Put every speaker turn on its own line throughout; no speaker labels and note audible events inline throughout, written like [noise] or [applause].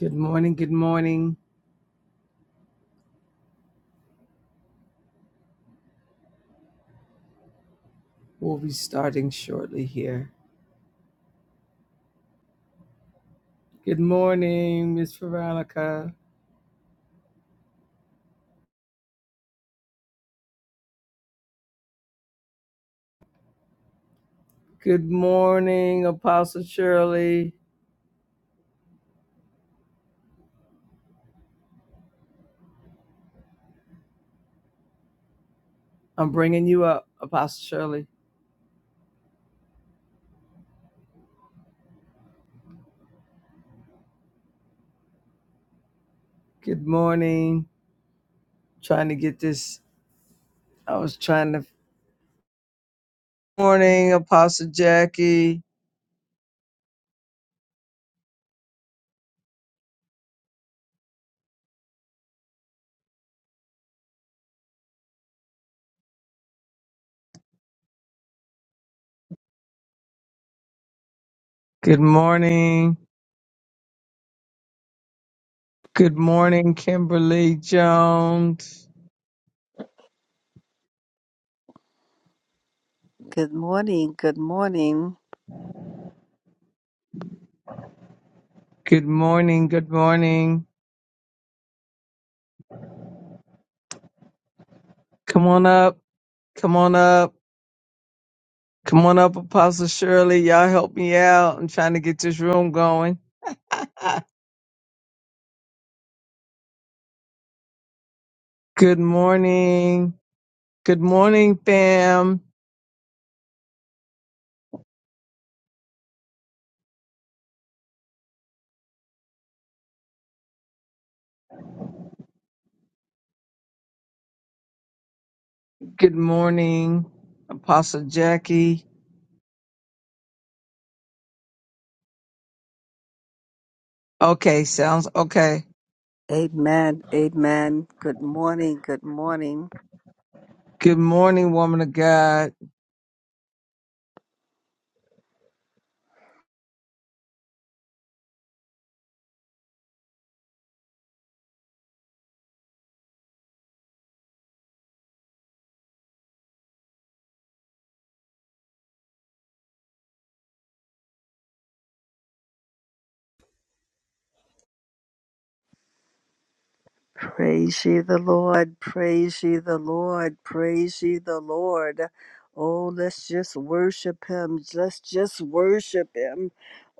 Good morning, good morning. We'll be starting shortly here. Good morning, Miss Veronica. Good morning, Apostle Shirley. I'm bringing you up, Apostle Shirley. Good morning. Trying to get this. I was trying to. Morning, Apostle Jackie. Good morning. Good morning, Kimberly Jones.
Good morning. Good morning.
Good morning. Good morning. Come on up. Come on up. Come on up, Apostle Shirley. Y'all help me out. I'm trying to get this room going. Good morning. Good morning, fam. Good morning, Apostle Jackie. Okay, sounds okay.
Amen. Amen. Good morning. Good morning.
Good morning, woman of God.
Praise ye the Lord, praise ye the Lord, praise ye the Lord. Oh, let's just worship him. Let's just worship him.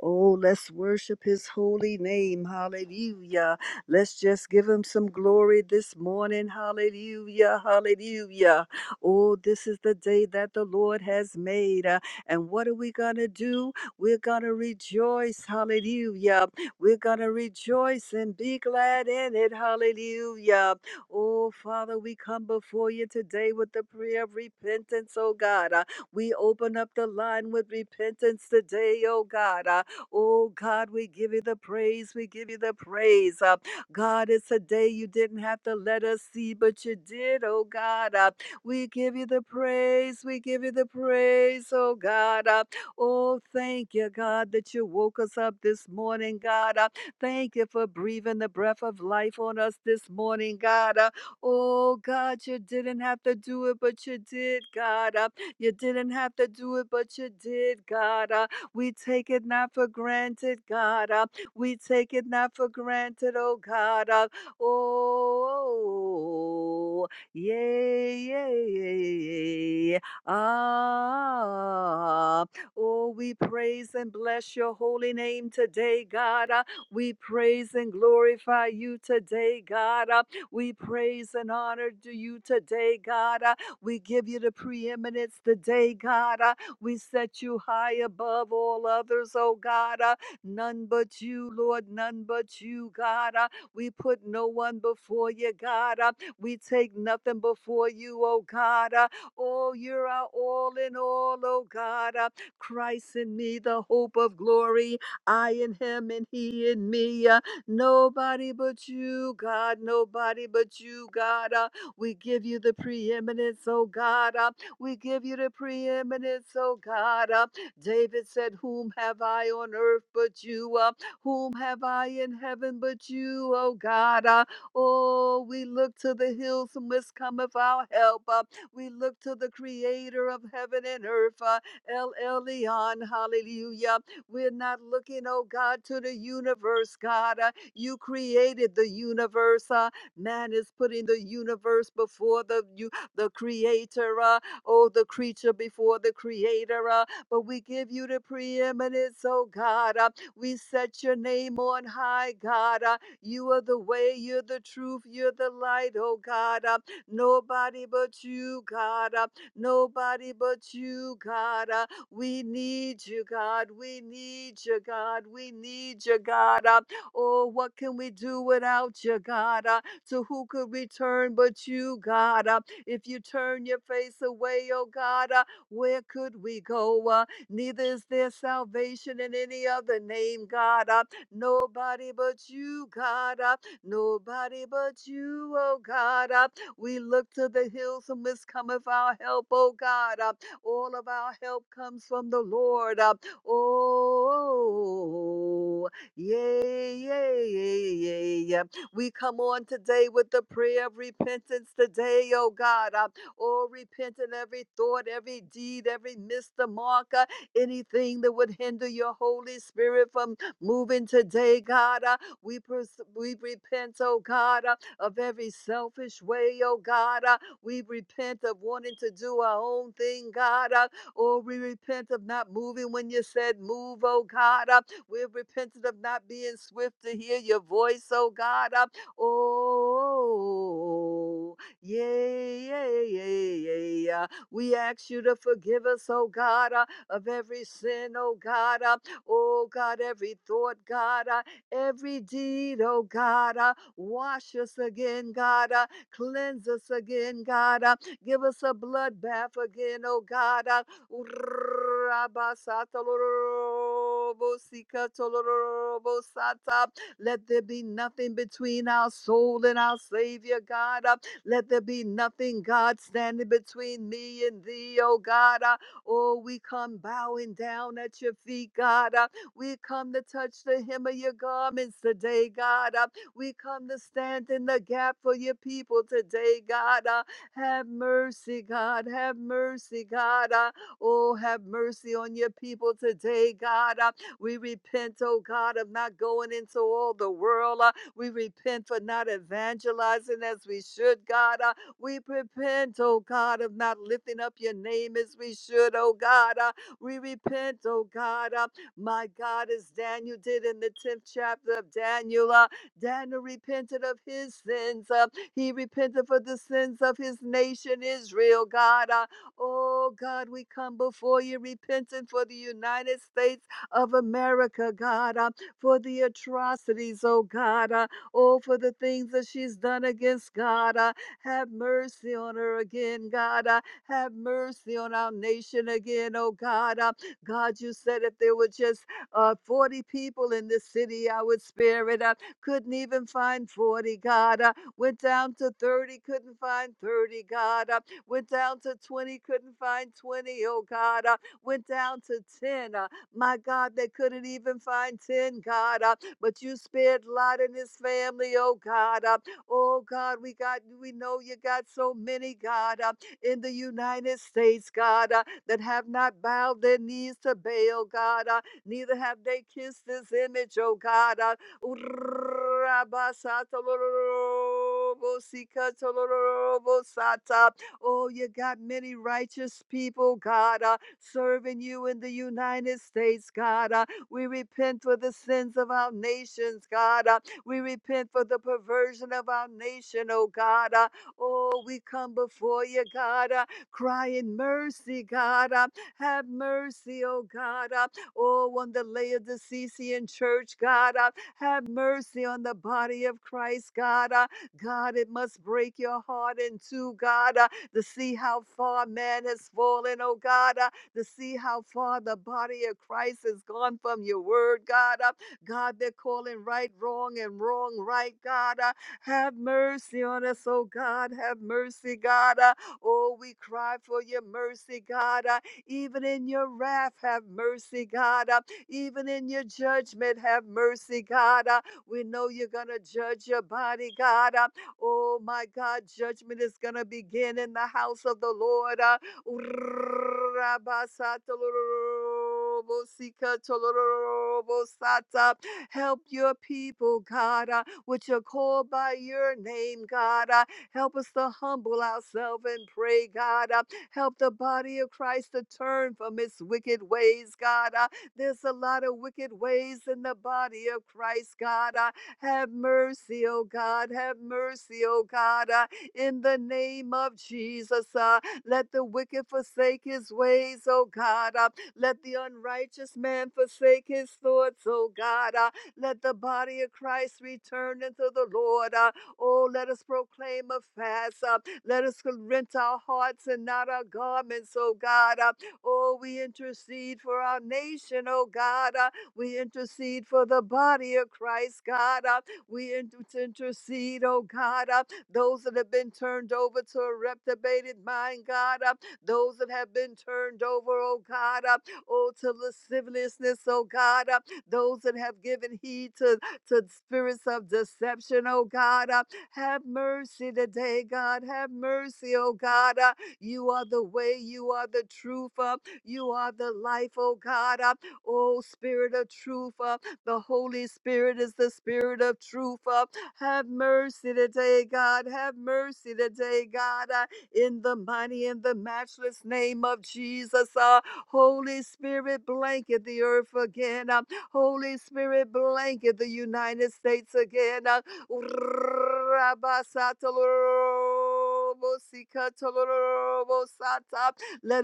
Oh, let's worship his holy name. Hallelujah. Let's just give him some glory this morning. Hallelujah. Hallelujah. Oh, this is the day that the Lord has made. Uh, And what are we going to do? We're going to rejoice. Hallelujah we're going to rejoice and be glad in it. Hallelujah. Oh, Father, we come before you today with the prayer of repentance, oh God. Uh, we open up the line with repentance today, oh God. Uh, oh God, we give you the praise. We give you the praise. Uh, God, it's a day you didn't have to let us see, but you did, oh God. Uh, we give you the praise. We give you the praise, oh God. Uh, Oh, thank you, God, that you woke us up this morning, God. Uh, Thank you for breathing the breath of life on us this morning, God. Uh, Oh, God, you didn't have to do it, but you did, God. Uh, You didn't have to do it, but you did, God. Uh, We take it not for granted, God. Uh, We take it not for granted, oh, God. Uh, Oh, yeah, yeah, yeah, yeah. yeah. Ah. Oh, we praise and bless your holy name today, God. Uh, We praise and glorify you today, God. Uh, We praise and honor to you today, God. Uh, We give you the preeminence today, God. Uh, We set you high above all others, oh God. Uh, None but you, Lord, none but you, God. Uh, We put no one before you, God. Uh, We take nothing before you, oh God. Uh, Oh, you're our all in all, oh God. Uh, Christ in me, the hope of glory. I in him and he in me. Uh, Nobody but you, God. Nobody but you, God. Uh, We give you the preeminence, oh God. Uh, We give you the preeminence, oh God. Uh, David said, Whom have I on earth but you? Uh, Whom have I in heaven but you, oh God? Uh, Oh, we look to the hills from whence cometh our help. Uh, We look to the creator of heaven and earth. Uh, El Elyon, hallelujah. We're not looking, oh God, to the universe, God. Uh, you created the universe. Uh, man is putting the universe before the you, the creator, uh, oh, the creature before the creator. Uh, but we give you the preeminence, oh God. Uh, we set your name on high, God. Uh, you are the way, you're the truth, you're the light, oh God. Uh, nobody but you, God. Uh, Nobody but you, God. Uh, we need you, God. We need you, God. We need you, God. Uh, oh, what can we do without you, God? Uh, to who could we turn but you, God? Uh, if you turn your face away, oh God, uh, where could we go? Uh, neither is there salvation in any other name, God. Uh, nobody but you, God. Uh, nobody but you, oh God. Uh, we look to the hills from whence cometh our help, O God. Uh, all of our help comes from the Lord. Uh, oh, yay, yay, yay, yay, yay. We come on today with the prayer of repentance today, O God. Uh, oh, repent in every thought, every deed, every missed the marker, anything that would hinder your Holy Spirit from moving today, God. Uh, we, pers- we repent, O God. Uh, of every selfish way, oh God. Uh, we repent of wanting to do our own thing, God. Uh, or we repent of not moving when you said move, oh God. Uh, we repented of not being swift to hear your voice, oh God. Uh, oh, yeah, yeah, yeah, yeah. yeah. We ask you to forgive us, oh God, uh, of every sin, oh God. Uh, oh God, every thought, God, uh, every deed, oh God. uh, Wash us again, God. Uh, cleanse us again, God. Uh, give us a blood bath again, oh God. Uh, let there be nothing between our soul and our Savior, God. Uh, Let there be nothing, God, standing between me and thee, oh God. Uh, Oh, we come bowing down at your feet, God. Uh, We come to touch the hem of your garments today, God. Uh, we come to stand in the gap for your people today, God. Uh, have mercy, God. Have mercy, God. Uh, oh, have mercy on your people today, God. Uh, we repent, oh God, of not going into all the world. Uh, we repent for not evangelizing as we should, God. Uh, we repent, oh God, of not lifting up your name as we should, oh God. Uh, we repent, oh God. Uh, my God, as Daniel did in the 10th chapter of Daniel. uh, Daniel repented of his sins. Uh, he repented for the sins of his nation, Israel, God. Uh, oh, God, we come before you repenting for the United States of America, God, uh, for the atrocities, oh, God. Uh, oh, for the things that she's done against God. Uh, have mercy on her again, God. Uh, have mercy on our nation again, oh, God. Uh, God, you said if there were just uh, 40 people in this city, I would spare it. Uh, couldn't even find 40, God. Uh, went down to 30, couldn't find 30, God. Uh, went down to 20, couldn't find 20, oh God. Uh, went down to 10. Uh, my God, they couldn't even find 10, God. Uh, but you spared Lot and his family, oh God. Uh, oh God, we got we know you got so many, God, uh, in the United States, God, uh, that have not bowed their knees to Baal, God. Uh, neither have they kissed this image, oh God. Uh, Urabasatolorobosikatalorobosata. Oh, you got many righteous people, God, uh, serving you in the United States, God. uh, we repent for the sins of our nations, God. uh, we repent for the perversion of our nation, oh God. uh, oh, we come before you, God, uh, crying mercy, God. uh, have mercy, oh God. uh, oh, on the Laodicean church, God. uh, have mercy on the body of Christ, God. Uh, God, it must break your heart in two, God, uh, to see how far man has fallen, oh God, uh, to see how far the body of Christ has gone from your word, God. Uh, God, they're calling right wrong and wrong right, God. Uh, have mercy on us, oh God. Have mercy, God. Uh, oh, we cry for your mercy, God. Uh, even in your wrath, have mercy, God. Uh, even in your judgment, have mercy, God. Uh, we know you're going to judge your body, God. Uh, oh, my God, judgment is going to begin in the house of the Lord. Uh, Help your people, God, uh, which are called by your name, God. Uh, help us to humble ourselves and pray, God. Uh, help the body of Christ to turn from its wicked ways, God. Uh, there's a lot of wicked ways in the body of Christ, God. Uh, have mercy, oh God. Have mercy, oh God. Uh, in the name of Jesus, uh, let the wicked forsake his ways, oh God. Uh, let the unrighteous man forsake his thoughts, oh God. Uh, let the body of Christ return unto the Lord. Uh, oh, let us proclaim a fast. Uh, let us rent our hearts and not our garments, oh God. Uh, Oh, we intercede for our nation, oh God. Uh, we intercede for the body of Christ, God. Uh, we inter- intercede, oh God, uh, those that have been turned over to a reprobated mind, God. Uh, those that have been turned over, oh God. Uh, oh, to lasciviousness, oh God. Uh, those that have given heed to, to spirits of deception, oh God. Uh, have mercy today, God. Have mercy, oh God. Uh, you are the way, you are the truth, uh, you are the life, oh God. Uh, oh, Spirit of truth, uh, the Holy Spirit is the Spirit of truth. Uh, have mercy today, God. Have mercy today, God. Uh, in the mighty and the matchless name of Jesus. Uh, Holy Spirit, blanket the earth again. Uh, Holy Spirit, blanket the United States again. Uh, let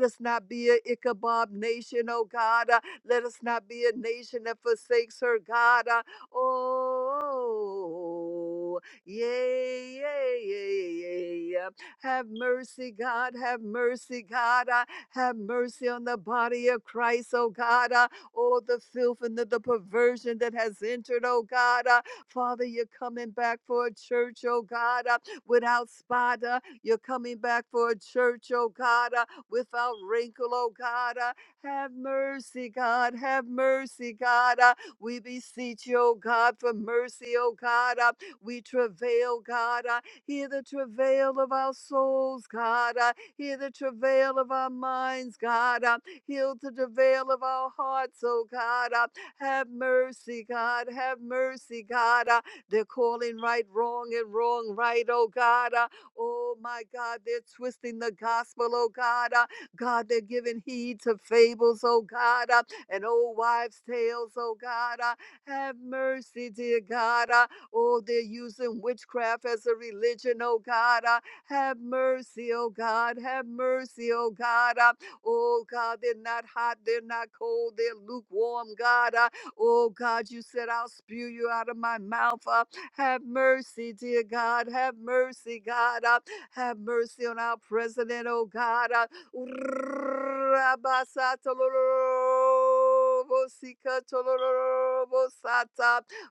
us not be a Ichabod nation, oh God. Uh, Let us not be a nation that forsakes her God. Uh, Oh, yay, yay, yay, yay. Have mercy, God. Have mercy, God. Uh, Have mercy on the body of Christ, oh God. Uh, Oh, the filth and the, the perversion that has entered, oh God. Uh, Father, you're coming back for a church, oh God, uh, without spot. uh, You're coming back for a church, oh God, uh, without wrinkle, oh God. uh, Have mercy, God. Have mercy, God. uh, We beseech you, oh God, for mercy, oh God. uh, We travail, God. uh, Hear the travail of our souls, God. uh, Hear the travail of our minds, God. uh, Heal the travail of our hearts, oh God. uh, have mercy, God. Have mercy, God. Uh, they're calling right wrong and wrong right, oh God. Uh, oh my God, they're twisting the gospel, oh God. Uh, God, they're giving heed to fables, oh God, uh, and old wives' tales, oh God. Uh, have mercy, dear God. Uh, oh, they're using witchcraft as a religion, oh God. Uh, have mercy, oh God. Have mercy, oh God. Uh, Oh God, they're not hot, they're not cold, they're lukewarm, God. Uh, oh God, you said, I'll spew you out of my mouth. Uh, have mercy, dear God. Have mercy, God. Uh, have mercy on our president, oh God. Uh,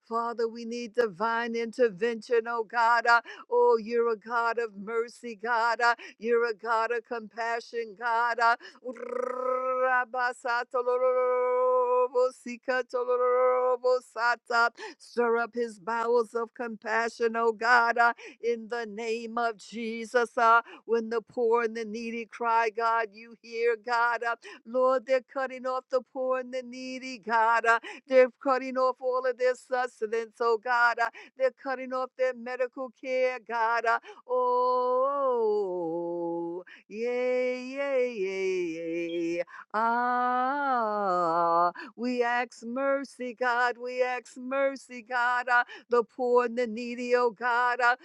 Father, we need divine intervention, oh God. Uh, Oh, you're a God of mercy, God. Uh, You're a God of compassion, God. Uh, Rabasatolorobosikatorobosata. Stir up his bowels of compassion, O God, uh, in the name of Jesus. uh, When the poor and the needy cry, God, you hear, God. uh, Lord, they're cutting off the poor and the needy, God. uh, They're cutting off all of their sustenance, oh God. uh, They're cutting off their medical care, God. uh, Oh, Yay, yay, yay, yay. Ah, we ask mercy, God. We ask mercy, God. Uh, the poor and the needy, oh God. Uh,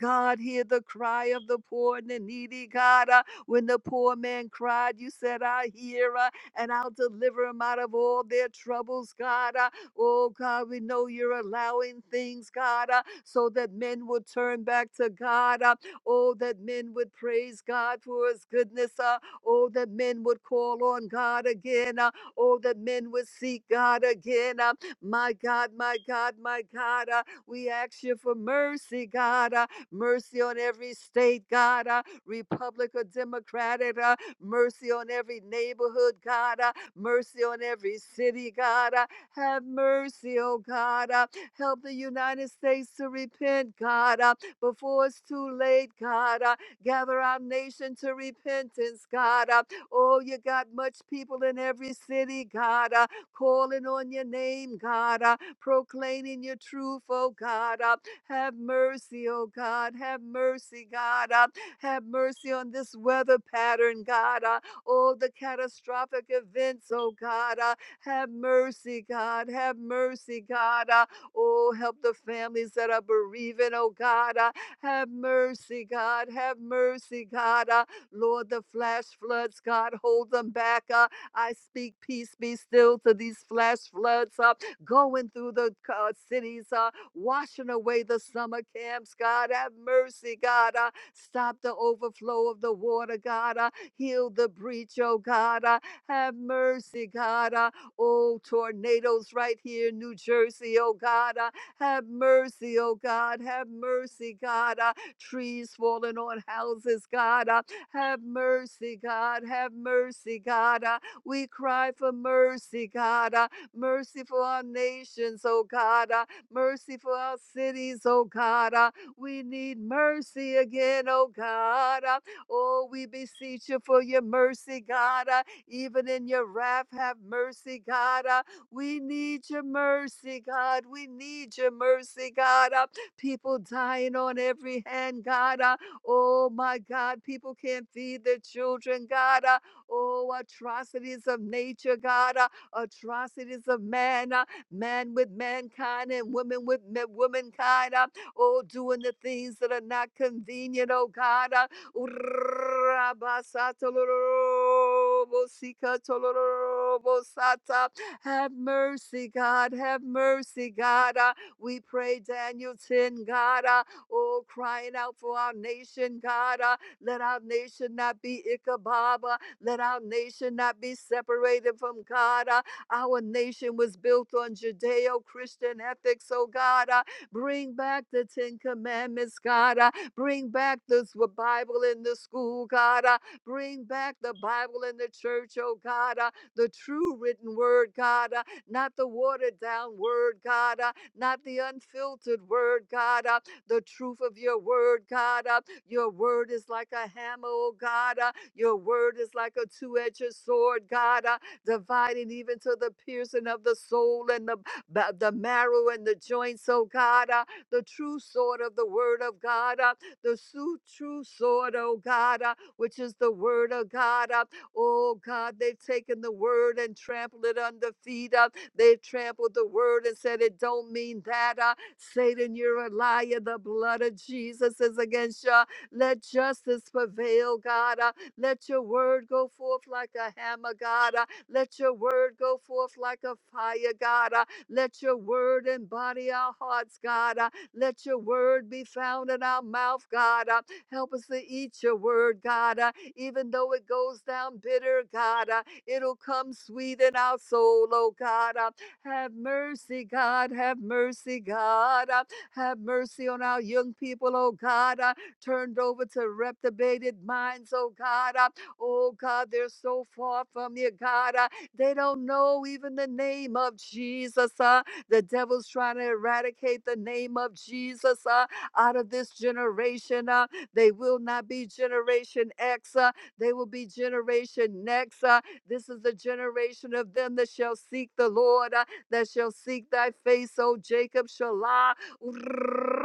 God, hear the cry of the poor and the needy, God. Uh, when the poor man cried, you said, I hear, uh, and I'll deliver him out of all their troubles, God. Uh, Oh God, we know you're allowing things, God, uh, so that men would turn back to God. uh, oh, that men would praise God for his goodness. Uh, oh, that men would call on God again. Uh, oh, that men would seek God again. Uh, my God, my God, my God. Uh, we ask you for mercy, God. Uh, mercy on every state, God. Uh, Republic or Democratic. Uh, mercy on every neighborhood, God. Uh, mercy on every city, God. Uh, have mercy, oh God. Uh, help the United States to repent, God, uh, before it's too late, God. Uh, gather our nation to repentance, God. Uh, oh, you got much people in every city, God, uh, calling on your name, God, uh, proclaiming your truth, oh God. Uh, have mercy, oh God. Have mercy, God. Uh, have mercy on this weather pattern, God. Uh, oh, the catastrophic events, oh God. uh, have mercy, God. Have mercy, God. Uh, oh, help the families that are bereaving, oh God. Uh, have mercy, God. Have mercy, God. Uh, Lord, the flash floods, God, hold them back. Uh, I speak peace be still to these flash floods uh, going through the uh, cities, uh, washing away the summer camps, God. Have mercy, God. Uh, stop the overflow of the water, God. Uh, heal the breach, oh God. Uh, have mercy, God. Uh, Oh, tornadoes right here New Jersey, oh God. uh, have mercy, oh God. Have mercy, God. uh, trees falling on houses, God. uh, have mercy, God. Have mercy, God. uh, we cry for mercy, God. uh, mercy for our nations, oh God. uh, mercy for our cities, oh God. uh, we need mercy again, oh God. uh, oh, we beseech you for your mercy, God. uh, even in your wrath, have mercy, God. Uh, we need your mercy, God. We need your mercy, God. Uh, people dying on every hand, God. Uh, oh, my God. People can't feed their children, God. Uh, oh, atrocities of nature, God. Uh, atrocities of man. Uh, man with mankind and woman with ma- womankind. Uh, oh, doing the things that are not convenient, oh God. uh, Urabasatolorobosikatorobosata. Have mercy, God. Have mercy, God. Uh, we pray, Daniel 10, God. Uh, oh, crying out for our nation, God. Uh, let our nation not be Ichabod. Uh, Let our nation not be separated from God. Uh, our nation was built on Judeo Christian ethics, oh God. Uh, bring back the Ten Commandments, God. Uh, Bring back this Bible in the school, God. Uh, bring back the Bible in the church, oh God. Uh, the true written word, God. Uh, not the watered down word, God. Uh, not the unfiltered word, God. Uh, the truth of your word, God. Uh, your word is like a hammer, oh God. Uh, your word is like a two edged sword, God. Uh, dividing even to the piercing of the soul and the, ba- the marrow and the joints, oh God. Uh, the true sword of the word of God. Uh, the su- true sword, oh God, uh, which is the word of God. uh, Oh God, they've taken the word and trampled it under feet. uh, They've trampled the word and said it don't mean that. uh, Satan, you're a liar. The blood of Jesus is against you. Let justice prevail, God. uh, Let your word go forth like a hammer, God. uh, Let your word go forth like a fire, God. uh, Let your word embody our hearts, God. uh, let your word be found in our mouth, God. Uh, Help us to eat your word, God. Uh, Even though it goes down bitter, God, uh, it'll come sweet in our soul, oh God. Uh, Have mercy, God. Have mercy, God. Uh, Have mercy on our young people, oh God. Uh, Turned over to reprobated minds, oh God. Uh, Oh God, they're so far from you, God. Uh, They don't know even the name of Jesus. Uh, the devil's trying to eradicate the name of Jesus uh, out of this generation. Uh, they will not be Generation X, uh, they will be Generation Next. Uh, this is the generation of them that shall seek the Lord, uh, that shall seek thy face, O Jacob Shalah. [laughs]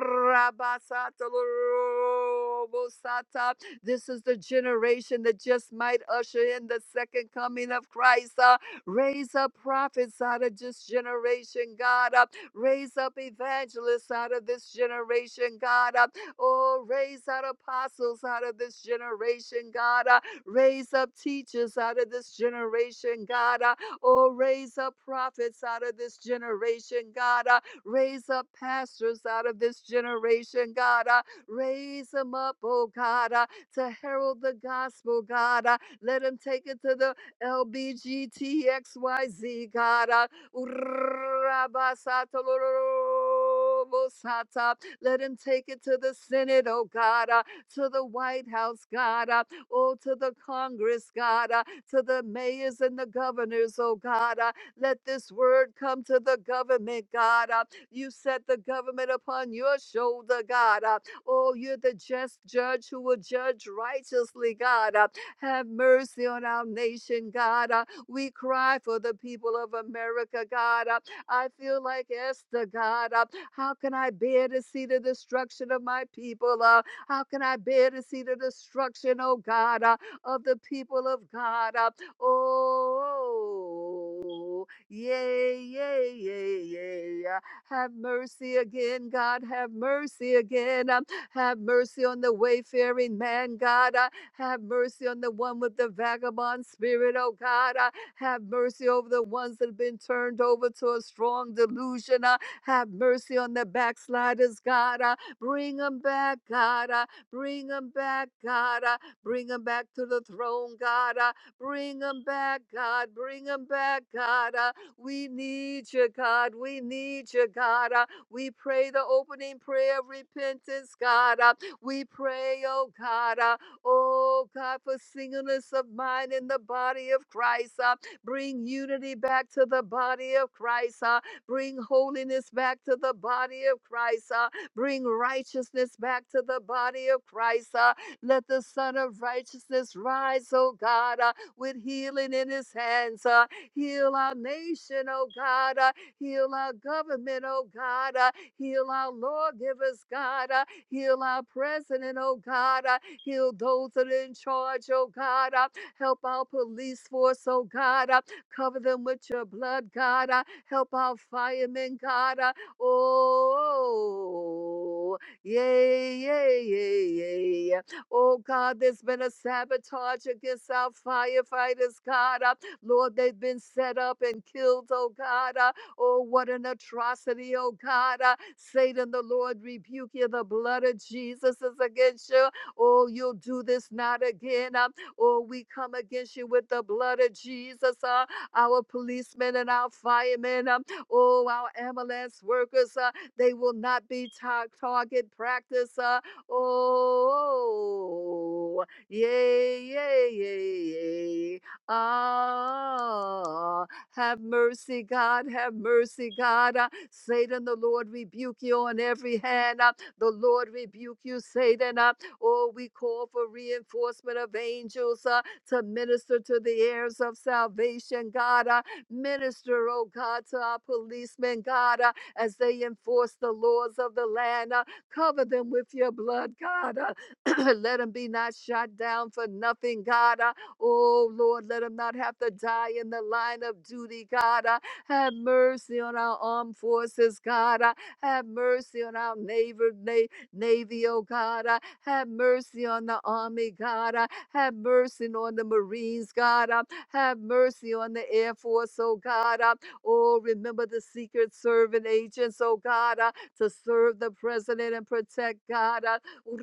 This is the generation that just might usher in the second coming of Christ. uh, Raise up prophets out of this generation, God. Uh, raise up evangelists out of this generation, God. Uh, oh, raise up apostles out of this generation, God. Uh, raise up teachers out of this generation, God. Uh, oh, raise up prophets out of this generation, God. Uh, raise up pastors out of this generation, God. Uh, raise them up, oh God, uh, to herald the gospel, God. Uh, let them take it to the LBGTXYZ, God. uh, Urabasatolorobosata. Let him take it to the Senate, oh God, uh, to the White House, God, uh, oh, to the Congress, God, uh, to the mayors and the governors, oh God. uh, Let this word come to the government, God. uh, You set the government upon your shoulder, God. uh, Oh, you're the just judge who will judge righteously, God. uh, have mercy on our nation, God. Uh, we cry for the people of America, God. Uh, I feel like Esther, God. Uh, how can I bear to see the destruction of my people? Uh, how can I bear to see the destruction, oh God, uh, of the people of God? Uh, oh, yay, yay, yay, yay. Uh, have mercy again, God. Have mercy again. Um, have mercy on the wayfaring man, God. Uh, have mercy on the one with the vagabond spirit, oh God. Uh, Have mercy over the ones that have been turned over to a strong delusion. Uh, Have mercy on the backsliders, God. Uh, Bring them back, God. Uh, Bring them back, God. Uh, Bring them back to the throne, God. Uh, Bring them back, God. Bring them back, God. Uh, We need you, God. We need you, God. Uh, We pray the opening prayer of repentance, God. Uh, We pray, oh God. uh, Oh God, for singleness of mind in the body of Christ. Uh, bring unity back to the body of Christ. Uh, bring holiness back to the body of Christ. Uh, bring righteousness back to the body of Christ. Uh, let the Son of Righteousness rise, oh God, uh, with healing in his hands. Uh, heal our nation, oh God. Uh, heal our government, oh God. Uh, heal our lawgivers, God. Uh, heal our president, oh God. Uh, Heal those that are in charge, oh God. Uh, help our police force, oh God. Uh, cover them with your blood, God. Uh, help our firemen, God. Uh, oh, yeah yeah yeah yeah! yeah. Oh God, there's been a sabotage against our firefighters, God. Uh, Lord, they've been set up and killed, oh God. Uh, oh, what an atrocity, oh God. Uh, Satan, the Lord rebuke you. The blood of Jesus is against you. Oh, you'll do this not again. Um, oh, we come against you with the blood of Jesus, uh, our policemen and our firemen. Um, oh, our ambulance workers, uh, they will not be tar- target practice. Uh, oh, yay, yay, yay, yay. Ah, have mercy, God, have mercy, God. Uh, Satan, the Lord rebuke you on every hand. Uh, the Lord rebuke you, Satan. Uh, Oh, we call for reinforcement of angels uh, to minister to the heirs of salvation, God. Uh, minister, oh God, to our policemen, God, uh, as they enforce the laws of the land. Uh, cover them with your blood, God. Uh, [clears throat] let them be not shot down for nothing, God. Uh, oh, Lord, let them not have to die in the line of duty, God. Uh, have mercy on our armed forces, God. Uh, have mercy on our neighbor, na- Navy, oh God. Uh, have mercy on the Army, God. Uh, have mercy on the Marines, God. Uh, have mercy on the Air Force, oh God. Uh, oh, remember the Secret Servant agents, oh God, uh, to serve the President and protect God. Uh, [laughs]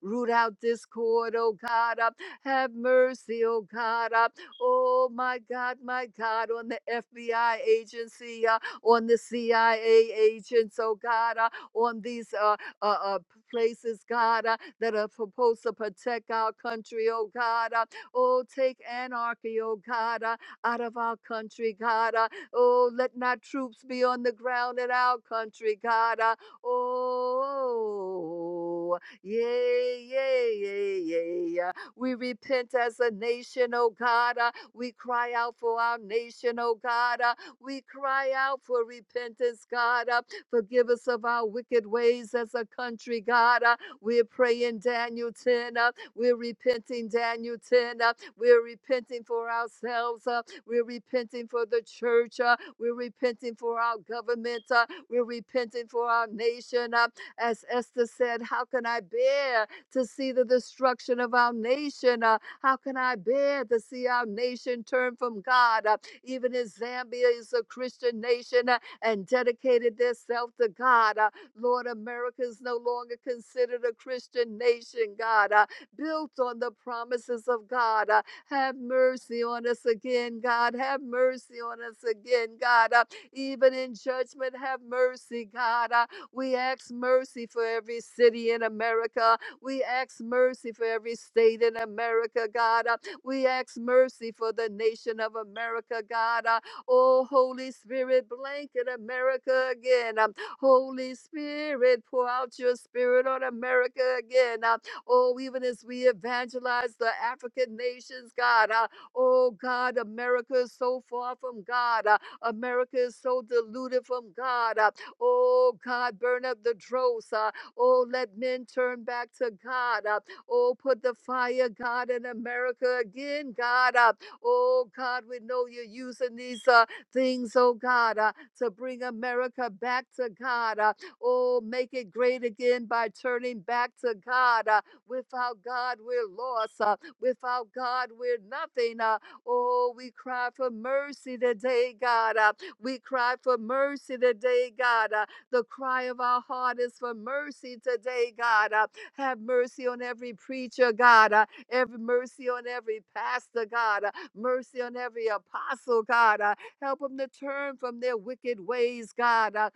Root out discord, oh God. Uh, have mercy, oh God. Uh, Oh my God, my God, on the FBI agency, uh, on the CIA agents, oh God, uh, on these uh, uh, uh, places, God, uh, that are supposed to protect our country, oh God. Uh, oh, take anarchy, oh God, uh, out of our country, God. Uh, oh, let not troops be on the ground in our country, God. Uh, oh, yay, yay, yay, yay. uh, we repent as a nation, oh God. uh, we cry out for our nation, oh God. Uh, we cry out for repentance, God. Uh, forgive us of our wicked ways as a country, God. Uh, we're praying Daniel 10. Uh, we're repenting Daniel 10. Uh, we're repenting for ourselves. Uh, we're repenting for the church. Uh, we're repenting for our government. Uh, we're repenting for our nation. Uh, as Esther said, how can I bear? to see the destruction of our nation. Uh, how can I bear to see our nation turn from God? Uh, even in Zambia is a Christian nation uh, and dedicated themselves to God. Uh, Lord, America is no longer considered a Christian nation, God, uh, built on the promises of God. Uh, have mercy on us again, God. Have mercy on us again, God. Uh, even in judgment, have mercy, God. Uh, we ask mercy for every city in America we ask mercy for every state in America, God. Uh, We ask mercy for the nation of America, God. Uh, Oh, Holy Spirit, blanket America again. Um, Holy Spirit, pour out your spirit on America again. Uh, Oh, even as we evangelize the African nations, God. Uh, Oh, God, America is so far from God. Uh, America is so deluded from God. Uh, Oh, God, burn up the dross. Uh, Oh, let men turn back to God. Uh, oh, put the fire, God, in America again, God. Uh, oh, God, we know you're using these uh, things, oh, God, uh, to bring America back to God. Uh, oh, make it great again by turning back to God. Uh, without God, we're lost. Uh, without God, we're nothing. Uh, oh, we cry for mercy today, God. Uh, we cry for mercy today, God. Uh, the cry of our heart is for mercy today, God. Uh, Have mercy on every preacher, God. Uh, Every mercy on every pastor, God. Uh, Mercy on every apostle, God. Uh, Help them to turn from their wicked ways, God. Uh,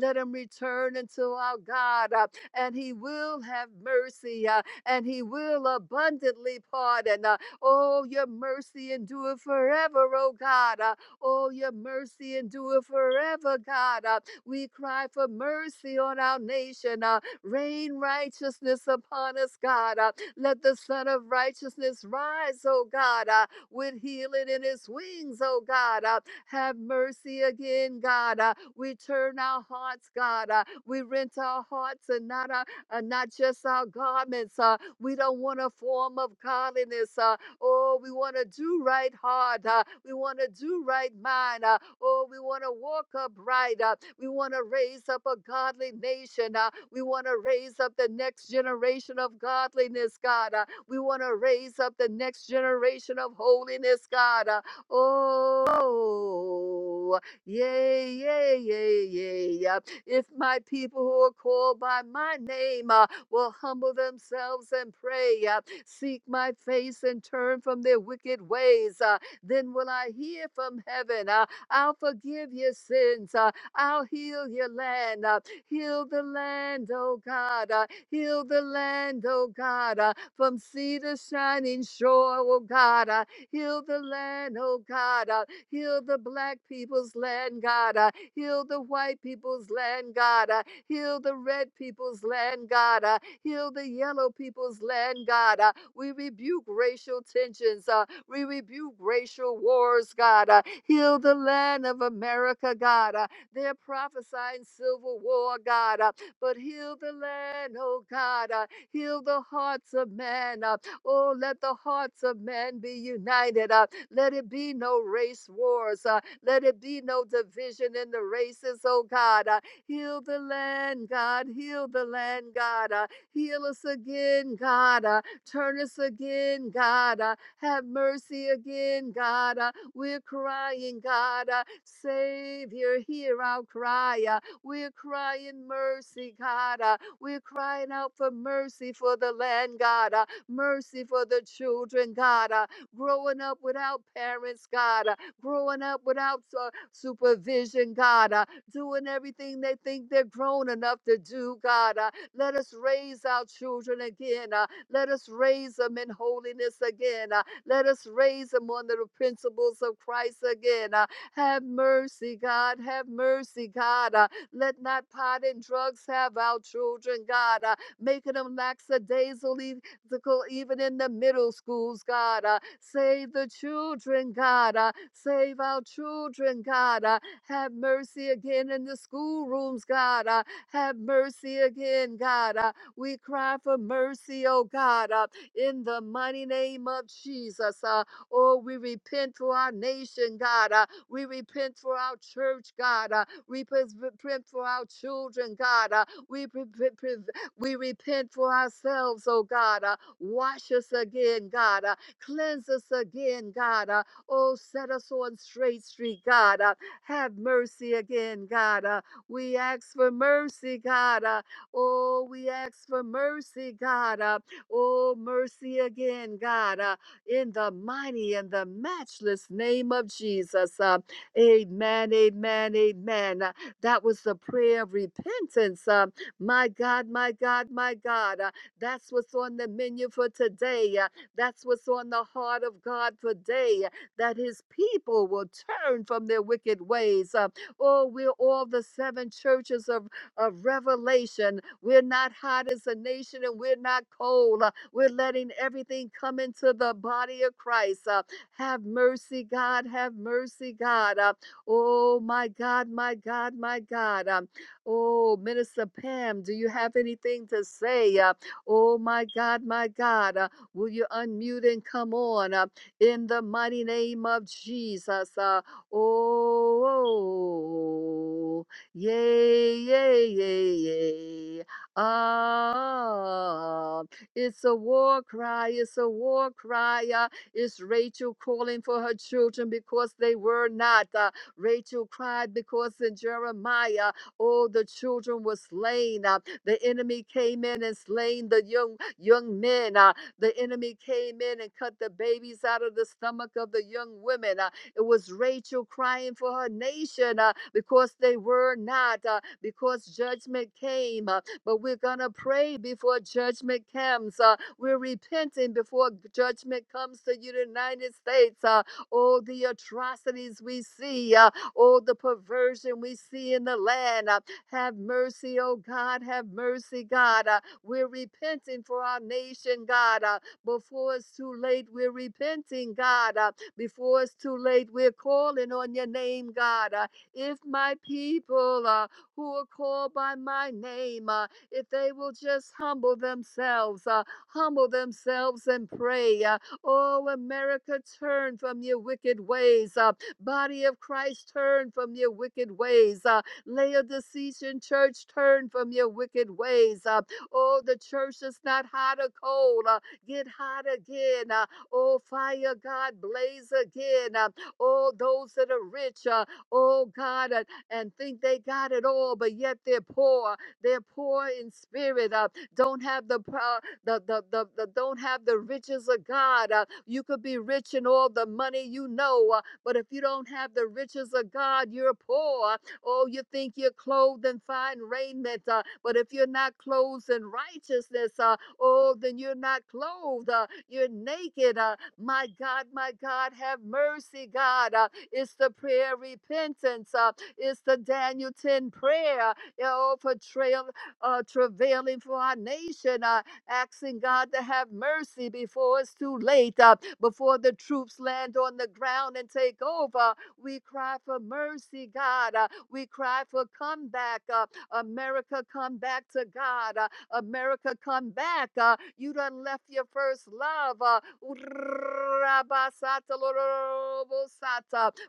Let him return unto our God, uh, and he will have mercy, uh, and he will abundantly pardon. uh, Oh, your mercy endureth forever, oh God. Uh, Oh, your mercy endureth forever, God. Uh, We cry for mercy on our nation. Uh, Rain righteousness upon us, God. Uh, Let the Son of Righteousness rise, oh God, uh, with healing in his wings, oh God. Uh, Have mercy again, God. Uh, We turn our hearts, God. Uh, We rent our hearts and not our uh, not just our garments. Uh, we don't want a form of godliness. Uh, Oh, we want to do right heart. uh, we want to do right mind. uh, oh, we want to walk upright. Uh, we want to raise up a godly nation. uh, we want to raise up the next generation of godliness, God. uh, we want to raise up the next generation of holiness, God. uh, oh, yay, yay, yay, yay. uh, If my people who are called by my name uh, will humble themselves and pray. uh, Seek my face and turn from their wicked ways. Uh, then will I hear from heaven. Uh, I'll forgive your sins. Uh, I'll heal your land. Uh, heal the land, oh God. Uh, heal the land, oh God. Uh, from sea to shining shore, oh God. Uh, heal the land, oh God. Uh, heal the black people's land, God. Uh, heal the white people's land, God. Uh, heal the red people's land, God. Uh, heal the yellow people's land, God. uh, we rebuke racial tensions. Uh, we rebuke racial wars, God. Uh, heal the land of America, God. Uh, they're prophesying civil war, God. Uh, but heal the land, oh God. Uh, heal the hearts of men. Uh, oh, let the hearts of men be united. Uh, let it be no race wars. Uh, let it be no division in the races, oh God. Uh, heal the land, God. Heal the land, God. Uh, heal us again, God. Uh, Turn us again, God. Uh, have mercy again, God. Uh, we're crying, God. Uh, Savior, hear our cry. Uh, we're crying mercy, God. Uh, we're crying out for mercy for the land, God. Uh, mercy for the children, God. Uh, growing up without parents, God. Uh, growing up without uh, supervision, God. Uh, doing everything they think they're grown enough to do, God. Uh, let us raise our children again. uh, let us raise them in holiness again. uh, Let us raise them on the principles of Christ again. uh, Have mercy, God. Have mercy, God. uh, Let not pot and drugs have our children, God. uh, Making them lackadaisically obstacle even in the middle schools, God. Uh, save the children, God. Uh, save our children, God. Uh, have mercy again in the schoolrooms, God. Uh, have mercy again, God. Uh, we cry for mercy, oh God, uh, in the mighty name of Jesus. Uh, oh, we repent for our nation, God. Uh, we repent for our church, God. Uh, we pres- repent for our children, God. Uh, we, pre- pre- pre- we repent for ourselves, oh God. Uh, wash us again, God. Uh, cleanse us again, God. Uh, oh, set us on straight street, God. Uh, have mercy again, God. Uh, we ask for mercy, God. Uh, Oh, we ask for mercy, God. Uh, oh, mercy again, God, uh, in the mighty and the matchless name of Jesus. Uh, amen, amen, amen. Uh, that was the prayer of repentance. Uh, my God, my God, my God. Uh, that's what's on the menu for today. Uh, that's what's on the heart of God today, that his people will turn from their wicked ways. Uh, oh, we're all the seven churches of of revelation. We're not hot as a nation and we're not cold. Uh, We're letting everything come into the body of Christ. Uh, Have mercy, God. Have mercy, God. Uh, Oh, my God, my God, my God. Um, Oh, Minister Pam, do you have anything to say? Uh, Oh, my God, my God. Uh, Will you unmute and come on uh, in the mighty name of Jesus? Uh, Oh, Yay, yay, yay, yay. Ah, it's a war cry. It's a war cry. ah, It's Rachel calling for her children because they were not. ah, Rachel cried because in Jeremiah, all the children were slain. ah, The enemy came in and slain the young young men. ah, The enemy came in and cut the babies out of the stomach of the young women. ah, it was Rachel crying for her nation uh, because they were not, uh, because judgment came. uh, but we're going to pray before judgment comes. uh, we're repenting before judgment comes to the United States. Uh, all the atrocities we see, uh, all the perversion we see in the land. uh, have mercy, oh God, have mercy, God. Uh, we're repenting for our nation, God. Uh, before it's too late, we're repenting, God. Uh, before it's too late, we're calling on your name, God. Uh, if my people uh, who are called by my name, uh, if they will just humble themselves, uh, humble themselves and pray. Uh, oh, America, turn from your wicked ways. Uh, body of Christ, turn from your wicked ways. Uh, Laodicean church, turn from your wicked ways. Uh, oh, the church is not hot or cold. Uh, get hot again. Uh, Oh, fire, God, blaze again. Uh, oh, those that are rich, uh, oh, God, uh, and think they got it all, but yet they're poor. They're poor in spirit. Uh, don't have the, pro- the, the, the, the don't have the riches of God. Uh, you could be rich in all the money you know, uh, but if you don't have the riches of God, you're poor. Oh, you think you're clothed in fine raiment, uh, but if you're not clothed in righteousness, uh, Oh, then you're not clothed. Uh, you're naked. Uh, my God, my God, have mercy, God. Uh, it's the prayer of repentance. Uh, it's the Daniel 10 prayer. Oh, for trail, uh, travailing for our nation, uh, asking God to have mercy before it's too late, uh, before the troops land on the ground and take over. We cry for mercy, God. Uh, we cry for comeback. Uh, America, come back to God. Uh, America, come back. Uh, you done left your first love. Uh,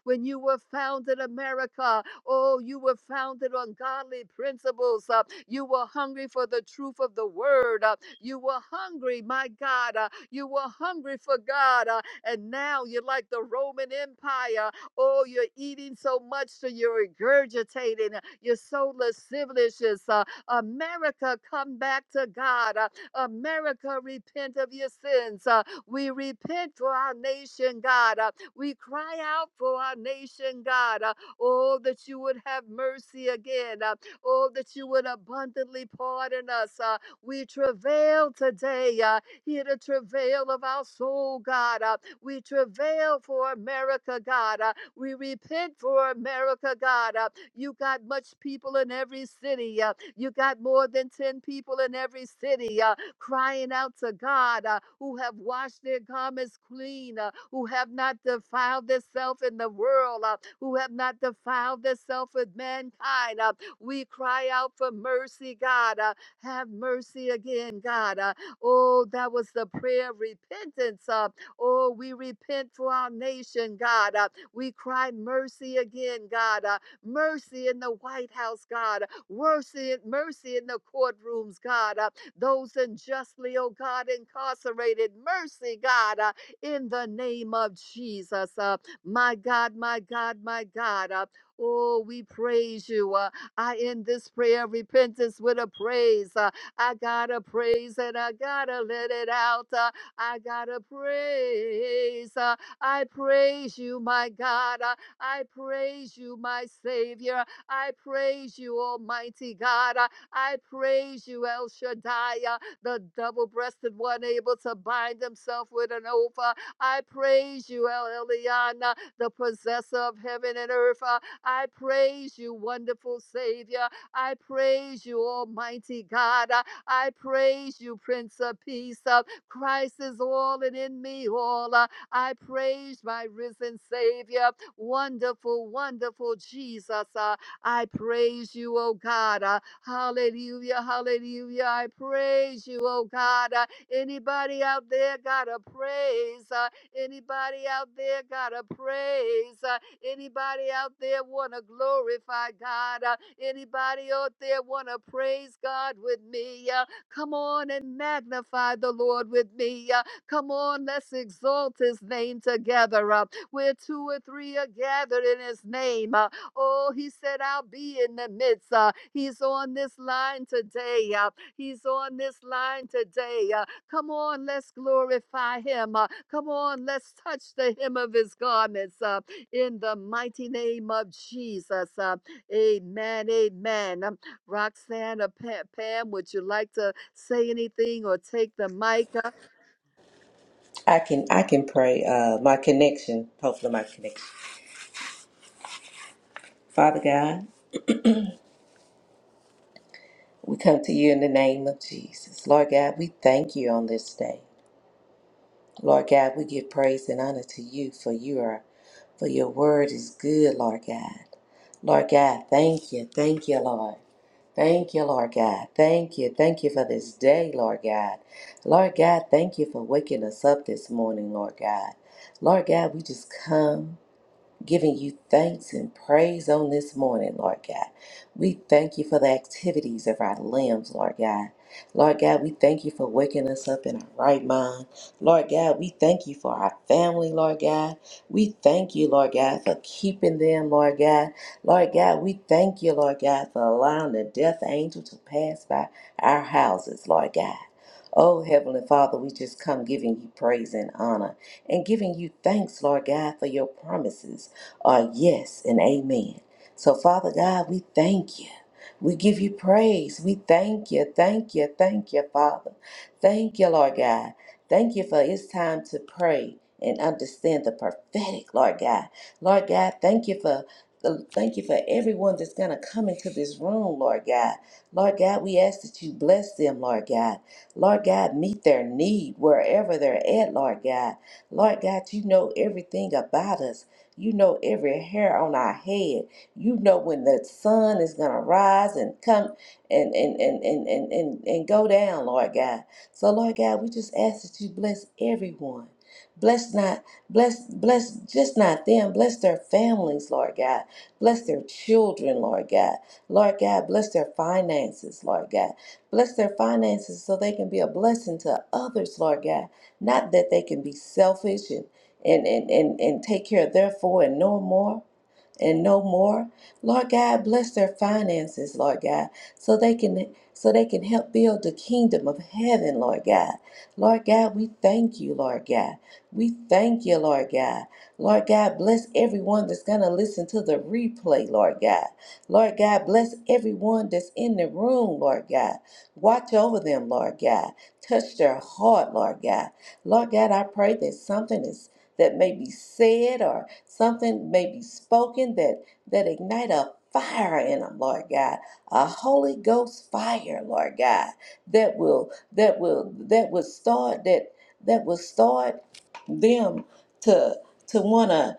when you were founded, America, oh, you were founded on godly principles. Uh, you were hungry for the truth of the word. Uh, you were hungry, my God. Uh, you were hungry for God. Uh, and now you're like the Roman Empire. Oh, you're eating so much that you're regurgitating. uh, You're so lascivious. Uh, America, come back to God. Uh, America, repent of your sins. Uh, we repent for our nation, God. Uh, we cry out for our nation, God. Uh, oh, that you would have mercy again. Uh, oh, that you would abundantly pardon us. Uh, we travail today. Uh, hear the travail of our soul, God. Uh, we travail for America, God. Uh, we repent for America, God. Uh, you got much people in every city. Uh, you got more than 10 people in every city uh, crying out to God uh, who have washed their garments clean, uh, who have not defiled themselves in the world, uh, who have not defiled themselves with mankind. uh, we cry out for mercy, God. uh, have mercy again, God. uh, oh, that was the prayer of repentance. uh, oh, we repent for our nation, God. uh, we cry mercy again, God. uh, mercy in the White House, God. Mercy, mercy in the courtrooms, God. Uh, those unjustly, oh God, incarcerated, mercy, God, uh, in the name of Jesus. Uh, my God, my God, my God. Uh, Oh, we praise you. Uh, I end this prayer of repentance with a praise. Uh, I gotta praise and I gotta let it out. Uh, I gotta praise. Uh, I praise you, my God. Uh, I praise you, my Savior. I praise you, Almighty God. Uh, I praise you, El Shaddai, uh, the double breasted one able to bind himself with an oath. Uh, I praise you, El Elyon, uh, the possessor of heaven and earth. Uh, I praise you, wonderful Savior. I praise you, Almighty God. Uh, I praise you, Prince of Peace. Uh, Christ is all and in me all. Uh, I praise my risen Savior. Wonderful, wonderful Jesus. Uh, I praise you, oh God. Uh, hallelujah, hallelujah. I praise you, oh God. Uh, anybody out there got a praise? Uh, anybody out there got a praise? Uh, anybody out there want to glorify God? Uh, anybody out there want to praise God with me? Uh, come on and magnify the Lord with me. Uh, come on, let's exalt his name together. Uh, where two or three are gathered in his name. Uh, oh, he said, I'll be in the midst. Uh, he's on this line today. Uh, he's on this line today. Uh, come on, let's glorify him. Uh, come on, let's touch the hem of his garments uh, in the mighty name of Jesus. Uh, amen. Amen. Um, Roxanne or Pa- Pam, would you like to say anything or take the mic? Uh,
I can I can pray uh my connection, hopefully my connection. Father God, we come to you in the name of Jesus. Lord God, we thank you on this day. Lord God, we give praise and honor to you for you are for your word is good, Lord God. Lord God, thank you, thank you, Lord. Thank you, Lord God. Thank you. Thank you for this day, Lord God. Lord God, thank you for waking us up this morning, Lord God. Lord God, we just come. giving you thanks and praise on this morning, Lord God. We thank you for the activities of our limbs, Lord God. Lord God, we thank you for waking us up in our right mind. Lord God, we thank you for our family, Lord God. We thank you, Lord God, for keeping them, Lord God. Lord God, we thank you, Lord God, for allowing the death angel to pass by our houses, Lord God. Oh, Heavenly Father, we just come giving you praise and honor and giving you thanks, Lord God, for your promises are yes and amen. So, Father God, we thank you. We give you praise. We thank you, thank you, thank you, Father. Thank you, Lord God. Thank you for it's time to pray and understand the prophetic, Lord God. Lord God, thank you for thank you for everyone that's gonna come into this room, Lord God. Lord God, we ask that you bless them, Lord God. Lord God, meet their need wherever they're at, Lord God. Lord God, you know everything about us. You know every hair on our head. You know when the sun is going to rise and come and and, and, and, and, and and go down, Lord God. So, Lord God, we just ask that you bless everyone. Bless not, bless, bless just not them. Bless their families, Lord God. Bless their children, Lord God. Lord God, bless their finances, Lord God. Bless their finances so they can be a blessing to others, Lord God. Not that they can be selfish and and, and, and, and take care of their four and no more and no more. Lord God, bless their finances, Lord God, so they can so they can help build the kingdom of heaven, Lord God. Lord God, we thank you, Lord God. We thank you, Lord God. Lord God, bless everyone that's gonna listen to the replay, Lord God. Lord God, bless everyone that's in the room, Lord God. Watch over them, Lord God. Touch their heart, Lord God. Lord God, I pray that something is that may be said or something may be spoken that that ignite a fire in them, Lord God, a Holy Ghost fire, Lord God, that will that will that will start that that will start them to to wanna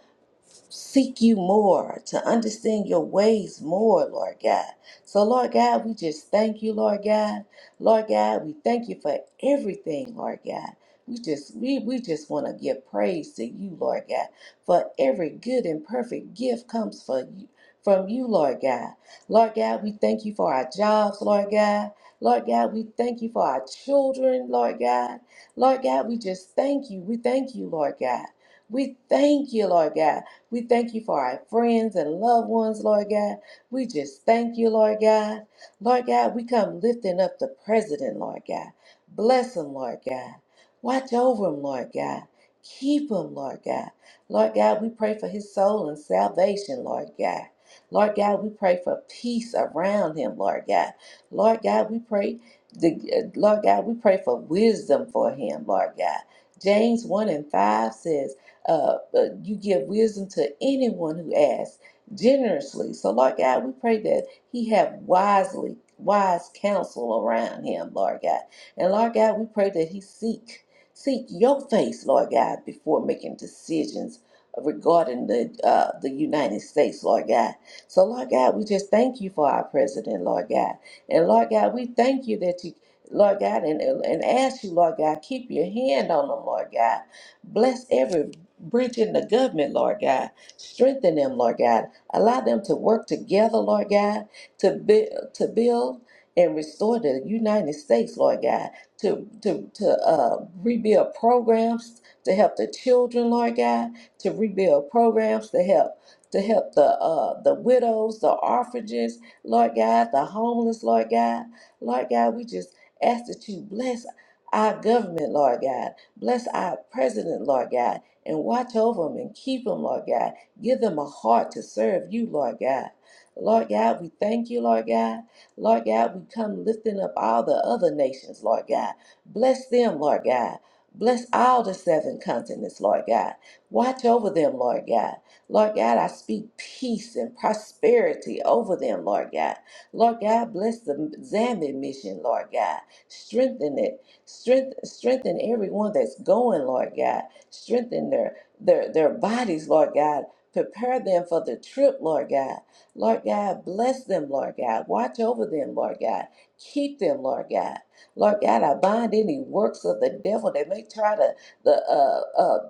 seek you more, to understand your ways more, Lord God. So, Lord God, we just thank you, Lord God. Lord God, we thank you for everything, Lord God. We just we, we just want to give praise to you, Lord God, for every good and perfect gift comes for you, from you, Lord God. Lord God, we thank you for our jobs, Lord God. Lord God, we thank you for our children, Lord God. Lord God, we just thank you. We thank you, Lord God. We thank you, Lord God. We thank you for our friends and loved ones, Lord God. We just thank you, Lord God. Lord God, we come lifting up the president, Lord God. Bless him, Lord God. Watch over him, Lord God. Keep him, Lord God. Lord God, we pray for his soul and salvation, Lord God. Lord God, we pray for peace around him, Lord God. Lord God, we pray the Lord God, we pray for wisdom for him, Lord God. James 1 and 5 says, uh, uh, you give wisdom to anyone who asks generously. So, Lord God, we pray that He have wisely wise counsel around Him, Lord God. And Lord God, we pray that He seek seek Your face, Lord God, before making decisions regarding the uh, the United States, Lord God. So, Lord God, we just thank You for our president, Lord God. And Lord God, we thank You that You Lord God, and, and ask you, Lord God, keep your hand on them, Lord God. Bless every bridging the government, Lord God. Strengthen them, Lord God. Allow them to work together, Lord God, to build, to build and restore the United States, Lord God. To to to uh, rebuild programs to help the children, Lord God. To rebuild programs to help to help the uh, the widows, the orphanages, Lord God, the homeless, Lord God. Lord God, we just ask that you bless our government, Lord God. Bless our president, Lord God and watch over them and keep them, Lord God. Give them a heart to serve you, Lord God. Lord God, we thank you, Lord God. Lord God, we come lifting up all the other nations, Lord God. Bless them, Lord God. Bless all the seven continents, Lord God. Watch over them, Lord God. Lord God, I speak peace and prosperity over them, Lord God. Lord God, bless the Zambia mission, Lord God. Strengthen it. Strength, strengthen everyone that's going, Lord God. Strengthen their, their, their bodies, Lord God. Prepare them for the trip, Lord God. Lord God, bless them, Lord God. Watch over them, Lord God. Keep them, Lord God. Lord God, I bind any works of the devil that may try to the, uh, uh,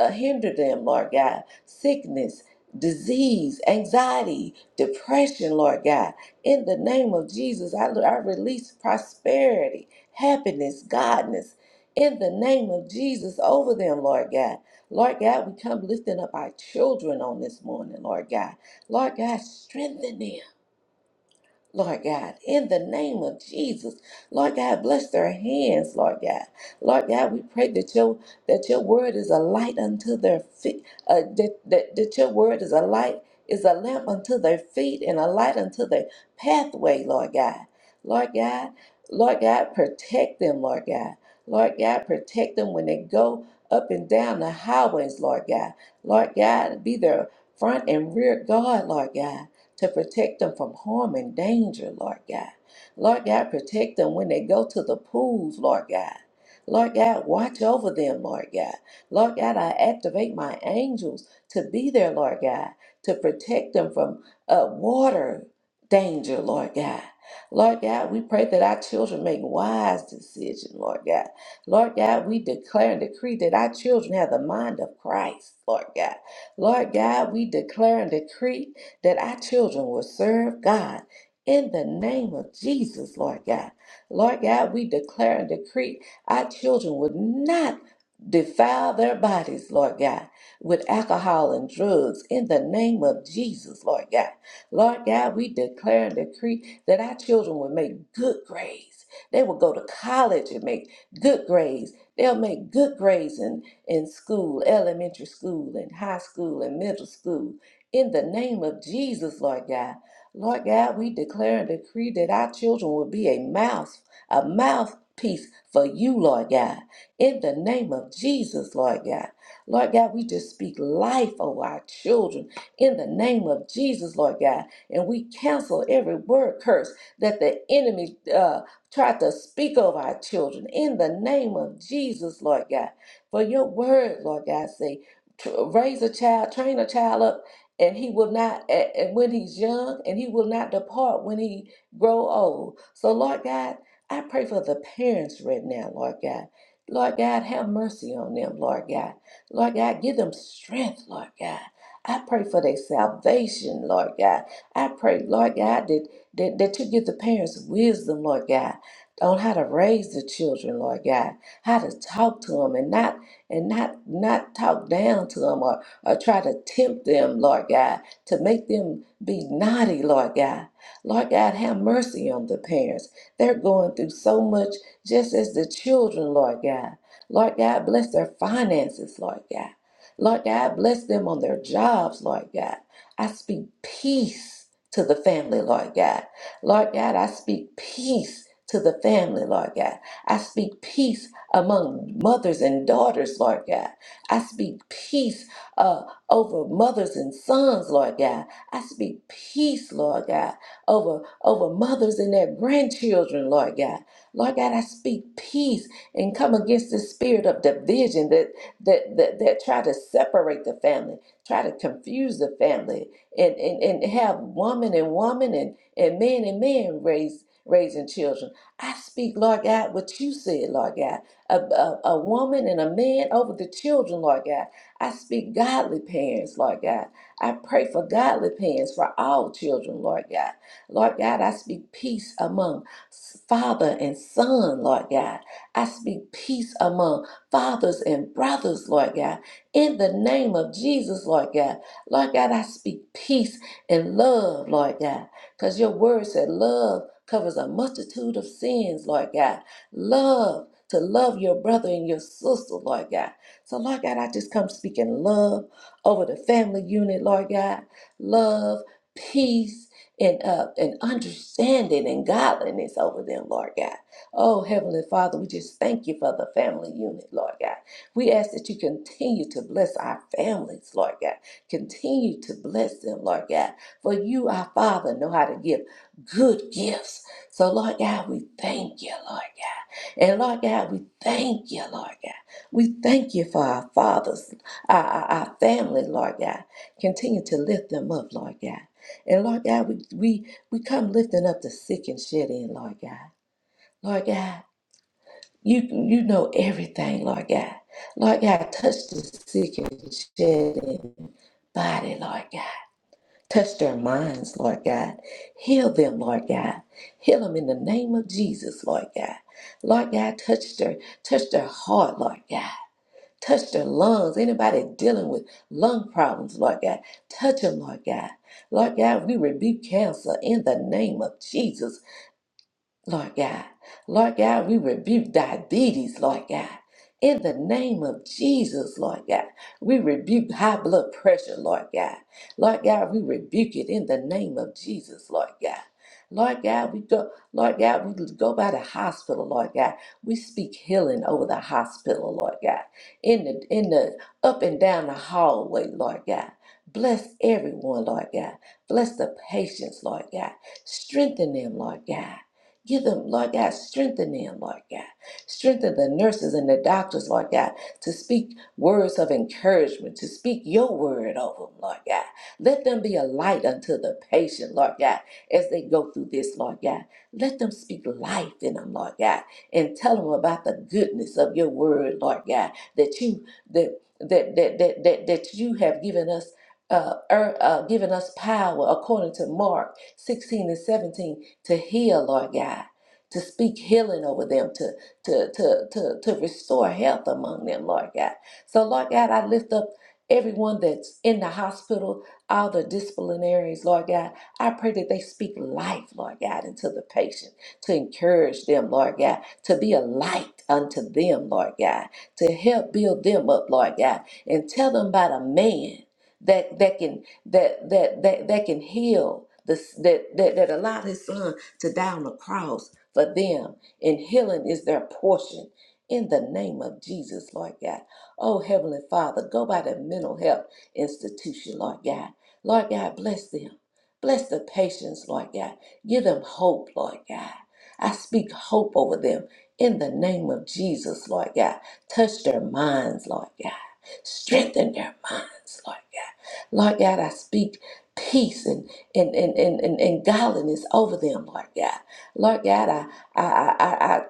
uh, hinder them, Lord God. Sickness, disease, anxiety, depression, Lord God. In the name of Jesus, I, I release prosperity, happiness, godness in the name of Jesus over them, Lord God. Lord God, we come lifting up our children on this morning, Lord God. Lord God, strengthen them. Lord God, in the name of Jesus, Lord God, bless their hands, Lord God. Lord God, we pray that your that your word is a light unto their feet, uh, that, that that your word is a light, is a lamp unto their feet and a light unto their pathway, Lord God. Lord God, Lord God, protect them, Lord God. Lord God, protect them when they go up and down the highways, Lord God. Lord God, be their front and rear guard, Lord God to protect them from harm and danger, Lord God. Lord God, protect them when they go to the pools, Lord God. Lord God, watch over them, Lord God. Lord God, I activate my angels to be there, Lord God, to protect them from uh, water danger, Lord God. Lord God, we pray that our children make wise decisions, Lord God. Lord God, we declare and decree that our children have the mind of Christ, Lord God. Lord God, we declare and decree that our children will serve God in the name of Jesus, Lord God. Lord God, we declare and decree our children would not defile their bodies, Lord God, with alcohol and drugs in the name of Jesus, Lord God. Lord God, we declare and decree that our children will make good grades. They will go to college and make good grades. They'll make good grades in, in school, elementary school, and high school, and middle school. In the name of Jesus, Lord God. Lord God, we declare and decree that our children will be a mouth, a mouthpiece for you, Lord God. In the name of Jesus, Lord God. Lord God, we just speak life over our children. In the name of Jesus, Lord God. And we cancel every word curse that the enemy uh, tried to speak over our children. In the name of Jesus, Lord God. For your word, Lord God, say, tr- raise a child, train a child up and he will not a- and when he's young and he will not depart when he grow old so lord god i pray for the parents right now lord god lord god have mercy on them lord god lord god give them strength lord god I pray for their salvation, Lord God. I pray, Lord God, that, that, that you give the parents wisdom, Lord God, on how to raise the children, Lord God, how to talk to them and not and not not talk down to them or try to tempt them, Lord God, to make them be naughty, Lord God. Lord God, have mercy on the parents. They're going through so much, just as the children, Lord God. Lord God, bless their finances, Lord God. Lord God, bless them on their jobs, Lord God. I speak peace to the family, Lord God. Lord God, I speak peace to the family, Lord God. I speak peace among mothers and daughters, Lord God. I speak peace uh, over mothers and sons, Lord God. I speak peace, Lord God, over, over mothers and their grandchildren, Lord God. Lord God, I speak peace and come against the spirit of division that that that, that try to separate the family, try to confuse the family, and, and, and have woman and woman and, and man and man raise raising children. I speak, Lord God, what you said, Lord God. A, a, a woman and a man over the children, Lord God. I speak godly parents, Lord God. I pray for godly parents for all children, Lord God. Lord God, I speak peace among s- father and son, Lord God. I speak peace among fathers and brothers, Lord God. In the name of Jesus, Lord God. Lord God, I speak peace and love, Lord God. Because your word said love covers a multitude of sins, Lord God. Love to love your brother and your sister, Lord God. So, Lord God, I just come speaking love over the family unit, Lord God. Love, peace, and uh, and understanding and godliness over them, Lord God. Oh, Heavenly Father, we just thank you for the family unit, Lord God. We ask that you continue to bless our families, Lord God. Continue to bless them, Lord God. For you, our Father, know how to give good gifts. So, Lord God, we thank you, Lord God. And Lord God, we thank you, Lord God. We thank you for our fathers, our, our, our family, Lord God. Continue to lift them up, Lord God. And Lord God, we, we, we come lifting up the sick and shut in, Lord God. Lord God, you, you know everything, Lord God. Lord God, touch the sick and shed in body, Lord God. Touch their minds, Lord God. Heal them, Lord God. Heal them in the name of Jesus, Lord God. Lord God, touch their touch their heart, Lord God. Touch their lungs. Anybody dealing with lung problems, Lord God, touch them, Lord God. Lord God, we rebuke cancer in the name of Jesus. Lord God. Lord God, we rebuke diabetes, Lord God. In the name of Jesus, Lord God, we rebuke high blood pressure, Lord God. Lord God, we rebuke it in the name of Jesus, Lord God. Lord God, we go, Lord God, we go by the hospital, Lord God. We speak healing over the hospital, Lord God. In the in the up and down the hallway, Lord God. Bless everyone, Lord God. Bless the patients, Lord God. Strengthen them, Lord God. Give them, Lord God, strengthen them, Lord God. Strengthen the nurses and the doctors, Lord God, to speak words of encouragement, to speak your word over them, Lord God. Let them be a light unto the patient, Lord God, as they go through this, Lord God. Let them speak life in them, Lord God, and tell them about the goodness of your word, Lord God, that you that that that that that, that you have given us uh, er, uh given us power according to Mark. 16 and 17 to heal, Lord God, to speak healing over them, to, to, to, to, to restore health among them, Lord God. So, Lord God, I lift up everyone that's in the hospital, all the disciplinaries, Lord God. I pray that they speak life, Lord God, into the patient, to encourage them, Lord God, to be a light unto them, Lord God, to help build them up, Lord God, and tell them about a man. That, that can that that that that can heal this that that that allowed his son to die on the cross for them and healing is their portion in the name of Jesus, Lord God. Oh, Heavenly Father, go by the mental health institution, Lord God. Lord God, bless them. Bless the patients, Lord God. Give them hope, Lord God. I speak hope over them in the name of Jesus, Lord God. Touch their minds, Lord God. Strengthen their minds, Lord God. Lord God, I speak peace and and, and, and, and, and godliness over them, Lord God. Lord God, I I I, I, I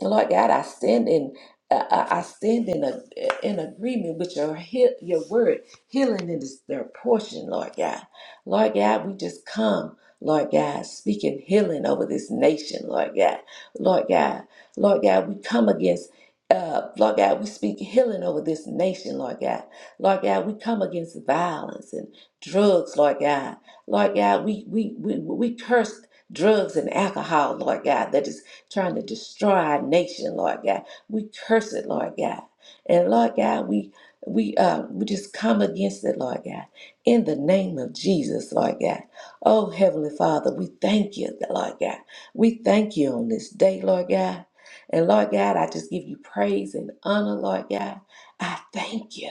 Lord God, I stand in I I- I stand in a, in agreement with your heal, your word. Healing is their portion, Lord God. Lord God, we just come, Lord God, speaking healing over this nation, Lord God. Lord God, Lord God, we come against, uh, Lord God, we speak healing over this nation, Lord God. Lord God, we come against violence and drugs, Lord God. Lord God, we we we, we curse drugs and alcohol, Lord God, that is trying to destroy our nation, Lord God. We curse it, Lord God. And Lord God, we we uh we just come against it, Lord God. In the name of Jesus, Lord God. Oh Heavenly Father, we thank you, Lord God. We thank you on this day, Lord God. And Lord God, I just give you praise and honor, Lord God. I thank you.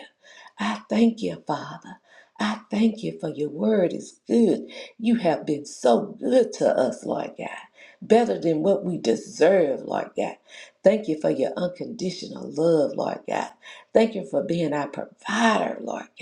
I thank you, Father. I thank you for your word is good. You have been so good to us, Lord God, better than what we deserve, Lord God. Thank you for your unconditional love, Lord God. Thank you for being our provider, Lord God.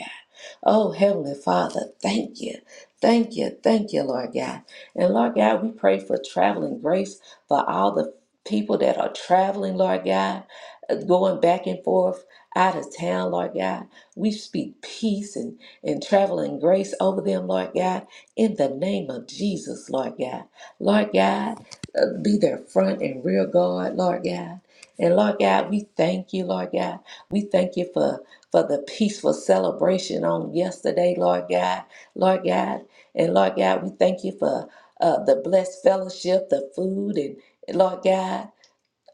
Oh, Heavenly Father, thank you. Thank you. Thank you, Lord God. And Lord God, we pray for traveling grace for all the people that are traveling, Lord God, uh, going back and forth out of town, Lord God. We speak peace and, and traveling grace over them, Lord God, in the name of Jesus, Lord God. Lord God, uh, be their front and rear guard, Lord God. And Lord God, we thank you, Lord God. We thank you for for the peaceful celebration on yesterday, Lord God. Lord God, and Lord God, we thank you for uh, the blessed fellowship, the food, and Lord God,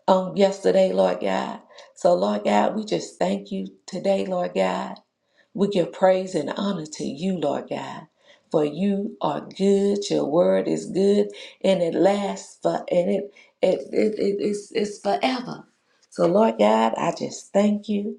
on yesterday, Lord God. So, Lord God, we just thank you today, Lord God. We give praise and honor to you, Lord God. For you are good, your word is good, and it lasts for and it it, it, it it's, it's forever. So Lord God, I just thank you.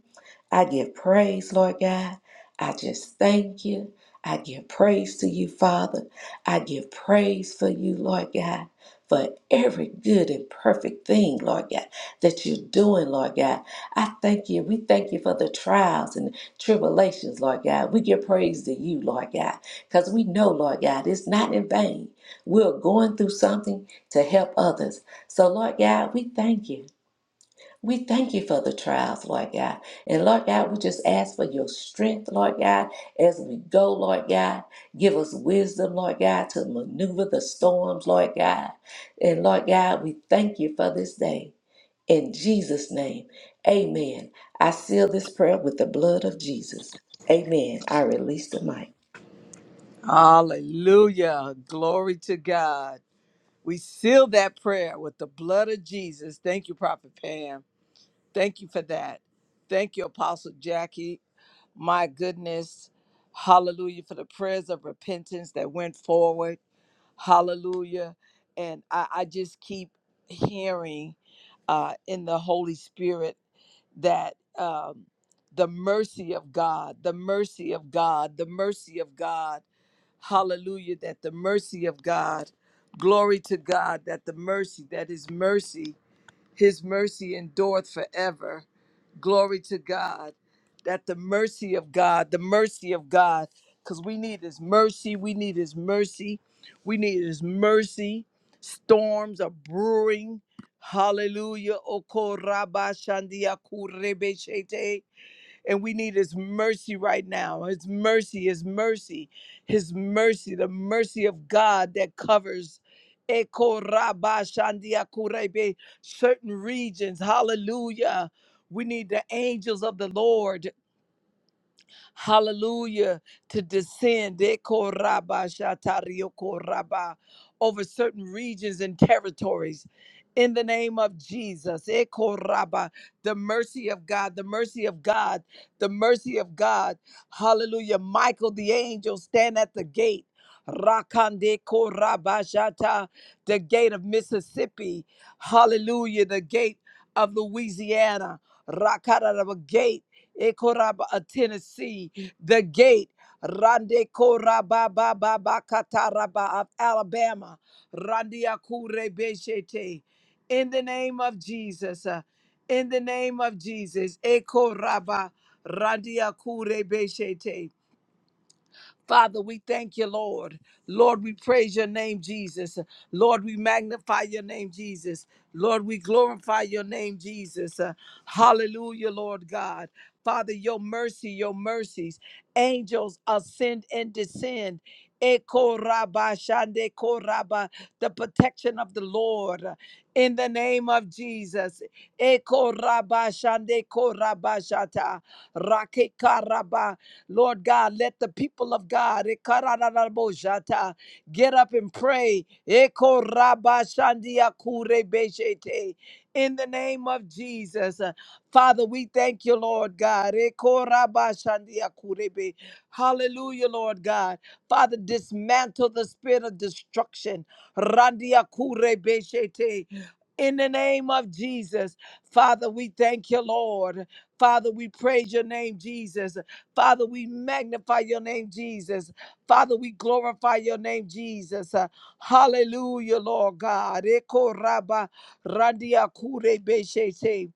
I give praise, Lord God. I just thank you. I give praise to you, Father. I give praise for you, Lord God, for every good and perfect thing, Lord God, that you're doing, Lord God. I thank you. We thank you for the trials and tribulations, Lord God. We give praise to you, Lord God, because we know, Lord God, it's not in vain. We're going through something to help others. So, Lord God, we thank you. We thank you for the trials, Lord God. And Lord God, we just ask for your strength, Lord God, as we go, Lord God. Give us wisdom, Lord God, to maneuver the storms, Lord God. And Lord God, we thank you for this day. In Jesus' name, amen. I seal this prayer with the blood of Jesus. Amen. I release the mic.
Hallelujah. Glory to God. We seal that prayer with the blood of Jesus. Thank you, Prophet Pam. Thank you for that. Thank you, Apostle Jackie. My goodness. Hallelujah for the prayers of repentance that went forward. Hallelujah. And I, I just keep hearing uh, in the Holy Spirit that um, the mercy of God, the mercy of God, the mercy of God Hallelujah. That the mercy of God, glory to God, that the mercy, that his mercy, his mercy endureth forever. Glory to God. That the mercy of God, the mercy of God, because we need his mercy. We need his mercy. We need his mercy. Storms are brewing. Hallelujah. Oko raba shandia kurebe shete. And we need His mercy right now. His mercy, His mercy, His mercy, the mercy of God that covers. Eko raba shandia kurebe, Certain regions, hallelujah. We need the angels of the Lord hallelujah, to descend Dekoraba shatariokoraba, over certain regions and territories. In the name of Jesus, Ekoraba, the mercy of God, the mercy of God, the mercy of God. Hallelujah. Michael the angel stand at the gate. Rakande Korabashata, the gate of Mississippi. Hallelujah. The gate of Louisiana. Rakada Ekoraba, uh, Tennessee, the gate. Rande Koraba Baba Kataraba of Alabama. Randia Kure Beshete. In the name of Jesus. uh, in the name of Jesus. Ekoraba Randia Kure Beshete. Father, we thank you, Lord. Lord, we praise your name, Jesus. Lord, we magnify your name, Jesus. Lord, we glorify your name, Jesus. Uh, hallelujah, Lord God. Father, your mercy, your mercies. Angels ascend and descend. Eko raba shande ko raba. The protection of the Lord uh, in the name of Jesus. Eko raba shande ko raba shata. Rake karaba. Lord God, let the people of God eh, get up and pray. Eko In the name of Jesus. Uh, Father, we thank you, Lord God. Eko Hallelujah, Lord God. Father, dismantle the spirit of destruction. Randia In the name of Jesus, Father, we thank you, Lord. Father, we praise your name, Jesus. Father, we magnify your name, Jesus. Father, we glorify your name, Jesus. Uh, hallelujah, Lord God. Eko raba randia kure beshete.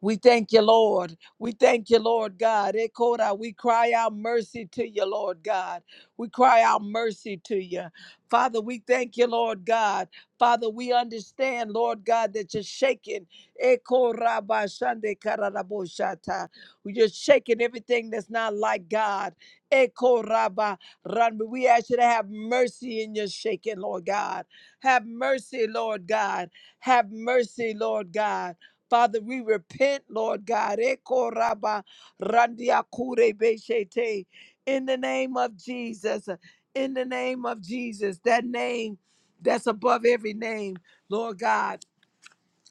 We thank you, Lord. We thank you, Lord God. Ekora, we cry out mercy to you, Lord God. We cry out mercy to you. Father, we thank you, Lord God. Father, we understand, Lord God, that you're shaking. Ekora ba shande kararaboshata. You're shaking everything that's not like God. Ekora ba ran- We ask you to have mercy in your shaking, Lord God. Have mercy, Lord God. Have mercy, Lord God. Father, we repent, Lord God. Eko raba randia kure beshete. In the name of Jesus, in the name of Jesus, that name that's above every name, Lord God.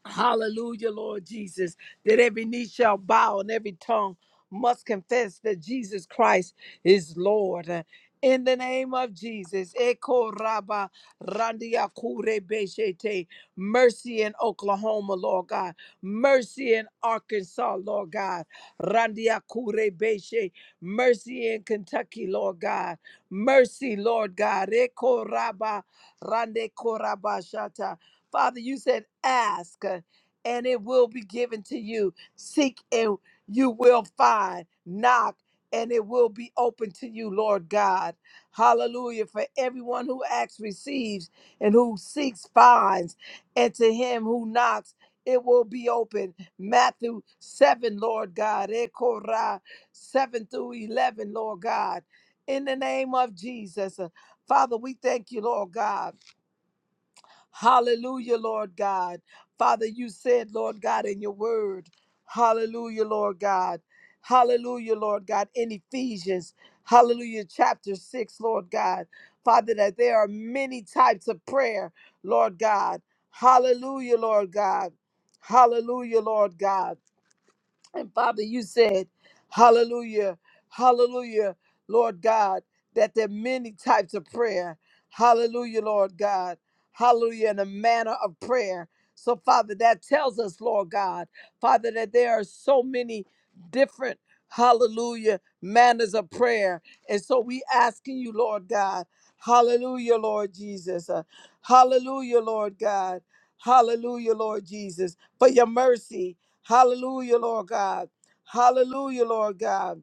Hallelujah, Lord Jesus, that every knee shall bow and every tongue must confess that Jesus Christ is Lord. Uh, In the name of Jesus, Eko Raba Randia Kure Beshete, mercy in Oklahoma, Lord God, mercy in Arkansas, Lord God, Randia Kure Beshe, mercy in Kentucky, Lord God, mercy, Lord God, Eko Raba Rande Korabashata. Father, you said, ask uh, and it will be given to you. Seek and you will find. Knock and it will be open to you, Lord God. Hallelujah. For everyone who asks receives, and who seeks finds, and to him who knocks, it will be open. Matthew 7, Lord God. Ekorah 7 through 11, Lord God. In the name of Jesus. uh, Father, we thank you, Lord God. Hallelujah, Lord God. Father, you said, Lord God, in your word, hallelujah, Lord God. Hallelujah, Lord God, in Ephesians, hallelujah, chapter 6, Lord God. Father, that there are many types of prayer, Lord God. Hallelujah, Lord God. Hallelujah, Lord God. And Father, you said, Hallelujah, Hallelujah, Lord God, that there are many types of prayer. Hallelujah, Lord God, Hallelujah, in a manner of prayer. So, Father, that tells us, Lord God, Father, that there are so many different, Hallelujah, manners of prayer. And so we asking you, Lord God, Hallelujah, Lord Jesus, uh, Hallelujah, Lord God, Hallelujah, Lord Jesus, for your mercy. Hallelujah, Lord God. Hallelujah, Lord God.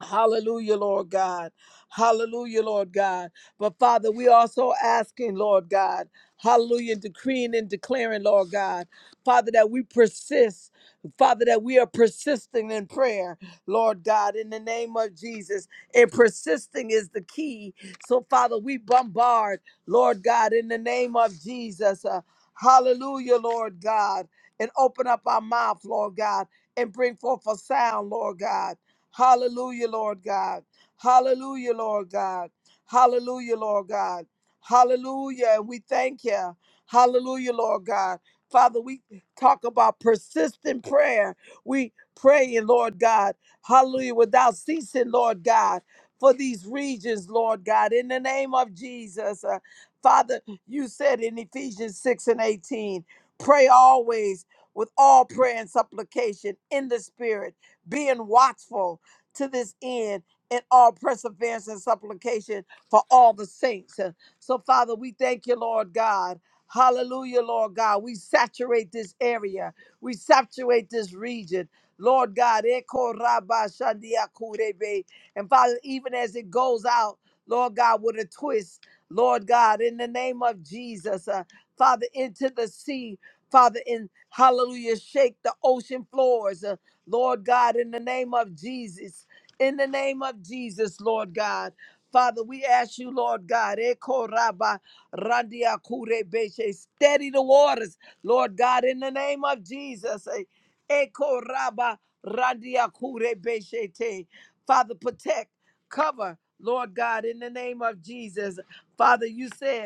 Hallelujah, Lord God. Hallelujah, Lord God. But Father, we also asking, Lord God, hallelujah, decreeing and declaring, Lord God, Father, that we persist. Father, that we are persisting in prayer, Lord God, in the name of Jesus. And persisting is the key. So, Father, we bombard, Lord God, in the name of Jesus. Uh, hallelujah, Lord God. And open up our mouth, Lord God, and bring forth a sound, Lord God. Hallelujah, Lord God. Hallelujah, Lord God. Hallelujah, Lord God. Hallelujah. And we thank you. Hallelujah, Lord God. Father, we talk about persistent prayer. We praying, Lord God. Hallelujah. Without ceasing, Lord God, for these regions, Lord God. In the name of Jesus. Uh, Father, you said in Ephesians 6 and 18, pray always with all prayer and supplication in the spirit, being watchful to this end in all perseverance and supplication for all the saints. Uh, So, Father, we thank you, Lord God. Hallelujah, Lord God. We saturate this area, we saturate this region. Lord God, Eko Rabba Shandia Kurebe. and Father, even as it goes out, Lord God, with a twist, Lord God, in the name of Jesus, uh, Father, into the sea, Father, in hallelujah, shake the ocean floors, uh, Lord God, in the name of Jesus in the name of Jesus, Lord God. Father, we ask you, Lord God, eh, koraba, randia kure beshe, steady the waters, Lord God, in the name of Jesus. eh, eh, koraba, randia kure beshe te. Father, protect, cover, Lord God, in the name of Jesus. Father, you said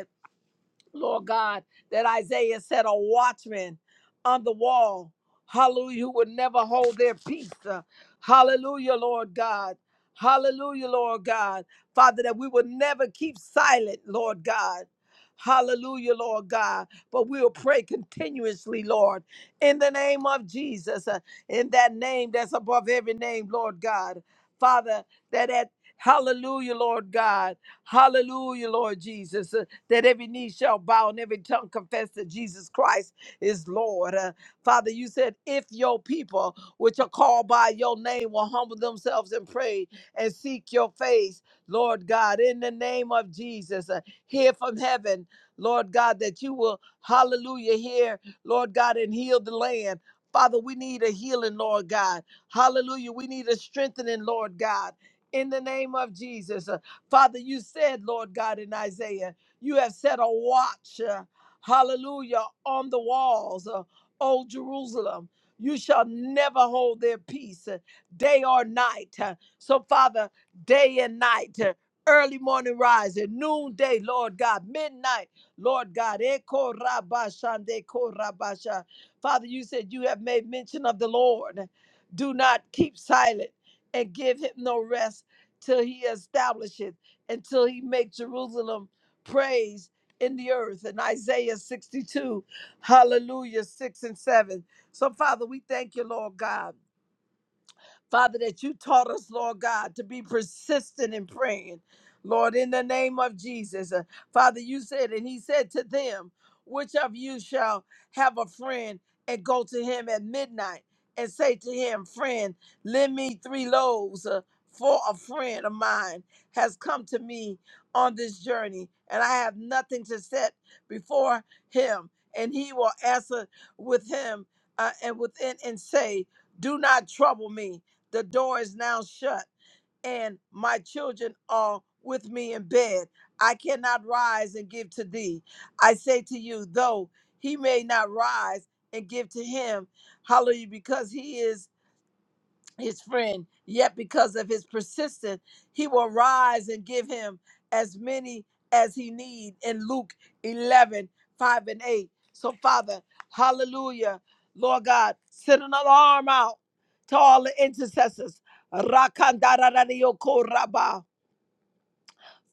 Lord God, that Isaiah said a watchman on the wall, hallelujah, who would never hold their peace. Uh, Hallelujah, Lord God. Hallelujah, Lord God. Father, that we would never keep silent, Lord God. Hallelujah, Lord God. But we'll pray continuously, Lord, in the name of Jesus, uh, in that name that's above every name, Lord God. Father, that at Hallelujah, Lord God. Hallelujah, Lord Jesus. Uh, that every knee shall bow and every tongue confess that Jesus Christ is Lord. Uh, Father, you said, if your people, which are called by your name, will humble themselves and pray and seek your face, Lord God, in the name of Jesus, uh, hear from heaven, Lord God, that you will, hallelujah, hear, Lord God, and heal the land. Father, we need a healing, Lord God. Hallelujah. We need a strengthening, Lord God. In the name of Jesus. Uh, Father, you said, Lord God, in Isaiah. You have set a watch, uh, hallelujah, on the walls, uh, O Jerusalem. You shall never hold their peace, uh, day or night. Uh, So, Father, day and night, uh, early morning rising, noonday, Lord God, midnight, Lord God. Eko rabba shande ko rabba sha. Father, you said you have made mention of the Lord. Do not keep silent and give him no rest till he establishes, until he makes Jerusalem praise in the earth in Isaiah 62, hallelujah, 6 and 7. So, Father, we thank you, Lord God. Father, that you taught us, Lord God, to be persistent in praying. Lord, in the name of Jesus, Uh, Father, you said, and he said to them, Which of you shall have a friend and go to him at midnight and say to him, Friend, lend me three loaves, uh, for a friend of mine has come to me on this journey, and I have nothing to set before him, and he will answer with him uh, and within and say, Do not trouble me. The door is now shut, and my children are with me in bed. I cannot rise and give to thee. I say to you, though he may not rise and give to him, hallelujah, because he is his friend, yet because of his persistence, he will rise and give him as many as he need in Luke 11 5 and 8. So, Father, hallelujah, Lord God, send an alarm out to all the intercessors. Rakandararariokoraba.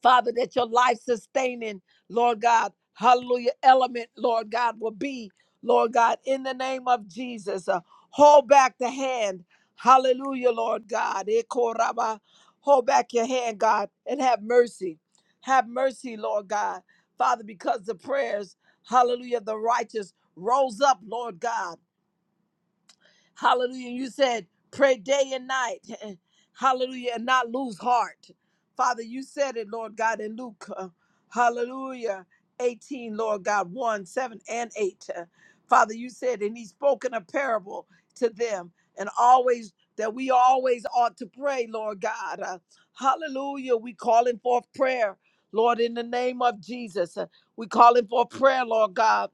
Father, that your life sustaining, Lord God, hallelujah, element, Lord God, will be, Lord God, in the name of Jesus. Uh, hold back the hand. Hallelujah, Lord God. Ekoraba. Hold back your hand, God, and have mercy. Have mercy, Lord God. Father, because the prayers, hallelujah, of the righteous rose up, Lord God. Hallelujah. You said, pray day and night. [laughs] Hallelujah. And not lose heart. Father, you said it, Lord God, in Luke. uh, hallelujah. 18, Lord God, 1, 7, and 8. Uh, Father, you said, and he spoke in a parable to them, and always that we always ought to pray, Lord God. Uh, hallelujah. We calling forth prayer, Lord, in the name of Jesus. Uh, we calling for prayer, Lord God.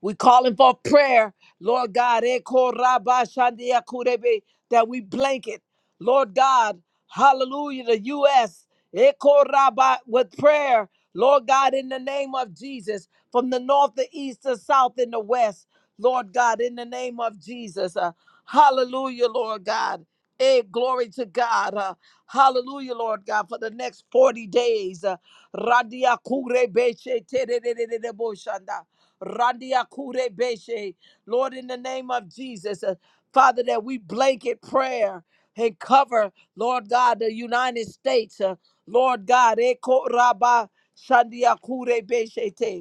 We calling for prayer, Lord God, Eko Rabba Shandia Kurebe, that we blanket, Lord God, hallelujah, the U.S., Eko Rabba, with prayer, Lord God, in the name of Jesus, from the north, the east, the south, and the west, Lord God, in the name of Jesus. Uh, hallelujah, Lord God. Hey, glory to God. Uh, hallelujah, Lord God, for the next 40 days. Uh, Radia Kurebe Shetere Randia Kure Beshe. Lord, in the name of Jesus, uh, Father, that we blanket prayer and cover, Lord God, the United States. uh, Lord God, Eko Rabba Shandia Kure Beshe Te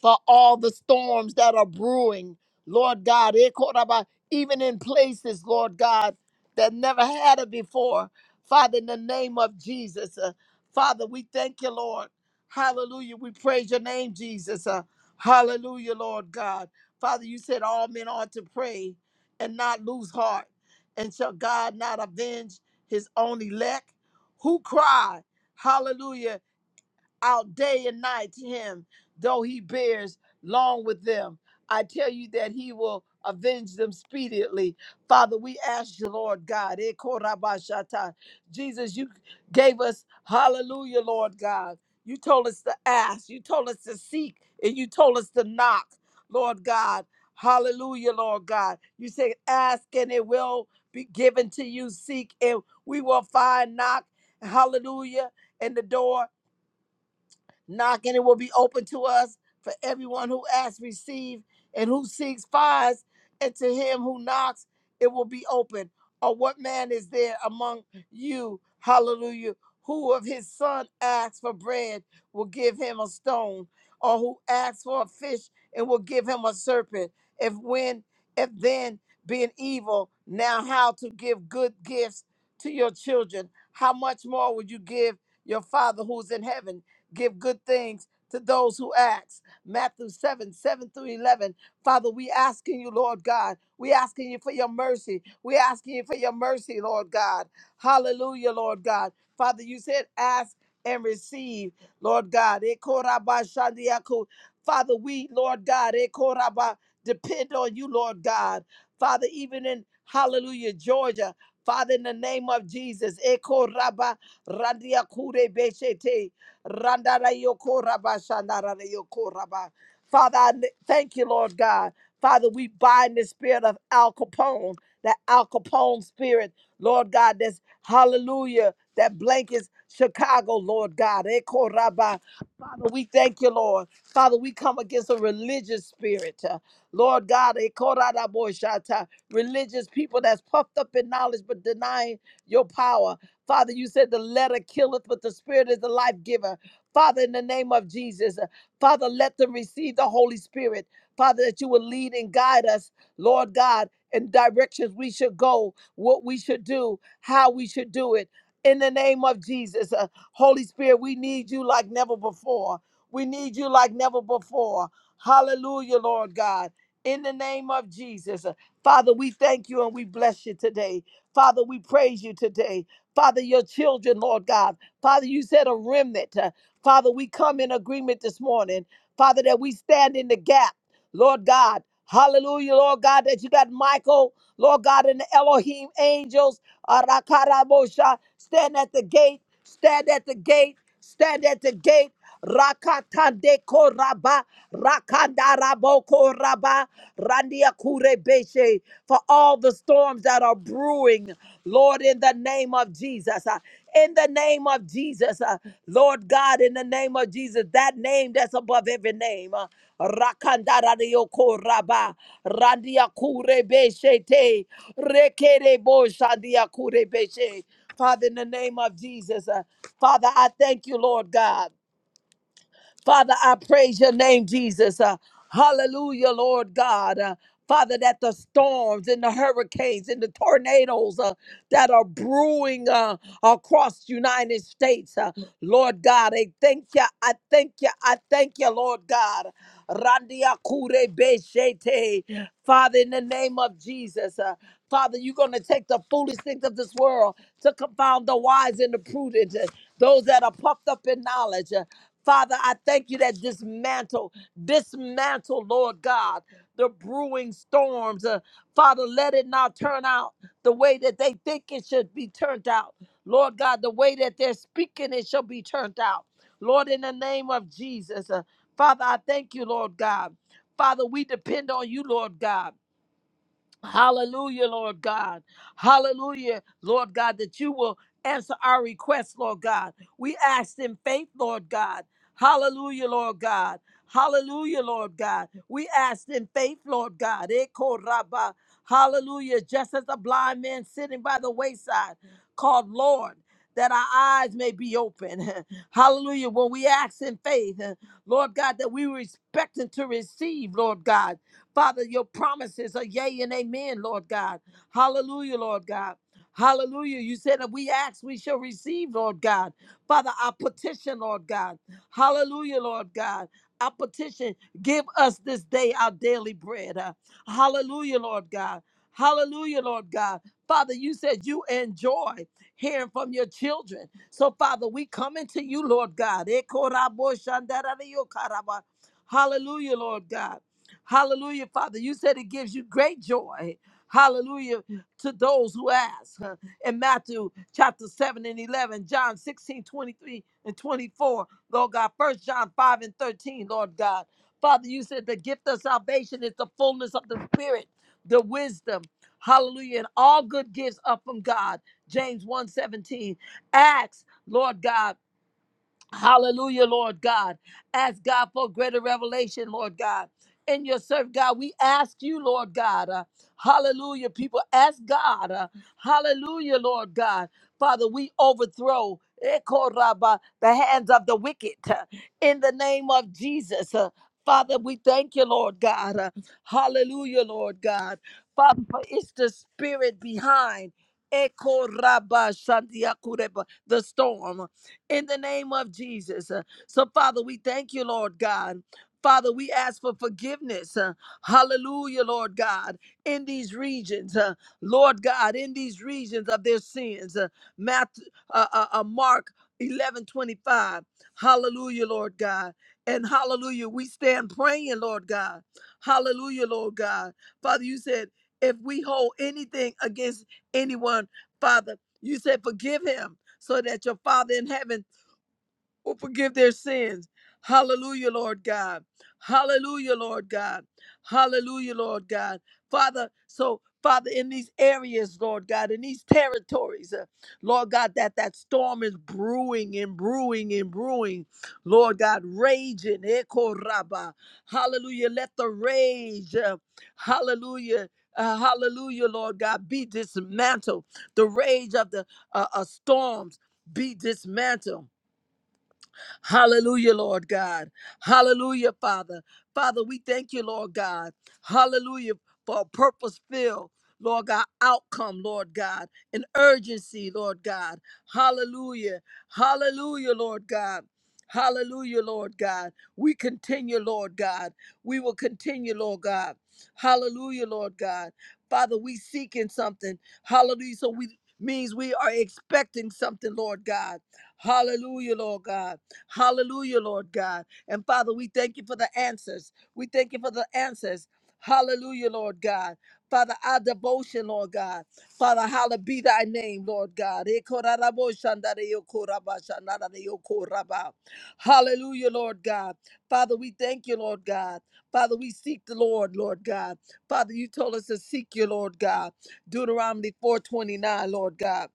for all the storms that are brewing, Lord God. Eh, Koraba, Even in places, Lord God, that never had it before. Father, in the name of Jesus, uh, Father, we thank you, Lord. Hallelujah. We praise your name, Jesus. Uh, hallelujah, Lord God. Father, you said all men ought to pray and not lose heart. And shall God not avenge his own elect who cry, hallelujah, out day and night to him, though he bears long with them. I tell you that he will avenge them speedily. Father, we ask you, Lord God. eh, korabashata. Jesus, you gave us hallelujah, Lord God. You told us to ask, you told us to seek, and you told us to knock, Lord God. Hallelujah, Lord God. You said, ask and it will be given to you, seek and we will find, knock, hallelujah, and the door. Knock and it will be open to us. For everyone who asks, receive, and who seeks, finds, and to him who knocks, it will be open. Or what man is there among you, hallelujah, who of his son asks for bread will give him a stone, or who asks for a fish and will give him a serpent? If when, if then, being evil, now how to give good gifts to your children, how much more would you give your Father who's in heaven? give good things to those who ask. Matthew 7, 7 through 11. Father, we asking you, Lord God. We asking you for your mercy. We asking you for your mercy, Lord God. Hallelujah, Lord God. Father, you said ask and receive, Lord God. Ekorabashandiaku. Father, we, Lord God, ekoraba, depend on you, Lord God. Father, even in Hallelujah, Georgia, Father, in the name of Jesus, ekoraba, randiakure beshete. Randara yoko raba shandara yoko raba. Father, I n- thank you, Lord God. Father, we bind the spirit of Al Capone, that Al Capone spirit, Lord God, that's hallelujah, that blankets Chicago, Lord God. Eko raba. Father, we thank you, Lord. Father, we come against a religious spirit. uh, Lord God, eko rada bo shata. religious people that's puffed up in knowledge but denying your power. Father, you said the letter killeth, but the spirit is the life giver. Father, in the name of Jesus, uh, Father, let them receive the Holy Spirit. Father, that you will lead and guide us, Lord God, in directions we should go, what we should do, how we should do it. In the name of Jesus, uh, Holy Spirit, we need you like never before. We need you like never before. Hallelujah, Lord God. In the name of Jesus, uh, Father, we thank you and we bless you today. Father, we praise you today. Father, your children, Lord God. Father, you said a remnant. Uh, Father, we come in agreement this morning. Father, that we stand in the gap, Lord God. Hallelujah, Lord God, that you got Michael, Lord God, and the Elohim angels, Arakarabosha, stand at the gate, stand at the gate, stand at the gate. Rakata deko raba, rakanda raboko raba, randia kure beshe, for all the storms that are brewing, Lord, in the name of Jesus. uh, In the name of Jesus, uh, Lord God, in the name of Jesus, that name that's above every name. uh, Rakanda radioko raba, randia kure beshe te, rekere bo shandia kure beshe. Father, in the name of Jesus, uh, Father, I thank you, Lord God. Father, I praise your name, Jesus. Uh, hallelujah, Lord God. Uh, Father, that the storms and the hurricanes and the tornadoes uh, that are brewing uh, across the United States, uh, Lord God, I thank you. I thank you. I thank you, Lord God. Randia kure beshete. Father, in the name of Jesus, uh, Father, you're going to take the foolish things of this world to confound the wise and the prudent, uh, those that are puffed up in knowledge. uh, Father, I thank you that dismantle, dismantle, Lord God, the brewing storms. Uh, Father, let it not turn out the way that they think it should be turned out. Lord God, the way that they're speaking, it shall be turned out. Lord, in the name of Jesus, uh, Father, I thank you, Lord God. Father, we depend on you, Lord God. Hallelujah, Lord God. Hallelujah, Lord God, that you will answer our requests, Lord God. We ask in faith, Lord God. Hallelujah, Lord God. Hallelujah, Lord God. We ask in faith, Lord God. Eko rabba. Hallelujah. Just as the blind man sitting by the wayside called Lord, that our eyes may be open. [laughs] Hallelujah. When we ask in faith, Lord God, that we were expecting to receive, Lord God. Father, your promises are yea and amen, Lord God. Hallelujah, Lord God. Hallelujah. You said that we ask, we shall receive, Lord God. Father, our petition, Lord God. Hallelujah, Lord God. Our petition, give us this day our daily bread. Uh, hallelujah, Lord God. Hallelujah, Lord God. Father, you said you enjoy hearing from your children. So, Father, we come into you, Lord God. Ekoraboshandarariyokaraba. Hallelujah, Lord God. Hallelujah, Father. You said it gives you great joy. Hallelujah to those who ask. huh, In Matthew chapter 7 and 11, John 16 23 and 24, Lord God. First John 5 and 13, Lord God. Father, you said the gift of salvation is the fullness of the Spirit, the wisdom. Hallelujah. And all good gifts are from God. James one 17. Acts, Lord God. Hallelujah, Lord God. Ask God for greater revelation, Lord God. In your serve, God, we ask you, Lord God. uh, hallelujah, people. Ask God. uh, hallelujah, Lord God. Father, we overthrow eh, koraba, the hands of the wicked uh, in the name of Jesus. uh, Father, we thank you, Lord God. uh, hallelujah, Lord God. Father, for it's the spirit behind eh, koraba shandia kureba, the storm in the name of Jesus. Uh, So, Father, we thank you, Lord God. Father, we ask for forgiveness. uh, hallelujah, Lord God, in these regions, uh, Lord God, in these regions of their sins. Uh, Matthew, uh, uh, uh, Mark 11 25. Hallelujah, Lord God. And hallelujah, we stand praying, Lord God. Hallelujah, Lord God. Father, you said, if we hold anything against anyone, Father, you said, forgive him so that your Father in heaven will forgive their sins. Hallelujah, Lord God. Hallelujah, Lord God. Hallelujah, Lord God. Father, so Father, in these areas, Lord God, in these territories, uh, Lord God, that that storm is brewing and brewing and brewing, Lord God, raging. Eko raba. Hallelujah. Let the rage, uh, hallelujah, uh, hallelujah, Lord God, be dismantled. The rage of the uh, uh, storms be dismantled Hallelujah, Lord God. Hallelujah, Father. Father, we thank you, Lord God. Hallelujah for a purpose filled. Lord God, outcome, Lord God, an urgency, Lord God. Hallelujah. Hallelujah, Lord God. Hallelujah, Lord God. We continue, Lord God. We will continue, Lord God. Hallelujah, Lord God. Father, we seeking something. Hallelujah. So we means we are expecting something, Lord God. Hallelujah, Lord God. Hallelujah, Lord God. And Father, we thank you for the answers. We thank you for the answers. Hallelujah, Lord God. Father, our devotion, Lord God. Father, hallowed be thy name, Lord God. Hallelujah, Lord God. Father, we thank you, Lord God. Father, we seek the Lord, Lord God. Father, you told us to seek you, Lord God. Deuteronomy 4:29, Lord God.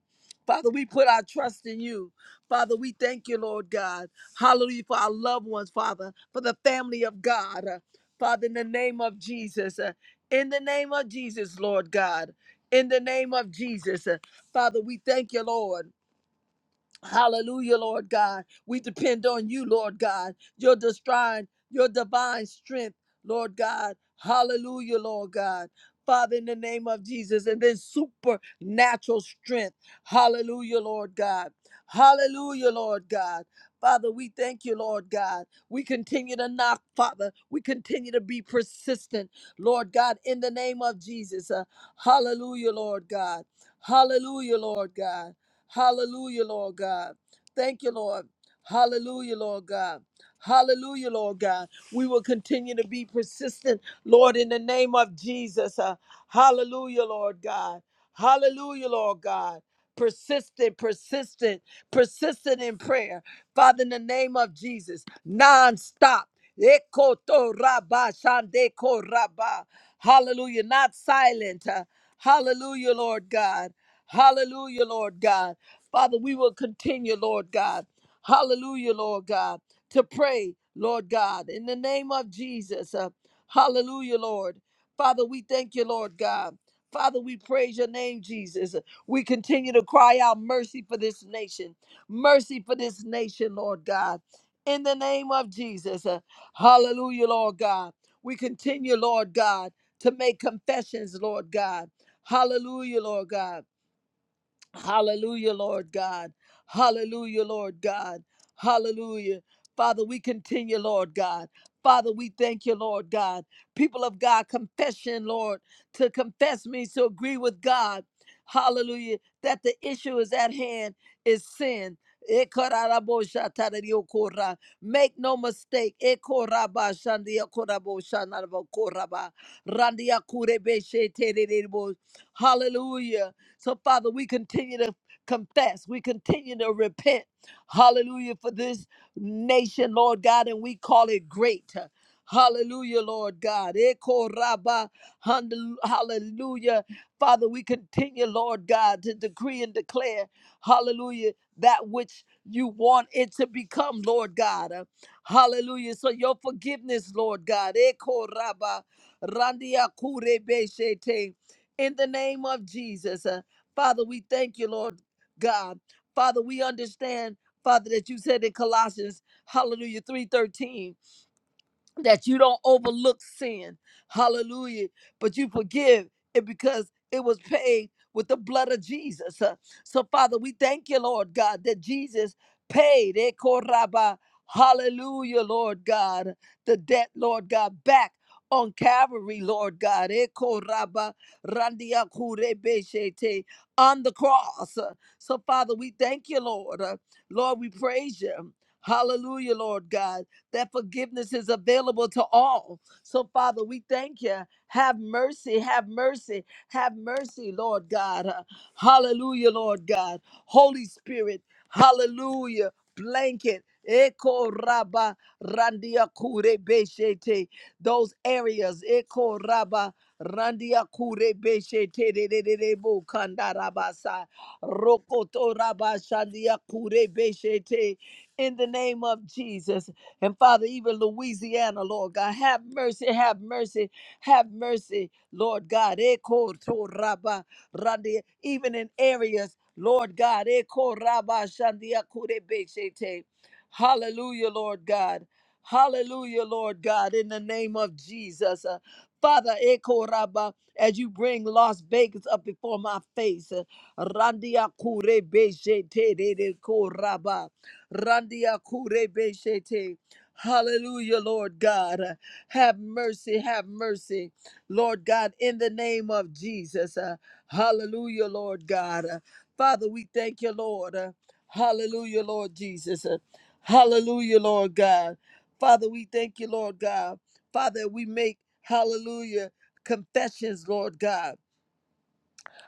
Father, we put our trust in you. Father, we thank you, Lord God. Hallelujah. For our loved ones, Father, for the family of God. Uh, Father, in the name of Jesus. uh, In the name of Jesus, Lord God. In the name of Jesus. uh, Father, we thank you, Lord. Hallelujah, Lord God. We depend on you, Lord God. Your divine, your divine strength, Lord God. Hallelujah, Lord God. Father, in the name of Jesus, and then supernatural strength. Hallelujah, Lord God. Hallelujah, Lord God. Father, we thank you, Lord God. We continue to knock, Father. We continue to be persistent, Lord God, in the name of Jesus. Uh, hallelujah, Lord God. Hallelujah, Lord God. Hallelujah, Lord God. Thank you, Lord. Hallelujah, Lord God. Hallelujah, Lord God. We will continue to be persistent, Lord, in the name of Jesus. Uh, hallelujah, Lord God. Hallelujah, Lord God. Persistent, persistent, persistent in prayer. Father, in the name of Jesus, non-stop. Ekoto raba shandeko raba. Hallelujah. Not silent. Uh, Hallelujah, Lord God. Hallelujah, Lord God. Father, we will continue, Lord God. Hallelujah, Lord God, to pray, Lord God, in the name of Jesus. Uh, hallelujah, Lord. Father, we thank you, Lord God. Father, we praise your name, Jesus. We continue to cry out mercy for this nation, mercy for this nation, Lord God. In the name of Jesus. Uh, hallelujah, Lord God. We continue, Lord God, to make confessions, Lord God. Hallelujah, Lord God. Hallelujah, Lord God. Hallelujah, Lord God. Hallelujah. Father, we continue, Lord God. Father, we thank you, Lord God. People of God, confession, Lord, to confess means to agree with God. Hallelujah. That the issue is at hand is sin. Ekaraboshataradiokora. Make no mistake. Ekorabashandiokoraboshanarbokoraba. Randiakurebesheterebo. Hallelujah. So, Father, we continue to confess, we continue to repent. Hallelujah for this nation, Lord God, and we call it great. Hallelujah, Lord God. Eko raba, handel- Hallelujah. Father, we continue, Lord God, to decree and declare, hallelujah, that which you want it to become, Lord God. Uh, Hallelujah. So your forgiveness, Lord God. Eko raba, randia kure beshete. In the name of Jesus. Father, we thank you, Lord God. Father, we understand, Father, that you said in Colossians, hallelujah, 3:13 that you don't overlook sin. Hallelujah. But you forgive it because it was paid with the blood of Jesus. Uh, So, Father, we thank you, Lord God, that Jesus paid. eh, koraba, Hallelujah, Lord God. The debt, Lord God, back. On Calvary, Lord God, eh, koraba, randia kurebeshete, on the cross. Uh, So, Father, we thank you, Lord. Uh, Lord, we praise you. Hallelujah, Lord God that forgiveness is available to all. So, Father, we thank you. Have mercy, have mercy, have mercy, Lord God. Uh, Hallelujah, Lord God. Holy Spirit, hallelujah. Blanket. Eko raba randia kure beshete. Those areas. Eko raba randia kure beshete de de de de bo kanda rabasa. Rokoto raba shandia kure beshete. In the name of Jesus. And Father, even Louisiana, Lord God, have mercy, have mercy, have mercy, Lord God. Eko to raba randi- Even in areas, Lord God. eko raba shandia kure beshete. Hallelujah, Lord God. Hallelujah, Lord God, in the name of Jesus. Uh, Father, eko raba, as you bring Las Vegas up before my face, uh, Randia Kure Beshete de Koraba. Randia Kure Beshete. Hallelujah, Lord God. Uh, Have mercy, have mercy, Lord God, in the name of Jesus. Uh, Hallelujah, Lord God. Uh, Father, we thank you, Lord. Uh, Hallelujah, Lord Jesus. Uh, Hallelujah, Lord God. Father, we thank you, Lord God. Father, we make, hallelujah, confessions, Lord God.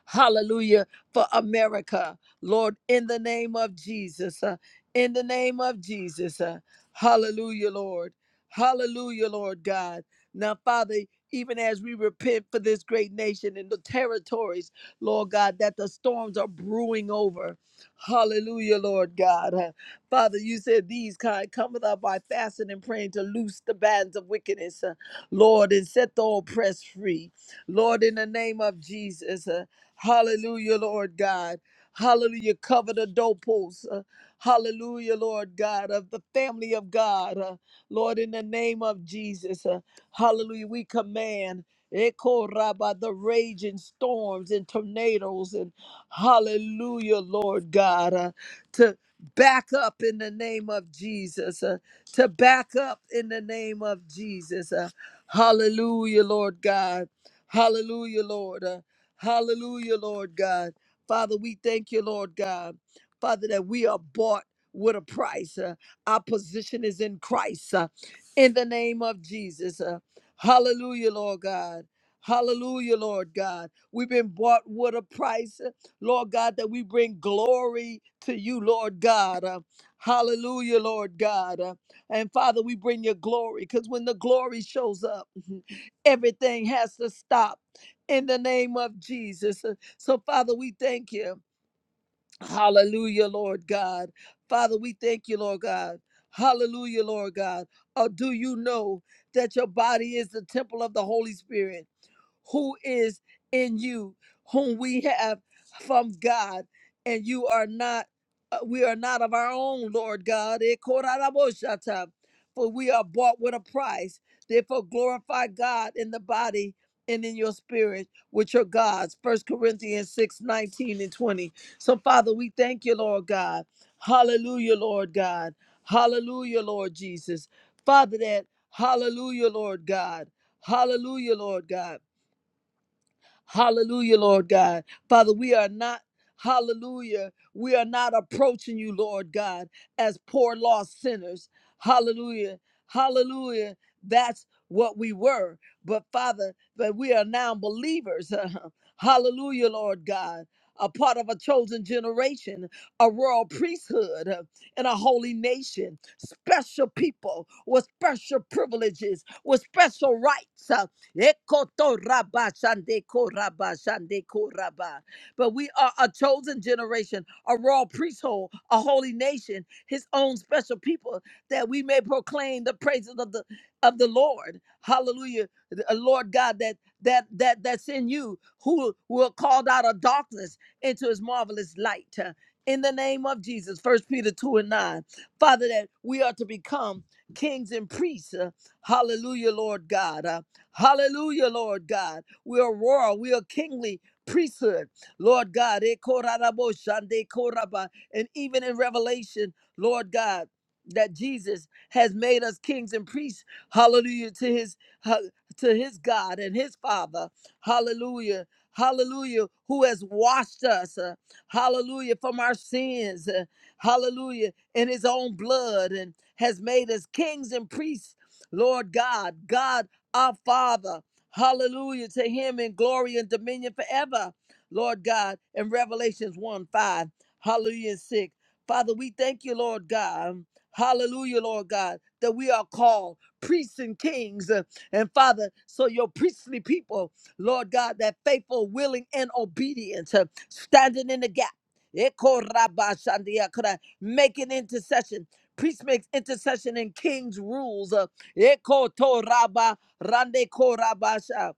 Hallelujah for America, Lord, in the name of Jesus. uh, in the name of Jesus. uh, hallelujah, Lord. Hallelujah, Lord God. Now, Father, even as we repent for this great nation and the territories, Lord God, that the storms are brewing over. Hallelujah, Lord God. Uh, Father, you said these kind cometh up by fasting and praying to loose the bands of wickedness, uh, Lord, and set the oppressed free. Lord, in the name of Jesus. uh, Hallelujah, Lord God. Hallelujah. Cover the doorposts. uh, hallelujah, Lord God, of the family of God. uh, Lord, in the name of Jesus. uh, hallelujah. We command. Echo Rabba, the raging storms and tornadoes, and hallelujah, Lord God, uh, to back up in the name of Jesus, uh, to back up in the name of Jesus. uh, hallelujah, Lord God. Hallelujah, Lord. uh, Hallelujah, Lord God. Father, we thank you, Lord God. Father, that we are bought with a price. Uh, our position is in Christ. uh, in the name of Jesus. Uh, hallelujah, Lord God. Hallelujah, Lord God. We've been bought with a price, uh, Lord God, that we bring glory to you, Lord God. Uh, hallelujah, Lord God. Uh, and Father, we bring your glory because when the glory shows up, [laughs] everything has to stop in the name of Jesus. Uh, So, Father, we thank you. Hallelujah, Lord God. Father, we thank you, Lord God. Hallelujah, Lord God. Or do you know that your body is the temple of the Holy Spirit? who is in you, whom we have from God, and you are not, uh, we are not of our own, Lord God. Eh, koraraboshata. For we are bought with a price. Therefore, glorify God in the body and in your spirit, which are God's. First Corinthians 6 19 and 20. So, Father, we thank you, Lord God. Hallelujah, Lord God. Hallelujah, Lord Jesus. Father, that, hallelujah, Lord God. Hallelujah, Lord God Hallelujah, Lord God. Father, we are not, hallelujah, we are not approaching you, Lord God, as poor lost sinners. Hallelujah, hallelujah. That's what we were. But Father, that we are now believers. [laughs] hallelujah, Lord God. A part of a chosen generation, a royal priesthood, uh, and a holy nation, special people with special privileges, with special rights. uh, Ekoto raba shande ko raba shande ko raba. But we are a chosen generation, a royal priesthood, a holy nation, his own special people, that we may proclaim the praises of the of the Lord. Hallelujah. The- uh, Lord God, that that that that's in you, who were called out of darkness into his marvelous light. Uh, In the name of Jesus, First Peter 2 and 9. Father, that we are to become kings and priests. Uh, Hallelujah, Lord God. Hallelujah, Lord God. We are royal. We are kingly priesthood. Lord God. E korarabo shande koraba. And even in Revelation, Lord God, that Jesus has made us kings and priests. Hallelujah to his ha- to his God and his Father. Hallelujah. Hallelujah, who has washed us, uh, hallelujah, from our sins, uh, hallelujah, in his own blood and has made us kings and priests Lord God. God our Father. Hallelujah to him in glory and dominion forever, Lord God, in Revelations 1 5, hallelujah and 6. Father, we thank you, Lord God. Hallelujah, Lord God, that we are called priests and kings. Uh, And Father, so your priestly people, Lord God, that faithful, willing, and obedient, uh, standing in the gap, Eko rabba shandia kra, making intercession. Priest makes intercession and kings rules. uh, Ekotoraba Rande Korabasha,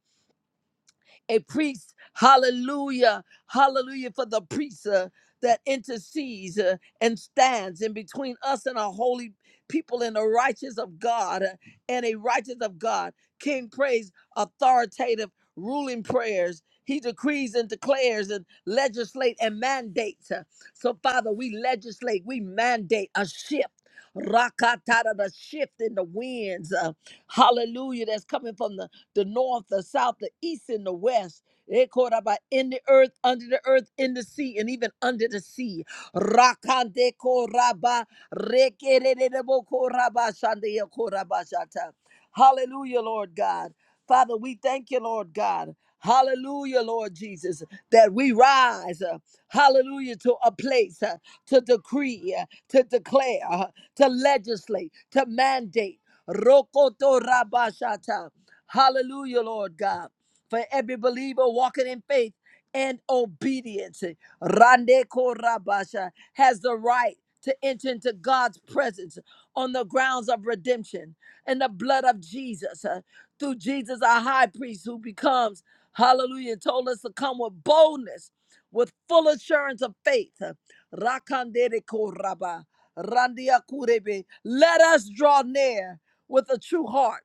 a priest, hallelujah, hallelujah, for the priest uh, that intercedes uh, and stands in between us and our holy people and the righteous of God uh, and a righteous of God. King prays authoritative ruling prayers. He decrees and declares and legislate and mandates. uh. So, Father, we legislate, we mandate a shift. Rakatata, the shift in the winds. uh, hallelujah, that's coming from the the north, the south, the east, and the west. Ekoraba, In the earth, under the earth, in the sea, and even under the sea. Rakande koraba, rekererebo koraba, shande koraba shata. Hallelujah, Lord God. Father, we thank you, Lord God. Hallelujah, Lord Jesus, that we rise, uh, hallelujah, to a place uh, to decree, uh, to declare, uh, to legislate, to mandate. Rokoto rabashata. Hallelujah, Lord God. For every believer walking in faith and obedience, Rande Korabasha has the right to enter into God's presence on the grounds of redemption and the blood of Jesus. uh, through Jesus, our high priest, who becomes, hallelujah, told us to come with boldness, with full assurance of faith. uh, Rakandere Koraba, Randia Kurebe. Let us draw near with a true heart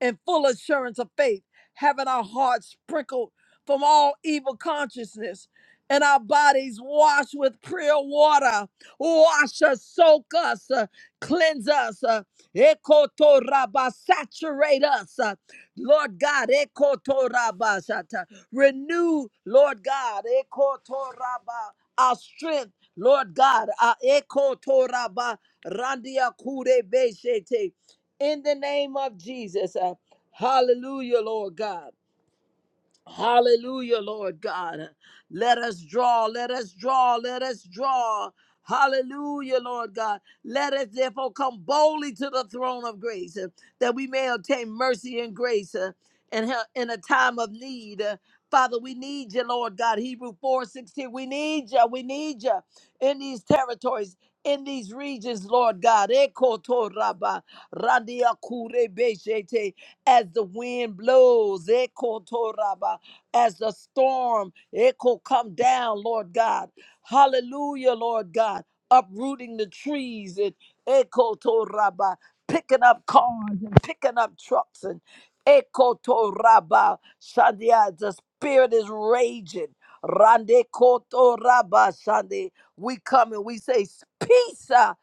in full assurance of faith, having our hearts sprinkled from all evil consciousness and our bodies washed with pure water. Wash us, soak us, uh, cleanse us, uh, ekotoraba, saturate us. uh, Lord God, ekotoraba, shata. renew, Lord God, ekotoraba, our strength. Lord God, our ekotoraba, randia kure in the name of Jesus. Uh, hallelujah, Lord God. Hallelujah, Lord God. Let us draw, let us draw, let us draw. Hallelujah, Lord God. Let us therefore come boldly to the throne of grace uh, that we may obtain mercy and grace uh, and help in a time of need. Uh, Father, we need you, Lord God. Hebrew 4:16. We need you. We need you in these territories, in these regions, Lord God. Ekotoraba, randiakurebeshete as the wind blows, ekotoraba, as the storm, echo come down, Lord God. Hallelujah, Lord God, uprooting the trees and ekotoraba, picking up cars and picking up trucks and ekotoraba, shandia, the spirit is raging. Rande kotoraba, shandi. We come and we say, peace. uh,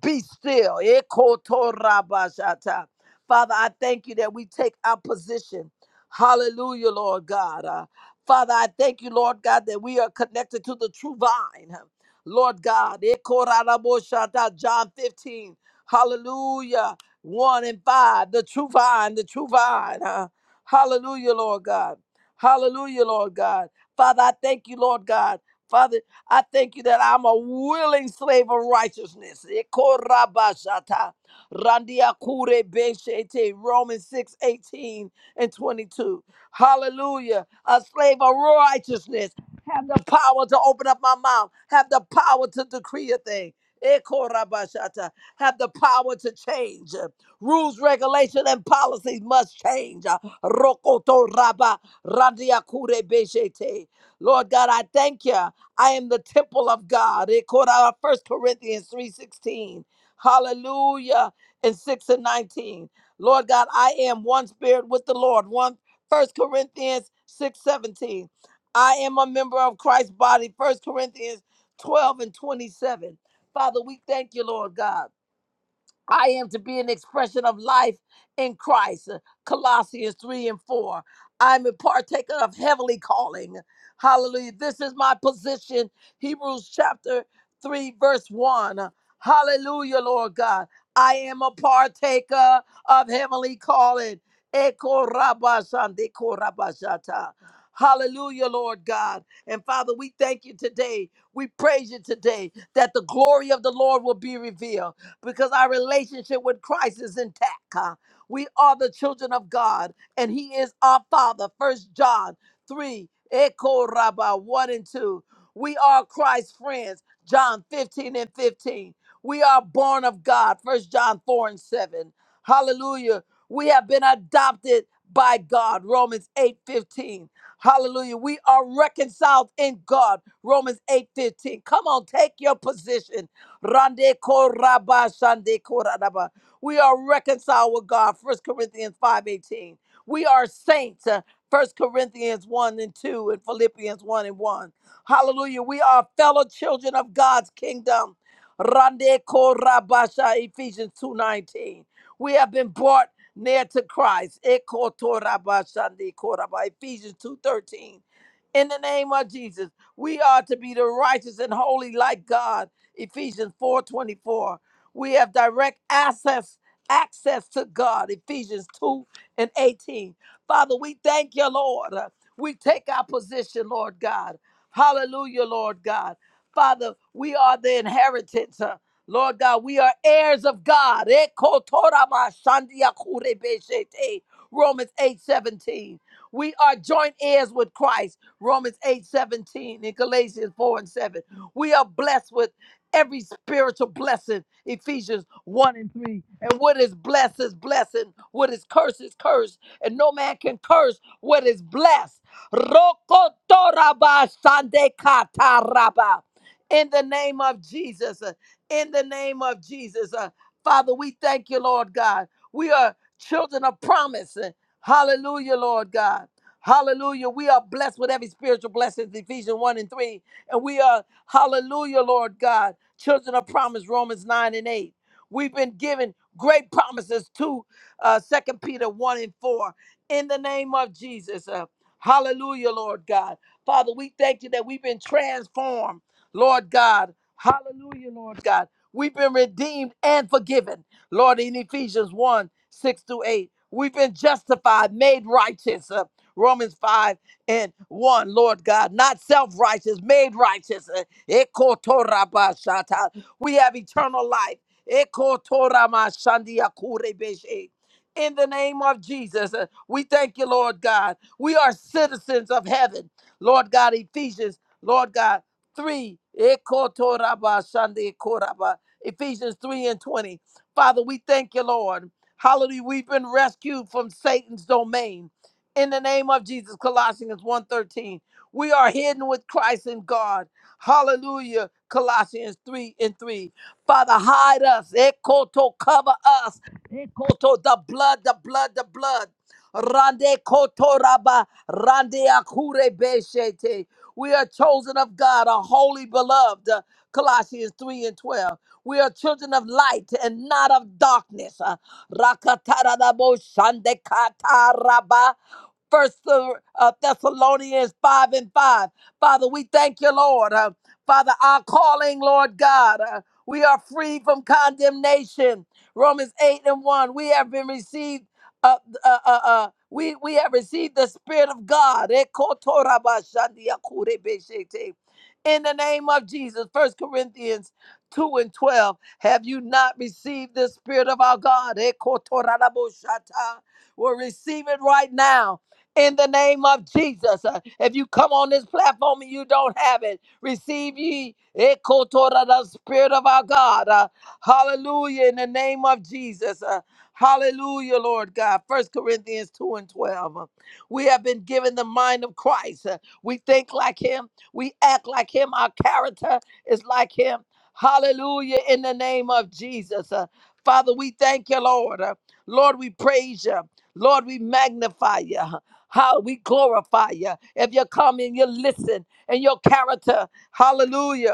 be still. Ekotorabashata. Father, I thank you that we take our position. Hallelujah, Lord God. Uh, Father, I thank you, Lord God, that we are connected to the true vine. Lord God, Ekoraraboshata, John 15. Hallelujah. 1 and 5. The true vine, the true vine. Uh, hallelujah, Lord God. Hallelujah, Lord God. Father, I thank you, Lord God. Father, I thank you that I'm a willing slave of righteousness. Randia Kure Beshete, Romans 6 18 and 22. Hallelujah. A slave of righteousness. Have the power to open up my mouth. Have the power to decree a thing. Eko rabashata. Have the power to change. Rules, regulation, and policies must change. Rokoto raba randia kure beshete. Lord God, I thank you. I am the temple of God. Eko ra- First Corinthians 3:16. Hallelujah and 6 and 19. Lord God, I am one spirit with the Lord. One First Corinthians 6 17. I am a member of Christ's body. First Corinthians 12 and 27. Father, we thank you, Lord God. I am to be an expression of life in Christ. Colossians 3 and 4. I'm a partaker of heavenly calling. Hallelujah. This is my position. Hebrews chapter 3, verse 1. Hallelujah, Lord God. I am a partaker of heavenly calling. Eko rabashan, deko rabashata. Hallelujah, Lord God. And Father, we thank you today. We praise you today that the glory of the Lord will be revealed because our relationship with Christ is intact. huh? We are the children of God and He is our Father. First John 3, Echo Rabba 1 and 2. We are Christ's friends, John 15 and 15. We are born of God, First John 4 and 7. Hallelujah. We have been adopted by God, Romans 8 15. Hallelujah. We are reconciled in God. Romans 8 15. Come on, take your position. Rande koraba shande koraba. We are reconciled with God. First Corinthians 5:18. We are saints. uh, 1 Corinthians 1 and 2 and Philippians 1 and 1. Hallelujah. We are fellow children of God's kingdom. Rande korabasha Ephesians 2:19. We have been brought near to Christ. Eko torabashande koraba, Ephesians 2:13. In the name of Jesus, we are to be the righteous and holy like God. Ephesians 4:24. We have direct access access to God. Ephesians 2 and 18. Father, we thank you, Lord. Uh, We take our position, Lord God. Hallelujah, Lord God. Father, we are the inheritance. uh, Lord God, we are heirs of God. Eko toraba shandia kurebeshete. Romans 8 17. We are joint heirs with Christ. Romans eight seventeen. 17 and Galatians 4 and 7. We are blessed with every spiritual blessing, Ephesians 1 and 3. And what is blessed is blessing, what is cursed is cursed, and no man can curse what is blessed. Rokotoraba sandekataraba. In the name of Jesus, uh, in the name of Jesus, uh, Father, we thank you, Lord God. We are children of promise. uh, Hallelujah, Lord God. Hallelujah. We are blessed with every spiritual blessing, Ephesians 1 and 3. And we are, hallelujah, Lord God. Children of promise, Romans 9 and 8. We've been given great promises to uh, 2 Peter 1 and 4. In the name of Jesus. Uh, hallelujah, Lord God. Father, we thank you that we've been transformed, Lord God. Hallelujah, Lord God. We've been redeemed and forgiven, Lord, in Ephesians 1 6 to 8. We've been justified, made righteous, uh, Romans 5 and 1, Lord God. Not self righteous, made righteous. uh, Ekotorabashata. We have eternal life. Ekotoramashandiakurebeshe. In the name of Jesus, uh, we thank you, Lord God. We are citizens of heaven. Lord God, Ephesians, Lord God, 3. Ekotorabashandiakoraba. Ephesians 3 and 20. Father, we thank you, Lord. Hallelujah. We've been rescued from Satan's domain. In the name of Jesus, Colossians one thirteen. We are hidden with Christ in God. Hallelujah. Colossians 3 and 3. Father, hide us. Ekoto, cover us. Ekoto, the blood, the blood, the blood. Rande kotoraba, rande akure beshete. We are chosen of God, a holy beloved. Uh, Colossians 3 and 12. We are children of light and not of darkness. Rakataradabo First uh, Thessalonians 5 and 5. Father, we thank you, Lord. Uh, Father, our calling, Lord God, uh, we are free from condemnation. Romans 8 and 1. We have been received, uh, uh, uh, uh, we, we have received the Spirit of God. Ekotorabashandiakurebeshete. In the name of Jesus, First Corinthians 2 and 12. Have you not received the Spirit of our God? Ekotorabashata. We'll receive it right now in the name of Jesus. Uh, If you come on this platform and you don't have it, receive ye ekotora, the Spirit of our God. Uh, Hallelujah, in the name of Jesus. Uh, Hallelujah, Lord God. First Corinthians 2 and 12. Uh, We have been given the mind of Christ. Uh, We think like him. We act like him. Our character is like him. Hallelujah, in the name of Jesus. Uh, Father, we thank you, Lord. Uh, Lord, we praise you. Lord, we magnify you. How we glorify you. If you come and you listen and your character, hallelujah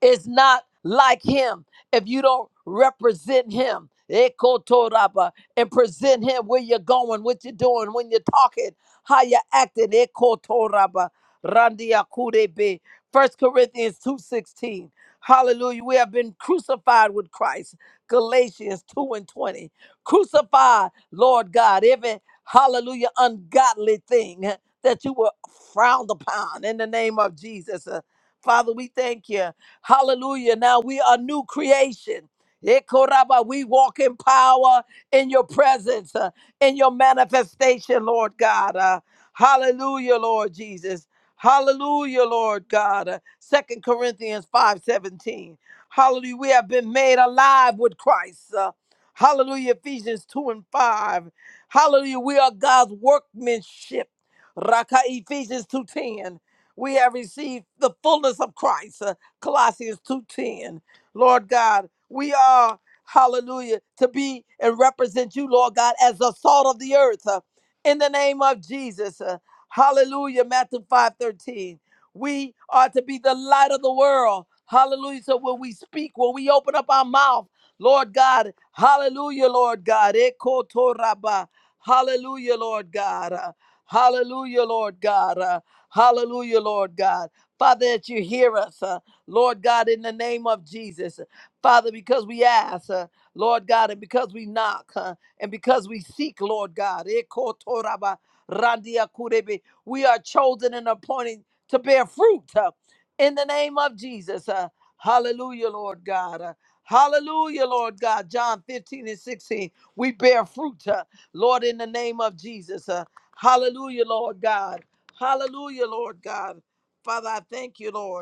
is not like him if you don't represent him Ekotoraba, and present him where you're going, what you're doing, when you're talking, how you're acting. Ekotoraba, Randia Kurebe. First Corinthians 2.16. Hallelujah. We have been crucified with Christ. Galatians 2 and 20. Crucify, Lord God, every hallelujah ungodly thing that you were frowned upon in the name of Jesus. Uh, Father, we thank you. Hallelujah. Now we are new creation. Ekoraba, We walk in power in your presence, uh, in your manifestation, Lord God. Uh, hallelujah, Lord Jesus. Hallelujah, Lord God. Uh, 2 Corinthians 5:17. Hallelujah. We have been made alive with Christ. Uh, hallelujah. Ephesians 2 and 5. Hallelujah. We are God's workmanship. Raka Ephesians 2:10. We have received the fullness of Christ. uh, Colossians 2:10. Lord God, we are hallelujah to be and represent you, Lord God, as the salt of the earth. uh, in the name of Jesus. uh, hallelujah, Matthew 5:13. We are to be the light of the world. Hallelujah. So when we speak, when we open up our mouth, Lord God, hallelujah, Lord God. Eko toraba. Hallelujah, Lord God. uh, Hallelujah, Lord God. uh, Hallelujah, Lord God. Father, that you hear us. uh, Lord God, in the name of Jesus. Father, because we ask, uh, Lord God, and because we knock, uh, and because we seek, Lord God, Ekotoraba randia kurebe, we are chosen and appointed to bear fruit uh, in the name of Jesus. Uh, hallelujah, Lord God. Uh, hallelujah, Lord God. John 15 and 16, we bear fruit, uh, Lord, in the name of Jesus. Uh, hallelujah, Lord God. Hallelujah, Lord God. Father, I thank you, Lord.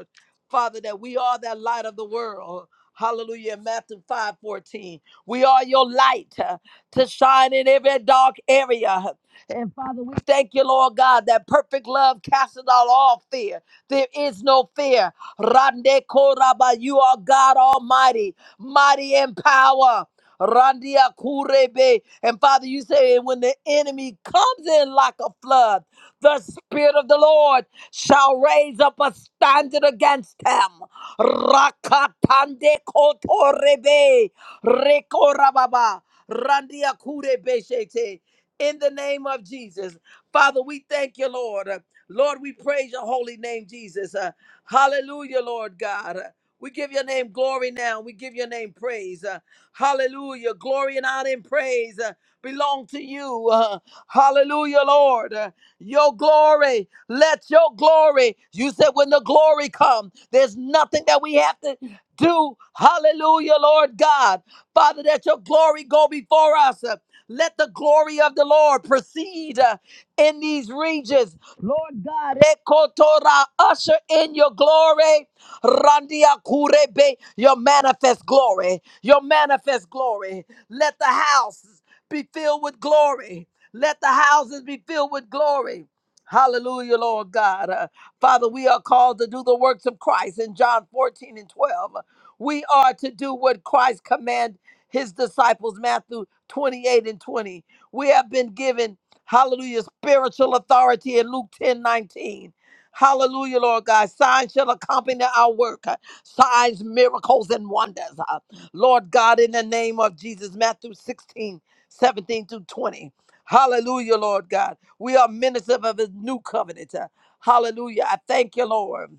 Father, that we are that light of the world. Hallelujah. Matthew 5 14. We are your light uh, to shine in every dark area. And Father, we thank you, Lord God, that perfect love casteth out all fear. There is no fear. Rande Koraba, you are God Almighty, mighty in power. Randia Kurebe. And Father, you say, when the enemy comes in like a flood, the Spirit of the Lord shall raise up a standard against him. Rakatande kotorebe rekorababa randiakurebeshete. In the name of Jesus, Father, we thank you, Lord. Lord, we praise your holy name, Jesus. Uh, hallelujah, Lord God. Uh, we give your name glory now. We give your name praise. Uh, hallelujah. Glory and honor and praise uh, belong to you. Uh, hallelujah, Lord. Uh, your glory. Let your glory, you said, when the glory comes, there's nothing that we have to do. Hallelujah, Lord God. Father, that your glory go before us. Uh, Let the glory of the Lord proceed uh, in these regions. Lord God, Ekotora, usher in your glory. Randia Kurebe, your manifest glory, your manifest glory. Let the house be filled with glory. Let the houses be filled with glory. Hallelujah, Lord God. Uh, Father, we are called to do the works of Christ in John 14 and 12. We are to do what Christ commanded his disciples, Matthew 28 and 20. We have been given, hallelujah, spiritual authority in Luke 10 19. Hallelujah, Lord God. Signs shall accompany our work. Uh, Signs, miracles, and wonders. Uh, Lord God, in the name of Jesus, Matthew sixteen seventeen 17 through 20. Hallelujah, Lord God. We are ministers of his new covenant. Uh, Hallelujah. I thank you, Lord.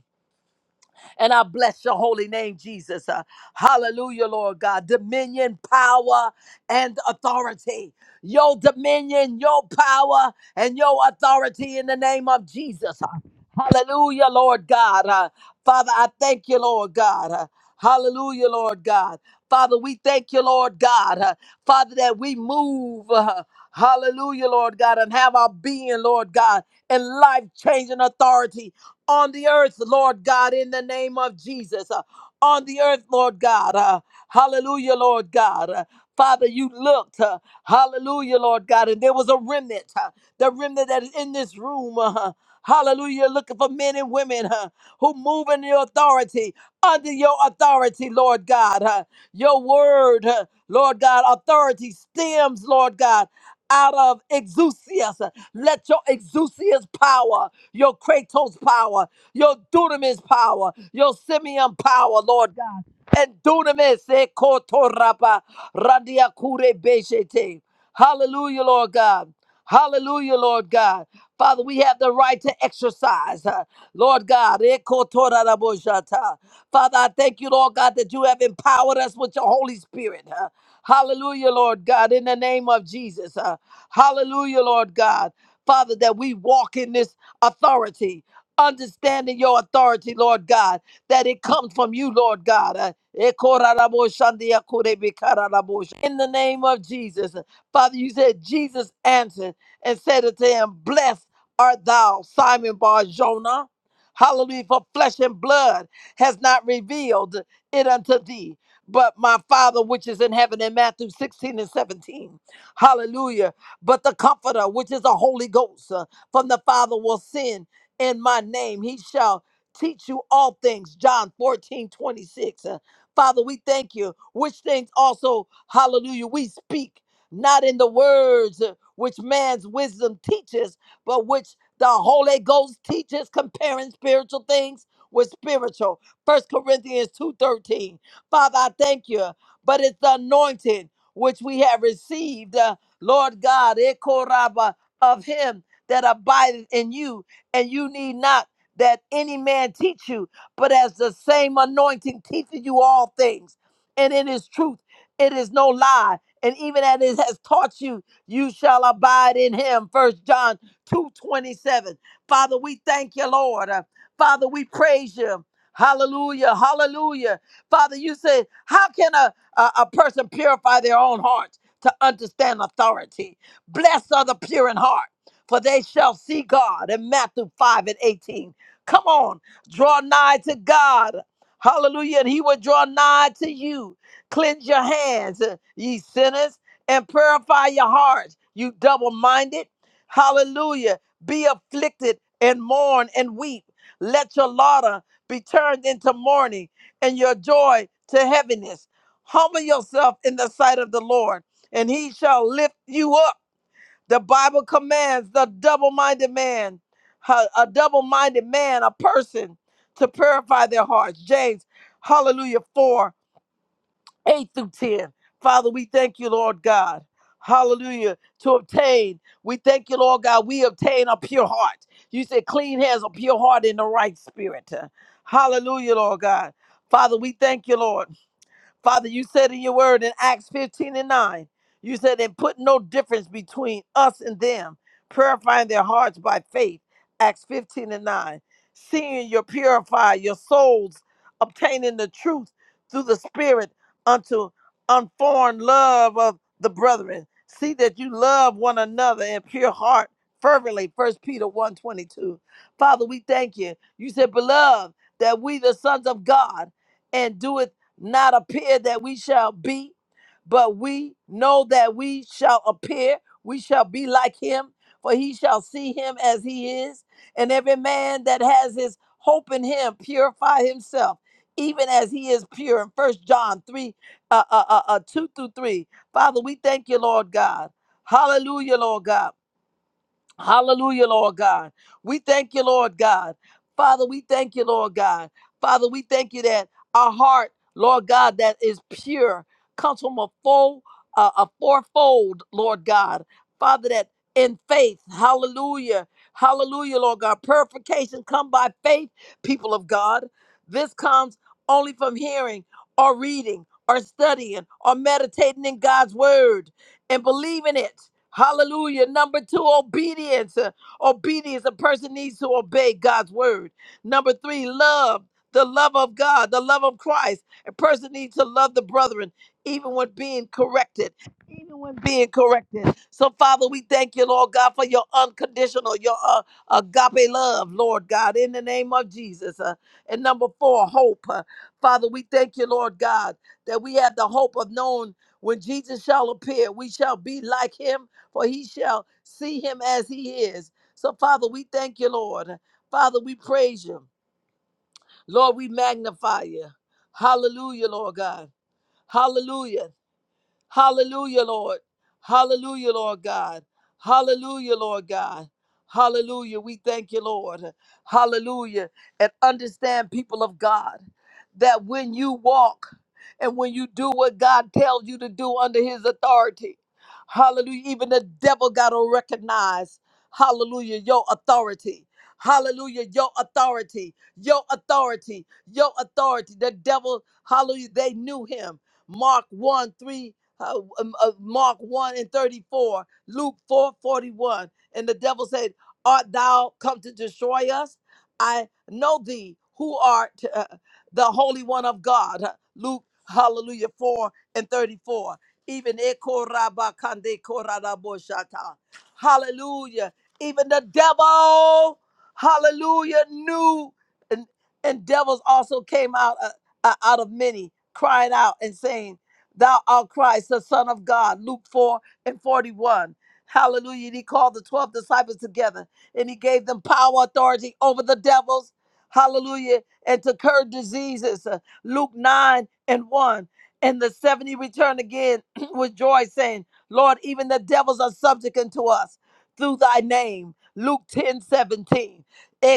And I bless your holy name, Jesus. Uh, Hallelujah, Lord God. Dominion, power, and authority. Your dominion, your power, and your authority in the name of Jesus. uh, Hallelujah, Lord God. Uh, Father, I thank you, Lord God. Uh, hallelujah, Lord God. Father, we thank you, Lord God. Uh, Father, that we move. uh, hallelujah, Lord God, and have our being, Lord God, and life changing authority on the earth, Lord God, in the name of Jesus. Uh, on the earth, Lord God. Uh, hallelujah, Lord God. Uh, Father, you looked. uh, hallelujah, Lord God. And there was a remnant. uh, the remnant that is in this room. [laughs] Hallelujah. You're Looking for men and women huh, who move in your authority, under your authority, Lord God. huh. Your word, huh, Lord God, authority stems, Lord God, out of exousias. huh. Let your exousias power, your kratos power, your dunamis power, your simeon power, Lord God. And dunamis, eh, kotorapa, randiakure beshete. Hallelujah, Lord God. Hallelujah, Lord God. Father, we have the right to exercise. uh, Lord God, ekotorarabojata. Father, I thank you, Lord God, that you have empowered us with your Holy Spirit. uh, Hallelujah, Lord God, in the name of Jesus. uh, Hallelujah, Lord God. Father, that we walk in this authority, understanding your authority, Lord God, that it comes from you, Lord God. Uh, ekoraraboshandiakurebikararabosha. In the name of Jesus. uh, Father, you said Jesus answered and said unto him, Blessed art thou, Simon Bar Jonah. Hallelujah, for flesh and blood has not revealed it unto thee, but my Father which is in heaven in Matthew 16 and 17. Hallelujah. But the Comforter, which is the Holy Ghost uh, from the Father, will send in my name. He shall teach you all things. John 14 26. Uh, Father, we thank you, which things also, hallelujah, we speak not in the words which man's wisdom teaches, but which the Holy Ghost teaches, comparing spiritual things with spiritual. First Corinthians 2.13. Father, I thank you, but it's the anointing which we have received, uh, Lord God, ekoraba, of him that abideth in you, and you need not that any man teach you, but as the same anointing teacheth you all things, and it is truth, it is no lie, and even as it has taught you, you shall abide in him. First John 2:27. Father, we thank you, Lord. Uh, Father, we praise you. Hallelujah. Hallelujah. Father, you said, how can a, a, a person purify their own hearts to understand authority? Blessed are the pure in heart, for they shall see God. In Matthew 5 and 18. Come on, draw nigh to God. Hallelujah. And he will draw nigh to you. Cleanse your hands, uh, ye sinners and purify your hearts, you double minded. Hallelujah. Be afflicted and mourn and weep. Let your laughter be turned into mourning and your joy to heaviness. Humble yourself in the sight of the Lord, and he shall lift you up. The Bible commands the double minded man, ha- a double minded man, a person to purify their hearts. James, hallelujah, 4 8 through 10. Father, we thank you, Lord God. Hallelujah. To obtain, we thank you, Lord God. We obtain a pure heart. You said clean hands, a pure heart, in the right spirit. Hallelujah, Lord God. Father, we thank you, Lord. Father, you said in your word in Acts 15 and 9, you said, and put no difference between us and them, purifying their hearts by faith. Acts 15 and 9. Seeing you purify your souls, obtaining the truth through the Spirit unto unformed love of the brethren. See that you love one another in pure heart fervently. First Peter one twenty two. Father, we thank you. You said, beloved, that we, the sons of God, and do it." not appear that we shall be, but we know that we shall appear, we shall be like him, for he shall see him as he is. And every man that has his hope in him purify himself, even as he is pure. In First John 3, uh, uh, uh, uh, 2 through 3. Father, we thank you, Lord God. Hallelujah, Lord God. Hallelujah, Lord God. We thank you, Lord God. Father, we thank you, Lord God. Father, we thank you that our heart, Lord God, that is pure comes from a full, uh, a fourfold, Lord God. Father, that in faith, hallelujah, hallelujah, Lord God. Purification come by faith, people of God. This comes only from hearing or reading or studying or meditating in God's word and believing it. Hallelujah. Number two, obedience. Uh, Obedience. A person needs to obey God's word. Number three, love. The love of God, the love of Christ. A person needs to love the brethren, even when being corrected. Even when being corrected. So, Father, we thank you, Lord God, for your unconditional, your uh, agape love, Lord God, in the name of Jesus. Uh, and number four, hope. Uh, Father, we thank you, Lord God, that we have the hope of knowing when Jesus shall appear, we shall be like him for he shall see him as he is. So, Father, we thank you, Lord. Father, we praise you. Lord, we magnify you. Hallelujah, Lord God. Hallelujah. Hallelujah, Lord. Hallelujah, Lord God. Hallelujah, Lord God. Hallelujah. We thank you, Lord. Hallelujah. And understand, people of God, that when you walk and when you do what God tells you to do under his authority, hallelujah, even the devil got to recognize, hallelujah, your authority. Hallelujah, your authority, your authority, your authority. The devil, hallelujah, they knew him. Mark 1 3 uh, um, uh, Mark 1 and 34, Luke 4 41, And the devil said, Art thou come to destroy us? I know thee, who art uh, the Holy One of God. Luke, hallelujah, 4 and 34. Even Ekorabakande Koradaboshata. Hallelujah. Even the devil, hallelujah, knew. And, and devils also came out, uh, uh, out of many, crying out and saying, Thou art Christ, the Son of God. Luke 4 and 41. Hallelujah. And he called the 12 disciples together and he gave them power, authority over the devils. Hallelujah. And to cure diseases. Uh, Luke 9 and 1. And the 70 returned again [clears throat] with joy, saying, Lord, even the devils are subject unto us through thy name. Luke ten seventeen. 17.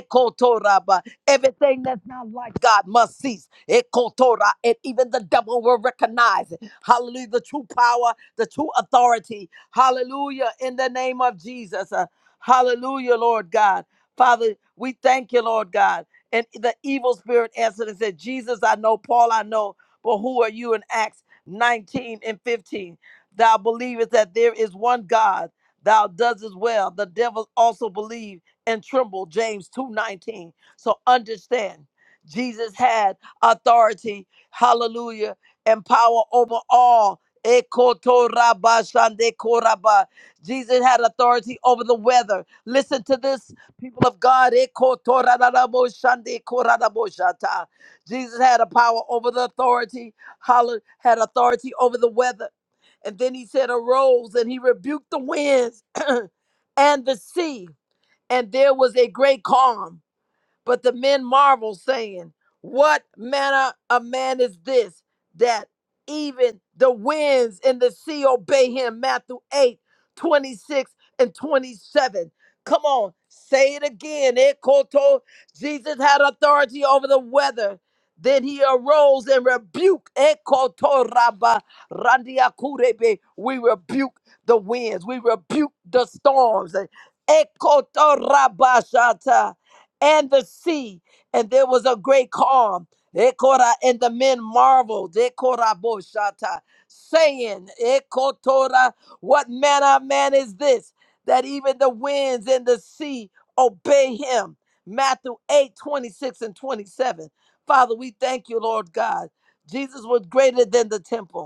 Ekotoraba. Everything that's not like God must cease. Ekotora. And even the devil will recognize it. Hallelujah. The true power, the true authority. Hallelujah. In the name of Jesus. Uh, hallelujah, Lord God. Father, we thank you, Lord God. And the evil spirit answered and said, Jesus, I know, Paul, I know, but who are you in Acts 19 and 15? Thou believest that there is one God, thou does as well. The devils also believe and tremble, James 2:19. So understand, Jesus had authority, hallelujah, and power over all. Ekotorabashandekoraba. Jesus had authority over the weather. Listen to this, people of God. Ekotoraraboshandekoraraboshata. Jesus had a power over the authority, Holla- had authority over the weather. And then he said, Arose, and he rebuked the winds [clears throat] and the sea, and there was a great calm. But the men marvel, saying, What manner of man is this that even the winds and the sea obey him? Matthew 8, 26 and 27. Come on, say it again. Eh, Koto. Jesus had authority over the weather. Then he arose and rebuked. Eh, Koto Rabba Randia Kurebe. We rebuke the winds. We rebuke the storms. Eh, Koto Rabba Shata and the sea, and there was a great calm. Ekora, And the men marveled, Ekora boshata, saying, Ekotora, What manner of man is this that even the winds and the sea obey him? Matthew 8 26 and 27. Father, we thank you, Lord God. Jesus was greater than the temple.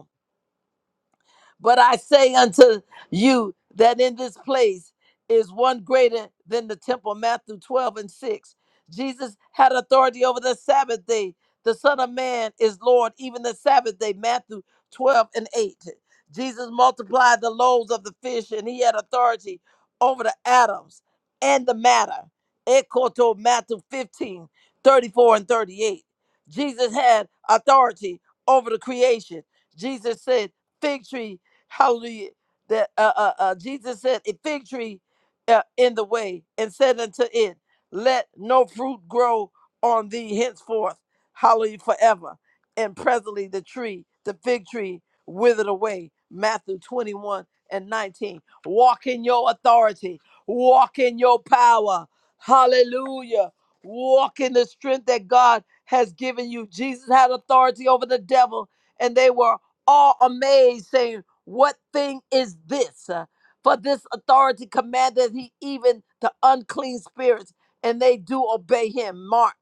But I say unto you that in this place is one greater than the temple. Matthew 12 and 6. Jesus had authority over the Sabbath day. The Son of Man is Lord, even the Sabbath day. Matthew 12 and 8. Jesus multiplied the loaves of the fish, and he had authority over the atoms and the matter. Ekoto Matthew 15 34 and 38. Jesus had authority over the creation. Jesus said, Fig tree Hallelujah. That uh, uh, uh, Jesus said, a fig tree uh, in the way, and said unto it, Let no fruit grow on thee henceforth. Hallelujah, forever. And presently the tree, the fig tree, withered away. Matthew 21 and 19. Walk in your authority, walk in your power. Hallelujah. Walk in the strength that God has given you. Jesus had authority over the devil, and they were all amazed, saying, what thing is this? Uh, For this authority commanded he even the unclean spirits, and they do obey him. Mark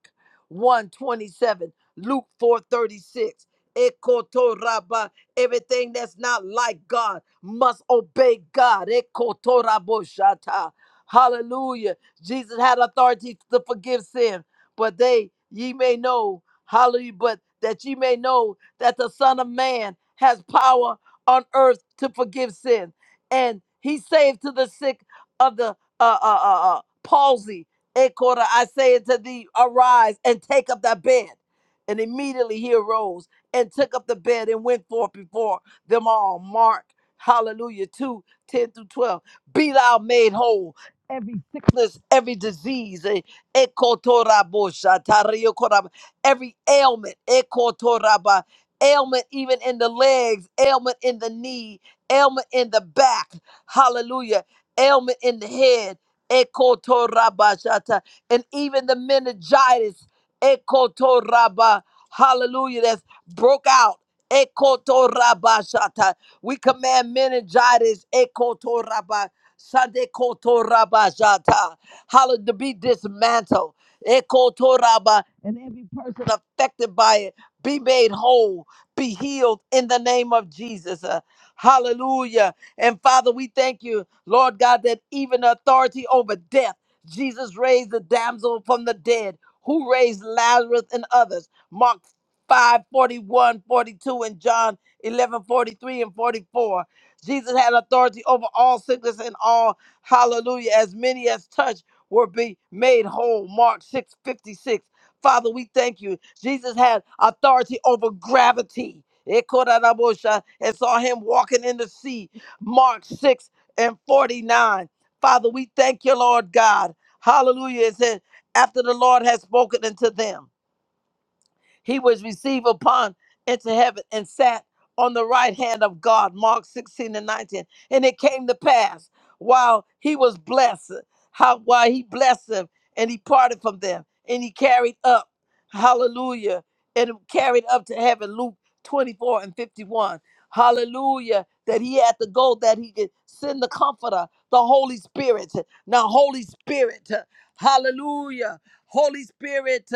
one 27, Luke four thirty-six. 36. Ekotoraba, everything that's not like God must obey God. Ekotoraboshata. Hallelujah. Jesus had authority to forgive sin, but they, ye may know, hallelujah, but that ye may know that the Son of Man has power on earth to forgive sin. And he saved to the sick of the uh, uh, uh, uh, palsy. Ekora, I say unto thee, arise and take up thy bed. And immediately he arose and took up the bed and went forth before them all. Mark, hallelujah, 2:10 through 12. Be thou made whole. Every sickness, every disease, eh, ekotorabosha, tariokoraba, every ailment, ekotoraba, ailment even in the legs, ailment in the knee, ailment in the back. Hallelujah. Ailment in the head. Ekotorabashata. And even the meningitis. Ekotoraba. Hallelujah. That's broke out. Ekotorabashata. We command meningitis. Ekotoraba. Sadekotorabashata. Hallelujah. To be dismantled. Ekotoraba. And every person affected by it be made whole be healed in the name of Jesus. Uh, hallelujah. And Father, we thank you, Lord God, that even authority over death, Jesus raised the damsel from the dead, who raised Lazarus and others. Mark 5 forty-one, 42, and John 11:43 and 44. Jesus had authority over all sickness and all, hallelujah, as many as touched were be made whole. Mark 6:56. Father, we thank you. Jesus had authority over gravity. Ekodadabosha, And saw him walking in the sea. Mark 6 and 49. Father, we thank you, Lord God. Hallelujah. It said, after the Lord has spoken unto them. He was received upon into heaven and sat on the right hand of God. Mark 16 and 19. And it came to pass while he was blessed, how while he blessed them and he parted from them and he carried up, hallelujah, and carried up to heaven. Luke 24 and 51. Hallelujah. That he had to go, that he could send the comforter, the Holy Spirit. Now, Holy Spirit, hallelujah. Holy Spirit,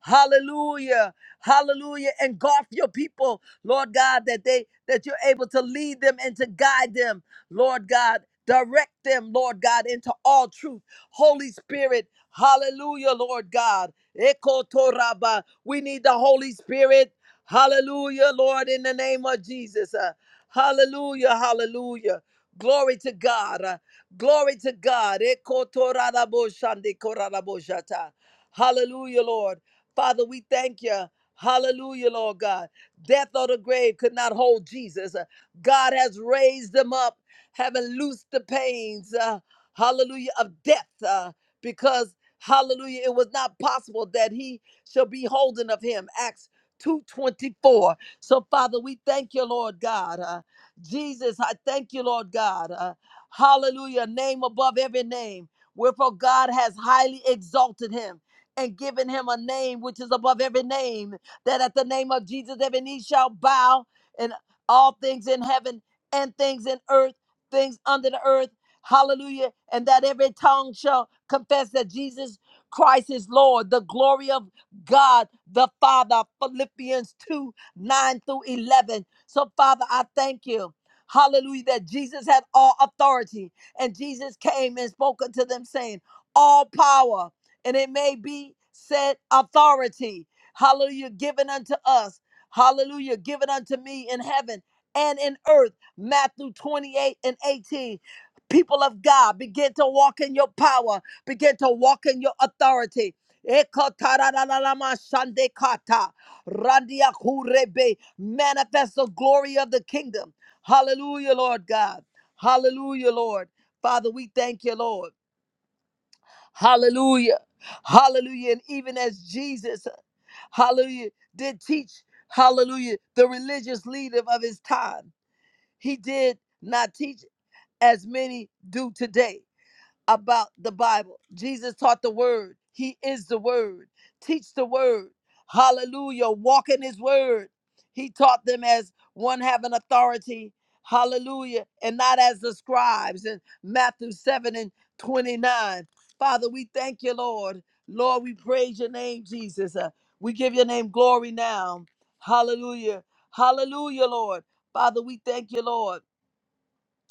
hallelujah. Hallelujah. Engulf your people, Lord God, that they that you're able to lead them and to guide them, Lord God. Direct them, Lord God, into all truth. Holy Spirit, hallelujah, Lord God. Eko toraba. We need the Holy Spirit. Hallelujah, Lord, in the name of Jesus. Uh, hallelujah, hallelujah. Glory to God. Uh, glory to God. Eko torarabo shande korarabo shata. Hallelujah, Lord. Father, we thank you. Hallelujah, Lord God. Death or the grave could not hold Jesus. Uh, God has raised him up, having loosed the pains, uh, hallelujah, of death, uh, because, hallelujah, it was not possible that he shall be holding of him. Acts 2.24. So, Father, we thank you, Lord God. Uh, Jesus, I thank you, Lord God. Uh, hallelujah, name above every name. Wherefore God has highly exalted him and given him a name which is above every name that at the name of Jesus, every knee shall bow and all things in heaven and things in earth, things under the earth. Hallelujah. And that every tongue shall confess that Jesus Christ is Lord, the glory of God the Father. Philippians 2 9 through 11. So, Father, I thank you. Hallelujah, that Jesus had all authority. And Jesus came and spoke unto them, saying, All power, and it may be said authority Hallelujah, given unto us. Hallelujah, given unto me in heaven and in earth. Matthew 28 and 18. People of God, begin to walk in your power, begin to walk in your authority. Ekotararararama randiakurebe. Manifest the glory of the kingdom. Hallelujah, Lord God. Hallelujah, Lord. Father, we thank you, Lord. Hallelujah. Hallelujah. And even as Jesus, hallelujah, did teach, hallelujah, the religious leader of his time, he did not teach as many do today about the Bible. Jesus taught the word. He is the word. Teach the word. Hallelujah. Walk in his word. He taught them as one having authority. Hallelujah. And not as the scribes in Matthew 7 and 29. Father, we thank you, Lord. Lord, we praise your name, Jesus. Uh, we give your name glory now. Hallelujah. Hallelujah, Lord. Father, we thank you, Lord.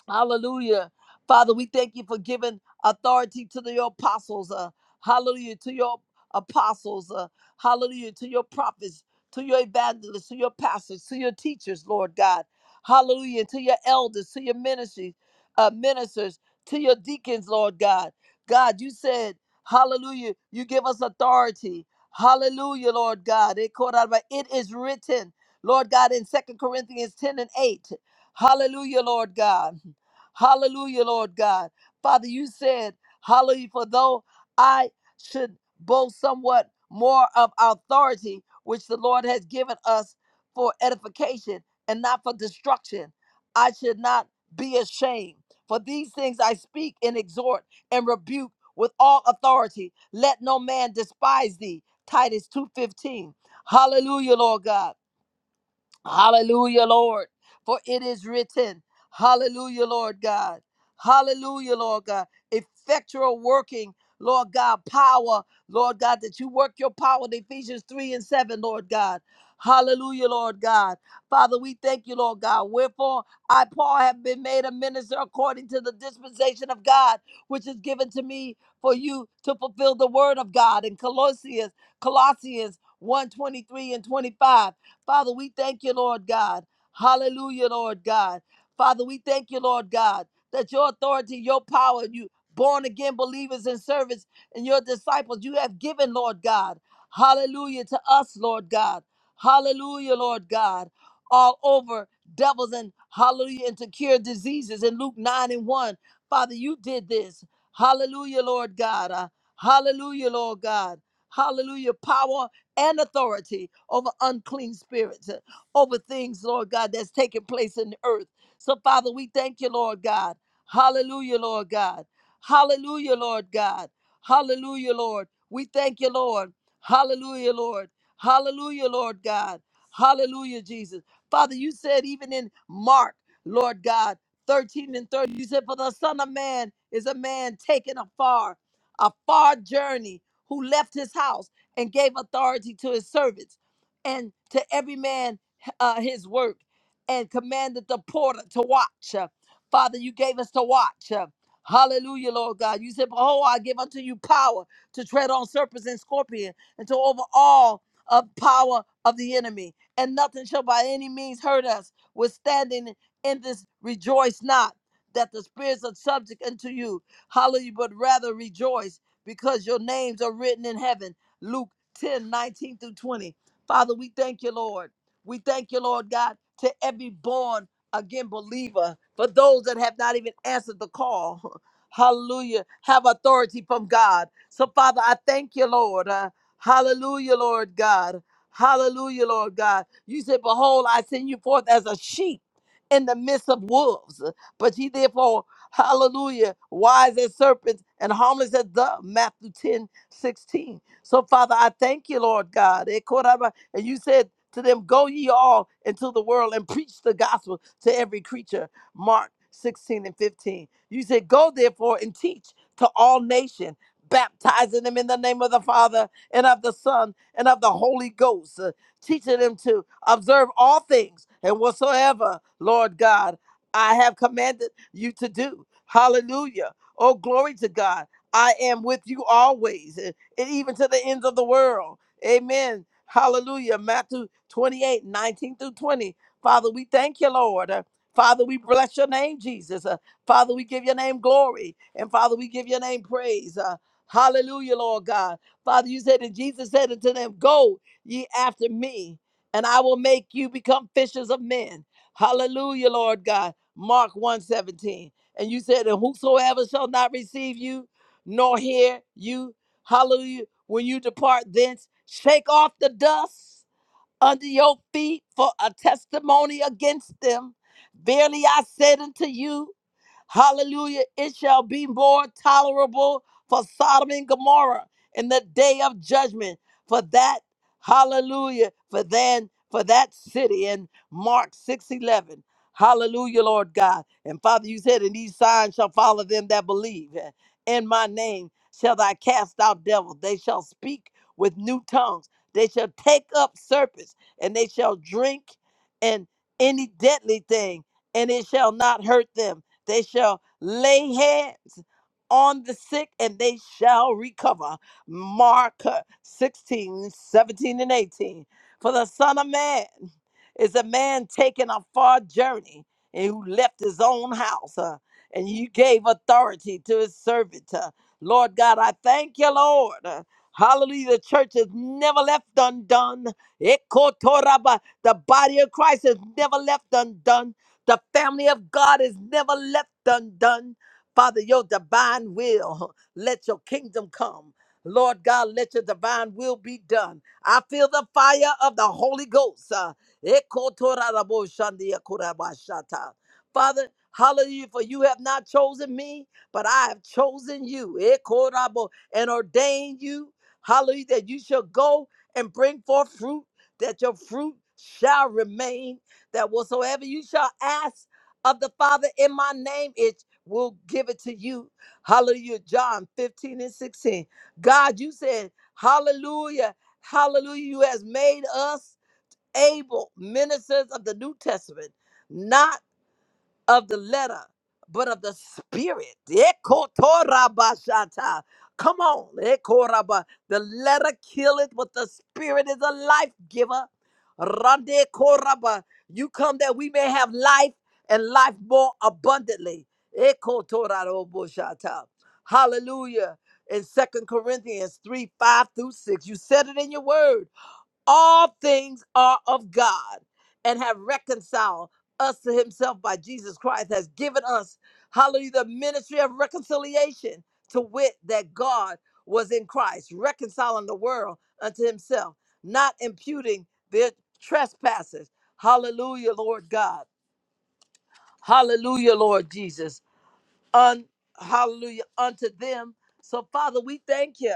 Hallelujah. Father, we thank you for giving authority to the your apostles. Uh, hallelujah. To your apostles. Uh, hallelujah. To your prophets, to your evangelists, to your pastors, to your teachers, Lord God. Hallelujah. To your elders, to your ministry, uh, ministers, to your deacons, Lord God. God, you said, hallelujah, you give us authority. Hallelujah, Lord God. It called out by- it is written, Lord God, in Second Corinthians 10 and 8. Hallelujah, Lord God. Hallelujah, Lord God. Father, you said, Hallelujah, for though I should boast somewhat more of authority, which the Lord has given us for edification and not for destruction, I should not be ashamed. For these things I speak and exhort and rebuke with all authority. Let no man despise thee. Titus 2:15. Hallelujah, Lord God. Hallelujah, Lord. For it is written, Hallelujah, Lord God. Hallelujah, Lord God. Effectual working, Lord God, power, Lord God, that you work your power in Ephesians 3 and 7, Lord God. Hallelujah, Lord God. Father, we thank you, Lord God. Wherefore, I, Paul, have been made a minister according to the dispensation of God, which is given to me for you to fulfill the word of God in Colossians, Colossians one 23 and 25. Father, we thank you, Lord God. Hallelujah, Lord God. Father, we thank you, Lord God, that your authority, your power, you born again believers and servants and your disciples, you have given, Lord God. Hallelujah to us, Lord God. Hallelujah, Lord God. All over devils and hallelujah and to cure diseases in Luke 9 and 1. Father, you did this. Hallelujah, Lord God. Uh, hallelujah, Lord God. Hallelujah. Power and authority over unclean spirits, uh, over things, Lord God, that's taking place in the earth. So, Father, we thank you, Lord God. Hallelujah, Lord God. Hallelujah, Lord God. Hallelujah, Lord. We thank you, Lord. Hallelujah, Lord. Hallelujah, Lord God. Hallelujah, Jesus. Father, you said even in Mark, Lord God, 13 and 30, you said, For the Son of Man is a man taken afar, a far journey who left his house and gave authority to his servants and to every man uh, his work and commanded the porter to watch. Uh, Father, you gave us to watch. Uh, Hallelujah, Lord God. You said, Behold, I give unto you power to tread on serpents and scorpions and to over all of power of the enemy. And nothing shall by any means hurt us. Withstanding in this rejoice not that the spirits are subject unto you. Hallelujah, but rather rejoice because your names are written in heaven. Luke 10 19 through 20. Father, we thank you, Lord. We thank you, Lord God, to every born again believer, for those that have not even answered the call. [laughs] Hallelujah. Have authority from God. So, Father, I thank you, Lord. Uh, hallelujah, Lord God. Hallelujah, Lord God. You said, Behold, I send you forth as a sheep in the midst of wolves. But ye therefore, hallelujah, wise as serpents and harmless as dove. Matthew 10 16. So, Father, I thank you, Lord God. Eh, koraba- And you said to them, Go ye all into the world and preach the gospel to every creature. Mark 16 and 15. You said, Go therefore and teach to all nations, baptizing them in the name of the Father and of the Son and of the Holy Ghost, uh, teaching them to observe all things and whatsoever, Lord God, I have commanded you to do. Hallelujah. Oh, glory to God. I am with you always and even to the ends of the world. Amen. Hallelujah. Matthew 28 19 through 20. Father, we thank you, Lord. Uh, Father, we bless your name, Jesus. Uh, Father, we give your name glory. And Father, we give your name praise. Uh, hallelujah, Lord God. Father, you said, and Jesus said unto them, Go ye after me, and I will make you become fishers of men. Hallelujah, Lord God. Mark one seventeen, And you said, And whosoever shall not receive you, nor hear you. Hallelujah. When you depart thence, shake off the dust under your feet for a testimony against them. Verily I said unto you, Hallelujah. It shall be more tolerable for Sodom and Gomorrah in the day of judgment for that, hallelujah, for then, for that city in Mark 6 11, Hallelujah, Lord God. And Father, you said, and these signs shall follow them that believe. In my name shall I cast out devils. They shall speak with new tongues. They shall take up serpents, and they shall drink and any deadly thing, and it shall not hurt them they shall lay hands on the sick and they shall recover. Mark uh, 16, 17, and 18. For the Son of Man is a man taking a far journey and who left his own house. uh, and you gave authority to his servant. uh, Lord God, I thank you, Lord. uh, hallelujah. The church is never left undone. Ekotoraba, The body of Christ is never left undone the family of God is never left undone. Father, your divine will, [laughs] let your kingdom come. Lord God, let your divine will be done. I feel the fire of the Holy Ghost. uh, ekotoraraboshandiakurabashata. Father, hallelujah, for you have not chosen me, but I have chosen you ekorabo, and ordained you, hallelujah, that you shall go and bring forth fruit, that your fruit shall remain that whatsoever you shall ask of the Father in my name, it will give it to you. Hallelujah. John 15 and 16. God, you said, Hallelujah. Hallelujah. You has made us able ministers of the New Testament, not of the letter, but of the spirit. Ekotorabashata. Come on. Ekoraba. The letter killeth, but the spirit is a life giver. Rande koraba. You come that we may have life and life more abundantly. Ekotoraroboshata. Hallelujah. In Second Corinthians 3 5 through 6, you said it in your word all things are of God and have reconciled us to himself by Jesus Christ, has given us, hallelujah, the ministry of reconciliation, to wit, that God was in Christ, reconciling the world unto himself, not imputing their trespasses. Hallelujah, Lord God. Hallelujah, Lord Jesus un, hallelujah, unto them. So, Father, we thank you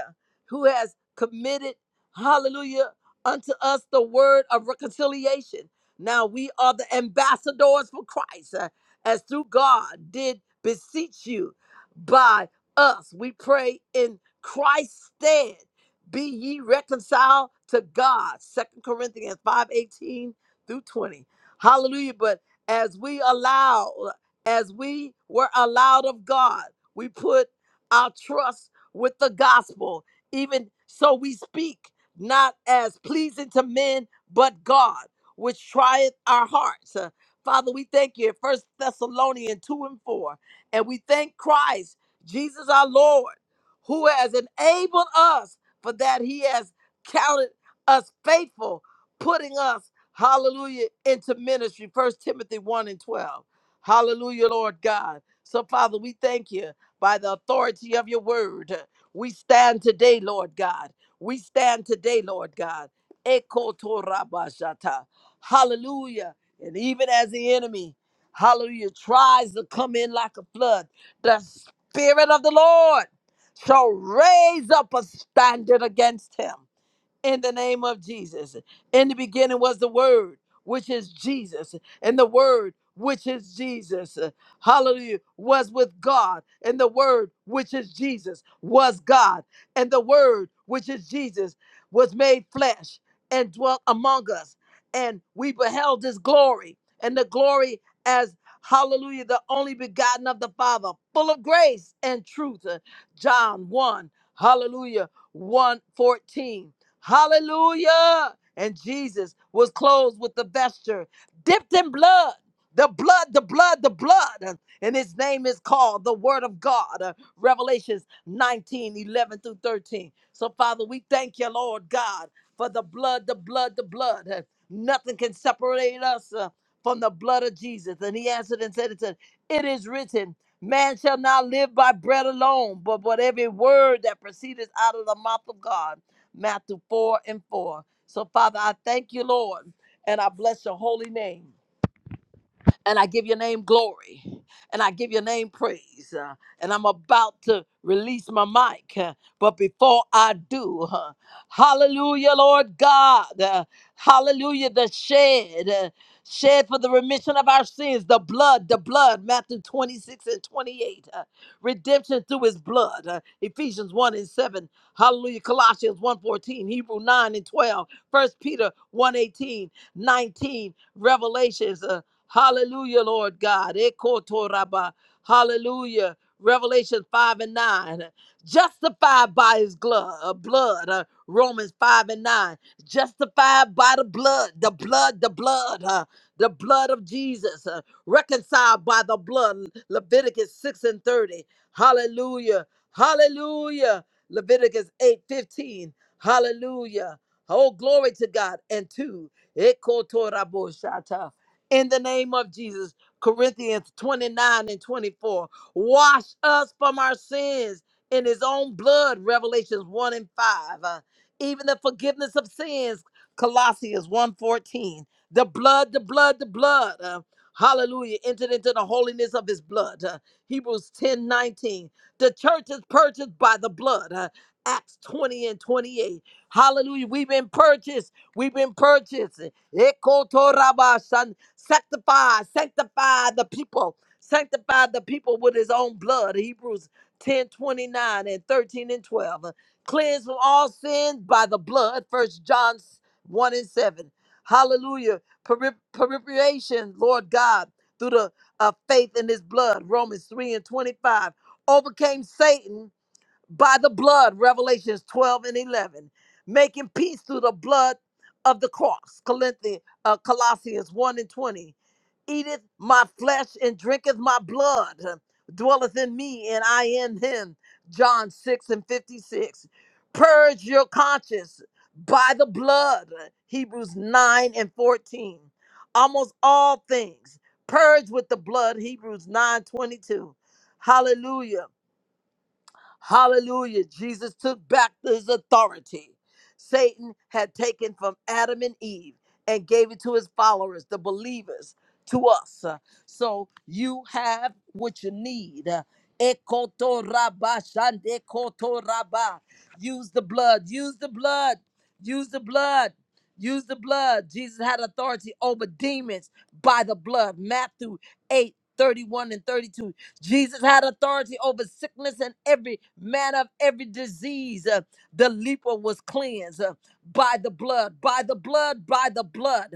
who has committed, hallelujah, unto us the word of reconciliation. Now we are the ambassadors for Christ, uh, as through God did beseech you by us. We pray in Christ's stead, be ye reconciled to God. Second Corinthians 5 18 through 20. Hallelujah. But as we allow as we were allowed of God, we put our trust with the gospel. Even so, we speak not as pleasing to men, but God, which trieth our hearts. Uh, Father, we thank you. First Thessalonians 2 and 4. And we thank Christ, Jesus our Lord, who has enabled us for that he has counted us faithful, putting us, hallelujah, into ministry. First Timothy 1 and 12 Hallelujah, Lord God. So, Father, we thank you by the authority of your word. We stand today, Lord God. We stand today, Lord God. Eko torabashata. Hallelujah. And even as the enemy, hallelujah, tries to come in like a flood, the Spirit of the Lord shall raise up a standard against him in the name of Jesus. In the beginning was the Word, which is Jesus, and the Word, which is Jesus. uh, Hallelujah, was with God, and the Word, which is Jesus, was God, and the Word, which is Jesus, was made flesh and dwelt among us. And we beheld his glory, and the glory as Hallelujah, the only begotten of the Father, full of grace and truth. uh, John 1, Hallelujah, one 14. Hallelujah. And Jesus was clothed with the vesture dipped in blood. The blood, the blood, the blood. And his name is called the Word of God. Uh, Revelations 19, eleven through 13. So, Father, we thank you, Lord God, for the blood, the blood, the blood. Uh, Nothing can separate us uh, from the blood of Jesus. And he answered and said, unto- It is written, man shall not live by bread alone, but by every word that proceedeth out of the mouth of God. Matthew 4 and 4. So, Father, I thank you, Lord, and I bless your holy name and I give your name glory and I give your name praise. uh, and I'm about to release my mic. uh, but before I do, uh, hallelujah, Lord God. uh, hallelujah, the shed. uh, Shed for the remission of our sins, the blood, the blood, Matthew 26 and 28, uh, redemption through his blood, uh, Ephesians 1 and 7, hallelujah, Colossians 1 14, Hebrew 9 and 12, First Peter 1 18, 19, Revelations uh, Hallelujah, Lord God. Ekotoraba. Hallelujah. Revelation 5 and 9. Justified by his blood, uh, blood uh, Romans 5 and 9. Justified by the blood, the blood, the blood, uh, the blood of Jesus. uh, reconciled by the blood, Leviticus 6 and 30. Hallelujah. Hallelujah. Leviticus 8 15. Hallelujah. Oh, glory to God. And two. Ekotorabo shata in the name of Jesus. Corinthians 29 and 24. Wash us from our sins in his own blood, Revelations 1 and 5. Uh, even the forgiveness of sins, Colossians one fourteen. The blood, the blood, the blood. uh, hallelujah. Entered into the holiness of his blood. uh, Hebrews 10 19. The church is purchased by the blood. uh, Acts 20 and 28. Hallelujah. We've been purchased. We've been purchased. Ekotorabashan- Sanctify, sanctify the people. Sanctify the people with his own blood. Hebrews 10 29 and 13 and 12. Cleanse from all sins by the blood. First John 1 and 7. Hallelujah. Perip- Purification, Lord God, through the uh, faith in his blood. Romans 3 and 25. Overcame Satan by the blood. Revelations 12 and 11. Making peace through the blood of the cross. Corinthians, uh, Colossians 1 and 20 eateth my flesh and drinketh my blood, dwelleth in me and I in him. John 6 and 56. Purge your conscience by the blood. Hebrews 9 and 14. Almost all things purge with the blood. Hebrews 9 22. Hallelujah Hallelujah. Jesus took back his authority. Satan had taken from Adam and Eve and gave it to his followers, the believers, to us. Uh, So you have what you need. Uh, Ekotoraba, shandekotoraba. Use the blood. Use the blood. Use the blood. Use the blood. Jesus had authority over demons by the blood. Matthew 8 31 and 32. Jesus had authority over sickness and every manner of every disease. Uh, The leper was cleansed uh, by the blood, by the blood, by the blood.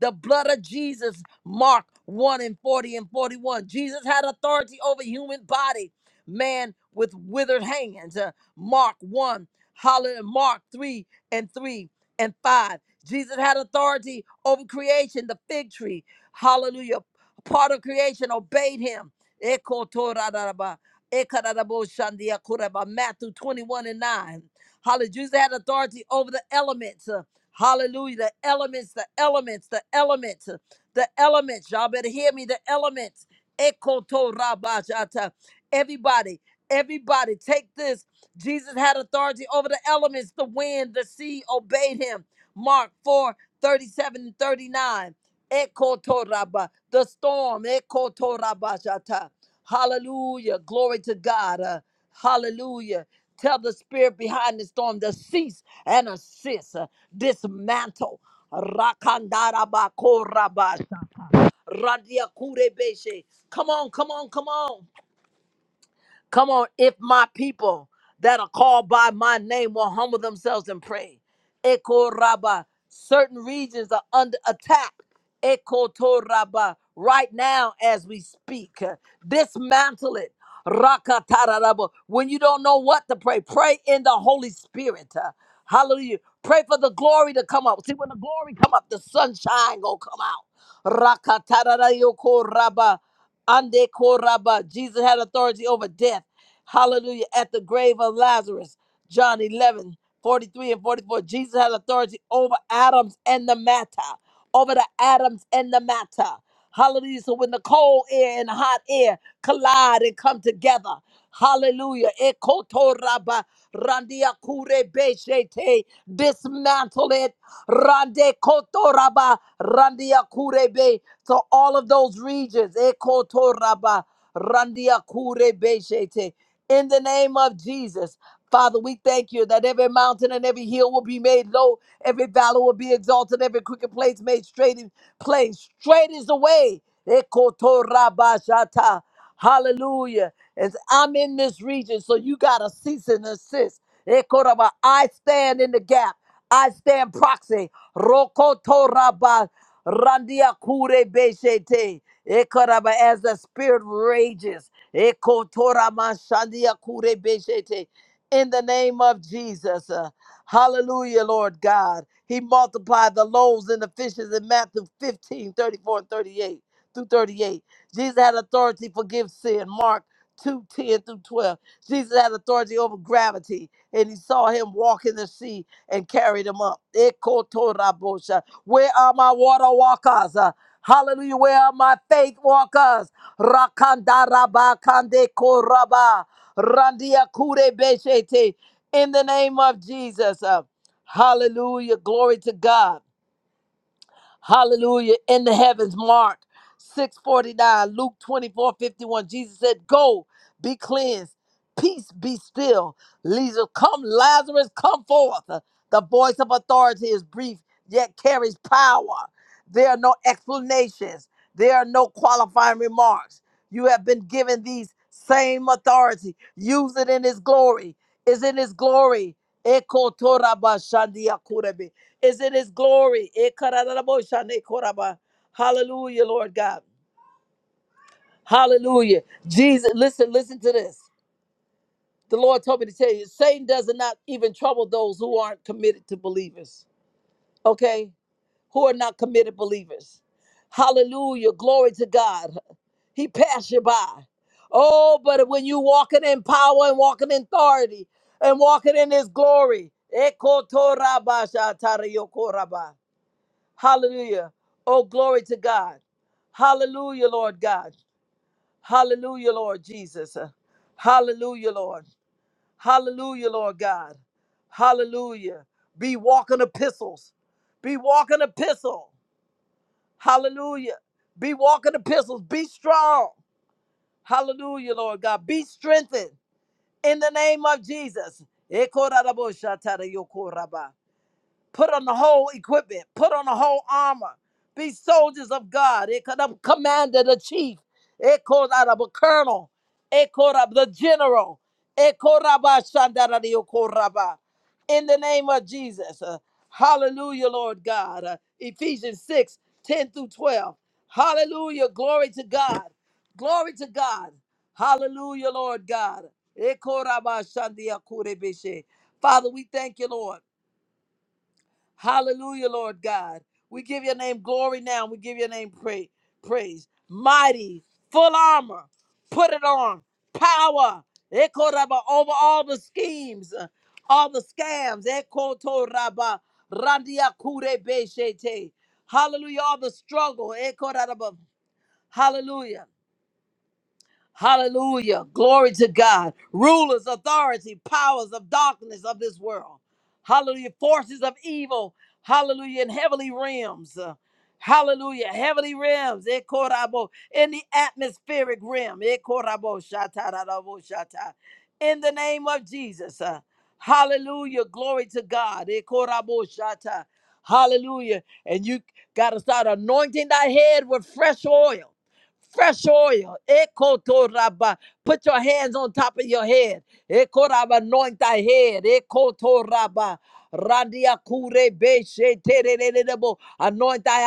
The blood of Jesus, Mark 1 and 40 and 41. Jesus had authority over human body, man with withered hands. Uh, Mark 1, hallelujah, Mark 3 and 3 and 5. Jesus had authority over creation, the fig tree. Hallelujah. Part of creation obeyed him. Ekotoraraba, ekararabo shandia kuraba. Matthew 21 and 9. Hallelujah. Jesus had authority over the elements. Uh, Hallelujah. The elements, the elements, the elements, uh, the elements. Y'all better hear me. The elements. Ekotorabashata. Everybody, everybody, take this. Jesus had authority over the elements. The wind, the sea obeyed him. Mark 4 37 and 39. Ekotoraba. The storm. Ekotorabashata. Hallelujah. Glory to God. Uh, hallelujah. Tell the spirit behind the storm to cease and assist, uh, dismantle. Rakandarabako rabasha. Radiakurebeshe. Come on, come on, come on. Come on, if my people that are called by my name will humble themselves and pray. Eko Rabba, certain regions are under attack. Eko to Rabba, right now as we speak. Dismantle it. Rakatarabba. When you don't know what to pray, pray in the Holy Spirit. Uh, Hallelujah. Pray for the glory to come up. See, when the glory come up, the sunshine gonna come out. Rakatarayoko raba. Ande koraba. Jesus had authority over death. Hallelujah. At the grave of Lazarus. John 11 43 and 44. Jesus had authority over atoms and the matter. Over the atoms and the matter. Hallelujah. So when the cold air and hot air collide and come together, hallelujah. Ekotoraba randia kure beshete. Dismantle it. Rande kotoraba randia kure be. To all of those regions. Ekotoraba randia kure beshete. In the name of Jesus. Father, we thank you that every mountain and every hill will be made low, every valley will be exalted, every crooked place made straight, and plain straight is the way. Ekotorabashata. Hallelujah. As I'm in this region, so you got to cease and assist. Ekoraba. I stand in the gap. I stand proxy. Rokotoraba randiakurebeshete. Ekoraba. As the spirit rages. Ekotoramashandiakurebeshete in the name of Jesus. Uh, Hallelujah, Lord God. He multiplied the loaves and the fishes in Matthew 15, thirty-four and 38 through 38. Jesus had authority to forgive sin. Mark 2 10 through 12. Jesus had authority over gravity, and he saw him walk in the sea and carried him up. Ekotorabosha. Where are my water walkers? Uh, Hallelujah. Where are my faith walkers? Rakandarabakandekoraba. Randia kure beshete. In the name of Jesus. Uh, Hallelujah. Glory to God. Hallelujah. In the heavens, Mark 649, Luke 24:51. Jesus said, Go, be cleansed. Peace be still. Lazarus, come, Lazarus, come forth. The voice of authority is brief, yet carries power. There are no explanations. There are no qualifying remarks. You have been given these same authority. Use it in his glory. Is in his glory. Ekotorabashandiakurebe is in his glory. Hallelujah, Lord God. Hallelujah. Jesus, listen, listen to this. The Lord told me to tell you, Satan does not even trouble those who aren't committed to believers. Okay? Who are not committed believers. Hallelujah. Glory to God. He passed you by. Oh, but when you walking in power and walking in authority and walking in his glory. Ekotorabashatarayokoraba. Hallelujah. Oh, glory to God. Hallelujah, Lord God. Hallelujah, Lord Jesus. Hallelujah, Lord. Hallelujah, Lord God. Hallelujah. Be walking epistles. Be walking epistle. Hallelujah. Be walking epistles. Be strong. Hallelujah, Lord God. Be strengthened in the name of Jesus. Put on the whole equipment. Put on the whole armor. Be soldiers of God. It could have commander, the chief. It called out of a colonel. It called up the general. It called up a shandara de okoraba. In the name of Jesus. Uh, hallelujah, Lord God. Uh, Ephesians 6 10 through 12. Hallelujah. Glory to God. Glory to God. Hallelujah, Lord God. Ekoraba shandia kurebeshe. Father, we thank you, Lord. Hallelujah, Lord God. We give your name glory now. We give your name pra- praise. Mighty, full armor, put it on. Power, Ekoraba, over all the schemes, uh, all the scams. Ekotoraba, Randia Kure Beshete. Hallelujah, all the struggle. Ekoraba. Hallelujah. Hallelujah. Glory to God. Rulers, authority, powers of darkness of this world. Hallelujah. Forces of evil. Hallelujah. In heavenly realms. Uh, Hallelujah. Heavenly realms. Eh, korabo. In the atmospheric realm. Eh, korabo, shata, da, da, bo, shata. In the name of Jesus. uh, Hallelujah. Glory to God. Eh, korabo, shata. Hallelujah. And you got to start anointing thy head with fresh oil. Fresh oil. Ekotoraba. Put your hands on top of your head. Ekoraba. Anoint thy head. Ekotoraba. Randia kure beshe terererebo. Anoint thy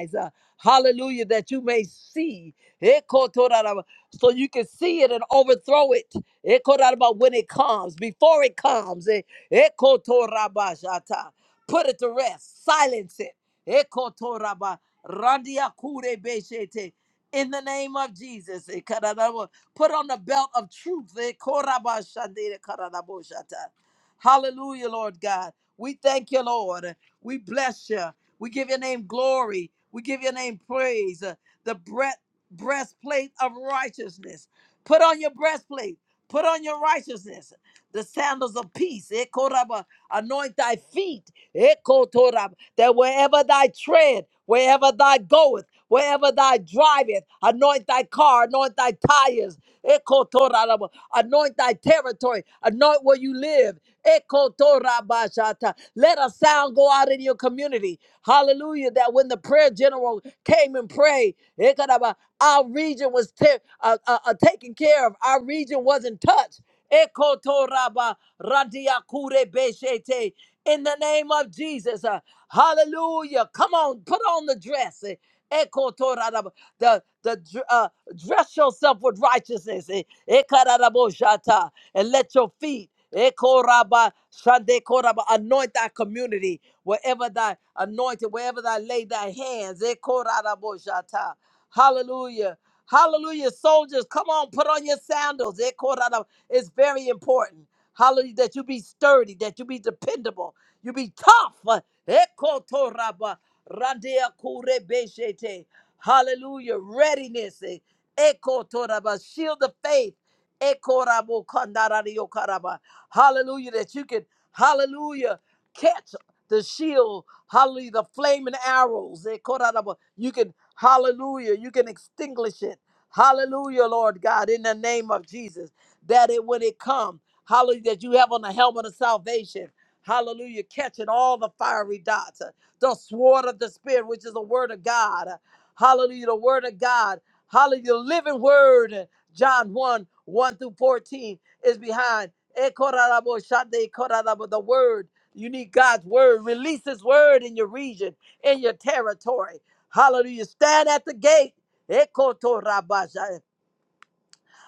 eyes. Uh, Hallelujah. That you may see. Ekotoraba. So you can see it and overthrow it. Ekotoraba. When it comes, before it comes. Eh, Ekotoraba shata. Put it to rest. Silence it. Ekotoraba. Randia kure beshe in the name of Jesus. Eh, karadabo- Put on the belt of truth. Eh, korabashandere karadaboshata. Hallelujah, Lord God. We thank you, Lord. We bless you. We give your name glory. We give your name praise. Uh, The breath, breastplate of righteousness. Put on your breastplate. Put on your righteousness. The sandals of peace. Eh, koraba. Anoint thy feet. Ekotorab, That wherever thy tread, wherever thy goeth, wherever thy driveth, anoint thy car, anoint thy tires. Ekotorab, Anoint thy territory. Anoint where you live. Ekotorabashata. Let a sound go out in your community. Hallelujah. That when the prayer general came and prayed, Ekaraba, our region was ta- uh, uh, uh, taken care of. Our region wasn't touched. Ekotoraba radiakurebeshete. In the name of Jesus. uh, hallelujah. Come on, put on the dress. Ekotoraba the the uh, dress yourself with righteousness, eh, eh, kararaboshata, and let your feet eh, koraba, shande koraba, anoint thy community wherever thy anointed, wherever thy lay thy hands. eh, koraraboshata. Hallelujah. Hallelujah. Soldiers, come on, put on your sandals. eh, korara. It's very important. Hallelujah. That you be sturdy, that you be dependable, you be tough. eh, kotoraba, randia kurebeshete. Hallelujah. Readiness. eh, Eko toraba. Shield of faith. Eko rabo kandarario karaba. Hallelujah. That you can, hallelujah, catch the shield. Hallelujah. The flaming arrows. Eko rarabo. You can, hallelujah, you can extinguish it. Hallelujah, Lord God, in the name of Jesus. That it when it comes. hallelujah, that you have on the helmet of salvation. Hallelujah, catching all the fiery dots. uh, The sword of the spirit, which is the word of God. Hallelujah. The word of God. Hallelujah. The living word. John 1, 1 through 14 is behind. Ekorarabo shande korarabo, The word. You need God's word. Release his word in your region, in your territory. Hallelujah. Stand at the gate. Ekotorabasha.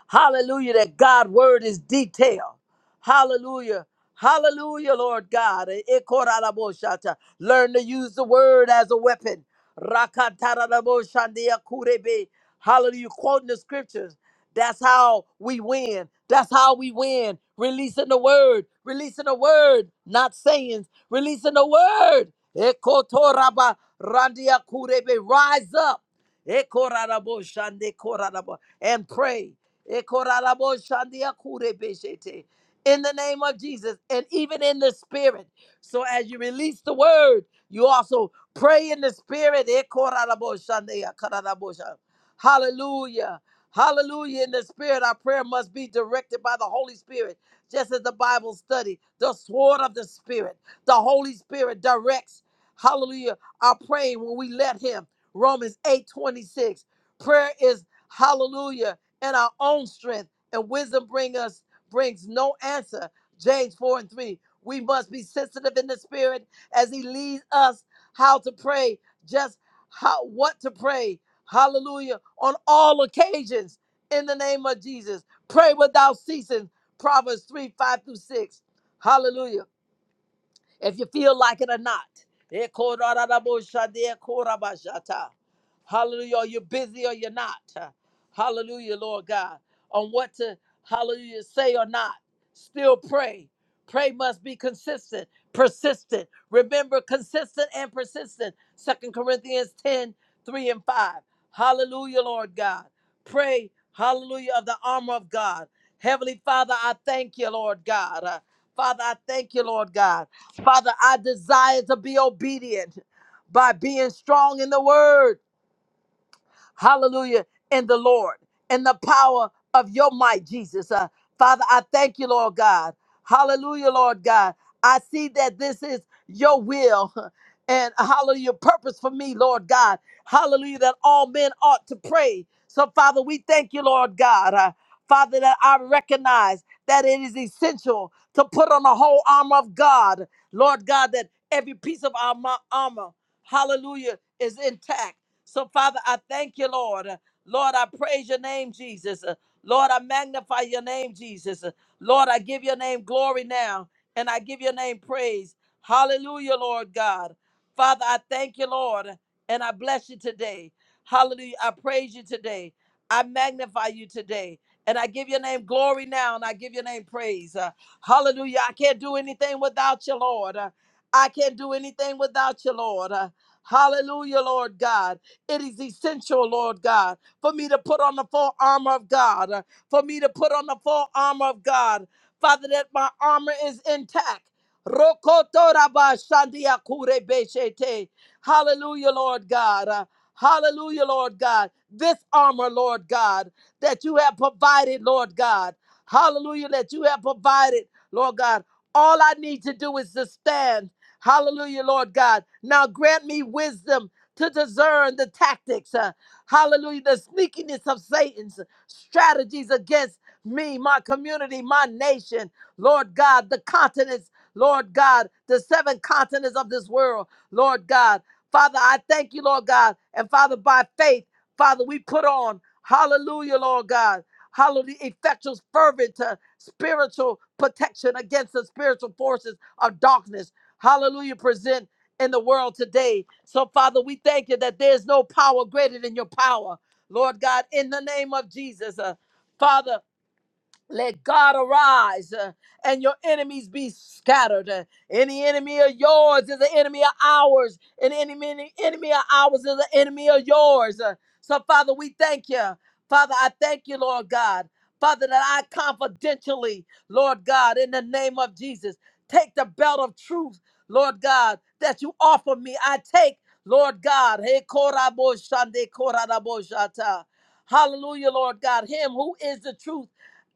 Hallelujah, that God word is detailed. Hallelujah. Hallelujah, Lord God. Ekoraraboshata. Learn to use the word as a weapon. Rakataraboshandia kurebe. Hallelujah. Quoting the scriptures. That's how we win. That's how we win. Releasing the word. Releasing the word. Not sayings. Releasing the word. Ekotoraba randia kurebe. Rise up. Ekoraraboshandekorarabo. And pray. Ekoraraboshandiakurebeshete. In the name of Jesus, and even in the spirit. So as you release the word, you also pray in the spirit. Ekoraraboshandiakararabosha. Hallelujah. Hallelujah. In the spirit, our prayer must be directed by the Holy Spirit. Just as the Bible study, the sword of the Spirit, the Holy Spirit directs, hallelujah, our praying when we let Him. Romans eight twenty six. Prayer is hallelujah and our own strength and wisdom bring us brings no answer. James 4 and 3. We must be sensitive in the spirit as he leads us how to pray, just how what to pray. Hallelujah. On all occasions in the name of Jesus. Pray without ceasing. Proverbs 3, 5 through 6. Hallelujah if you feel like it or not. Ekoraraboshadekorabashata. Hallelujah. Are you busy or you're not? Hallelujah, Lord God. On what to, hallelujah, say or not. Still pray. Pray must be consistent, persistent. Remember, consistent and persistent. Second Corinthians 10, 3 and 5. Hallelujah, Lord God. Pray, hallelujah, of the armor of God. Heavenly Father, I thank you, Lord God. Uh, Father, I thank you, Lord God. Father, I desire to be obedient by being strong in the word Hallelujah. In the Lord, in the power of your might, Jesus. Uh, Father, I thank you, Lord God. Hallelujah, Lord God. I see that this is your will [laughs] and hallelujah, purpose for me, Lord God. Hallelujah, that all men ought to pray. So, Father, we thank you, Lord God. Uh, Father, that I recognize that it is essential to put on the whole armor of God. Lord God, that every piece of our mo- armor, hallelujah, is intact. So, Father, I thank you, Lord. Lord, I praise your name, Jesus. Lord, I magnify your name, Jesus. Lord, I give your name glory now, and I give your name praise. Hallelujah, Lord God. Father, I thank you, Lord, and I bless you today. Hallelujah. I praise you today. I magnify you today. And I give your name glory now, and I give your name praise. Uh, hallelujah. I can't do anything without you, Lord. Uh, I can't do anything without you, Lord. Uh, hallelujah, Lord God. It is essential, Lord God, for me to put on the full armor of God, uh, for me to put on the full armor of God. Father, that my armor is intact. Rokotorabashandiakurebeshete. Hallelujah, Lord God. Uh, Hallelujah, Lord God. This armor, Lord God, that you have provided, Lord God. Hallelujah, that you have provided, Lord God. All I need to do is to stand. Hallelujah, Lord God. Now grant me wisdom to discern the tactics, uh, hallelujah, the sneakiness of Satan's strategies against me, my community, my nation, Lord God, the continents, Lord God, the seven continents of this world, Lord God. Father, I thank you, Lord God. And Father, by faith, Father, we put on, hallelujah, Lord God, hallelujah, effectual, fervent, uh, spiritual protection against the spiritual forces of darkness. Hallelujah, present in the world today. So, Father, we thank you that there's no power greater than your power. Lord God, in the name of Jesus, uh, Father, let God arise uh, and your enemies be scattered. Uh, Any enemy of yours is an enemy of ours, and any men- enemy of ours is an enemy of yours. Uh, So, Father, we thank you. Father, I thank you, Lord God. Father, that I confidentially, Lord God, in the name of Jesus, take the belt of truth, Lord God, that you offer me. I take, Lord God, hey, korabo shande, korabo shata. hallelujah, Lord God, him who is the truth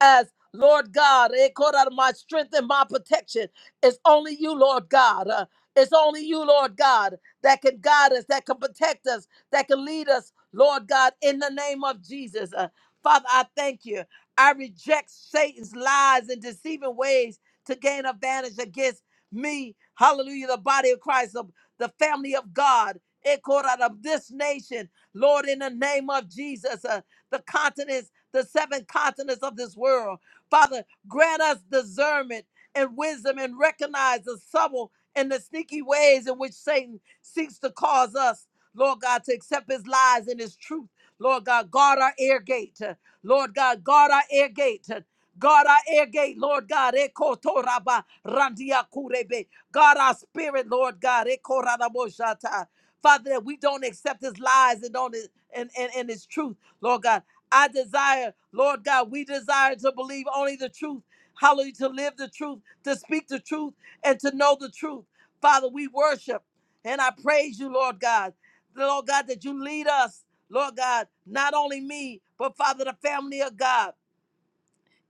as Lord God, eh, called out of my strength and my protection. It's only you, Lord God. Uh, it's only you, Lord God, that can guide us, that can protect us, that can lead us, Lord God, in the name of Jesus. Uh, Father, I thank you. I reject Satan's lies and deceiving ways to gain advantage against me. Hallelujah, the body of Christ, of the family of God, eh, called out of this nation, Lord, in the name of Jesus, uh, the continents the seven continents of this world. Father, grant us discernment and wisdom and recognize the subtle and the sneaky ways in which Satan seeks to cause us, Lord God, to accept his lies and his truth. Lord God, guard our ear gate. Lord God, guard our ear gate. Guard our ear gate, Lord God. Ekotoraba randia kurebe. Guard our spirit, Lord God. Ekoraboshata. Father, that we don't accept his lies and don't and, and, and his truth, Lord God. I desire, Lord God, we desire to believe only the truth. Hallelujah, to live the truth, to speak the truth, and to know the truth. Father, we worship and I praise you, Lord God. Lord God, that you lead us, Lord God, not only me, but Father, the family of God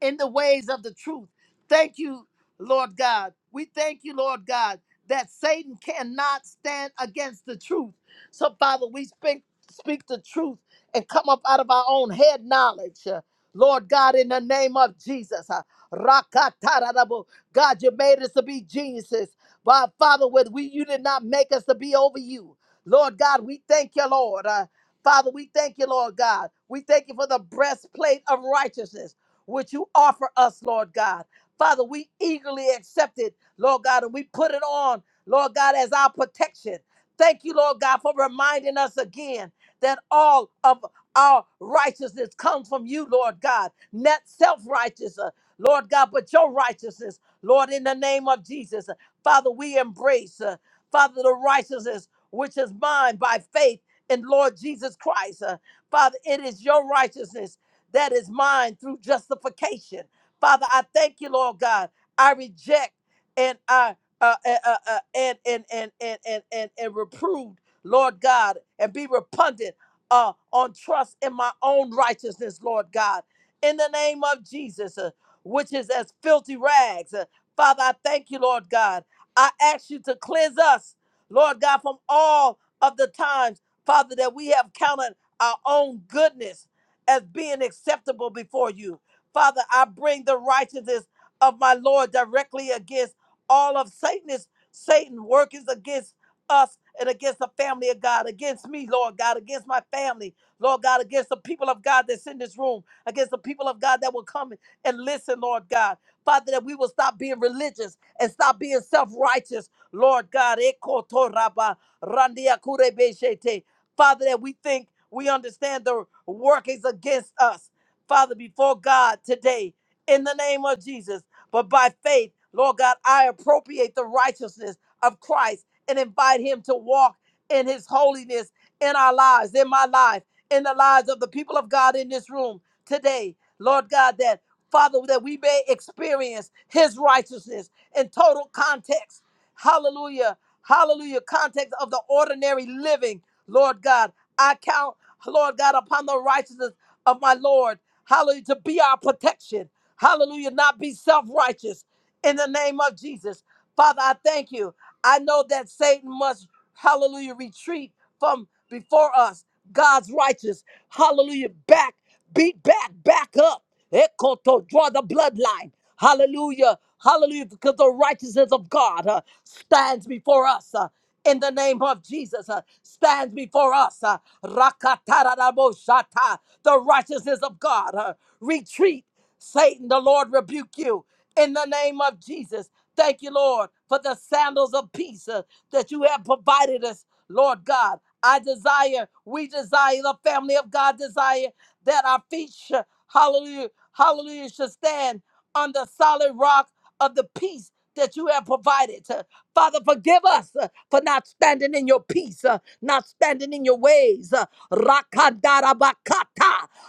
in the ways of the truth. Thank you, Lord God. We thank you, Lord God, that Satan cannot stand against the truth. So, Father, we speak, speak the truth and come up out of our own head knowledge. uh, Lord God, in the name of Jesus. uh, Rakatarabo. God, you made us to be geniuses. But Father, with we you did not make us to be over you. Lord God, we thank you, Lord. Uh, Father, we thank you, Lord God. We thank you for the breastplate of righteousness which you offer us, Lord God. Father, we eagerly accept it, Lord God, and we put it on, Lord God, as our protection. Thank you, Lord God, for reminding us again that all of our righteousness comes from you, Lord God. Not self righteous, Lord God, but your righteousness, Lord, in the name of Jesus. Father, we embrace, uh, Father, the righteousness which is mine by faith in Lord Jesus Christ. Uh, Father, it is your righteousness that is mine through justification. Father, I thank you, Lord God. I reject and I uh, uh, uh, uh, and, and, and, and, and, and, and reprove, Lord God, and be repugnant uh, on trust in my own righteousness, Lord God, in the name of Jesus, uh, which is as filthy rags. Uh, Father, I thank you, Lord God. I ask you to cleanse us, Lord God, from all of the times, Father, that we have counted our own goodness as being acceptable before you. Father, I bring the righteousness of my Lord directly against all of Satan's Satan workings against us and against the family of God, against me, Lord God, against my family, Lord God, against the people of God that's in this room, against the people of God that will come and listen, Lord God. Father, that we will stop being religious and stop being self-righteous, Lord God. Ekotoraba, randiakurebeshete. Father, that we think we understand the workings against us. Father, before God today, in the name of Jesus, but by faith, Lord God, I appropriate the righteousness of Christ and invite Him to walk in His holiness in our lives, in my life, in the lives of the people of God in this room today. Lord God, that Father, that we may experience His righteousness in total context. Hallelujah. Hallelujah. Context of the ordinary living. Lord God, I count, Lord God, upon the righteousness of my Lord. Hallelujah, to be our protection. Hallelujah, not be self righteous in the name of Jesus. Father, I thank you. I know that Satan must, hallelujah, retreat from before us. God's righteous, hallelujah, back, beat back, back up. Ekoto, draw the bloodline. Hallelujah. Hallelujah. Because the righteousness of God uh, stands before us. Uh, in the name of Jesus uh, stands before us. Uh, Rakatarabosata, the righteousness of God. uh, retreat, Satan, the Lord rebuke you in the name of Jesus. Thank you, Lord, for the sandals of peace uh, that you have provided us, Lord God. I desire, we desire, the family of God desire that our feet, sh- hallelujah, hallelujah, should stand on the solid rock of the peace that you have provided. Uh, Father, forgive us uh, for not standing in your peace, uh, not standing in your ways. Uh, Rakadarabakata,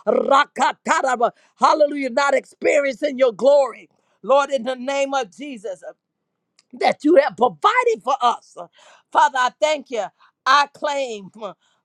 rakataraba. Hallelujah, not experiencing your glory. Lord, in the name of Jesus. uh, that you have provided for us. Father, I thank you. I claim,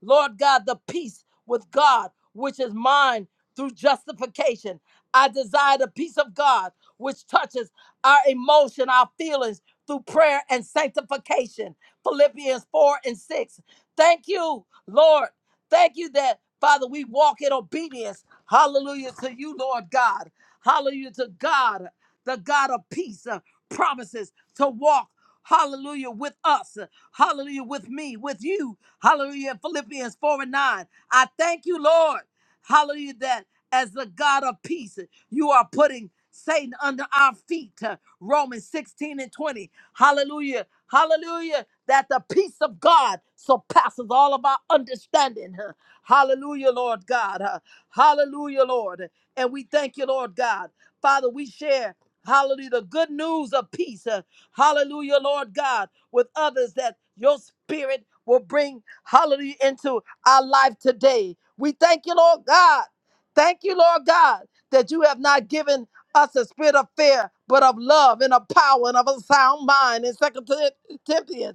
Lord God, the peace with God, which is mine through justification. I desire the peace of God, which touches our emotion, our feelings through prayer and sanctification. Philippians 4 and 6. Thank you, Lord. Thank you that, Father, we walk in obedience. Hallelujah to you, Lord God. Hallelujah to God, the God of peace promises to walk. Hallelujah, with us. Hallelujah, with me, with you. Hallelujah, Philippians 4 and 9. I thank you, Lord. Hallelujah, that as the God of peace, you are putting Satan under our feet. uh, Romans 16 and 20. Hallelujah, hallelujah, that the peace of God surpasses all of our understanding. Huh. Hallelujah, Lord God. Huh. Hallelujah, Lord. And we thank you, Lord God. Father, we share. Hallelujah. The good news of peace. uh, Hallelujah, Lord God, with others that your spirit will bring, hallelujah, into our life today. We thank you, Lord God. Thank you, Lord God, that you have not given us a spirit of fear, but of love and of power and of a sound mind. In Second Timothy,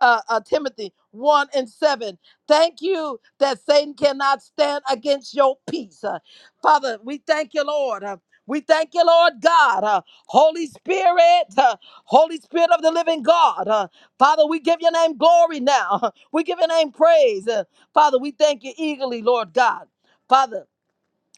uh, uh, Timothy 1 and 7. Thank you that Satan cannot stand against your peace. Uh, Father, we thank you, Lord. Uh, we thank you, Lord God. Uh, Holy Spirit, uh, Holy Spirit of the living God. uh, Father, we give your name glory now. [laughs] We give your name praise. Uh, Father, we thank you eagerly, Lord God. Father,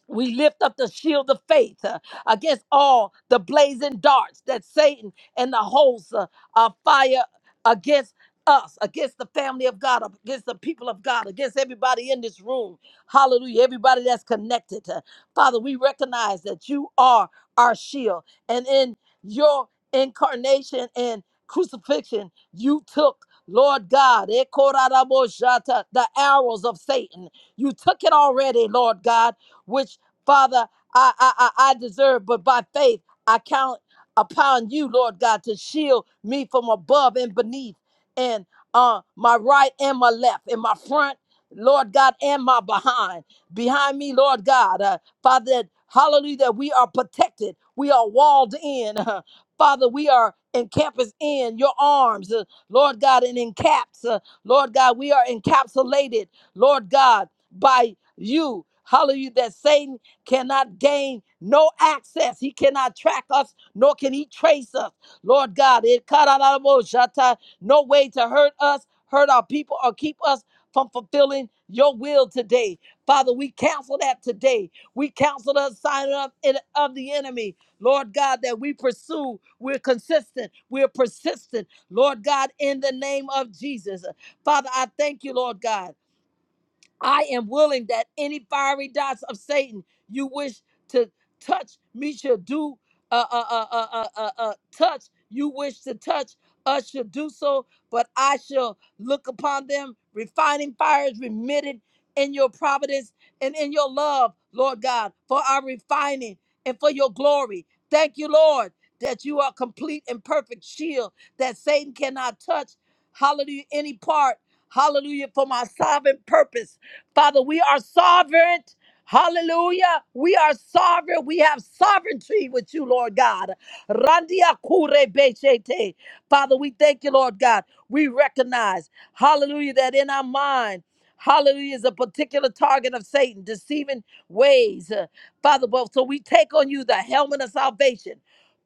we lift up the shield of faith uh, against all the blazing darts that Satan and the hosts uh, uh, fire against us, against the family of God, against the people of God, against everybody in this room. Hallelujah. Everybody that's connected. Uh, Father, we recognize that you are our shield. And in your incarnation and crucifixion, you took, Lord God, eh, koraraboshata, the arrows of Satan. You took it already, Lord God which Father, I, I, I I deserve, but by faith I count upon you, Lord God, to shield me from above and beneath, and uh, my right and my left, and my front, Lord God, and my behind. Behind me, Lord God, uh, Father, that, hallelujah, that we are protected, we are walled in, [laughs] Father, we are encompassed in your arms, uh, Lord God, and encaps, uh, Lord God, we are encapsulated, Lord God, by you. Hallelujah, that Satan cannot gain no access. He cannot track us, nor can he trace us. Lord God, it cut out our most no way to hurt us, hurt our people, or keep us from fulfilling your will today. Father, we cancel that today. We cancel the sign of, of the enemy. Lord God, that we pursue. We're consistent. We're persistent. Lord God, in the name of Jesus. Father, I thank you, Lord God. I am willing that any fiery dots of Satan you wish to touch me shall do, uh, uh, uh, uh, uh, uh, uh, uh, touch you wish to touch us shall do so, but I shall look upon them. Refining fires remitted in your providence and in your love, Lord God, for our refining and for your glory. Thank you, Lord, that you are complete and perfect shield that Satan cannot touch. Hallelujah, any part. Hallelujah, for my sovereign purpose. Father, we are sovereign. Hallelujah. We are sovereign. We have sovereignty with you, Lord God. Randia kure bechete. Father, we thank you, Lord God. We recognize, hallelujah, that in our mind, hallelujah, is a particular target of Satan, deceiving ways. Uh, Father, but so we take on you the helmet of salvation.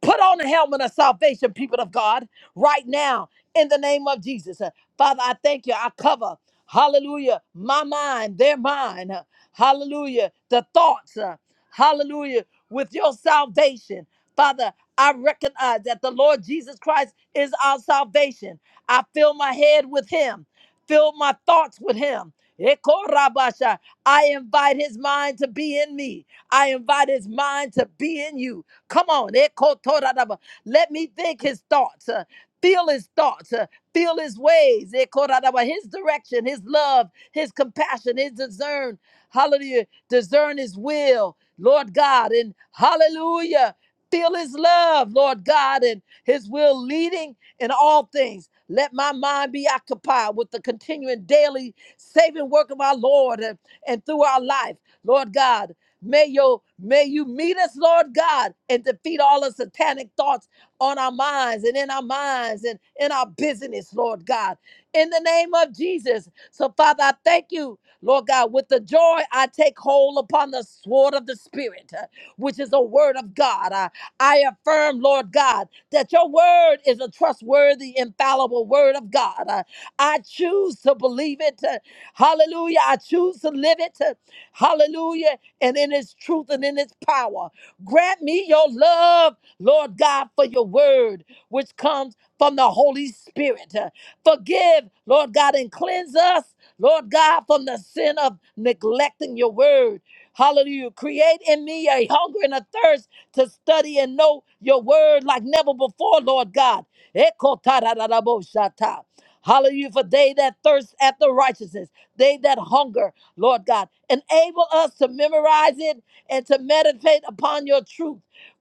Put on the helmet of salvation, people of God, right now, in the name of Jesus. Uh, Father, I thank you. I cover. Hallelujah. My mind, their mind. uh, Hallelujah. The thoughts. uh, Hallelujah. With your salvation. Father, I recognize that the Lord Jesus Christ is our salvation. I fill my head with him, fill my thoughts with him. Ekorabasha. I invite his mind to be in me. I invite his mind to be in you. Come on. Ekotoradaba. Let me think his thoughts. uh, Feel his thoughts. uh, Feel his ways, eh, Korarabah, his direction, his love, his compassion, his discern. Hallelujah. Discern his will, Lord God. And hallelujah. Feel his love, Lord God, and his will leading in all things. Let my mind be occupied with the continuing daily saving work of our Lord and, and through our life, Lord God. May you, may you meet us, Lord God, and defeat all the satanic thoughts on our minds and in our minds and in our business, Lord God. In the name of Jesus. So, Father, I thank you, Lord God. With the joy, I take hold upon the sword of the Spirit, uh, which is the word of God. I, I affirm, Lord God, that your word is a trustworthy, infallible word of God. Uh, I choose to believe it. uh, Hallelujah. I choose to live it. uh, Hallelujah. And in its truth and in its power. Grant me your love Lord God, for your word, which comes from the Holy Spirit. Uh, Forgive, Lord God, and cleanse us, Lord God, from the sin of neglecting your word. Hallelujah. Create in me a hunger and a thirst to study and know your word like never before, Lord God. Eko tarararaboshata. Hallelujah. For they that thirst after righteousness, they that hunger, Lord God, enable us to memorize it and to meditate upon your truth.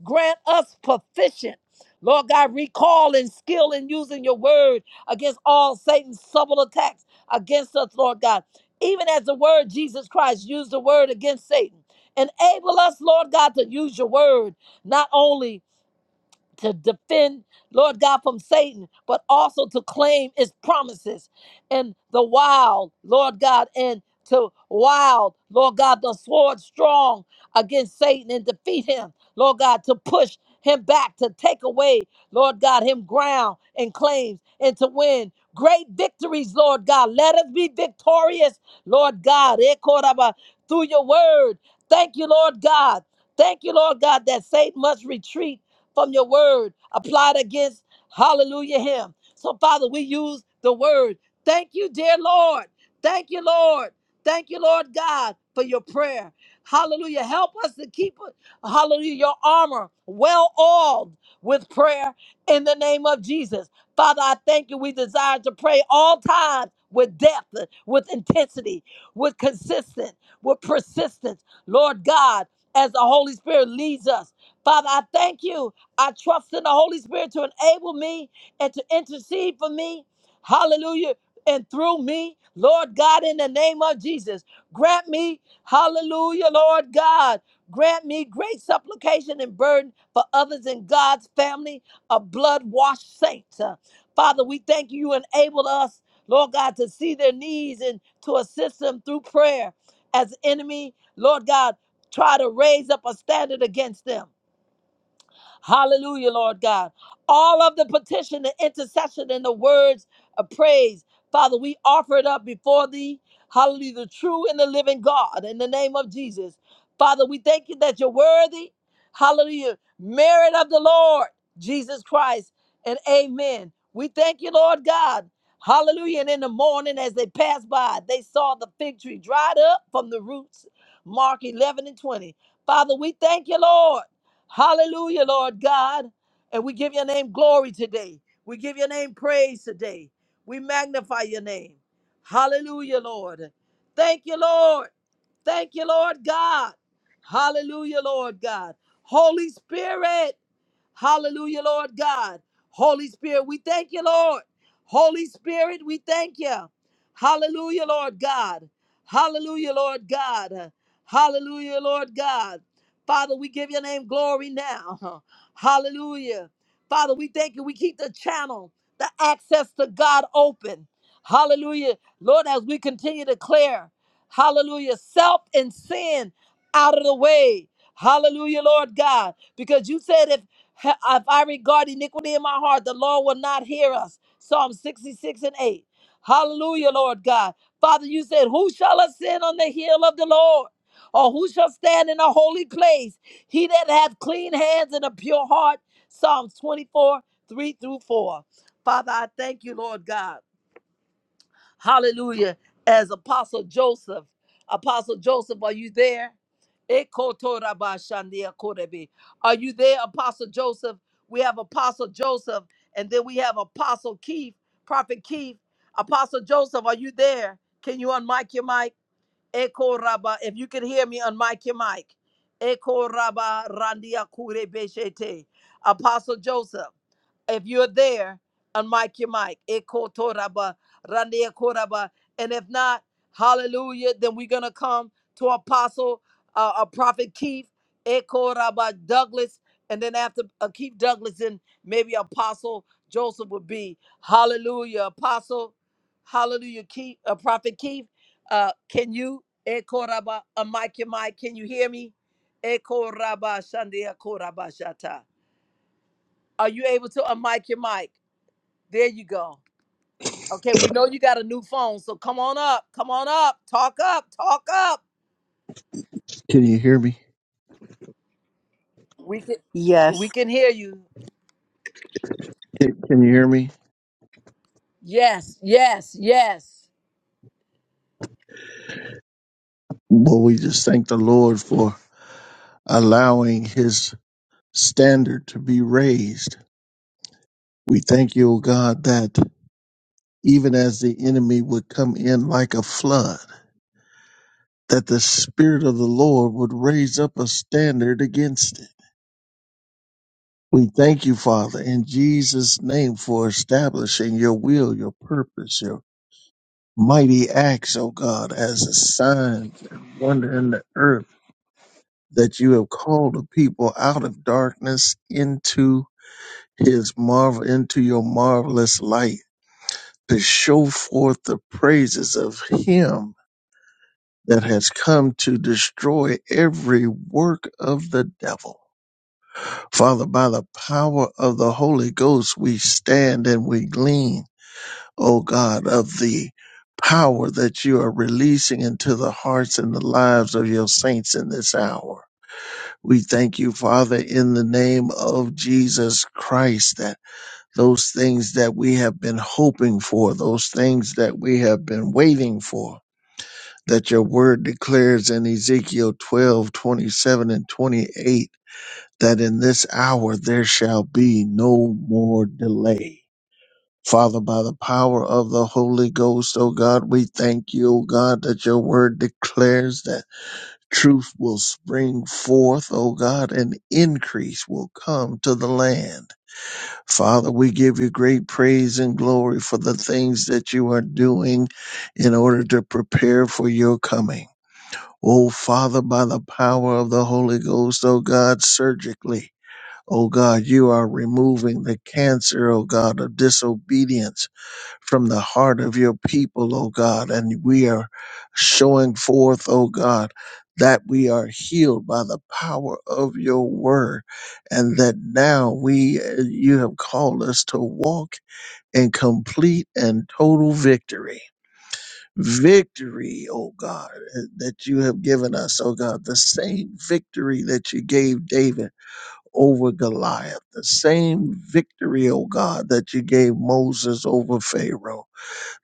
Grant us proficient. Lord God, recall and skill in using your word against all Satan's subtle attacks against us, Lord God. Even as the word Jesus Christ used the word against Satan. Enable us, Lord God, to use your word not only to defend, Lord God, from Satan, but also to claim his promises and the wild, Lord God, and to wild, Lord God, the sword strong against Satan and defeat him, Lord God, to push him back, to take away, Lord God, him ground and claims and to win. Great victories, Lord God. Let us be victorious, Lord God, Eh, Koraba, through your word. Thank you, Lord God. Thank you, Lord God, that Satan must retreat from your word applied against, hallelujah, him. So, Father, we use the word. Thank you, dear Lord. Thank you, Lord. Thank you, Lord God, for your prayer. Hallelujah. Help us to keep, hallelujah, your armor well oiled with prayer in the name of Jesus. Father, I thank you. We desire to pray all times with depth, with intensity, with consistent, with persistence. Lord God, as the Holy Spirit leads us. Father, I thank you. I trust in the Holy Spirit to enable me and to intercede for me. Hallelujah. And through me, Lord God, in the name of Jesus, grant me, hallelujah, Lord God, grant me great supplication and burden for others in God's family of blood washed saints. Uh, Father, we thank you. You enable us, Lord God, to see their needs and to assist them through prayer as the enemy, Lord God, try to raise up a standard against them. Hallelujah, Lord God. All of the petition, the intercession, and the words of praise, Father, we offer it up before thee. Hallelujah, the true and the living God, in the name of Jesus. Father, we thank you that you're worthy. Hallelujah. Merit of the Lord, Jesus Christ, and amen. We thank you, Lord God. Hallelujah. And in the morning, as they passed by, they saw the fig tree dried up from the roots. Mark 11 and 20. Father, we thank you, Lord. Hallelujah, Lord God. And we give your name glory today. We give your name praise today. We magnify your name. Hallelujah, Lord. Thank you, Lord. Thank you, Lord God. Hallelujah, Lord God. Holy Spirit. Hallelujah, Lord God. Holy Spirit, we thank you, Lord. Holy Spirit, we thank you. Hallelujah, Lord God. Hallelujah, Lord God. Hallelujah, Lord God. Father, we give your name glory now. [laughs] Hallelujah. Father, we thank you. We keep the channel, the access to God open. Hallelujah. Lord, as we continue to clear, hallelujah, self and sin out of the way. Hallelujah, Lord God, because you said if if I regard iniquity in my heart, the Lord will not hear us. Psalm 66 and 8. Hallelujah, Lord God. Father, you said, Who shall ascend on the hill of the Lord? Or who shall stand in a holy place? He that hath clean hands and a pure heart. Psalms 24, 3 through 4. Father, I thank you, Lord God. Hallelujah. As Apostle Joseph. Apostle Joseph, are you there? Ekotorabashandiakorebe. Are you there, Apostle Joseph? We have Apostle Joseph, and then we have Apostle Keith, Prophet Keith. Apostle Joseph, are you there? Can you unmic your mic? Eko raba, if you can hear me on mic your mic. Eko raba randia kure beshete. Apostle Joseph, if you're there, on mic your mic. Eko to raba randia koraba. And if not, hallelujah, then we're going to come to Apostle, uh, uh, Prophet Keith, Eko raba Douglas. And then after uh, Keith Douglas, then maybe Apostle Joseph would be. Hallelujah. Apostle, hallelujah, Keith, uh, Prophet Keith. Uh, can you? Ekoraba Amikemai, can you hear me? Ekoraba Shandia Koraba Shata. Are you able to unmic your mic? There you go. Okay, we know you got a new phone, so come on up. Come on up. Talk up. Talk up.
Can you hear me?
We can we
Yes,
can hear you.
Can can you hear me?
Yes, yes, yes.
Well, we just thank the Lord for allowing his standard to be raised. We thank you, O God, that even as the enemy would come in like a flood, that the Spirit of the Lord would raise up a standard against it. We thank you, Father, in Jesus' name for establishing your will, your purpose, your mighty acts, O God, as a sign and wonder in the earth that you have called the people out of darkness into his marvel into your marvelous light to show forth the praises of him that has come to destroy every work of the devil. Father, by the power of the Holy Ghost, we stand and we glean, O God, of the power that you are releasing into the hearts and the lives of your saints in this hour. We thank you, Father, in the name of Jesus Christ, that those things that we have been hoping for, those things that we have been waiting for, that your word declares in Ezekiel 12:27 and 28, that in this hour there shall be no more delay. Father, by the power of the Holy Ghost, O God, we thank you, O God, that your word declares that Truth will spring forth, O God, and increase will come to the land. Father, we give you great praise and glory for the things that you are doing in order to prepare for your coming. O Father, by the power of the Holy Ghost, O God, surgically, O God, you are removing the cancer, O God, of disobedience from the heart of your people, O God, and we are showing forth, O God, that we are healed by the power of your word, and that now we, eh, you have called us to walk in complete and total victory. Victory, O God, eh, that you have given us, O God, the same victory that you gave David over Goliath, the same victory, O God, that you gave Moses over Pharaoh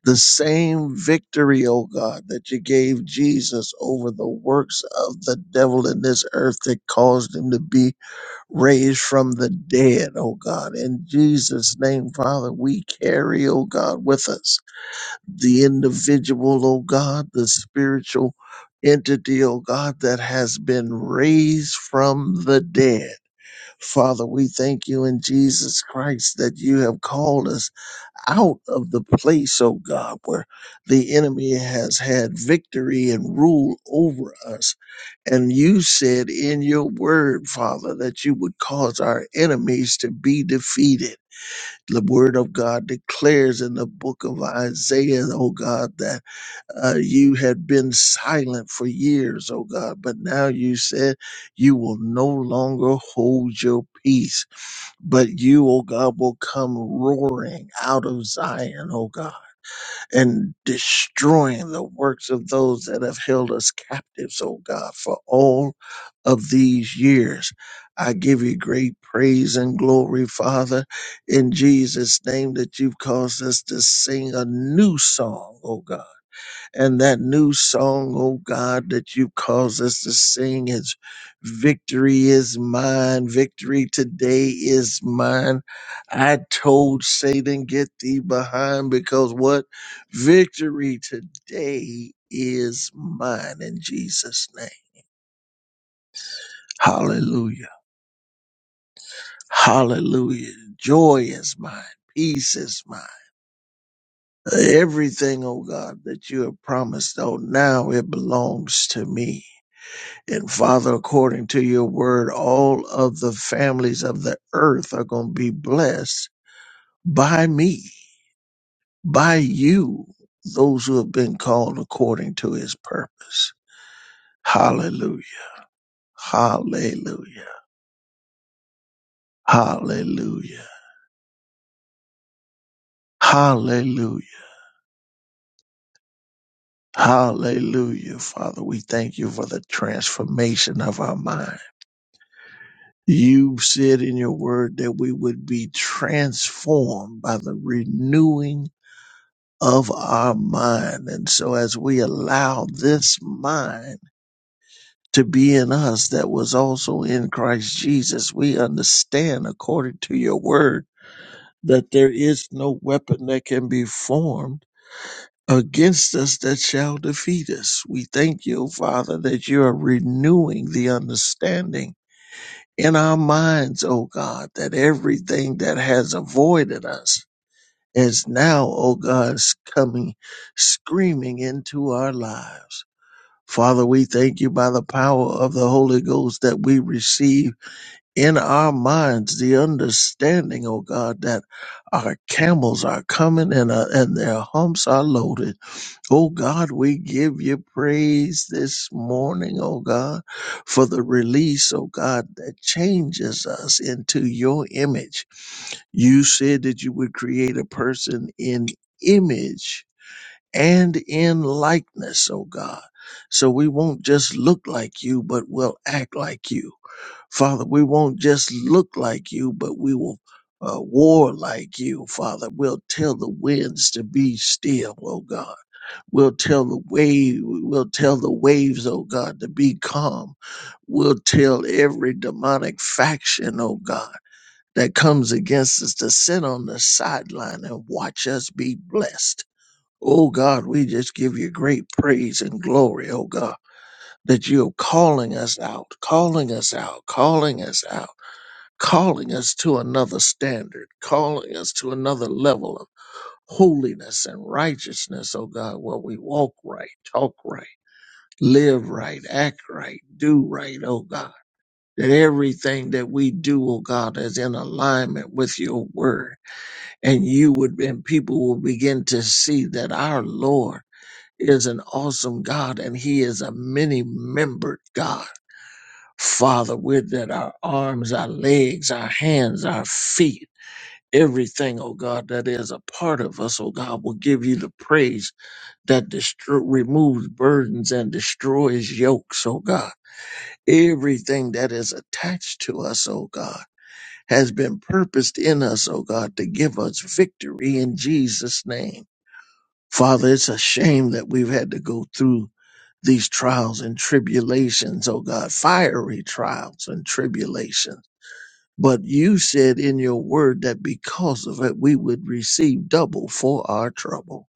the same victory, O God, that you gave Jesus over the works of the devil in this earth that caused him to be raised from the dead, O God. In Jesus' name, Father, we carry, O God, with us the individual, O God, the spiritual entity, O God, that has been raised from the dead. Father, we thank you in Jesus Christ that you have called us out of the place, oh God, where the enemy has had victory and rule over us. And you said in your word, Father, that you would cause our enemies to be defeated. The word of God declares in the book of Isaiah, oh God, that uh, you had been silent for years, oh God, but now you said you will no longer hold your peace. But you, O God, will come roaring out of Zion, O God, and destroying the works of those that have held us captives, O God, for all of these years. I give you great praise and glory, Father, in Jesus' name that you've caused us to sing a new song, O God and that new song, oh God, that you caused us to sing is victory is mine. Victory today is mine. I told Satan, get thee behind because what? Victory today is mine in Jesus' name. Hallelujah. Hallelujah. Joy is mine. Peace is mine. Everything, oh God, that you have promised, oh, now it belongs to me. And Father, according to your word, all of the families of the earth are going to be blessed by me, by you, those who have been called according to his purpose. Hallelujah. Hallelujah. Hallelujah. Hallelujah. Hallelujah. Father, we thank you for the transformation of our mind. You said in your word that we would be transformed by the renewing of our mind. And so as we allow this mind to be in us that was also in Christ Jesus, we understand according to your word that there is no weapon that can be formed against us that shall defeat us. We thank you, Father, that you are renewing the understanding in our minds, O God, that everything that has avoided us is now, O God, is coming screaming into our lives. Father, we thank you by the power of the Holy Ghost that we receive in our minds the understanding, O God, that our camels are coming and, uh, and their humps are loaded. O God, we give you praise this morning, O God, for the release, O God, that changes us into your image. You said that you would create a person in image and in likeness, oh God. So we won't just look like you, but we'll act like you. Father, we won't just look like you, but we will uh, war like you, Father. We'll tell the winds to be still, oh God. We'll tell the wave, we'll tell the waves, oh God, to be calm. We'll tell every demonic faction, oh God that comes against us to sit on the sideline and watch us be blessed. Oh God, we just give you great praise and glory, oh God, that you're calling us out, calling us out, calling us out, calling us to another standard, calling us to another level of holiness and righteousness, oh God, where we walk right, talk right, live right, act right, do right, oh God. That everything that we do, oh God, is in alignment with your word and you would and people will begin to see that our lord is an awesome god and he is a many membered god father with that our arms our legs our hands our feet everything oh god that is a part of us oh god will give you the praise that destro- removes burdens and destroys yokes oh god everything that is attached to us oh god has been purposed in us oh god to give us victory in jesus name Father, it's a shame that we've had to go through these trials and tribulations, oh God, fiery trials and tribulations. But you said in your word that because of it, we would receive double for our trouble.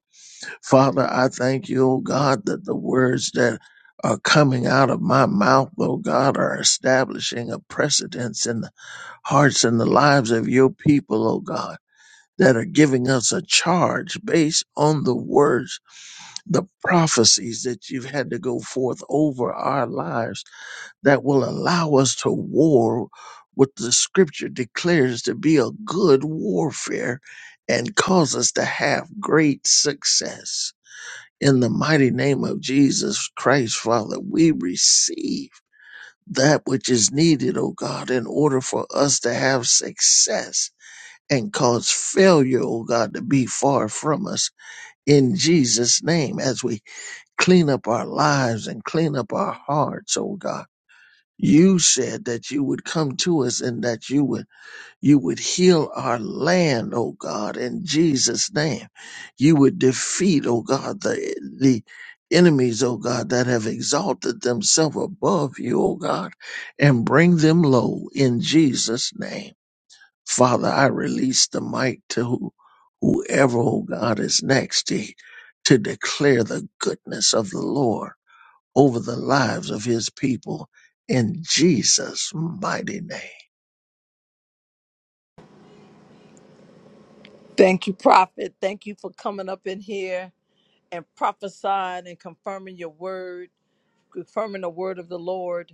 Father, I thank you, oh God, that the words that are coming out of my mouth, oh God, are establishing a precedence in the hearts and the lives of your people, oh God, that are giving us a charge based on the words the prophecies that you've had to go forth over our lives that will allow us to war what the scripture declares to be a good warfare and cause us to have great success. In the mighty name of Jesus Christ, Father, we receive that which is needed, O God, in order for us to have success and cause failure, O God, to be far from us in Jesus' name as we clean up our lives and clean up our hearts, oh God. You said that you would come to us and that you would you would heal our land, oh God, in Jesus' name. You would defeat, oh God, the the enemies, oh God, that have exalted themselves above you, oh God, and bring them low in Jesus' name. Father, I release the mic to who- whoever, oh God, is next to, to declare the goodness of the Lord over the lives of his people in Jesus' mighty name.
Thank you, Prophet. Thank you for coming up in here and prophesying and confirming your word, confirming the word of the Lord.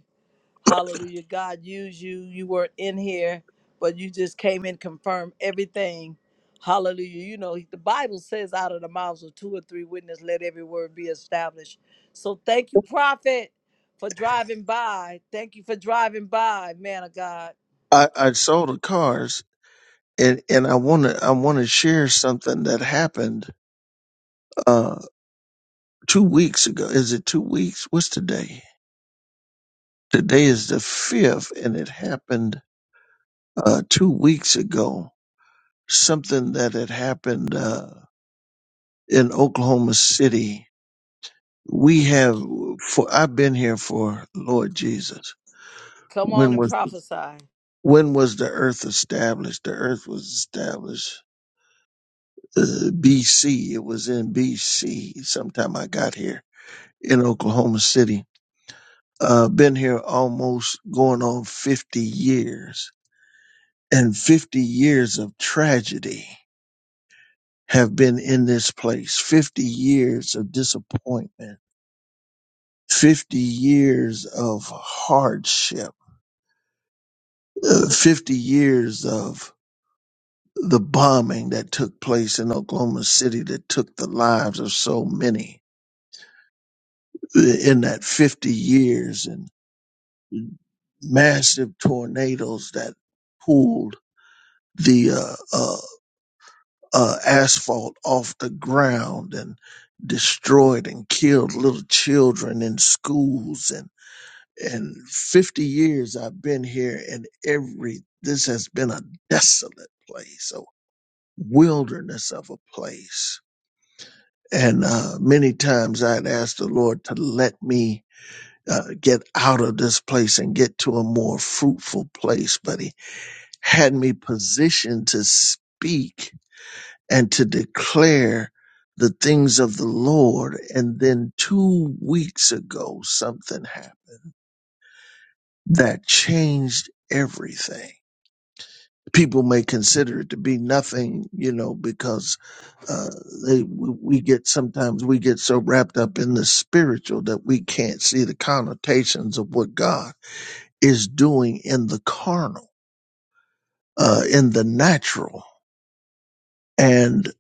Hallelujah. God used you. You weren't in here, but you just came in, confirmed everything. Hallelujah. You know, the Bible says out of the mouths of two or three witnesses, let every word be established. So thank you, prophet, for driving by. Thank you for driving by, man of God.
I, I saw the cars and, and I wanna I wanna share something that happened uh two weeks ago. Is it two weeks? What's today? Today is the fifth and it happened uh two weeks ago. Something that had happened uh in Oklahoma City. We have for I've been here for Lord Jesus.
Come on
When
and
was
prophesy.
When was the earth established? The earth was established uh, BC. It was in BC sometime I got here in Oklahoma City. Uh, been here almost going on 50 years and 50 years of tragedy have been in this place. 50 years of disappointment, 50 years of hardship, uh, 50 years of the bombing that took place in Oklahoma City that took the lives of so many in that 50 years and massive tornadoes that pulled the uh, uh, uh, asphalt off the ground and destroyed and killed little children in schools and and 50 years I've been here and every this has been a desolate place a wilderness of a place And uh, many times I'd asked the Lord to let me uh, get out of this place and get to a more fruitful place, but He had me positioned to speak and to declare the things of the Lord. And then two weeks ago, something happened that changed everything. people may consider it to be nothing, you know, because uh, they we we get sometimes we get so wrapped up in the spiritual that we can't see the connotations of what God is doing in the carnal, uh, in the natural, and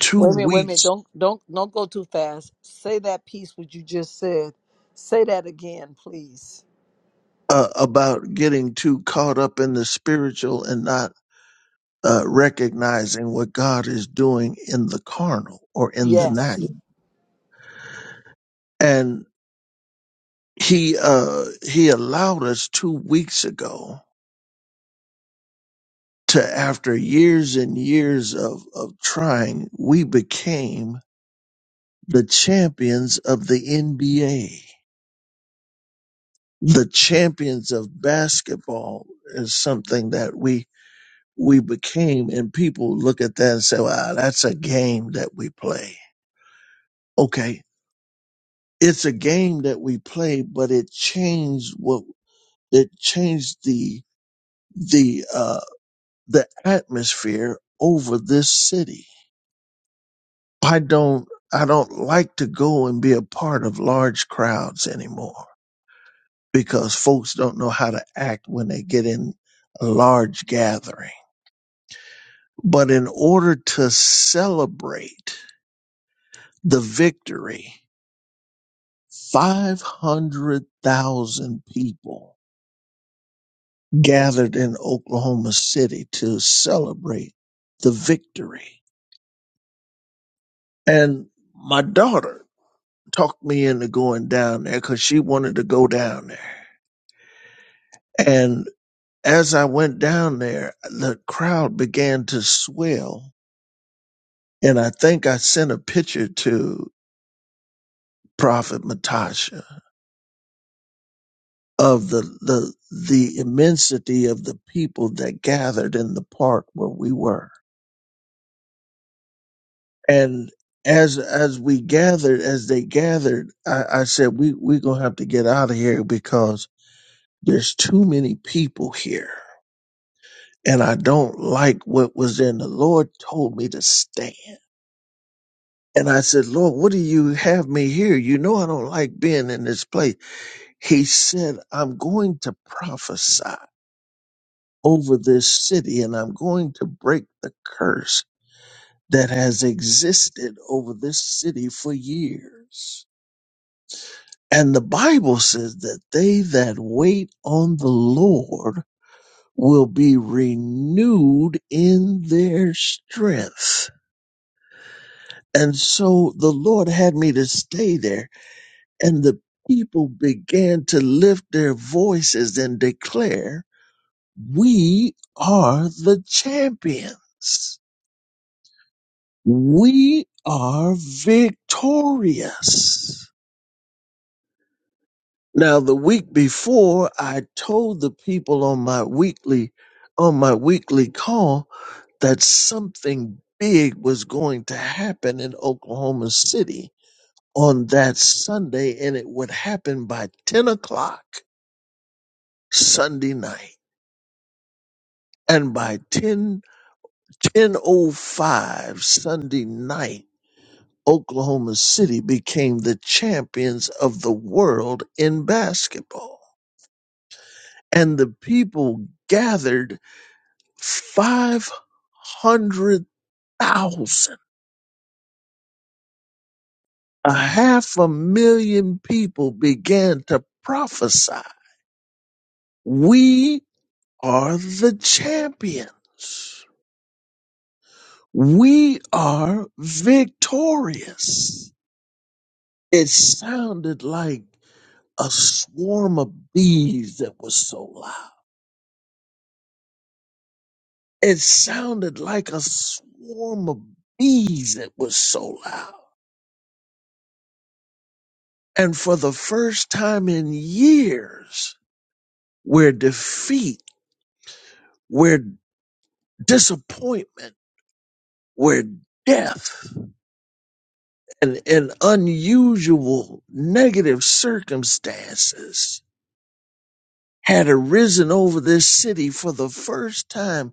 two
Wait a minute, wait a minute.
weeks
Don't don't don't go too fast. Say that piece what you just said. Say that again, please.
uh, about getting too caught up in the spiritual and not. Uh, recognizing what God is doing in the carnal or in the
Yes.
natural, he uh he allowed us two weeks ago to after years and years of of trying we became the champions of the nba the champions of basketball is something that we we became and people look at that and say wow that's a game that we play okay it's a game that we play but it changed what it changed the the uh. the atmosphere over this city. I don't I don't like to go and be a part of large crowds anymore because folks don't know how to act when they get in a large gathering. But in order to celebrate the victory, 500,000 people gathered in Oklahoma City to celebrate the victory. And my daughter talked me into going down there because she wanted to go down there. And as I went down there, the crowd began to swell. And I think I sent a picture to Prophet Matasha of the, the, the immensity of the people that gathered in the park where we were. And as, as we gathered, as they gathered, I, I said, we, we're going to have to get out of here because there's too many people here and I don't like what was in. The Lord told me to stand. And I said, Lord, what do you have me here? You know, I don't like being in this place. He said, I'm going to prophesy over this city and I'm going to break the curse that has existed over this city for years. And the Bible says that they that wait on the Lord will be renewed in their strength And so the Lord had me to stay there. And the people began to lift their voices and declare, We are the champions. We are victorious. Now, the week before, I told the people on my weekly, on my weekly call that something big was going to happen in Oklahoma City on that Sunday, and it would happen by 10 o'clock Sunday night. And by ten ten o five Sunday night, Oklahoma City became the champions of the world in basketball. And the people gathered 500,000. A half a million people began to prophesy. We are the champions. We are victorious. It sounded like a swarm of bees that was so loud. It sounded like a swarm of bees that was so loud. And for the first time in years, where defeat, where disappointment, where death, and, and unusual negative circumstances had arisen over this city for the first time.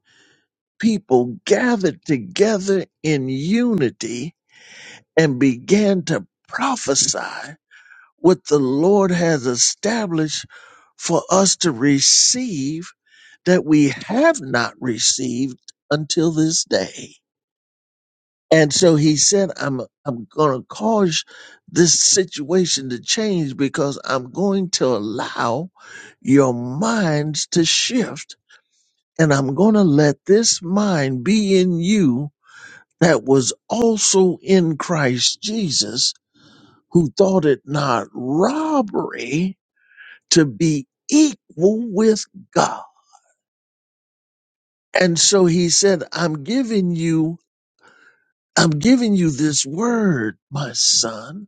People gathered together in unity and began to prophesy what the Lord has established for us to receive that we have not received until this day. And so he said, I'm, I'm going to cause this situation to change because I'm going to allow your minds to shift and I'm going to let this mind be in you that was also in Christ Jesus, who thought it not robbery to be equal with God. And so he said, I'm giving you, I'm giving you this word, my son,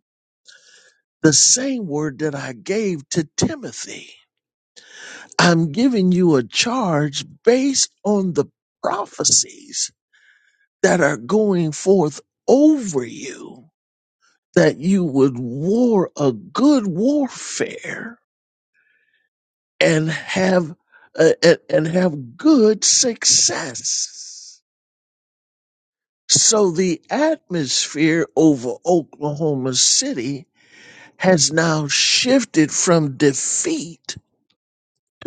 the same word that I gave to Timothy. I'm giving you a charge based on the prophecies that are going forth over you that you would war a good warfare and have uh, and, and have good success. So the atmosphere over Oklahoma City has now shifted from defeat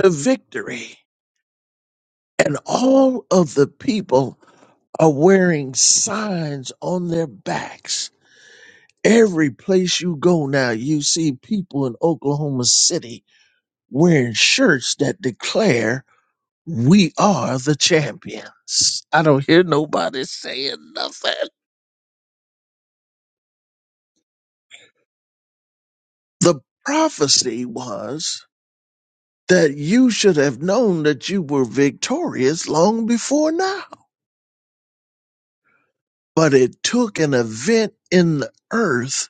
to victory. And all of the people are wearing signs on their backs. Every place you go now, you see people in Oklahoma City wearing shirts that declare we are the champions. I don't hear nobody saying nothing. The prophecy was that you should have known that you were victorious long before now. But it took an event in the earth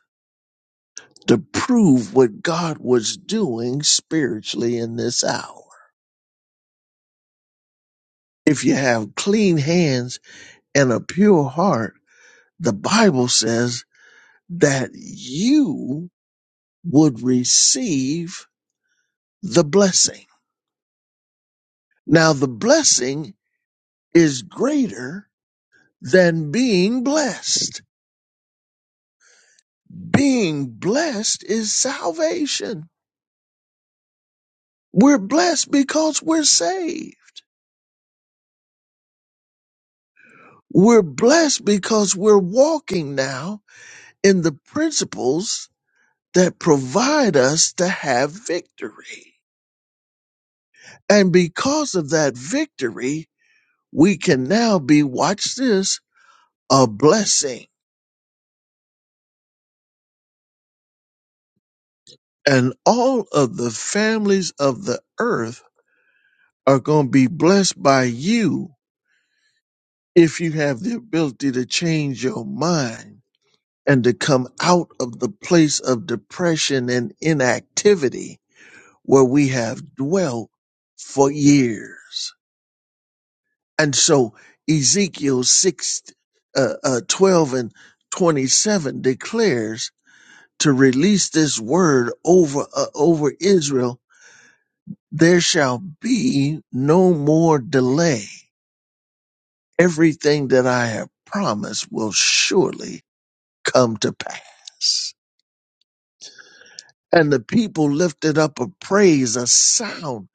to prove what God was doing spiritually in this hour. If you have clean hands and a pure heart, the Bible says that you would receive the blessing. Now, the blessing is greater than being blessed. Being blessed is salvation. We're blessed because we're saved. We're blessed because we're walking now in the principles that provide us to have victory. And because of that victory, we can now be, watch this, a blessing and all of the families of the earth are going to be blessed by you if you have the ability to change your mind and to come out of the place of depression and inactivity where we have dwelt for years. And so Ezekiel 6, uh, uh, 12 and 27 declares to release this word over, uh, over Israel there shall be no more delay. Everything that I have promised will surely come to pass. And the people lifted up a praise, a sound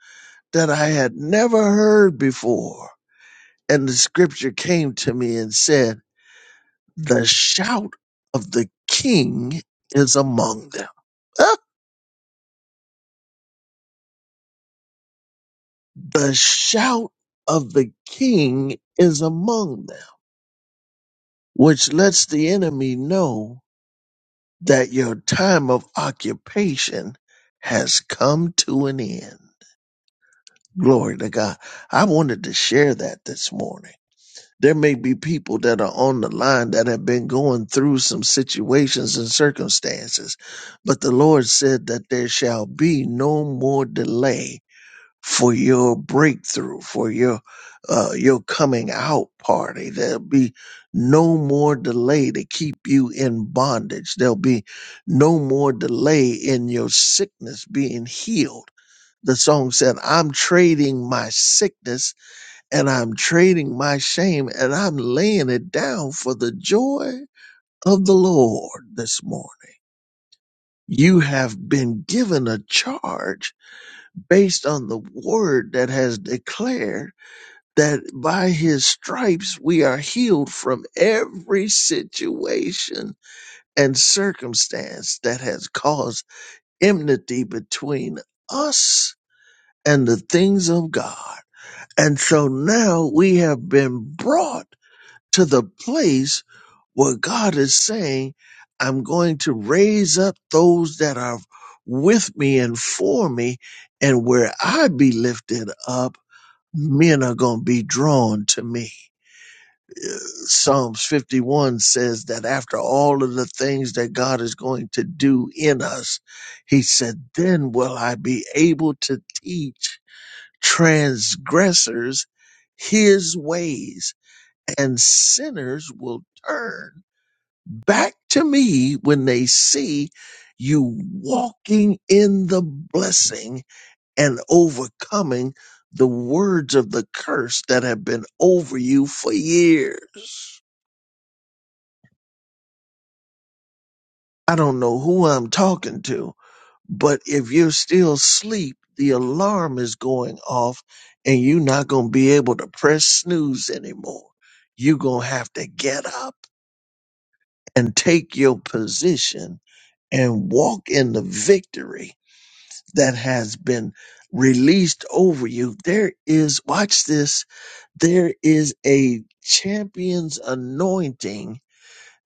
that I had never heard before. And the scripture came to me and said, The shout of the king is among them. Ah, the shout of the king is among them, which lets the enemy know that your time of occupation has come to an end. Glory to God. I wanted to share that this morning. There may be people that are on the line that have been going through some situations and circumstances, but the Lord said that there shall be no more delay for your breakthrough, for your uh, your coming out party. There'll be no more delay to keep you in bondage. There'll be no more delay in your sickness being healed. The song said, I'm trading my sickness and I'm trading my shame and I'm laying it down for the joy of the Lord this morning. You have been given a charge based on the word that has declared that by his stripes we are healed from every situation and circumstance that has caused enmity between us and the things of God. And so now we have been brought to the place where God is saying, I'm going to raise up those that are with me and for me, and where I be lifted up, men are going to be drawn to me. Psalms 51 says that after all of the things that God is going to do in us, he said, then will I be able to teach transgressors his ways and sinners will turn back to me when they see you walking in the blessing and overcoming the words of the curse that have been over you for years. I don't know who I'm talking to, but if you're still asleep, the alarm is going off and you're not going to be able to press snooze anymore. You're going to have to get up and take your position and walk in the victory that has been released over you. There is, watch this, there is a champion's anointing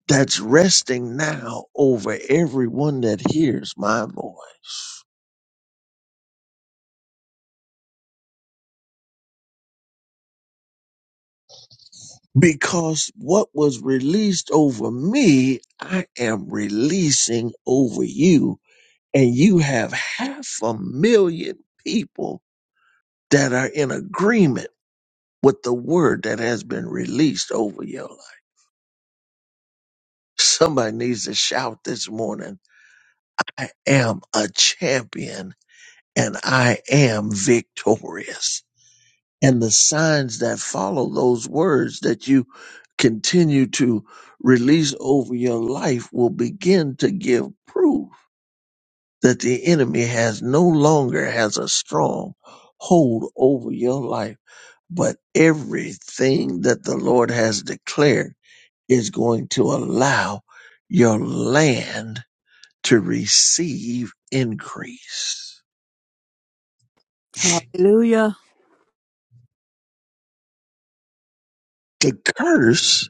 that's resting now over everyone that hears my voice. because what was released over me, I am releasing over you. And you have half a million people that are in agreement with the word that has been released over your life. Somebody needs to shout this morning I am a champion and I am victorious. and the signs that follow those words that you continue to release over your life will begin to give proof that the enemy has no longer has a strong hold over your life but everything that the lord has declared is going to allow your land to receive increase
Hallelujah.
the curse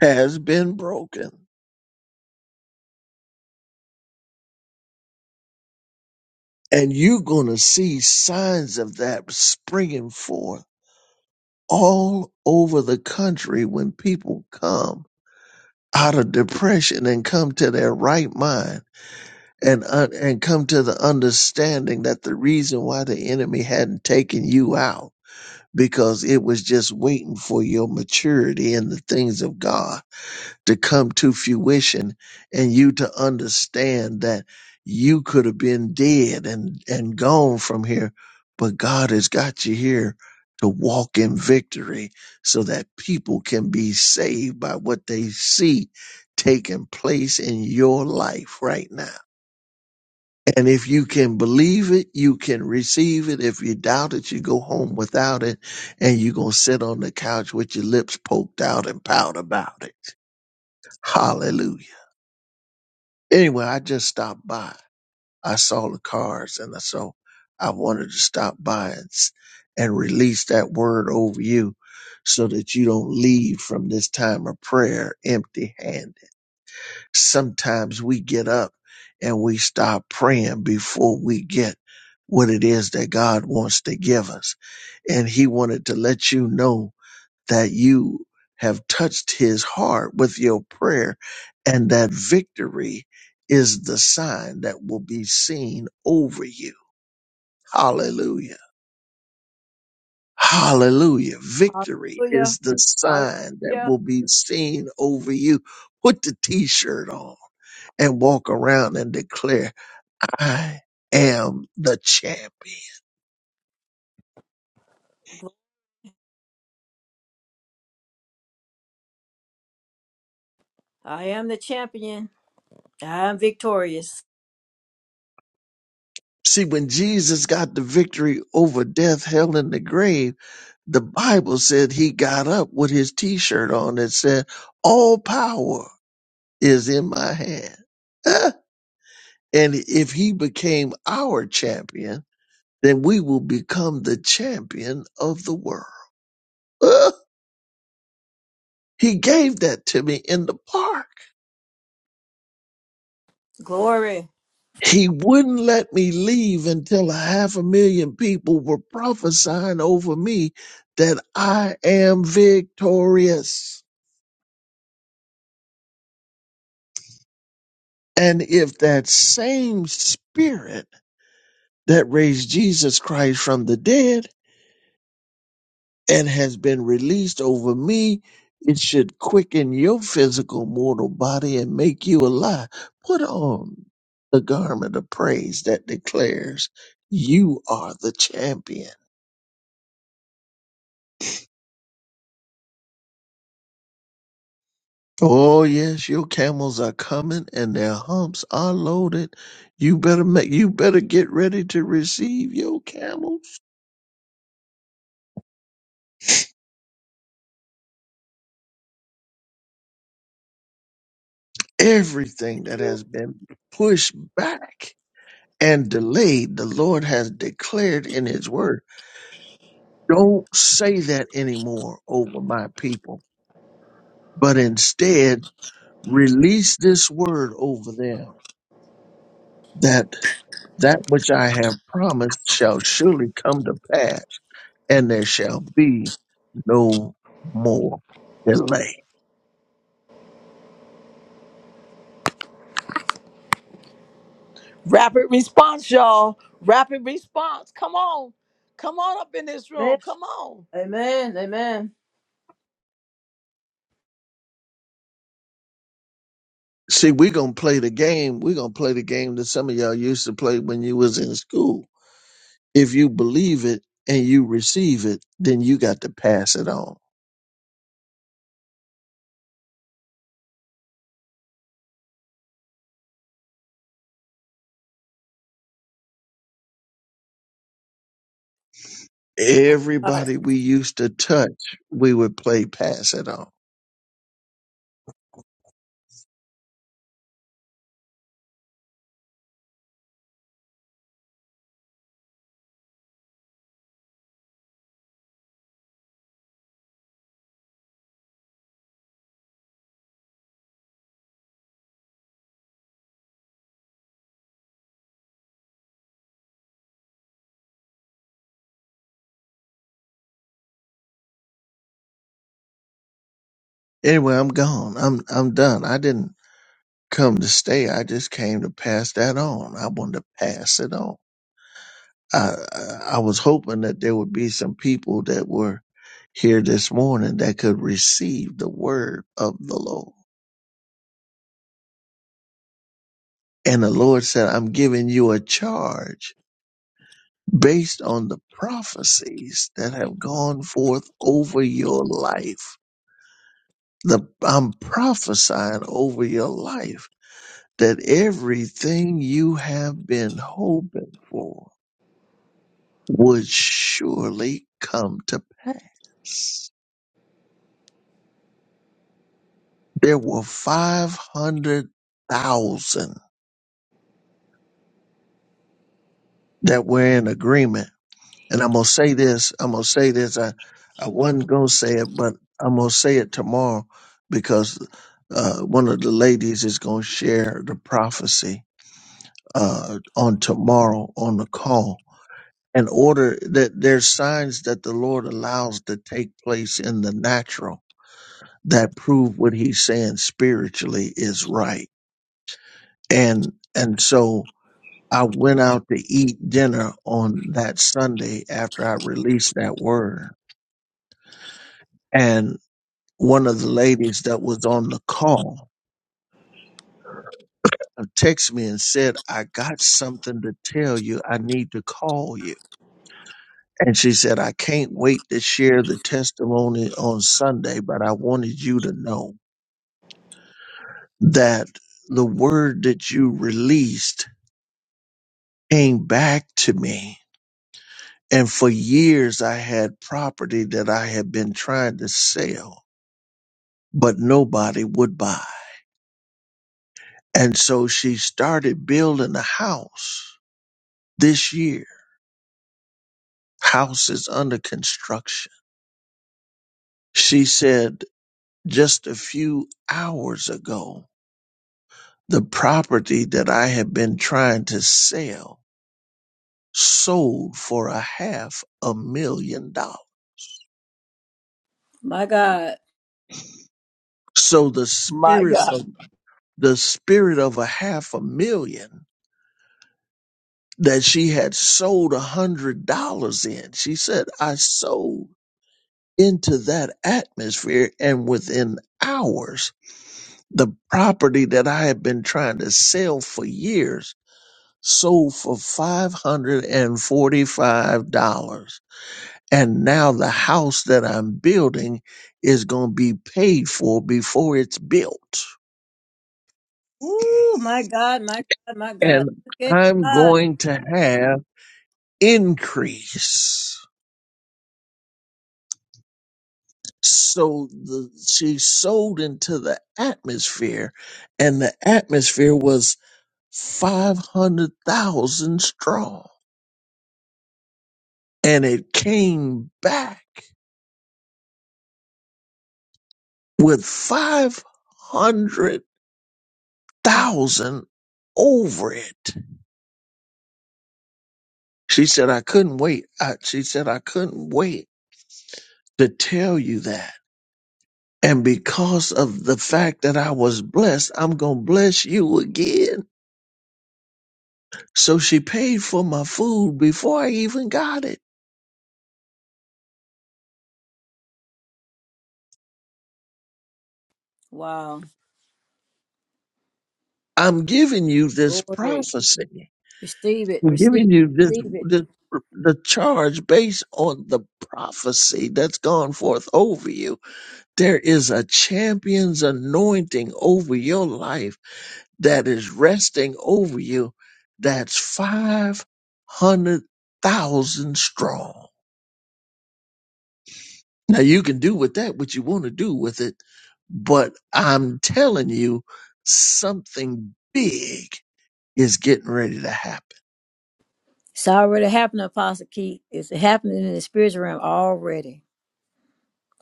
has been broken And you're going to see signs of that springing forth all over the country when people come out of depression and come to their right mind and uh, and come to the understanding that the reason why the enemy hadn't taken you out because it was just waiting for your maturity in the things of God to come to fruition and you to understand that you could have been dead and, and gone from here, but God has got you here to walk in victory so that people can be saved by what they see taking place in your life right now. And if you can believe it, you can receive it. If you doubt it, you go home without it and you're going to sit on the couch with your lips poked out and pout about it. Hallelujah. Anyway, I just stopped by. I saw the cars and so I wanted to stop by and, s- and release that word over you so that you don't leave from this time of prayer empty handed. Sometimes we get up and we stop praying before we get what it is that God wants to give us. And he wanted to let you know that you have touched his heart with your prayer and that victory is the sign that will be seen over you. Hallelujah. Hallelujah. Victory
Hallelujah.
is the sign that
Hallelujah.
will be seen over you. Put the t-shirt on and walk around and declare, I am the champion.
Gl- I am the champion. I am victorious.
See, when Jesus got the victory over death, hell, and the grave, the Bible said he got up with his t shirt on and said, All power is in my hand. Huh? And if he became our champion, then we will become the champion of the world. Huh? He gave that to me in the park.
Glory.
He wouldn't let me leave until a half a million people were prophesying over me that I am victorious. And if that same spirit that raised Jesus Christ from the dead and has been released over me, it should quicken your physical mortal body and make you alive. Put on the garment of praise that declares you are the champion Oh yes, your camels are coming and their humps are loaded. You better make you better get ready to receive your camels. Everything that has been pushed back and delayed, the Lord has declared in his word. Don't say that anymore over my people, but instead release this word over them that that which I have promised shall surely come to pass and there shall be no more delay.
Rapid response, y'all. Rapid response. Come on. Come on up in this
Amen.
room. Come on.
Amen. Amen.
See, we're gonna play the game. We're gonna play the game that some of y'all used to play when you was in school. If you believe it and you receive it, then you got to pass it on.
My God.
Everybody we used to touch, we would play pass it on. Anyway, I'm gone. I'm I'm done. I didn't come to stay. I just came to pass that on. I wanted to pass it on. I, I was hoping that there would be some people that were here this morning that could receive the word of the Lord. And the Lord said, I'm giving you a charge based on the prophecies that have gone forth over your life. The, I'm prophesying over your life that everything you have been hoping for would surely come to pass. there were 500,000 that were in agreement. And I'm going to say this. I'm going to say this. I, I wasn't going to say it, but I'm going to say it tomorrow because uh, one of the ladies is going to share the prophecy uh, on tomorrow on the call. In order that there's signs that the Lord allows to take place in the natural that prove what he's saying spiritually is right. And, and so I went out to eat dinner on that Sunday after I released that word. And one of the ladies that was on the call texted me and said, I got something to tell you. I need to call you. And she said, I can't wait to share the testimony on Sunday, but I wanted you to know that the word that you released came back to me. And for years, I had property that I had been trying to sell but nobody would buy. And so she started building a house this year. House is under construction. She said just a few hours ago, the property that I had been trying to sell sold for a half a million dollars.
My God.
So the
My
spirit
God.
of the spirit of a half a million that she had sold a hundred dollars in. She said, I sold into that atmosphere and within hours the property that i had been trying to sell for years sold for $545 and forty-five dollars. And now the house that i'm building is going to be paid for before it's built
Ooh, my God, my God, my God.
and
Look at
i'm
God.
going to have increase so the, she sold into the atmosphere and the atmosphere was 500,000 strong. And it came back with 500,000 over it. She said, I couldn't wait. I, she said, I couldn't wait to tell you that. And because of the fact that I was blessed, I'm going to bless you again. So she paid for my food before I even got it.
Wow.
I'm giving you this
Glory.
prophecy.
Receive it.
We're
Receive it.
giving you this,
Receive it.
this the charge based on the prophecy that's gone forth over you. There is a champion's anointing over your life that is resting over you. That's five hundred thousand strong. Now you can do with that what you want to do with it, but I'm telling you, something big is getting ready to happen.
It's already happening, Apostle Keith. It's happening in the spiritual realm already.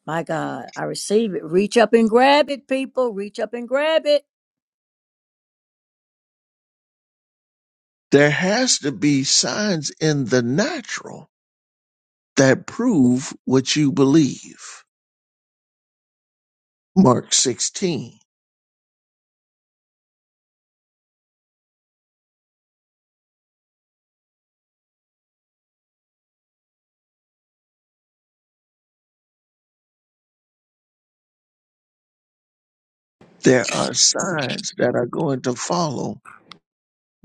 My God. I receive it. Reach up and grab it, people. Reach up and grab it.
There has to be signs in the natural that prove what you believe. Mark 16. There are signs that are going to follow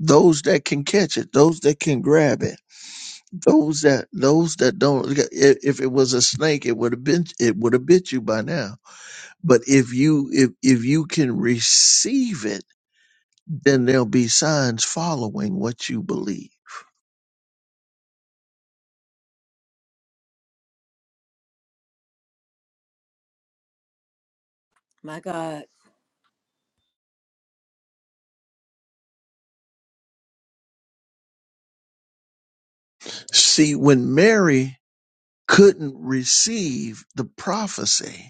those that can catch it, those that can grab it, those that those that don't. i- If it was a snake, it would have been it would have bit you by now. But if you if if you can receive it, then there'll be signs following what you believe.
My God.
See, when Mary couldn't receive the prophecy,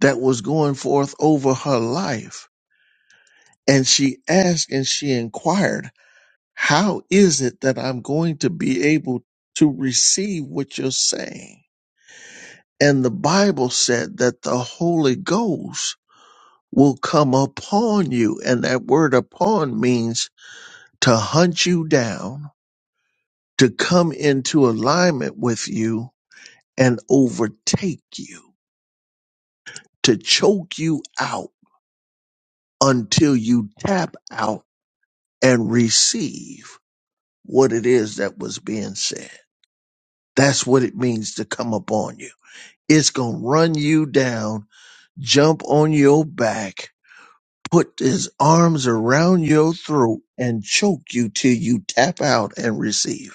that was going forth over her life. And she asked and she inquired, How is it that I'm going to be able to receive what you're saying? And the Bible said that the Holy Ghost will come upon you. And that word upon means to hunt you down, to come into alignment with you and overtake you, to choke you out until you tap out and receive. what it is that was being said. That's what it means to come upon you. It's going to run you down, jump on your back, put his arms around your throat, and choke you till you tap out and receive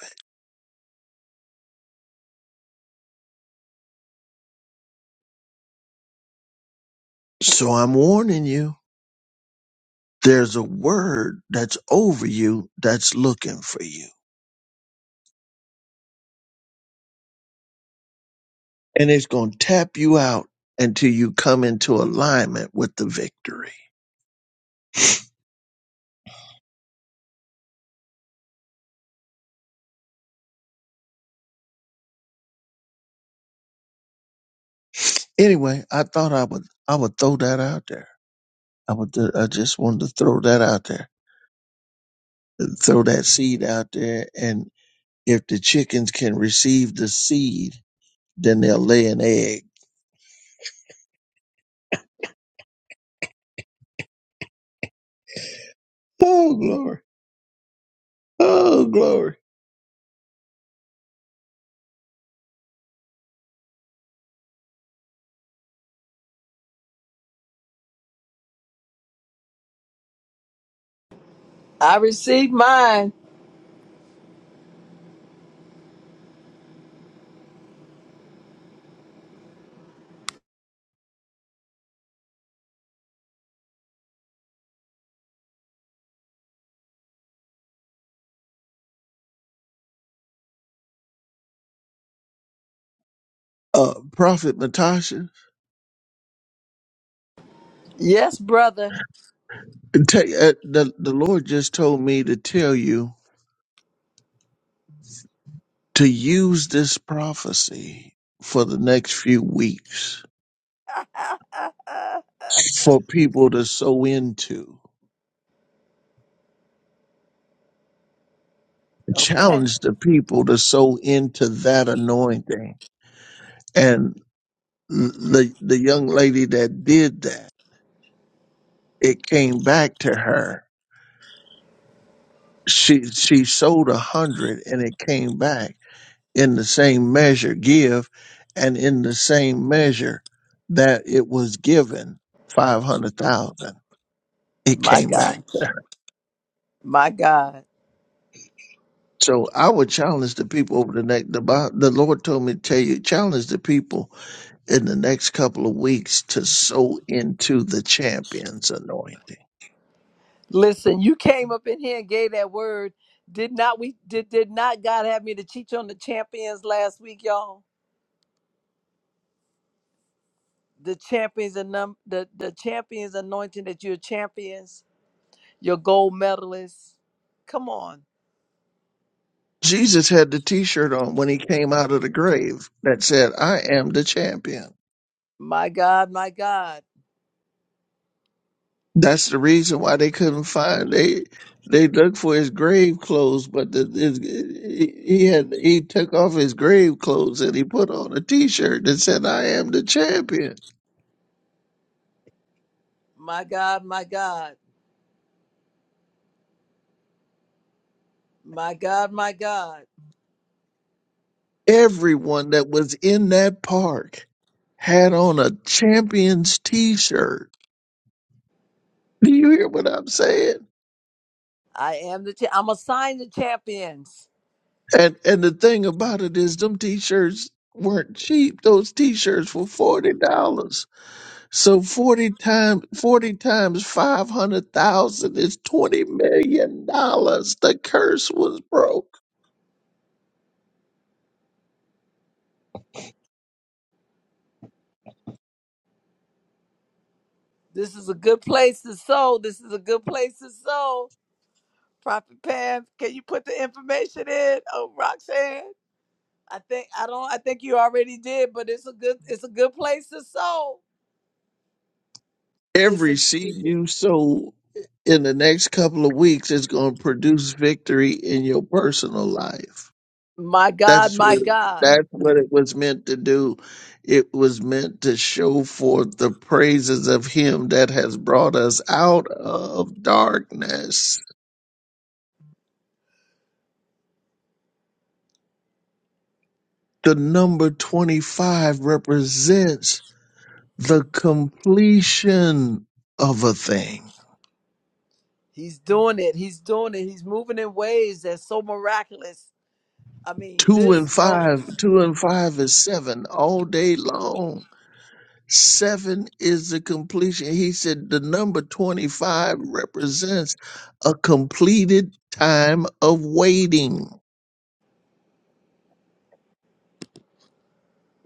it. So I'm warning you, there's a word that's over you that's looking for you. And it's going to tap you out until you come into alignment with the victory. Anyway, I thought I would I would throw that out there. I would I just wanted to throw that out there, throw that seed out there, and if the chickens can receive the seed, then they'll lay an egg. Oh glory! Oh glory!
I received mine.
Uh, Prophet Matasha,
Yes, brother.
take- uh, the the Lord just told me to tell you to use this prophecy for the next few weeks
[laughs]
for people to sow into.
okay.
Challenge the people to sow into that anointing. and. the the young lady that did that, it came back to her. She she sold a hundred and it came back in the same measure give, and in the same measure that it was given five hundred thousand, it
My
came back.
God.
there.
My God.
So I would challenge the people over the next. The, Bi- the Lord told me to tell you challenge the people in the next couple of weeks to sow into the champion's anointing.
Listen, you came up in here and gave that word. Did not we did did not God have me to teach on the champions last week, y'all? The champions and num the, the champions anointing that you're champions, your gold medalists. Come on.
Jesus had the t shirt on when he came out of the grave that said, I am the champion.
My God, my God.
That's the reason why they couldn't find they they looked for his grave clothes, but the, his, he he had he took off his grave clothes and he put on a t shirt that said, I am the champion.
My God, my God, my God, my God.
Everyone that was in that park had on a champions t-shirt. [laughs] Do you hear what I'm saying?
I am the, cha- I'm assigned to champions.
And and the thing about it is them t-shirts weren't cheap. Those t-shirts were forty dollars. So forty times forty times five hundred thousand is twenty million dollars. The curse was broke.
This is a good place to sow. This is a good place to sow. Prophet Pam, can you put the information in? Oh, Roxanne. I think, I don't, I think you already did, but it's a good, it's a good place to sow. It's a,
every seed you sow in the next couple of weeks is going to produce victory in your personal life.
my God,
That's
my
what
God.
that's what it was meant to do. It was meant to show forth the praises of Him that has brought us out of darkness. The number twenty-five represents the completion of a thing.
He's doing it. He's doing it. He's moving in ways that's so miraculous. I mean,
Two
this,
and
oh,
five, two and five is seven all day long Seven is the completion. He said the number 25 represents a completed time of waiting.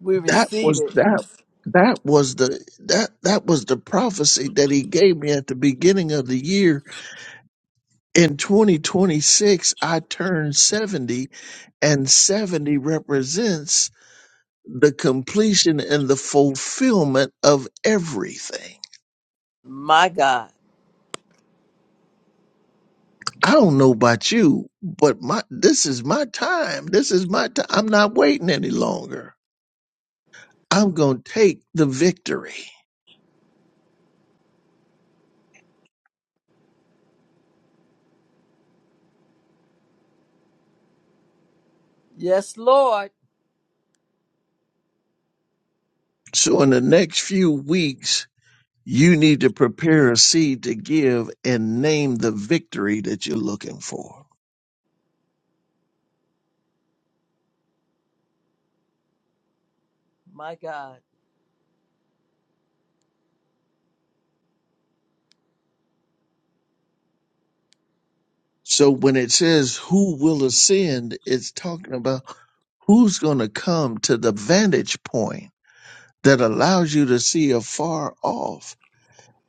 we
That
receive
was
it.
that that was the that that was the prophecy that he gave me at the beginning of the year. In 2026, I turned 70 and 70 represents the completion and the fulfillment of everything.
My God.
I don't know about you, but my this is my time. This is my time. I'm not waiting any longer. I'm going to take the victory.
Yes, Lord.
So in the next few weeks, you need to prepare a seed to give and name the victory that you're looking for.
My God.
So when it says who will ascend, it's talking about who's going to come to the vantage point that allows you to see afar off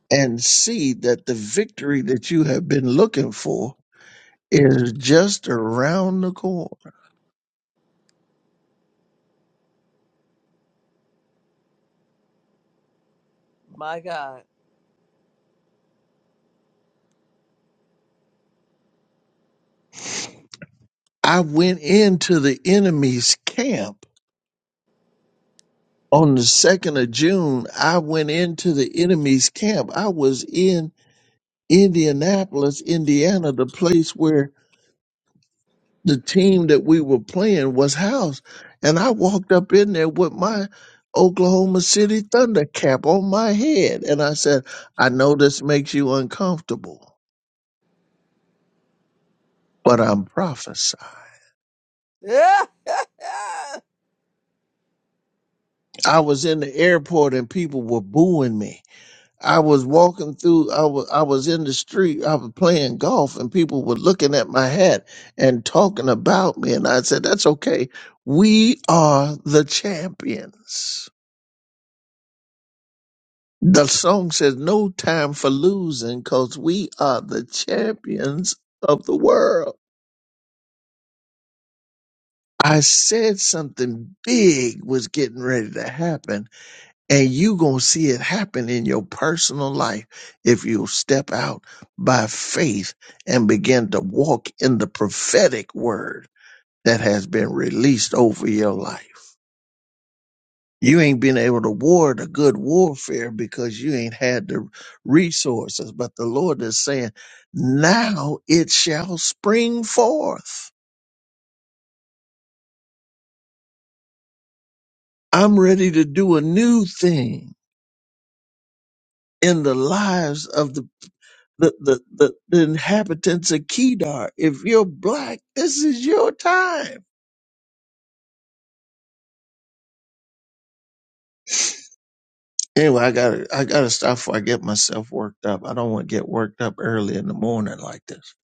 and see that the victory that you have been looking for is just around the corner.
My God.
I went into the enemy's camp on the 2nd of June. I went into the enemy's camp. I was in Indianapolis, Indiana, the place where the team that we were playing was housed. And I walked up in there with my Oklahoma City Thunder cap on my head. And I said, I know this makes you uncomfortable but I'm prophesying.
Yeah. [laughs]
I was in the airport and people were booing me. I was walking through, I was, I was in the street, I was playing golf and people were looking at my hat and talking about me. And I said, that's okay. We are the champions. The song says no time for losing because we are the champions of the world. I said something big was getting ready to happen And you going to see it happen in your personal life if you step out by faith and begin to walk in the prophetic word that has been released over your life. You ain't been able to war the good warfare because you ain't had the resources. But the Lord is saying, now it shall spring forth. I'm ready to do a new thing in the lives of the the, the, the, the inhabitants of Kedar. If you're black, this is your time. Anyway, I gotta I gotta stop before I get myself worked up. I don't want to get worked up early in the morning like this.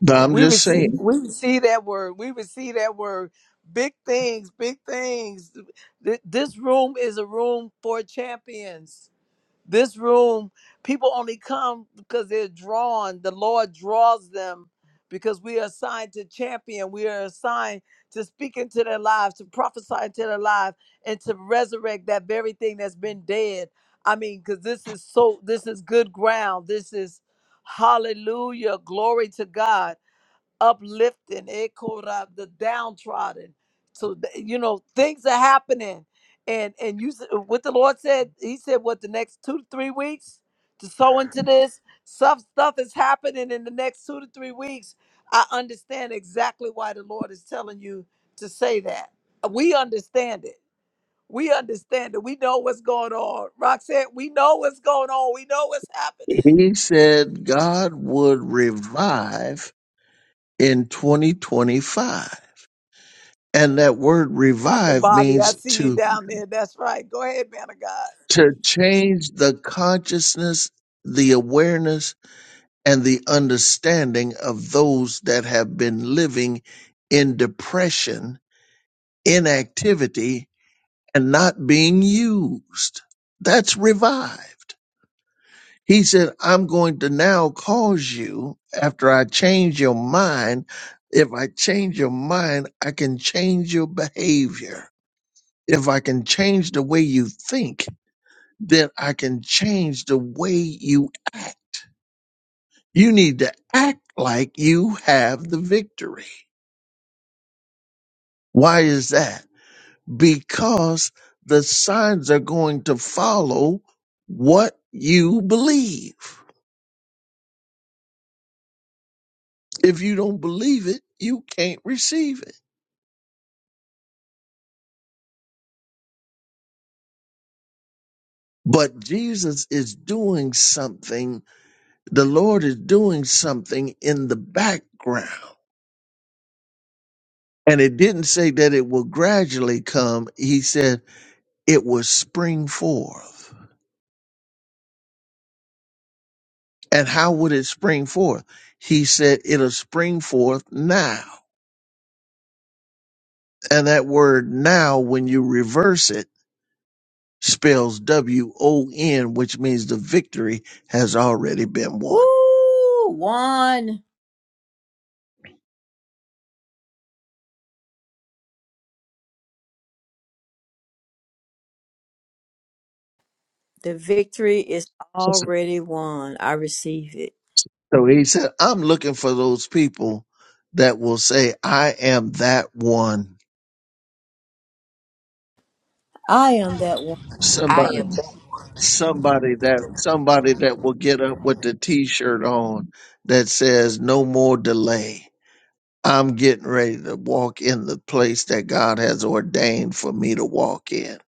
But
Well,
I'm
we
just
receive
saying,
we receive that word. We receive that word. Big things, big things. Th- This room is a room for champions. This room, people only come because they're drawn. The Lord draws them because we are assigned to champion. We are assigned to speak into their lives, to prophesy into their lives, and to resurrect that very thing that's been dead. I mean, because this is so, this is good ground. This is hallelujah. Glory to God uplifting Ekora, the downtrodden. So th- you know things are happening, and and you s- what the Lord said. He said what the next two to three weeks to sow into this. Some stuff is happening in the next two to three weeks. I understand exactly why the Lord is telling you to say that. We understand it we understand it. We know what's going on. Roxanne, we know what's going on. We know what's happening.
he said God would revive in 2025. And that word
Prophet
revive
Bobby, I
means
see you
to
down there. That's right. Go ahead, man of God.
to change the consciousness, the awareness and the understanding of those that have been living in depression, inactivity, and not being used. That's revived. He said, I'm going to now cause you, after I change your mind, if I change your mind, I can change your behavior. If I can change the way you think, then I can change the way you act. You need to act like you have the victory. Why is that? Because the signs are going to follow what you believe. If you don't believe it, you can't receive it. But Jesus is doing something, the Lord is doing something in the background. And it didn't say that it will gradually come, He said it will spring forth. And how would it spring forth? He said it'll spring forth now. And that word now, when you reverse it, spells W O N, which means the victory has already been won.
Woo! Won. The victory is already won. I receive it.
So he said, I'm looking for those people that will say, I am that one.
I am that one.
I am
Somebody,
just
somebody that, somebody that will get up with the t shirt on that says, no more delay. I'm getting ready to walk in the place that God has ordained for me to walk in.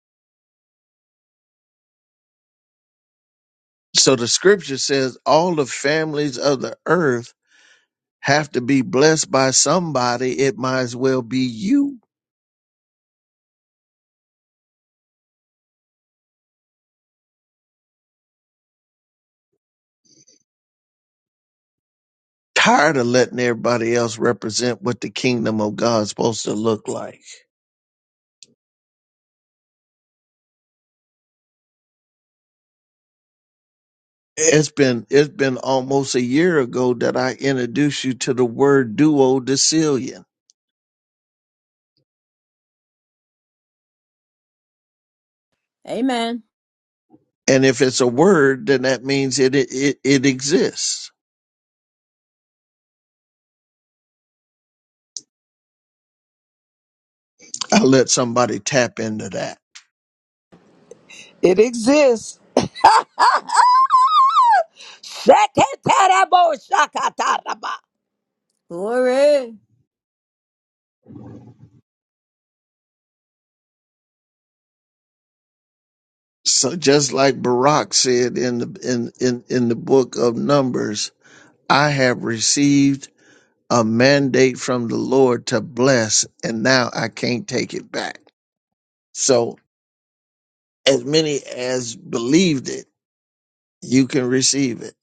So the scripture says all the families of the earth have to be blessed by somebody. It might as well be you. Tired of letting everybody else represent what the kingdom of God's supposed to look like. It's been it's been almost a year ago that I introduced you to the word duodecillion.
Amen.
And if it's a word, then that means it it, it exists I let somebody tap into that.
It exists. Sheketerebo shakataraba.
Glory.
So just like Barak said in the in, in, in the book of Numbers, I have received a mandate from the Lord to bless, and now I can't take it back. So as many as believed it, you can receive it.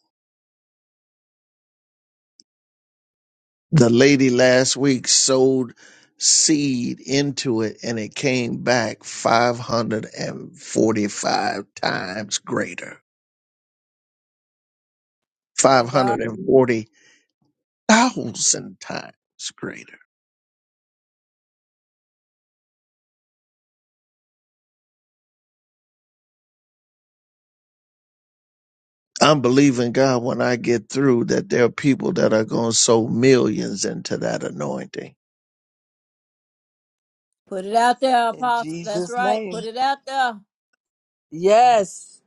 The lady last week sowed seed into it and it came back 545 times greater.
My God.
540 thousand times greater. I'm believing God when I get through that there are people that are going to sow millions into that anointing.
Put it out there,
In
Apostle. That's
Jesus'
right.
name.
Put it out there.
Yes.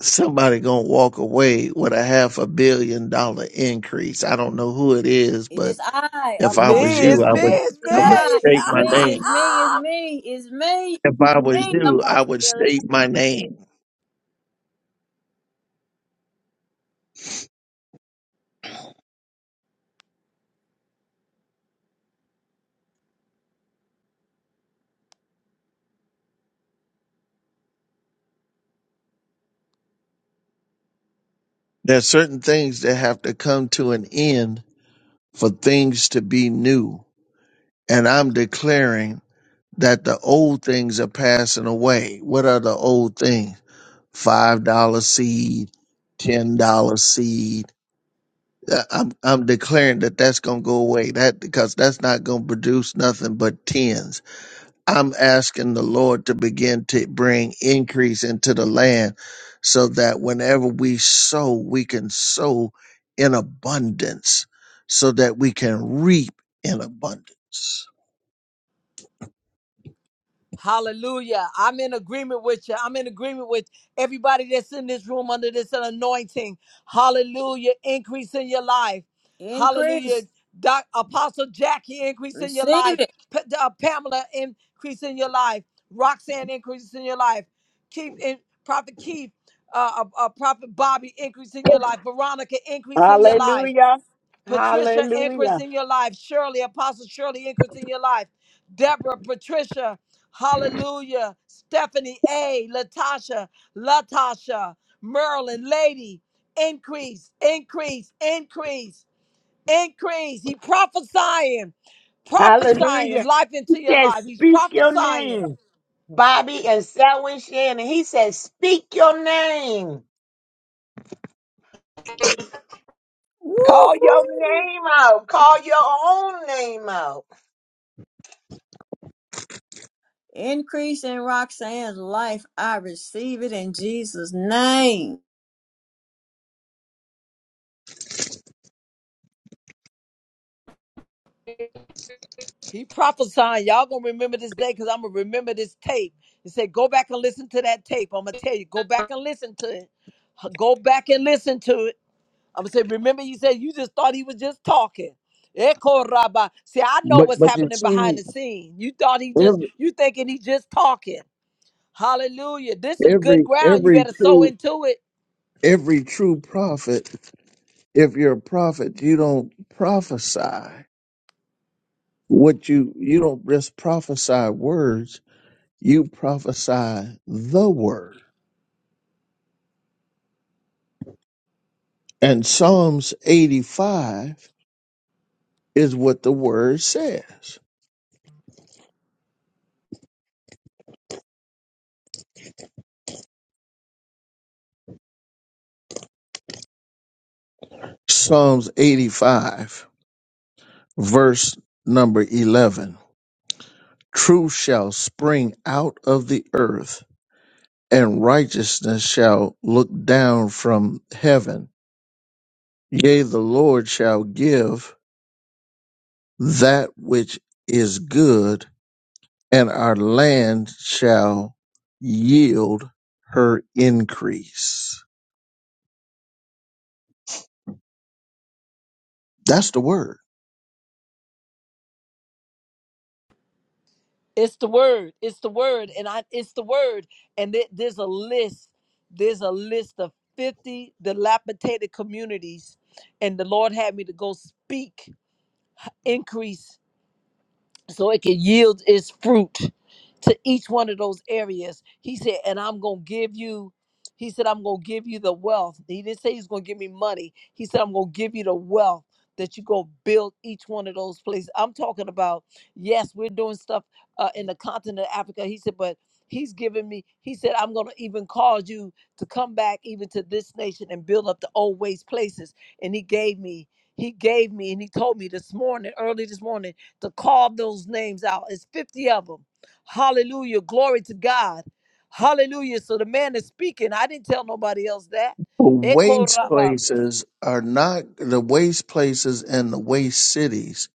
Somebody going to walk away with a half a billion dollar increase. I don't know who it is,
It
but
is I,
if I was
Apostle.
Me,
you,
it's
I
me,
would,
it's
It's
I would
I.
me.
It's
state my
me. It's
name.
me. It's
[laughs]
me. It's me.
If I was
Me,
you, I
Apostle
would
Dylan.
state my name. There's certain things that have to come to an end for things to be new. And I'm declaring that the old things are passing away. What are the old things? Five dollar seed, ten dollar seed. Uh, I'm I'm declaring that that's gonna go away. That because that's not gonna produce nothing but tens. I'm asking the Lord to begin to bring increase into the land, so that whenever we sow, we can sow in abundance, so that we can reap in abundance.
Hallelujah. I'm in agreement with you. I'm in agreement with everybody that's in this room under this anointing. Hallelujah. Increase in your life. Hallelujah.
Increase.
Doc, Apostle Jackie, increase in your
Receive
life.
it.
Pa- uh, Pamela, increase in your life. Roxanne, increase in your life. Keith, in, Prophet Keith, uh, uh, uh, Prophet Bobby, increase in your life. Veronica, increase in your life.
Hallelujah.
Patricia anchors
Hallelujah.
in your life. Shirley, Apostle Shirley anchors in your life. Deborah, Patricia, Hallelujah. Stephanie A, Latasha, Latasha, Merlin, Lady, increase, increase, increase, increase. He prophesying, prophesying
Hallelujah.
life into
He
your
said,
life. He's
Speak your
prophesying.
name. Bobby and Selwyn Shannon. He said, Speak your name. Call your
Woohoo.
name out. Call your own name out.
Increase in Roxanne's life. I receive it in Jesus' name.
He prophesying. Y'all gonna remember this day because I'm gonna remember this tape. He said, "Go back and listen to that tape." I'm gonna tell you, go back and listen to it. Go back and listen to it. I'm gonna say, remember, you said you just thought he was just talking. Echo rabba. See, I know
But
what's
but you
happening behind
see,
the scene. You thought he just,
every
you thinking he just talking. Hallelujah. This is good
every
ground. You
every
better sow
true
into it.
every true prophet, if you're a prophet, you don't prophesy. What you you don't just prophesy words, you prophesy the word. And Psalms 85 is what the word says. Psalms 85, verse number 11. Truth shall spring out of the earth, and righteousness shall look down from heaven. Yea, the Lord shall give that which is good, and our land shall yield her increase. That's the word.
It's the word. It's the word. And I it's the word. And there- there's a list. There's a list of 50 dilapidated communities. And the Lord had me to go speak increase so it can yield its fruit to each one of those areas. He said, and I'm gonna give you, he said, I'm gonna give you the wealth. He didn't say he's gonna give me money. He said, I'm gonna give you the wealth that you go build each one of those places. I'm talking about, yes, we're doing stuff uh, in the continent of Africa. He said, but he's giving me, he said, I'm gonna even cause you to come back even to this nation and build up the old ways places. And he gave me, he gave me, and he told me this morning, early this morning to carve those names out. It's 50 of them. Hallelujah. Glory to God. Hallelujah. So the man is speaking. I didn't tell nobody else that.
The
Echo
waste
Rabba.
places are not the waste places and the waste cities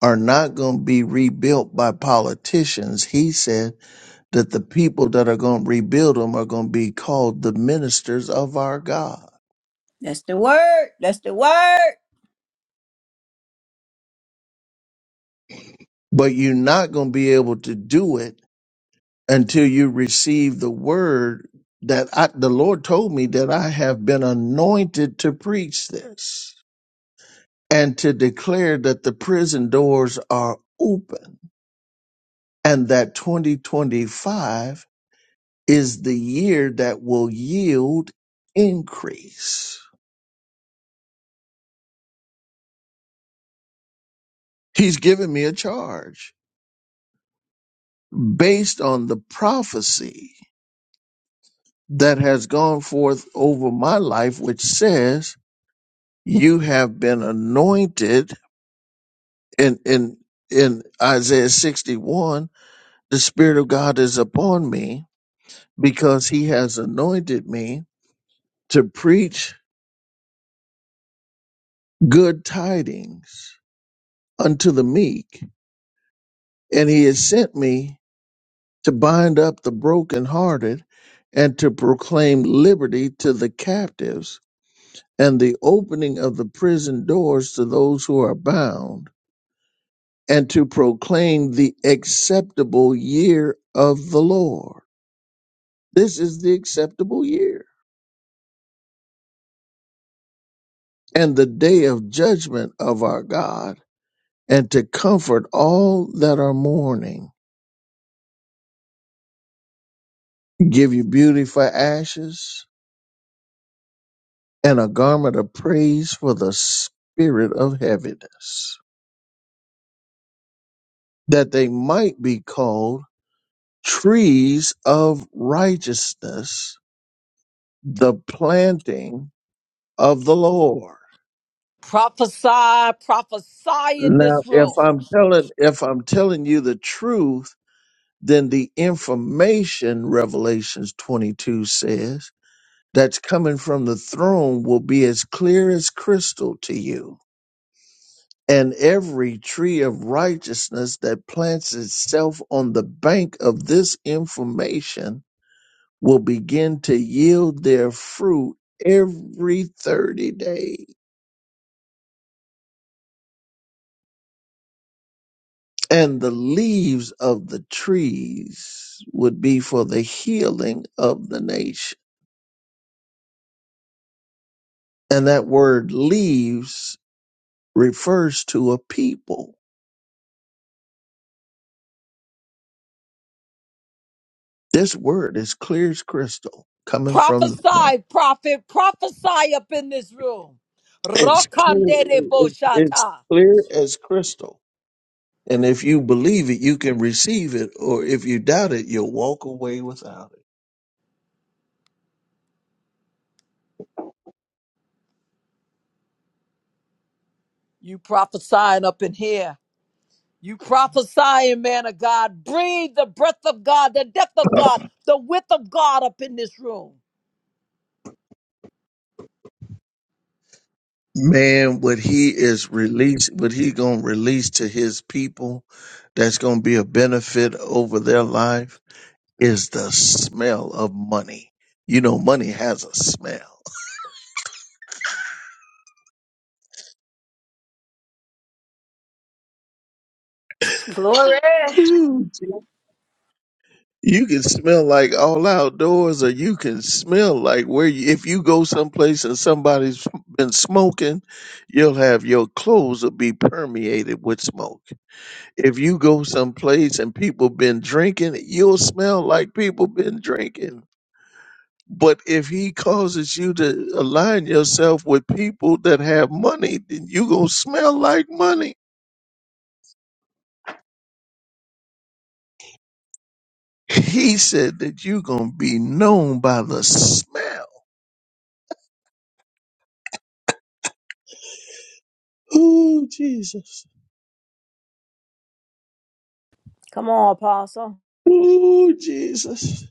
are not going to be rebuilt by politicians. He said that the people that are going to rebuild them are going to be called the ministers of our God.
That's the word. That's the word.
But you're not going to be able to do it until you receive the word that I, the Lord told me that I have been anointed to preach this and to declare that the prison doors are open and that 2025 is the year that will yield increase. He's given me a charge based on the prophecy that has gone forth over my life, which says, You have been anointed in, in, in Isaiah 61. The Spirit of God is upon me because He has anointed me to preach good tidings unto the meek and he has sent me to bind up the brokenhearted and to proclaim liberty to the captives and the opening of the prison doors to those who are bound and to proclaim the acceptable year of the Lord. This is the acceptable year and the day of judgment of our God and to comfort all that are mourning, give you beauty for ashes, and a garment of praise for the spirit of heaviness, that they might be called trees of righteousness, the planting of the Lord.
Prophesy, prophesy in
Now,
this
if
room.
I'm telling if I'm telling you the truth, then the information Revelations 22 says that's coming from the throne will be as clear as crystal to you and every tree of righteousness that plants itself on the bank of this information will begin to yield their fruit every 30 days. And the leaves of the trees would be for the healing of the nation. And that word leaves refers to a people. This word is clear as crystal coming from the,
Prophesy, prophet, prophesy up in this room.
it's clear,
Rakandere
it- it- it's
boshata.
clear as crystal And if you believe it, you can receive it, or if you doubt it, you'll walk away without
You prophesying up in here. You prophesying, man of God. Breathe the breath of God, the depth of
it.
God, the width of God up in this room.
Man, what he is released, what he gonna release to his people, that's gonna be a benefit over their life is the smell of money. You know, money has a smell.
Glory.
[laughs] Ooh, You can smell like all outdoors, or you can smell like where you, if you go someplace and somebody's been smoking, you'll have your clothes will be permeated with smoke. If you go someplace and people been drinking, you'll smell like people been drinking. But if he causes you to align yourself with people that have money, then you gonna smell like money. He said that you gonna be known by the smell. Ooh, Jesus.
Come on, Apostle.
Ooh, Jesus.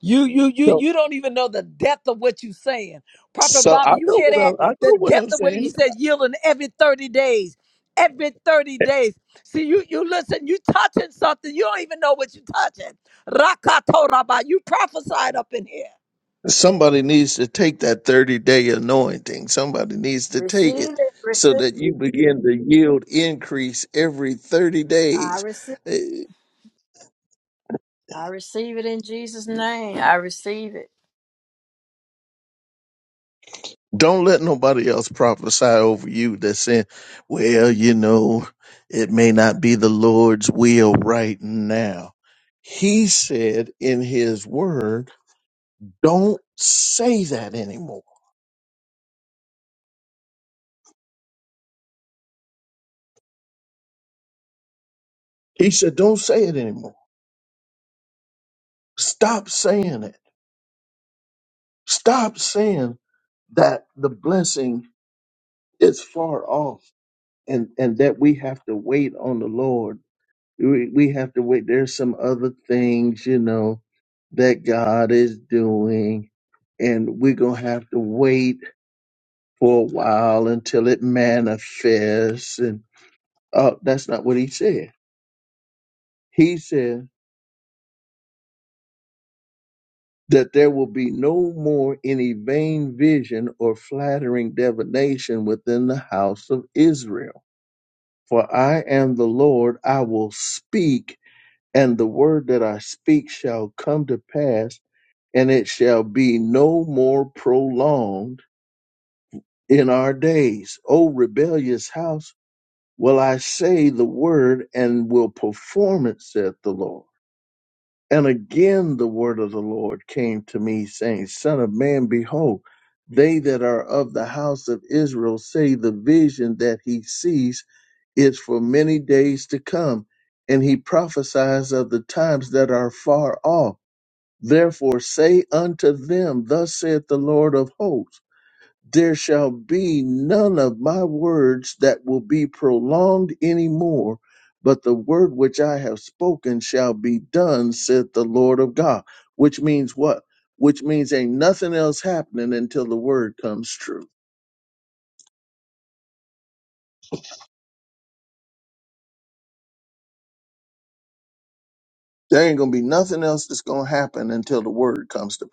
You you you
So,
you don't even know the depth of what you're saying. Prophet
so I
Bobby, you
know
hear
what
that?
I'm, I
The
know what I'm
depth of what
saying.
he said, yielding every 30 days. Every 30 days. See, you you listen, you touching something. You don't even know what you're touching. Rakatoraba. You prophesied up in here.
Somebody needs to take that 30 day anointing. Somebody needs to take
Receive
it
it.
so
Receive.
that you begin to yield increase every 30
I
days.
receive.
Eh,
I receive it in Jesus' name. I receive it.
Don't let nobody else prophesy over you that's saying, well, you know, it may not be the Lord's will right now. He said in his word, don't say that anymore. He said, don't say it anymore. Stop saying it. Stop saying that the blessing It's far off, and and that we have to wait on the Lord. We, we have to wait. There's some other things, you know, that God is doing, and we're gonna have to wait for a while until it manifests. And uh, that's not what he said. He said that there will be no more any vain vision or flattering divination within the house of Israel. For I am the Lord; I will speak and the word that I speak shall come to pass, and it shall be no more prolonged in our days. O rebellious house, will I say the word and will perform it, saith the Lord. And again the word of the Lord came to me, saying, Son of man, behold, they that are of the house of Israel say the vision that he sees is for many days to come. And he prophesies of the times that are far off Therefore say unto them, Thus saith the Lord of hosts, there shall be none of my words that will be prolonged any more, but the word which I have spoken shall be done, saith the Lord of God. Which means what? Which means ain't nothing else happening until the word comes true. There ain't gonna be nothing else that's gonna happen until the word comes to pass.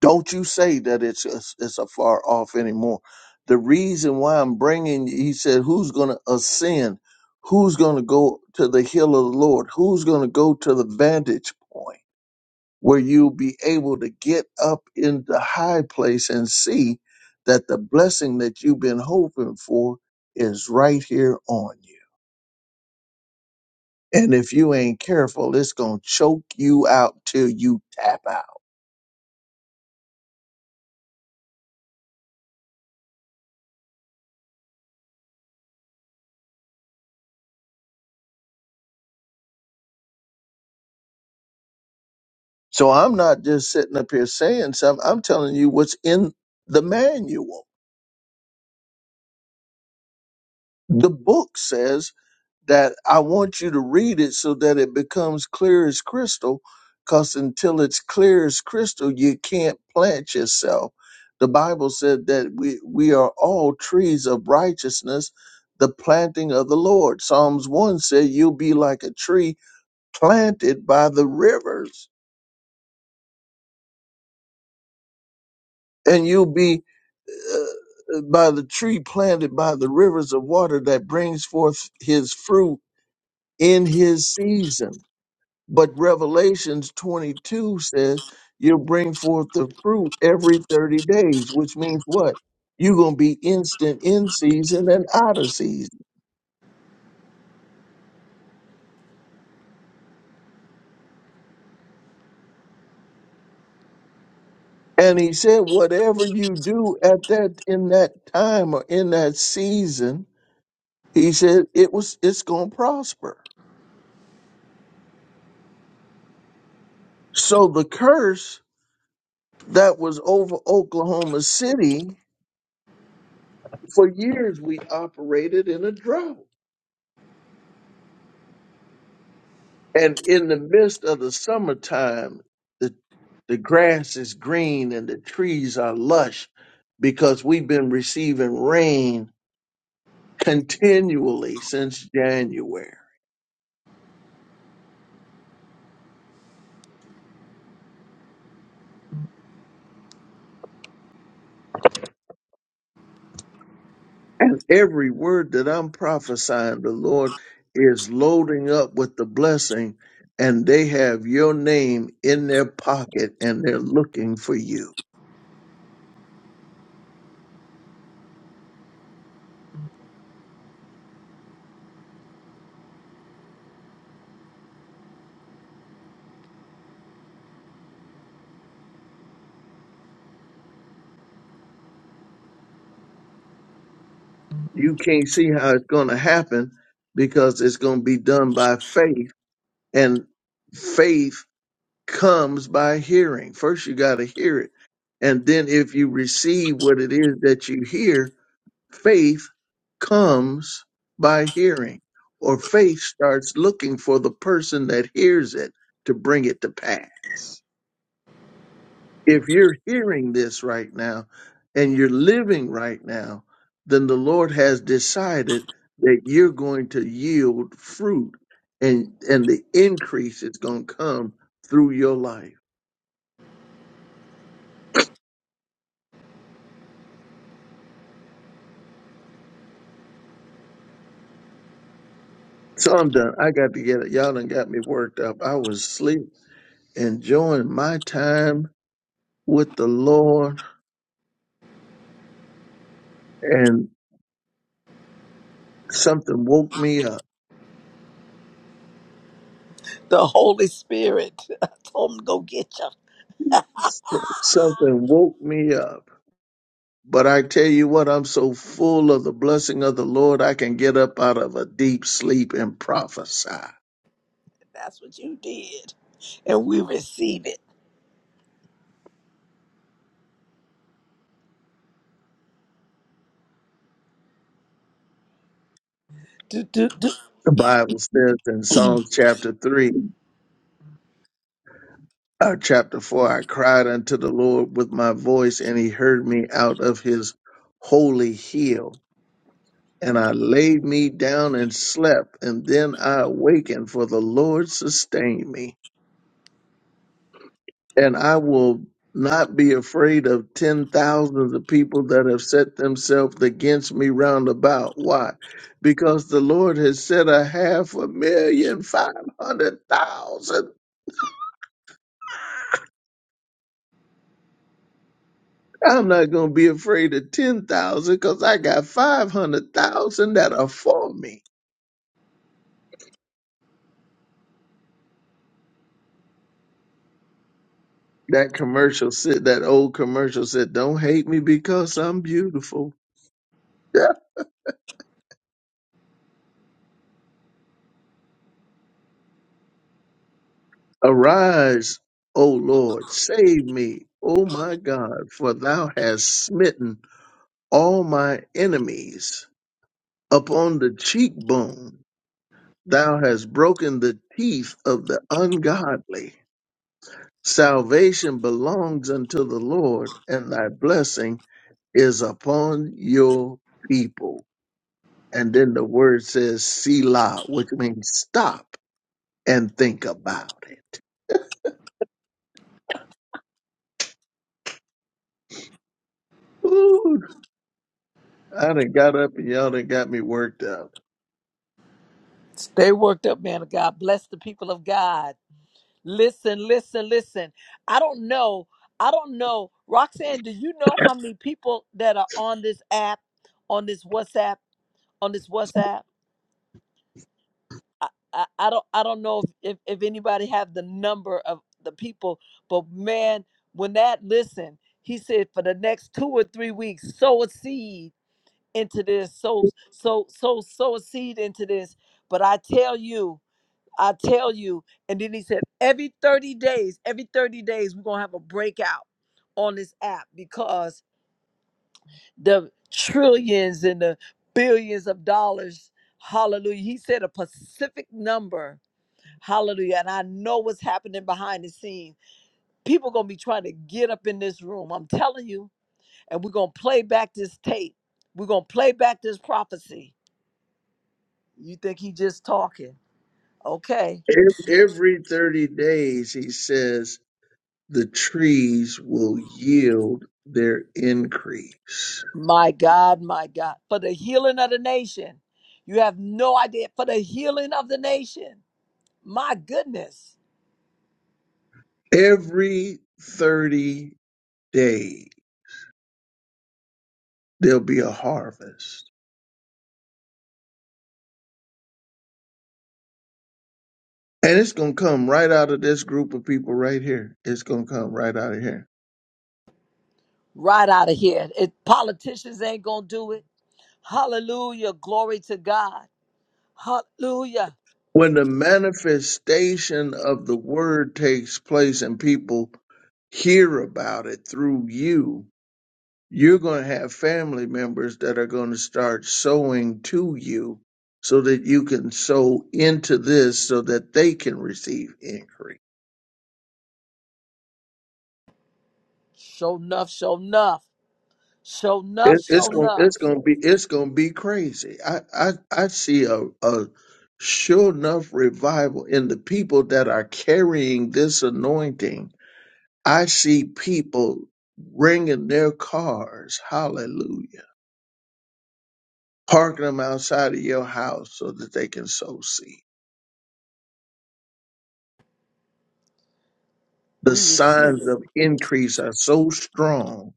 Don't you say that it's it's, it's afar off anymore. The reason why I'm bringing, he said, who's going to ascend? Who's going to go to the hill of the Lord? Who's going to go to the vantage point where you'll be able to get up in the high place and see that the blessing that you've been hoping for is right here on you? And if you ain't careful, it's going to choke you out till you tap out. So I'm not just sitting up here saying something. I'm telling you what's in the manual. The book says that I want you to read it so that it becomes clear as crystal. Because until it's clear as crystal, you can't plant yourself. The Bible said that we, we are all trees of righteousness, the planting of the Lord. Psalms 1 said, You'll be like a tree planted by the rivers, and you'll be uh, by the tree planted by the rivers of water that brings forth his fruit in his season. But Revelations 22 says you'll bring forth the fruit every 30 days, which means what? You're going to be instant in season and out of season. And he said, whatever you do at that, in that time or in that season, he said it was, it's going to prosper. So the curse that was over Oklahoma City, for years we operated in a drought. And in the midst of the summertime, the, the grass is green and the trees are lush because we've been receiving rain continually since January. And every word that I'm prophesying, the Lord is loading up with the blessing, and they have your name in their pocket and they're looking for you. you can't see how it's going to happen because it's going to be done by faith and faith comes by hearing first you got to hear it and then if you receive what it is that you hear faith comes by hearing or faith starts looking for the person that hears it to bring it to pass if you're hearing this right now and you're living right now, then the Lord has decided that you're going to yield fruit and and the increase is going to come through your life. So I'm done. I got to get it. Y'all done got me worked up. I was asleep, enjoying my time with the Lord, and something woke me up.
The Holy Spirit. [laughs] I told him go get you.
Something woke me up. But I tell you what, I'm so full of the blessing of the Lord, I can get up out of a deep sleep and prophesy.
That's what you did. And we receive it. Do, do, do.
The Bible says in Psalms chapter 3, uh, chapter 4, I cried unto the Lord with my voice, and he heard me out of his holy hill. And I laid me down and slept, and then I awakened, for the Lord sustained me. and I will not be afraid of ten thousands of people that have set themselves against me round about. Why? Because the Lord has set a half a million, five hundred thousand. I'm not going to be afraid of ten thousand because I got five hundred thousand that are for me. That commercial said, that old commercial said, don't hate me because I'm beautiful. Arise, O Lord, save me, O my God, for thou hast smitten all my enemies upon the cheekbone. Thou hast broken the teeth of the ungodly. Salvation belongs unto the Lord, and thy blessing is upon your people. And then the word says Selah, which means stop and think about it. Ooh, I done got up and y'all done got me worked up.
Stay worked up, man of God. Bless the people of God. Listen, listen, listen. I don't know. I don't know. Roxanne, do you know how many people that are on this app, on this WhatsApp, on this WhatsApp? I, I, I don't I don't know if, if, if anybody have the number of the people, but man, when that listen, he said for the next two or three weeks, sow a seed into this, sow, sow, sow, sow a seed into this. But I tell you, I tell you. And then he said, every 30 days, every 30 days, we're gonna have a breakout on this app because the trillions and the billions of dollars, hallelujah. He said a specific number, hallelujah. And I know what's happening behind the scenes. People gonna be trying to get up in this room. I'm telling you, and we're gonna play back this tape. We're gonna play back this prophecy You think he just talking? Okay.
Ev- Every 30 days, he says, the trees will yield their increase.
My God, my God. For the healing of the nation. You have no idea. For the healing of the nation. My goodness.
Every 30 days, there'll be a harvest. And it's going to come right out of this group of people right here. It's going to come right out of here.
Right out of here. If politicians ain't gonna do it. Hallelujah. Glory to God. Hallelujah.
When the manifestation of the word takes place and people hear about it through you, you're going to have family members that are going to start sowing to you so that you can sow into this so that they can receive increase.
Show enough, show enough. Show enough,
It, it's
show
going it's
enough.
going to be it's going to be crazy. I I I see a a sure enough revival in the people that are carrying this anointing. I see people bringing their cars, hallelujah, parking them outside of your house so that they can sow seed. The
We receive
signs
it.
of increase are so strong,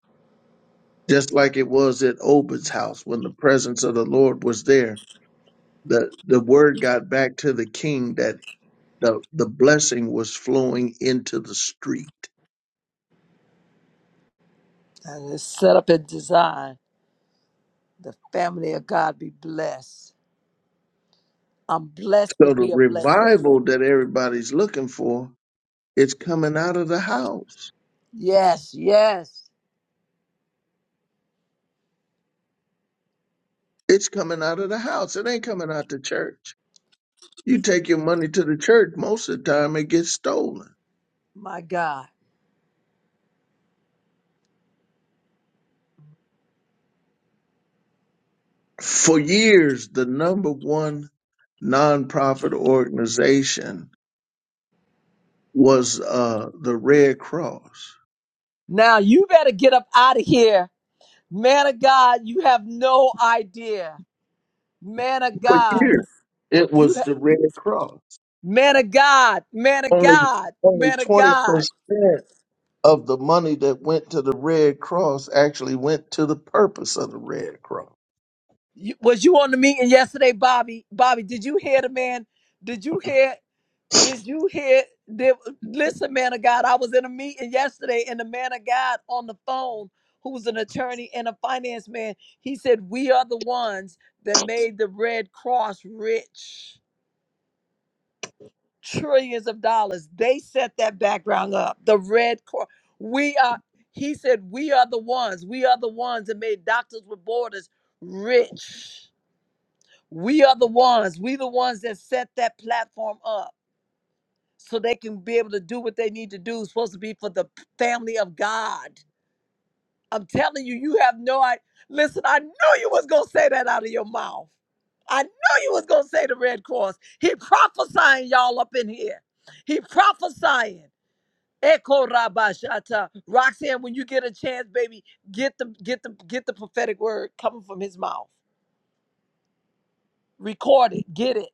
just like it was at Obed's house when the presence of the Lord was there. The, the word got back to the king that the, the blessing was flowing into the street.
And it's set up and designed. The family of God be blessed. I'm blessed
So
to
the
be a blessing.
revival that everybody's looking for, it's coming out of the house.
Yes, yes.
It's coming out of the house. It ain't coming out the church. You take your money to the church, most of the time it gets stolen.
My God.
For years, the number one nonprofit organization was uh, the Red Cross.
Now you better get up out of here. Man of God, you have no idea. Man of
For
God,
years, it
you
was
ha-
the Red Cross.
man of God, man of
Only
God,
only
man of
twenty
God.
percent of the money that went to the Red Cross actually went to the purpose of the Red Cross.
You, was you on the meeting yesterday, Bobby? Bobby, did you hear the man? Did you hear? Did you hear? Did, listen, man of God, I was in a meeting yesterday, and the man of God on the phone, who's an attorney and a finance man, he said, "We are the ones that made the Red Cross rich, trillions of dollars. They set that background up. The Red Cross. We are." He said, "We are the ones. We are the ones that made Doctors with Borders rich." We are the ones. We the ones that set that platform up so they can be able to do what they need to do. It's supposed to be for the p- family of God. I'm telling you, you have no idea. Listen, I knew you was gonna say that out of your mouth. I knew you was gonna say the Red Cross. He prophesying y'all up in here. He prophesying. Echo Rabashata. Roxanne, when you get a chance, baby, get the get the get the prophetic word coming from his mouth. Record it. Get it.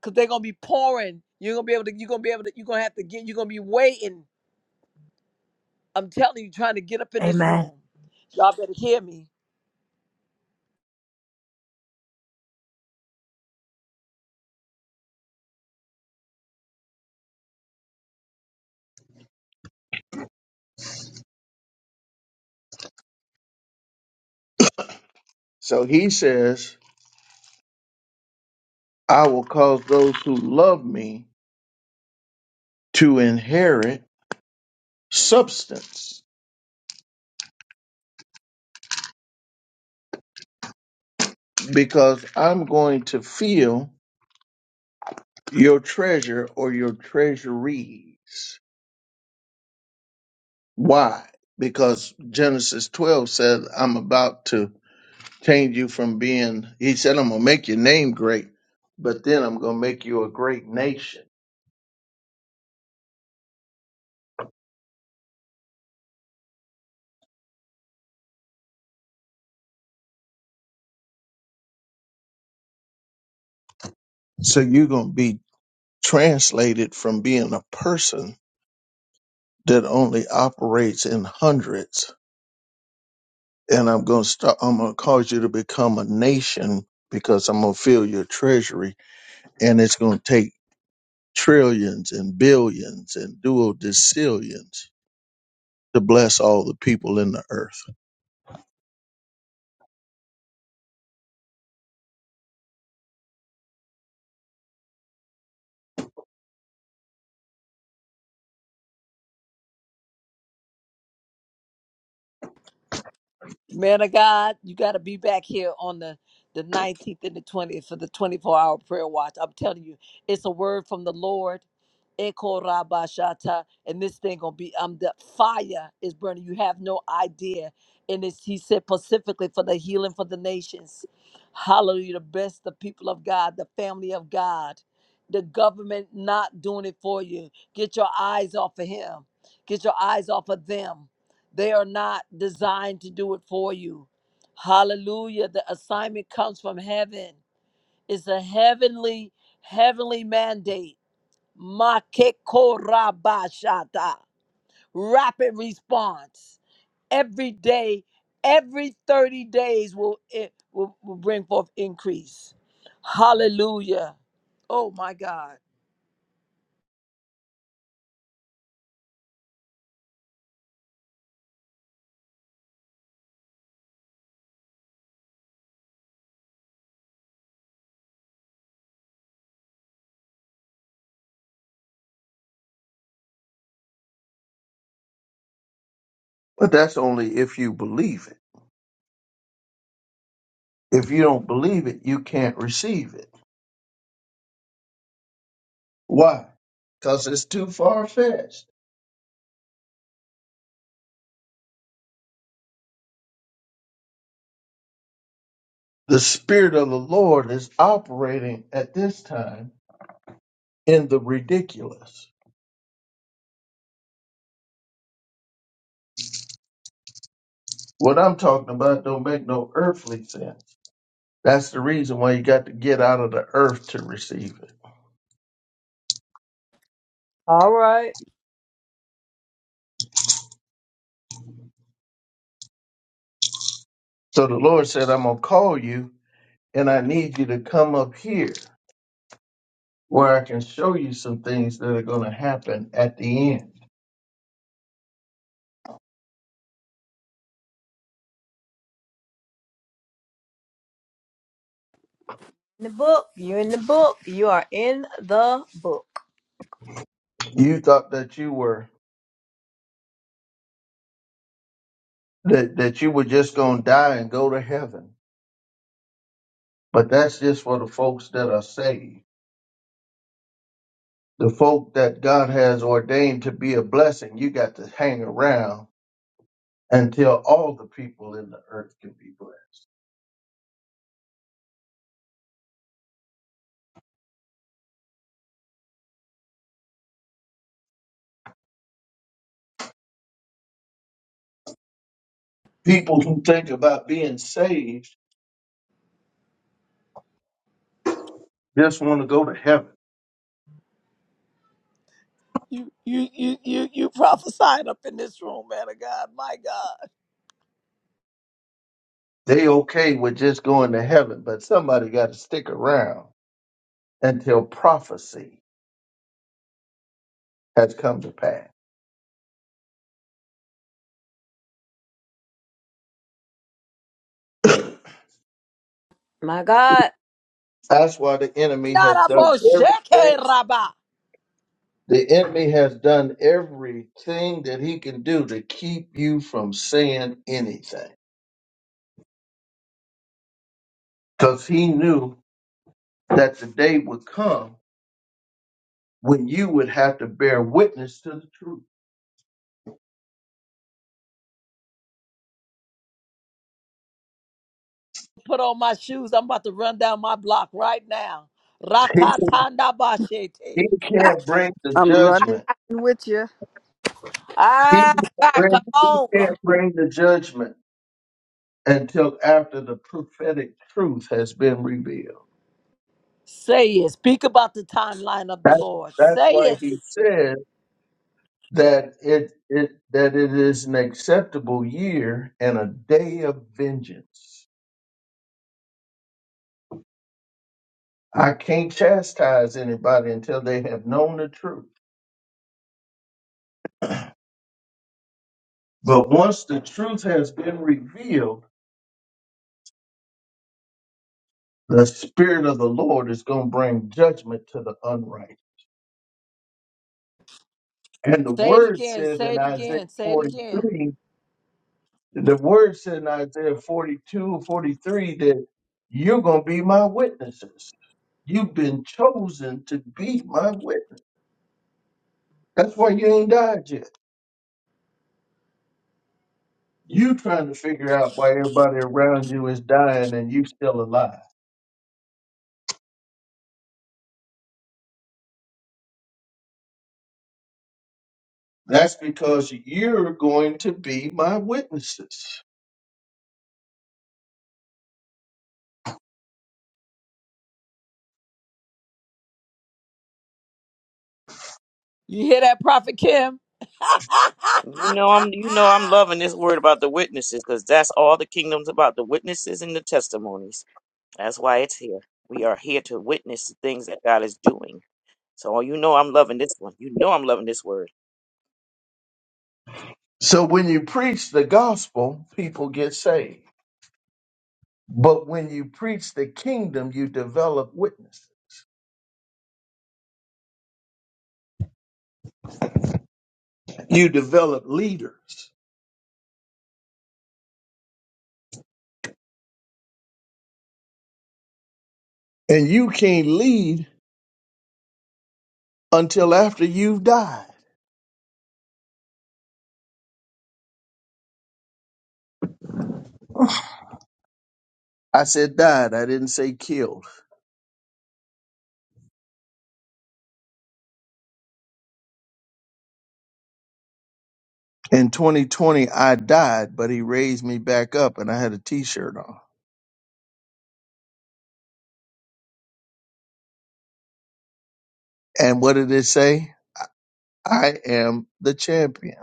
because they're gonna be pouring. You're gonna be able to. You're gonna be able to. You're gonna have to get. You're gonna be waiting. I'm telling you, trying to get up in this
Amen.
room. Y'all better hear me.
So he says I will cause those who love me to inherit substance because I'm going to fill your treasure or your treasuries. Why? Because Genesis 12 says, I'm about to change you from being, he said, I'm going to make your name great, but then I'm going to make you a great nation. So you're going to be translated from being a person that only operates in hundreds and I'm going to start. I'm going to cause you to become a nation because I'm going to fill your treasury, and it's going to take trillions and billions and duodecillions to bless all the people in the earth.
Man of God, you got to be back here on the the 19th and the 20th for the 24 hour prayer watch. I'm telling you, it's a word from the Lord. Eko rabashata, and this thing gonna be um the fire is burning. You have no idea, and it's he said specifically for the healing for the nations. Hallelujah! The best, the people of God, the family of God, the government not doing it for you. Get your eyes off of him. Get your eyes off of them they are not designed to do it for you. Hallelujah. The assignment comes from heaven. It's a heavenly, heavenly mandate. Makekorabashata. Rapid response. Every day, every 30 days will it will, will bring forth increase. Hallelujah. Oh my God.
But that's only if you believe it. If you don't believe it, you can't receive it. Why? Because it's too far fetched. The Spirit of the Lord is operating at this time in the ridiculous. What I'm talking about don't make no earthly sense. That's the reason why you got to get out of the earth to receive it.
All right.
So the Lord said, I'm going to call you and I need you to come up here where I can show you some things that are going to happen at the end.
In the book. You're in the book. You are in the book.
You thought that you were, that, that you were just going to die and go to heaven. But that's just for the folks that are saved. The folk that God has ordained to be a blessing, you got to hang around until all the people in the earth can be blessed. People who think about being saved just want to go to heaven.
You you you you you prophesying up in this room, man of God. My God.
They okay with just going to heaven, but somebody got to stick around until prophecy has come to pass. [clears throat]
My God.
That's why the enemy has done
Narabo
everything.
sheke raba.
The enemy has done everything that he can do to keep you from saying anything. Because he knew that the day would come when you would have to bear witness to the truth.
put on my shoes. I'm about to run down my block right now.
He,
Rakatanda
he
bashete.
can't bring the
I'm running
judgment
with you.
He
Ah,
can't
God, come
bring, he
on. Come on.
can't bring the judgment until after the prophetic truth has been revealed.
Say it. Speak about the timeline of the
That,
Lord.
that's
Say
why
it.
he said that it, it that it is an acceptable year and a day of vengeance. I can't chastise anybody until they have known the truth. But once the truth has been revealed, the spirit of the Lord is going to bring judgment to the unrighteous. And the
Say it
word
again.
said
Say
in
it
Isaiah
again. Say it again.
43 The word said in Isaiah 42 43 that you're going to be my witnesses. You've been chosen to be my witness. That's why you ain't died yet. You trying to figure out why everybody around you is dying and you still alive. That's because you're going to be my witnesses.
You hear that, Prophet Kim?
You know I'm you know I'm
[laughs]
loving this word about the witnesses because that's all the kingdom's about the witnesses and the testimonies. That's why it's here. We are here to witness the things that God is doing. So you know I'm loving this one. You know I'm loving this word.
So when you preach the gospel, people get saved. But when you preach the kingdom, you develop witnesses. You develop leaders. And you can't lead until after you've died. I said died, I didn't say killed. In 2020, I died, but he raised me back up and I had a t shirt on. And what did it say? I I am the champion.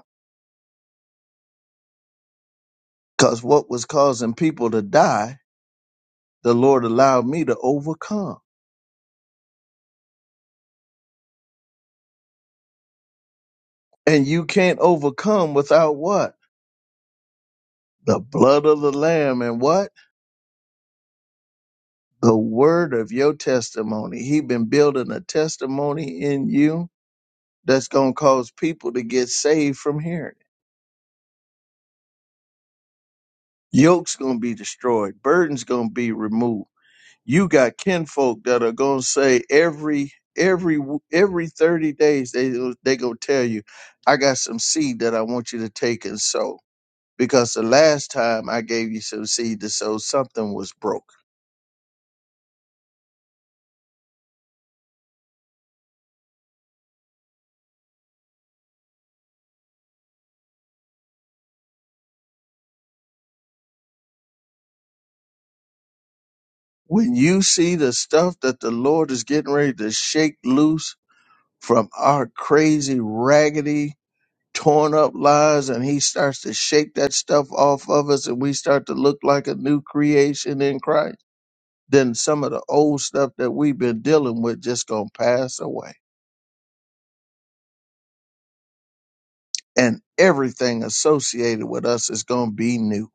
Because what was causing people to die, the Lord allowed me to overcome. And you can't overcome without what? The blood of the Lamb and what? The word of your testimony. He been building a testimony in you that's going to cause people to get saved from hearing. Yoke's gonna be destroyed. Burden's gonna be removed. You got kinfolk that are gonna say every every w- every thirty days they they gonna tell you, I got some seed that I want you to take and sow because the last time I gave you some seed to sow, something was broke. When you see the stuff that the Lord is getting ready to shake loose from our crazy raggedy torn up lives and he starts to shake that stuff off of us and we start to look like a new creation in Christ, then some of the old stuff that we've been dealing with just gonna pass away. And everything associated with us is gonna be new.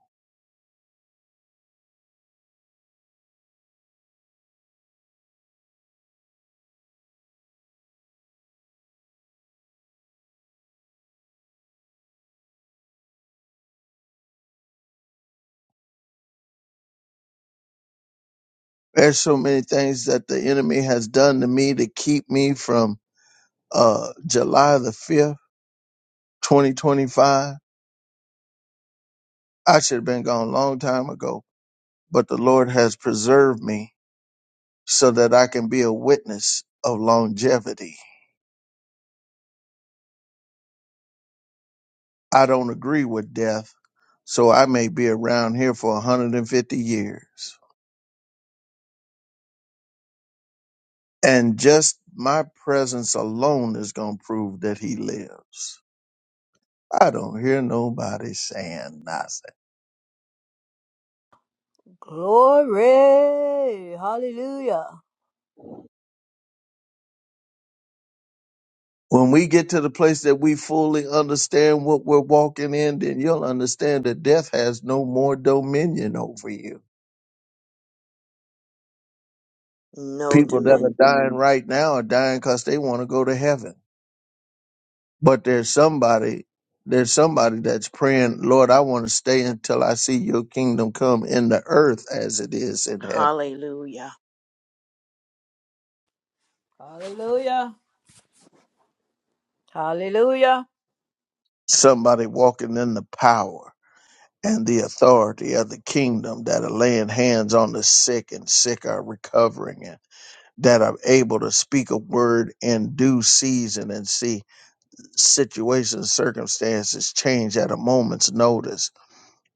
There's so many things that the enemy has done to me to keep me from uh July the fifth, twenty twenty five. I should have been gone a long time ago, but the Lord has preserved me so that I can be a witness of longevity I don't agree with death, so I may be around here for 150 years. And just my presence alone is going to prove that he lives. I don't hear nobody saying nothing.
Glory. Hallelujah.
When we get to the place that we fully understand what we're walking in, then you'll understand that death has no more dominion over you.
No
People that are
dimin.
dying right now are dying because they want to go to heaven But there's somebody, there's somebody that's praying, Lord, I want to stay until I see your kingdom come in the earth as it is in heaven.
Hallelujah.
Hallelujah. Hallelujah.
Somebody walking in the power and the authority of the kingdom that are laying hands on the sick and sick are recovering and that are able to speak a word in due season and see situations, circumstances change at a moment's notice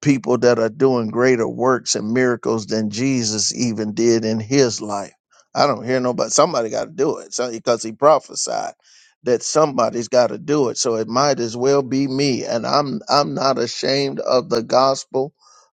people that are doing greater works and miracles than Jesus even did in his life. I don't hear nobody. Somebody got to do it so, because he prophesied that somebody's got to do it. So it might as well be me. And I'm I'm not ashamed of the gospel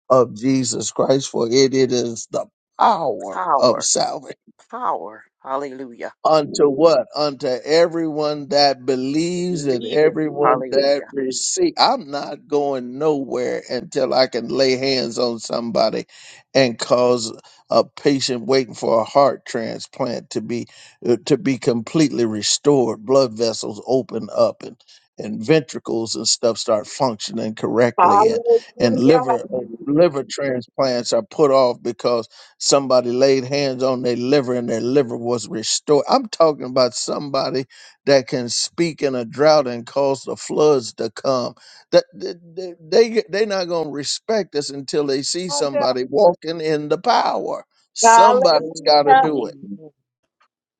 of Jesus Christ, for it, it is the power of
Power.
salvation.
Power. Hallelujah.
Unto what? Unto everyone that believes and
Believe it.
everyone that
Hallelujah.
receives. I'm not going nowhere until I can lay hands on somebody and cause a patient waiting for a heart transplant to be uh, to be completely restored, blood vessels open up and and ventricles and stuff start functioning correctly and and liver
Hallelujah.
uh, liver transplants are put off because Somebody laid hands on their liver and their liver was restored. I'm talking about somebody that can speak in a drought and cause the floods to come. That they they are not gonna respect us until they see
Come on here.
somebody walking in the power. Somebody's got to
Hallelujah.
Amen.
do it.
Amen.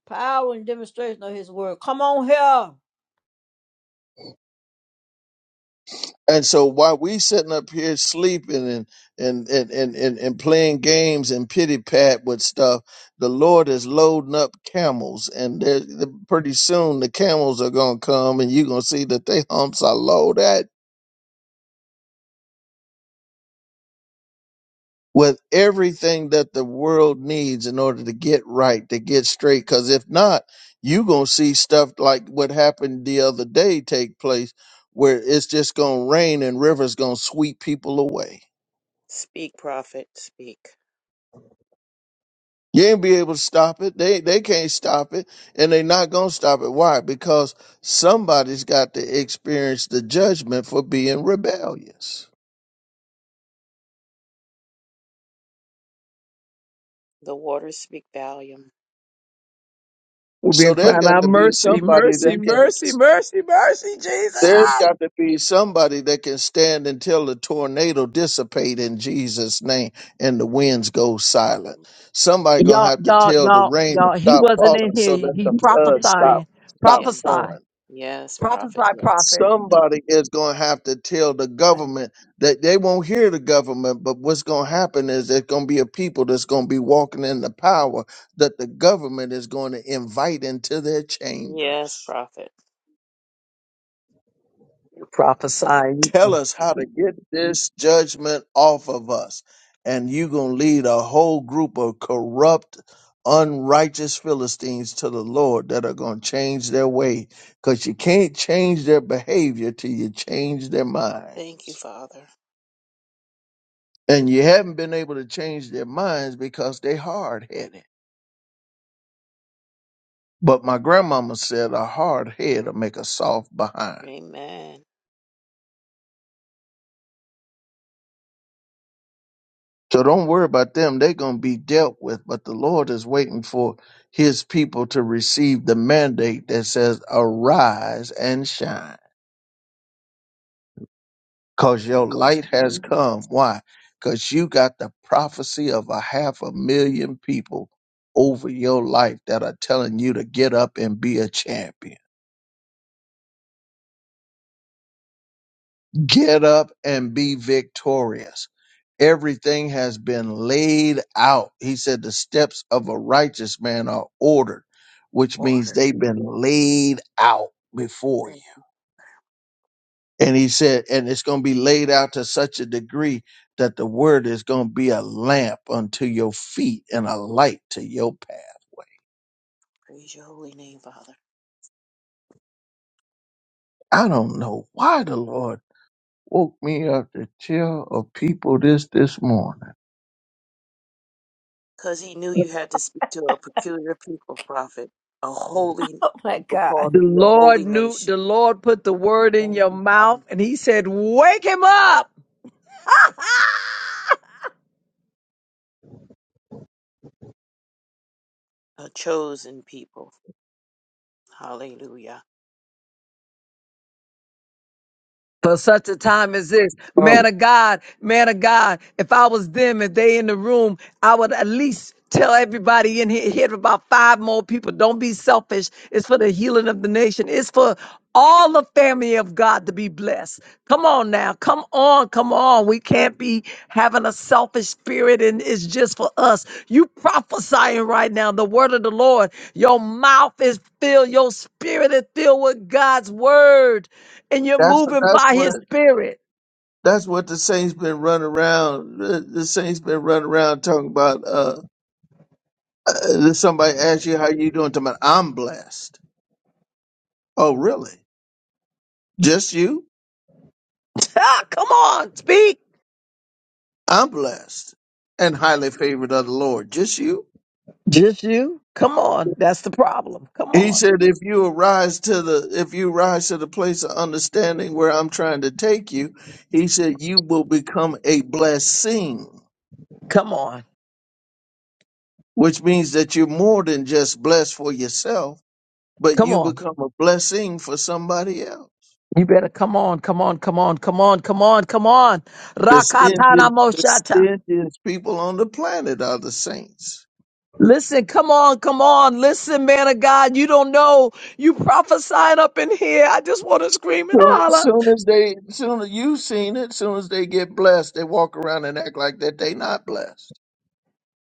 Power and demonstration of his word. Come on here. Oh
And so while we sitting up here sleeping and and and and and, and playing games and pity pat with stuff, the Lord is loading up camels, and they're, they're- pretty soon the camels are gonna come, and you're gonna see that they humps are loaded with everything that the world needs in order to get right, to get straight. Because if not, you gonna see stuff like what happened the other day take place, where it's just gonna rain and rivers gonna sweep people away.
Speak, prophet, speak.
You ain't be able to stop it. They they can't stop it, and they not gonna stop it. Why? Because somebody's got to experience the judgment for being rebellious.
The waters speak volume.
We've
So
been
there's
crying
got
out
to be
mercy,
somebody
mercy,
that can.
mercy, mercy, mercy, Jesus.
There's got to be somebody that can stand until the tornado dissipate in Jesus' name and the winds go silent. Somebody gonna
Y'all,
have to
y'all,
tell the
y'all,
rain to
y'all, he
stop
wasn't in
falling
here.
so
He,
that
he
the floods stop
prophesying.
stop
Yeah.
Prophesy.
flowing.
Yes, prophet.
Prophesy,
Yeah.
prophet.
somebody is going to have to tell the government that they won't hear the government but what's going to happen is there's going to be a people that's going to be walking in the power that the government is going to invite into their
Yes,
chambers
prophet.
Prophesy.
tell us how to get this judgment off of us and you're going to lead a whole group of corrupt unrighteous philistines to the lord that are going to change their way because you can't change their behavior till you change their mind
Thank you, Father.
and you haven't been able to change their minds because they hard headed. But my grandmama said a hard head will make a soft behind.
Amen.
So don't worry about them. They're going to be dealt with. But the Lord is waiting for his people to receive the mandate that says, arise and shine because your
We Cause
light has come. Why? Because you got the prophecy of a half a million people over your life that are telling you to get up and be a champion. Get up and be victorious. Everything has been laid out. He said the steps of a righteous man are ordered, which means
order.
they've been laid out before you.
Thank you.
And he said, and it's going to be laid out to such a degree that the word is going to be a lamp unto your feet and a light to your path.
Praise your holy name, Father.
I don't know why the Lord woke me up to tell of people this this morning.
Because he knew you had to speak to a peculiar people, prophet, a holy
my
people
God.
called
The
to be a holy
Lord knew, the
nation.
Lord put the word in
Thank
your
you,
mouth
Father.
and he said, wake him up
A chosen people. Hallelujah.
for such a time as this. Man
Oh,
of God, man of God, if I was them, if they in the room, I would at least tell everybody in here, here about five more people. Don't be selfish. It's for the healing of the nation. It's for all the family of God to be blessed. Come on now. Come on. Come on. We can't be having a selfish spirit and it's just for us. You prophesying right now the word of the Lord. Your mouth is filled. Your spirit is filled with God's word and you're
that's
moving
that's
by his
what
spirit.
That's what the saints been running around. The, the saints been running around talking about. Uh, uh, somebody asks you how you doing. Talking about I'm blessed. Oh, really? Just you?
[laughs] Ah, Come on. Speak.
I'm blessed and highly favored of the Lord. Just you?
Just you. Come on. That's the problem. Come
He
on.
said, if you arise to the if you rise to the place of understanding where I'm trying to take you, he said, you will become a blessing,
Come on.
which means that you're more than just blessed for yourself, but
Come
you
on.
become a blessing for somebody else.
You better come on. Come on. Come on. Come on. Come on. Come on.
The
Rakatana
stingiest, the
moshata.
stingiest people on the planet are the saints.
Listen, come on, come on. Listen, man of God, you don't know. You prophesying up in here. I just want to scream and
Soon,
holler.
soon as they, soon as you've seen it, soon as they get blessed, they walk around and act like that they not blessed.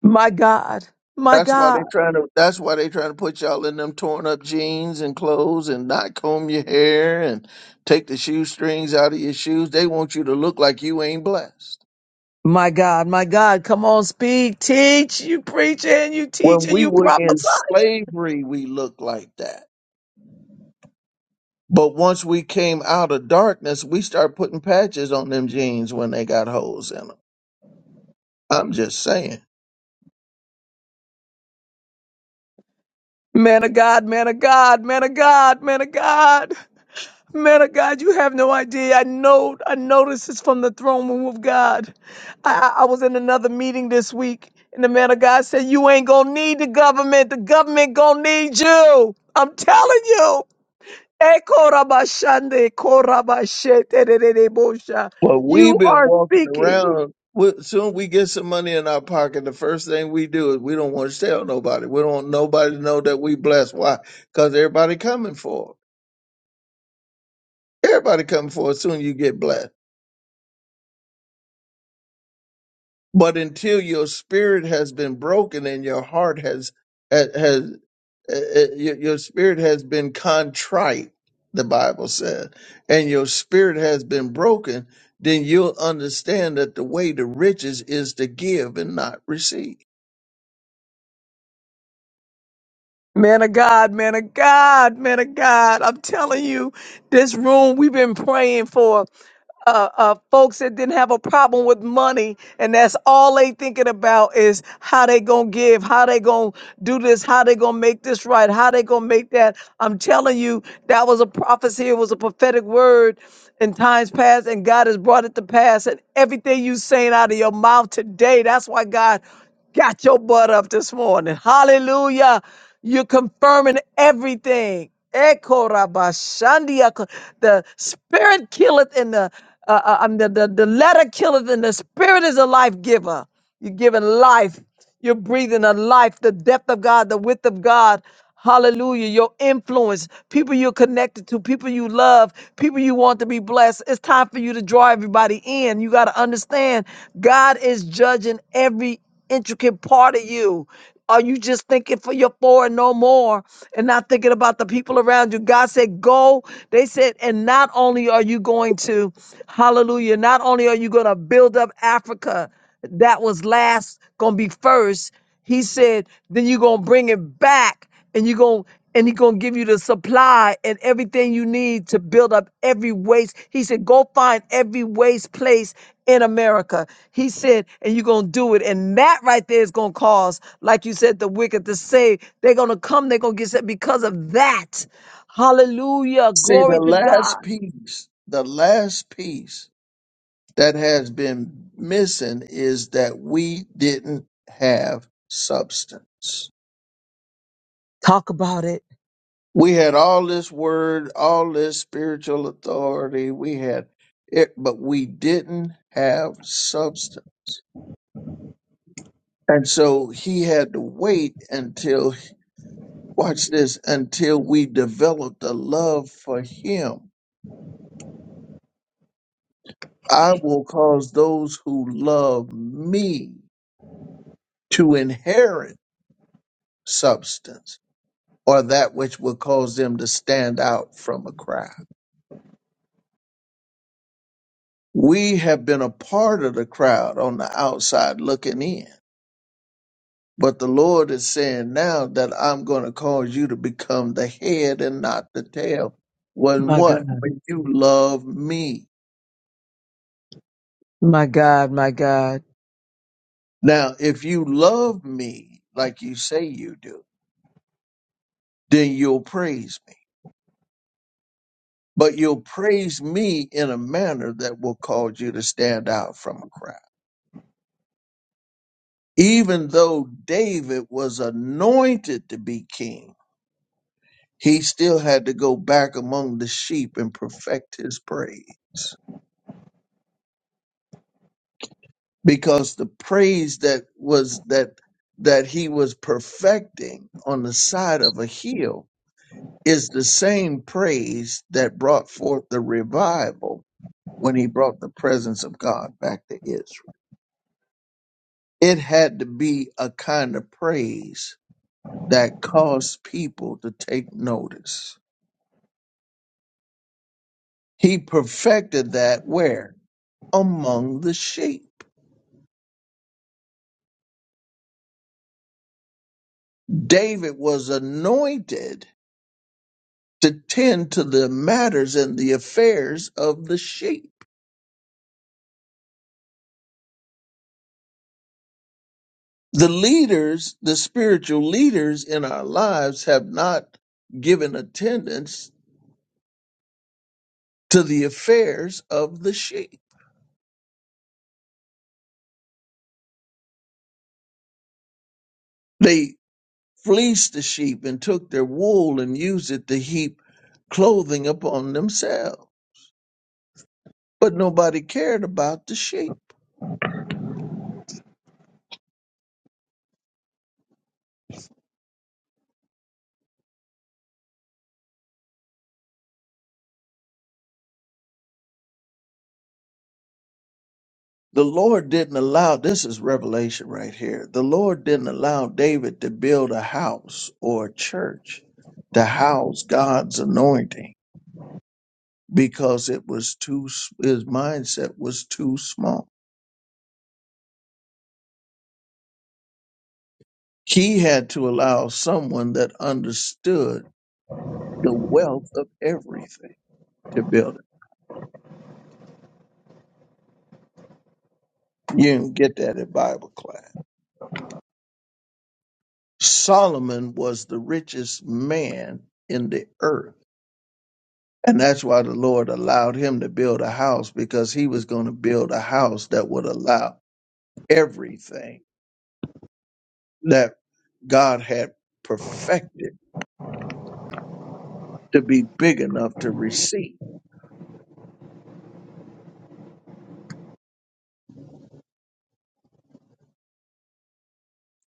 My God, my
That's why
God,
they trying to. That's why they trying to put y'all in them torn up jeans and clothes, and not comb your hair and take the shoestrings out of your shoes. They want you to look like you ain't blessed.
my God, my God. Come on, speak, teach. You preaching, you
When
teaching,
we
you
were in
prophesying.
slavery, we looked like that. But once we came out of darkness, we started putting patches on them jeans when they got holes in them. I'm just saying.
Man of God, man of God, man of God, man of God. Man of God, you have no idea. I know, I know this is from the throne room of God. I, I I was in another meeting this week, and the man of God said, "You ain't gonna need the government. The government gonna need you." I'm telling you. Ekorabashande, korabashetererebosha.
But we've
You
been
are
walking
speaking.
around. we soon we get some money in our pocket. The first thing we do is we don't want to tell nobody. We don't want nobody to know that we blessed. Why? Because everybody coming for it. Everybody coming for it. Soon you get blessed. But until your spirit has been broken and your heart has has, has uh, uh, your, your spirit has been contrite, the Bible says, and your spirit has been broken, then you'll understand that the way to riches is to give and not receive.
Man of God, man of God, man of God. I'm telling you, this room we've been praying for. uh, uh, folks that didn't have a problem with money, and that's all they thinking about is how they gonna give, how they gonna do this, how they gonna make this right, how they gonna make that. I'm telling you, that was a prophecy. It was a prophetic word in times past, and God has brought it to pass. And everything you saying out of your mouth today, that's why God. Got your butt up this morning. Hallelujah. You're confirming everything. Eko raba ko- The spirit killeth and the, uh, uh, um, the, the, the letter killeth and the spirit is a life giver. You're giving life. You're breathing a life, the depth of God, the width of God. Hallelujah. Your influence, people you're connected to, people you love, people you want to be blessed. It's time for you to draw everybody in. You got to understand God is judging every intricate part of you. Are you just thinking for your four and no more and not thinking about the people around you? God said, Go. They said, and not only are you going to, hallelujah, not only are you going to build up Africa that was last gonna be first. He said, then you're gonna bring it back and you're gonna and he gonna give you the supply and everything you need to build up every waste. He said, go find every waste place in America. He said, and you're gonna do it. And that right there is gonna cause, like you said, the wicked to say, they're gonna come, they're gonna get set because of that. Hallelujah.
See, the
Glory to God.
last piece, the last piece that has been missing is that we didn't have substance.
Talk about it.
we had all this word, all this spiritual authority. We had it, but we didn't have substance. And so he had to wait until, watch this, until we developed a love for him. I will cause those who love me to inherit substance or that which will cause them to stand out from a crowd. We have been a part of the crowd on the outside looking in But the Lord is saying now that I'm going to cause you to become the head and not the tail. When
My God.
what? When you love me.
My God, my God.
Now, if you love me like you say you do, then you'll praise me. But you'll praise me in a manner that will cause you to stand out from a crowd. Even though David was anointed to be king, he still had to go back among the sheep and perfect his praise. because the praise that was that that he was perfecting on the side of a hill is the same praise that brought forth the revival when he brought the presence of God back to Israel. It had to be a kind of praise that caused people to take notice. He perfected that where? Among the sheep. David was anointed to tend to the matters and the affairs of the sheep. The leaders, the spiritual leaders in our lives, have not given attendance to the affairs of the sheep. They fleeced the sheep and took their wool and used it to heap clothing upon themselves, but nobody cared about the sheep. The Lord didn't allow, this is revelation right here. The Lord didn't allow David to build a house or a church to house God's anointing because it was too, his mindset was too small. He had to allow someone that understood the wealth of everything to build it. You didn't get that in Bible class. Solomon was the richest man in the earth And that's why the Lord allowed him to build a house because he was going to build a house that would allow everything that God had perfected to be big enough to receive.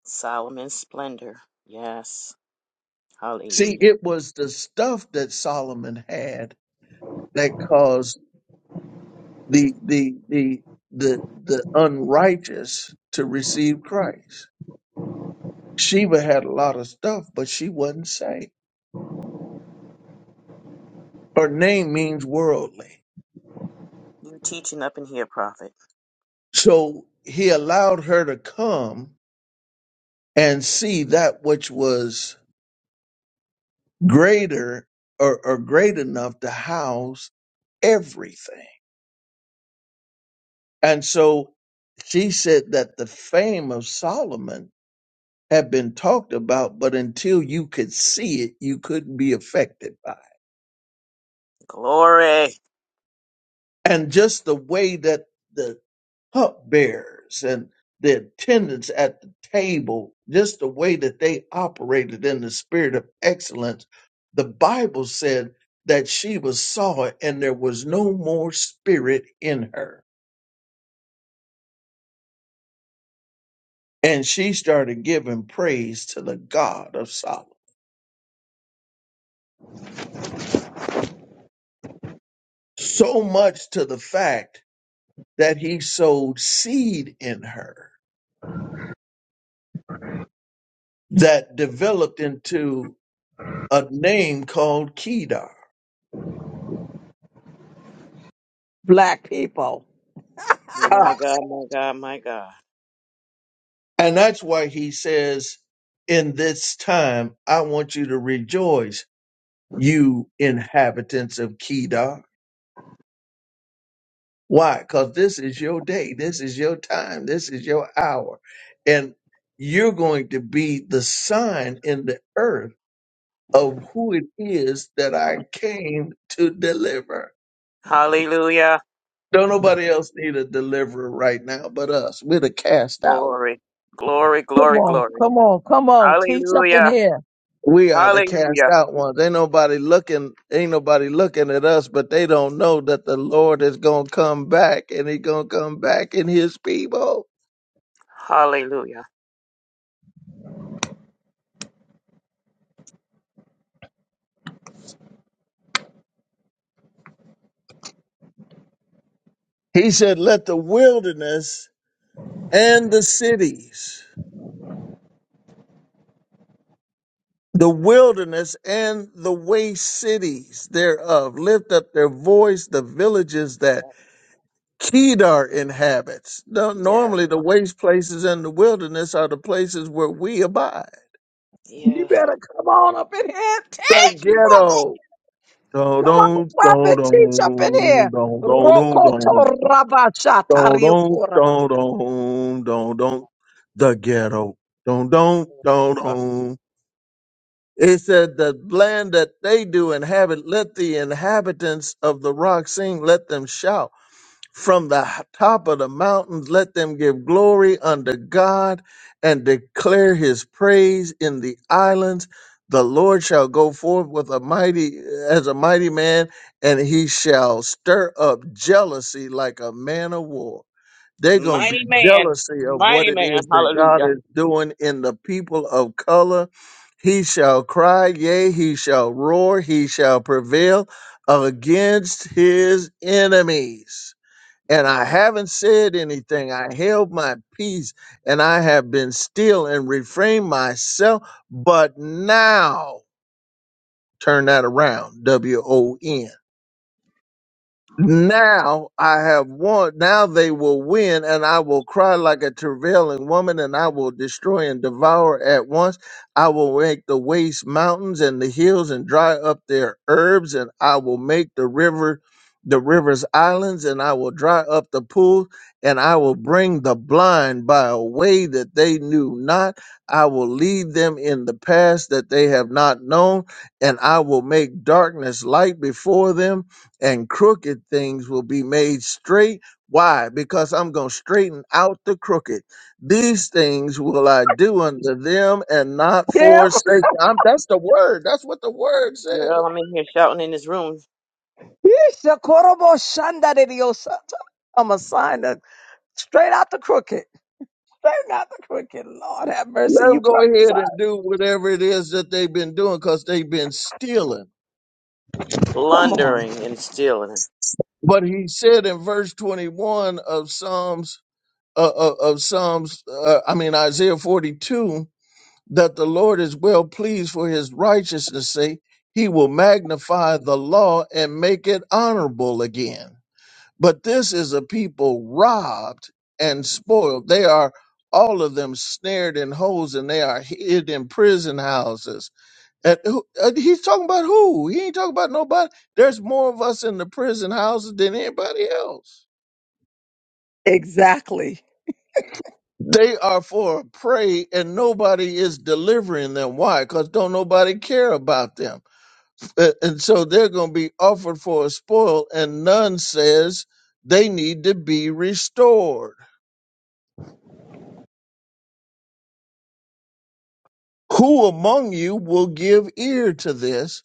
Solomon's splendor. Yes.
See,
Hallelujah.
it was the stuff that Solomon had that caused the the the the the unrighteous to receive Christ. Sheba had a lot of stuff, but she wasn't saved. Her name means worldly.
You teaching up in here, prophet.
So he allowed her to come and see that which was greater or, or great enough to house everything. And so she said that the fame of Solomon had been talked about, but until you could see it, you couldn't be affected by it.
Glory.
And just the way that the cupbearers and the attendants at the table, just the way that they operated in the spirit of excellence. The Bible said that Sheba saw it and there was no more spirit in her. And she started giving praise to the God of Solomon. So much to the fact that he sowed seed in her that developed into a name called Kedar.
Black people.
Ah,
My God, my God, my God.
And that's why he says, In this time, I want you to rejoice, you inhabitants of Kedar. Why? Because this is your day. This is your time. This is your hour. And you're going to be the sign in the earth of who it is that I came to deliver.
Hallelujah.
Don't nobody else need a deliverer right now but us. We're the cast out ones.
Glory. Glory,
Come
glory,
on,
glory.
come on, come on. Teach up
Hallelujah.
in here.
We are the cast
Hallelujah.
out ones. Ain't nobody looking. Ain't nobody looking at us, but they don't know that the Lord is gonna come back, and He gonna come back in His people.
Hallelujah.
He said, "Let the wilderness and the cities, the wilderness and the waste cities thereof, lift up their voice. The villages that Kedar inhabits. Now,
Yes.
normally, the waste places and the wilderness are the places where we abide."
You
Yes, Father.
better come on up in here.
the
Teach,
Speak, Father.
prophet.
ghetto. Don't
Come on,
don't don't
prophet. Teach up in
don't
here.
don't
Speak,
don't
Father.
don't
Rokoto rabasha
don't
tariokoraba.
don't don't
Thank
don't don't the ghetto. Don't don't don't
you, Father.
don't. It said the land that they do inhabit, let the inhabitants of the rock sing, let them shout from the h- top of the mountains. Let them give glory unto God and declare his praise in the islands. The Lord shall go forth with a mighty as a mighty man, and he shall stir up jealousy like a man of war. They're gonna
Mighty
be
man.
jealousy of what
Mighty
it
man.
is that God
Hallelujah.
is doing in the people of color. He shall cry, yea, he shall roar, he shall prevail against his enemies and I haven't said anything. I held my peace and I have been still and refrained myself. But now, turn that around, W O N. Now I have won. Now they will win, and I will cry like a travailing woman, and I will destroy and devour at once. I will make the waste mountains and the hills, and dry up their herbs, and I will make the river, the rivers islands, and I will dry up the pools, and I will bring the blind by a way that they knew not. I will lead them in the paths that they have not known, and I will make darkness light before them and crooked things will be made straight. Why? Because I'm going to straighten out the crooked. These things will I do unto them and not
Kim.
forsake them. I'm- That's the word. That's what the word says.
Girl, I'm in here shouting in this room,
Isha korobo shanda de diosata. I'm a sign that straight out the crooked. Straight out the crooked. Lord have mercy.
Let
You
them go ahead and
prophesy.
do whatever it is that they've been doing because they've been stealing.
Come on.
blundering and stealing.
But he said in verse 21 of Psalms, uh, uh, of Psalms, uh, I mean, Isaiah 42, that the Lord is well pleased for his righteousness' sake, he will magnify the law and make it honorable again. But this is a people robbed and spoiled. They are all of them snared in holes and they are hid in prison houses. And who, uh, he's talking about who? He ain't talking about nobody. There's more of us in the prison houses than anybody else
Exactly.
they are for a prey and nobody is delivering them. Why? Because don't nobody care about them. A- and so they're going to be offered for a spoil and none says they need to be restored who among you will give ear to this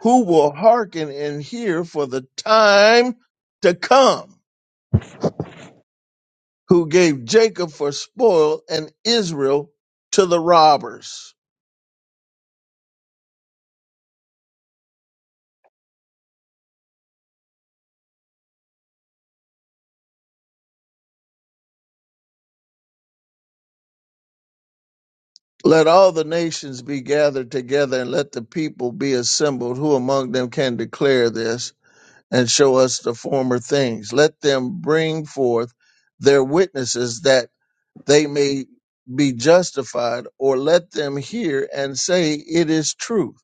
who will hearken and hear for the time to come who gave jacob for spoil and israel to the robbers let all the nations be gathered together and let the people be assembled who among them can declare this and show us the former things. Let them bring forth their witnesses that they may be justified, or let them hear and say, It is truth.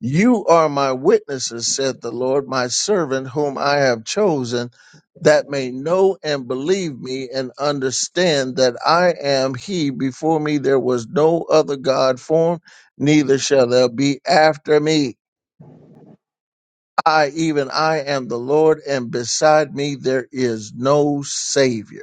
You are my witnesses, said the Lord, my servant, whom I have chosen, that may know and believe me and understand that I am He. Before me there was no other God formed, neither shall there be after me. I, even I, am the Lord, and beside me there is no Savior.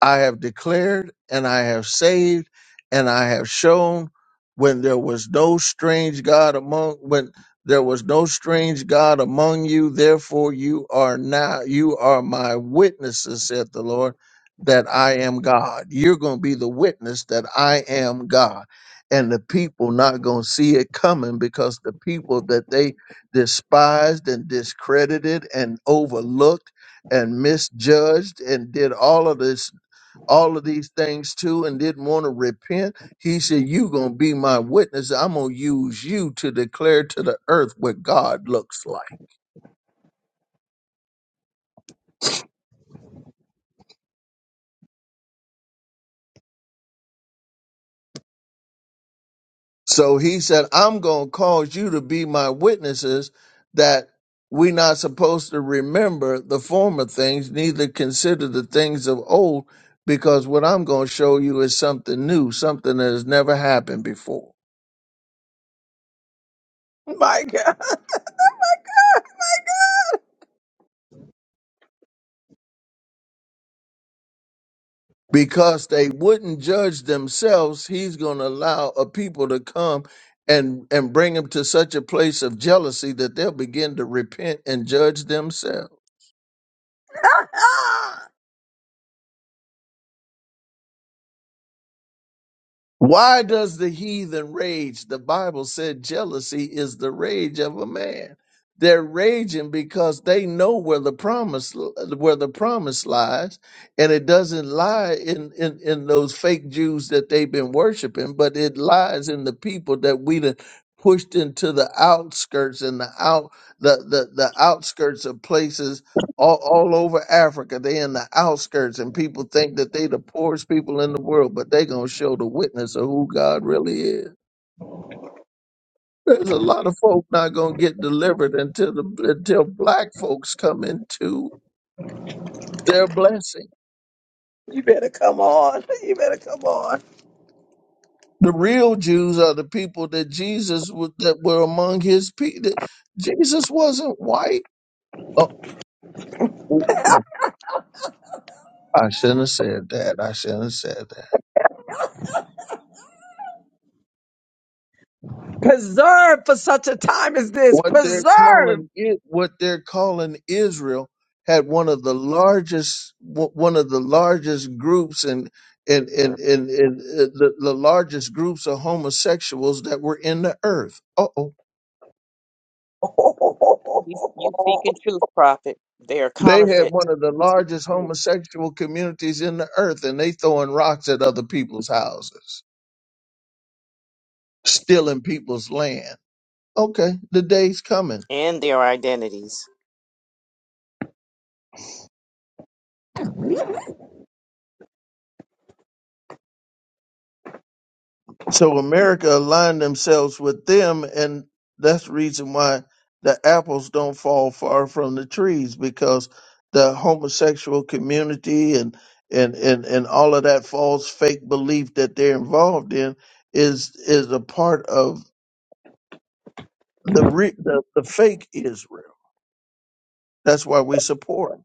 I have declared and I have saved and I have shown when there was no strange God among when there was no strange God among you, therefore you are now you are my witnesses, said the Lord, that I am God. You're gonna be the witness that I am God. And the people not gonna see it coming because the people that they despised and discredited and overlooked and misjudged and did all of this all of these things too and didn't want to repent. He said, you going to be my witness. I'm going to use you to declare to the earth what God looks like. So he said, I'm going to cause you to be my witnesses that we're not supposed to remember the former things, neither consider the things of old, because what I'm going to show you is something new, something that has never happened before.
My God. [laughs] My God. [laughs]
because they wouldn't judge themselves he's going to allow a people to come and and bring them to such a place of jealousy that they'll begin to repent and judge themselves
My God.
Why does the heathen rage? The Bible said jealousy is the rage of a man. They're raging because they know where the promise where the promise lies, and it doesn't lie in in, in those fake Jews that they've been worshiping, but it lies in the people that we done pushed into the outskirts and the out the the, the outskirts of places all, all over Africa. They in the outskirts, and people think that they the poorest people in the world, but they gonna show the witness of who God really is. There's a lot of folk not gonna get delivered until the until black folks come into their blessing.
you better come on. You better come on.
The real Jews are the people that Jesus was, that were among his people. Jesus wasn't white. Oh, oh, oh, I shouldn't have said that. I shouldn't have said that.
Preserve for such a time as this.
what they're calling
Preserve.
it what they're calling Israel had one of the largest w- one of the largest groups and and and and, and uh, the, the largest groups of homosexuals that were in the earth. Uh-oh.
You, you speaking
[laughs]
truth, prophet. They are
They had
counterfeit.
one of the
You speaking
largest
truth.
homosexual communities in the earth and they throwing rocks at other people's houses, stealing people's land. Okay, the day's coming
And their identities.
So America aligned themselves with them, and that's the reason why the apples don't fall far from the trees because the homosexual community and and and, and all of that false fake belief that they're involved in is is a part of the re- the, the fake Israel. That's why we support 'em,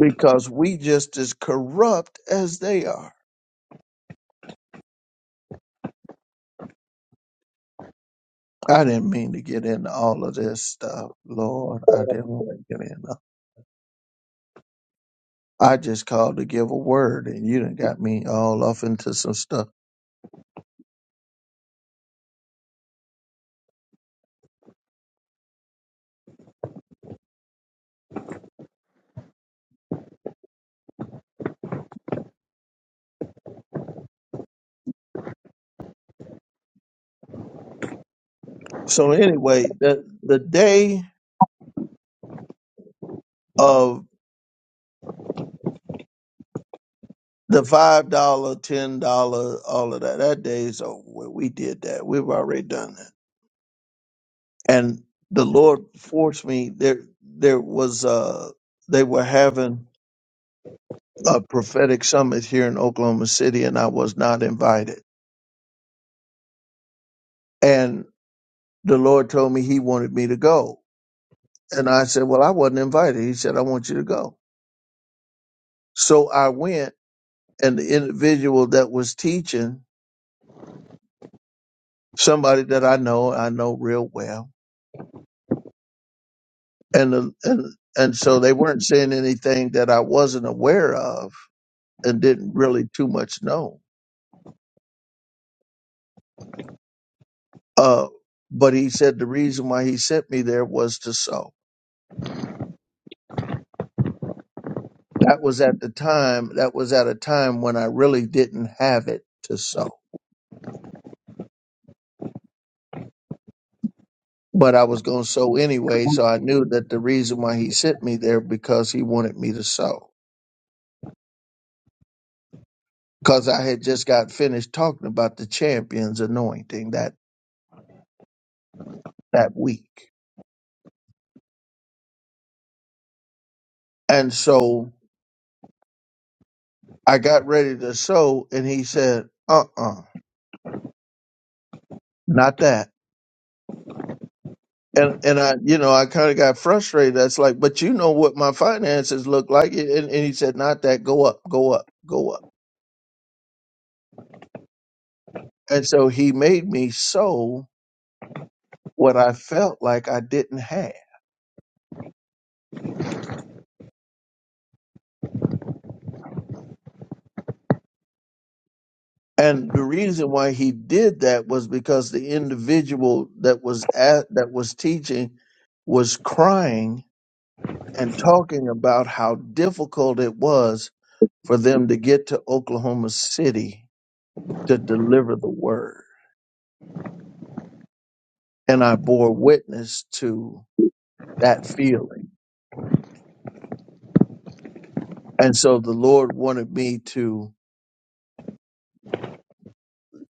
because we just as corrupt as they are. I didn't mean to get into all of this stuff, Lord. I didn't want to get in. I just called to give a word, and you done got me all off into some stuff. So anyway, the the day of the five dollar, ten dollar, all of that, that day's over. with. We did that. We've already done that. And the Lord forced me. There, there was uh They were having a prophetic summit here in Oklahoma City, and I was not invited. And the Lord told me He wanted me to go, and I said, "Well, I wasn't invited." He said, "I want you to go." So I went and the individual that was teaching somebody that I know I know real well and the- and and so they weren't saying anything that I wasn't aware of and didn't really too much know uh but he said the reason why he sent me there was to sow that was at the time that was at a time when I really didn't have it to sow but I was going to sow anyway so I knew that the reason why he sent me there because he wanted me to sow because I had just got finished talking about the champion's anointing that that week. And so I got ready to sew, and he said, "Uh, uh not that." And and I, you know, I kind of got frustrated. That's like, but you know what my finances look like, and, and he said, "Not that. Go up, go up, go up." And so he made me sew what I felt like I didn't have. And the reason why he did that was because the individual that was at that was teaching was crying and talking about how difficult it was for them to get to Oklahoma City to deliver the word. And I bore witness to that feeling. And so the Lord wanted me to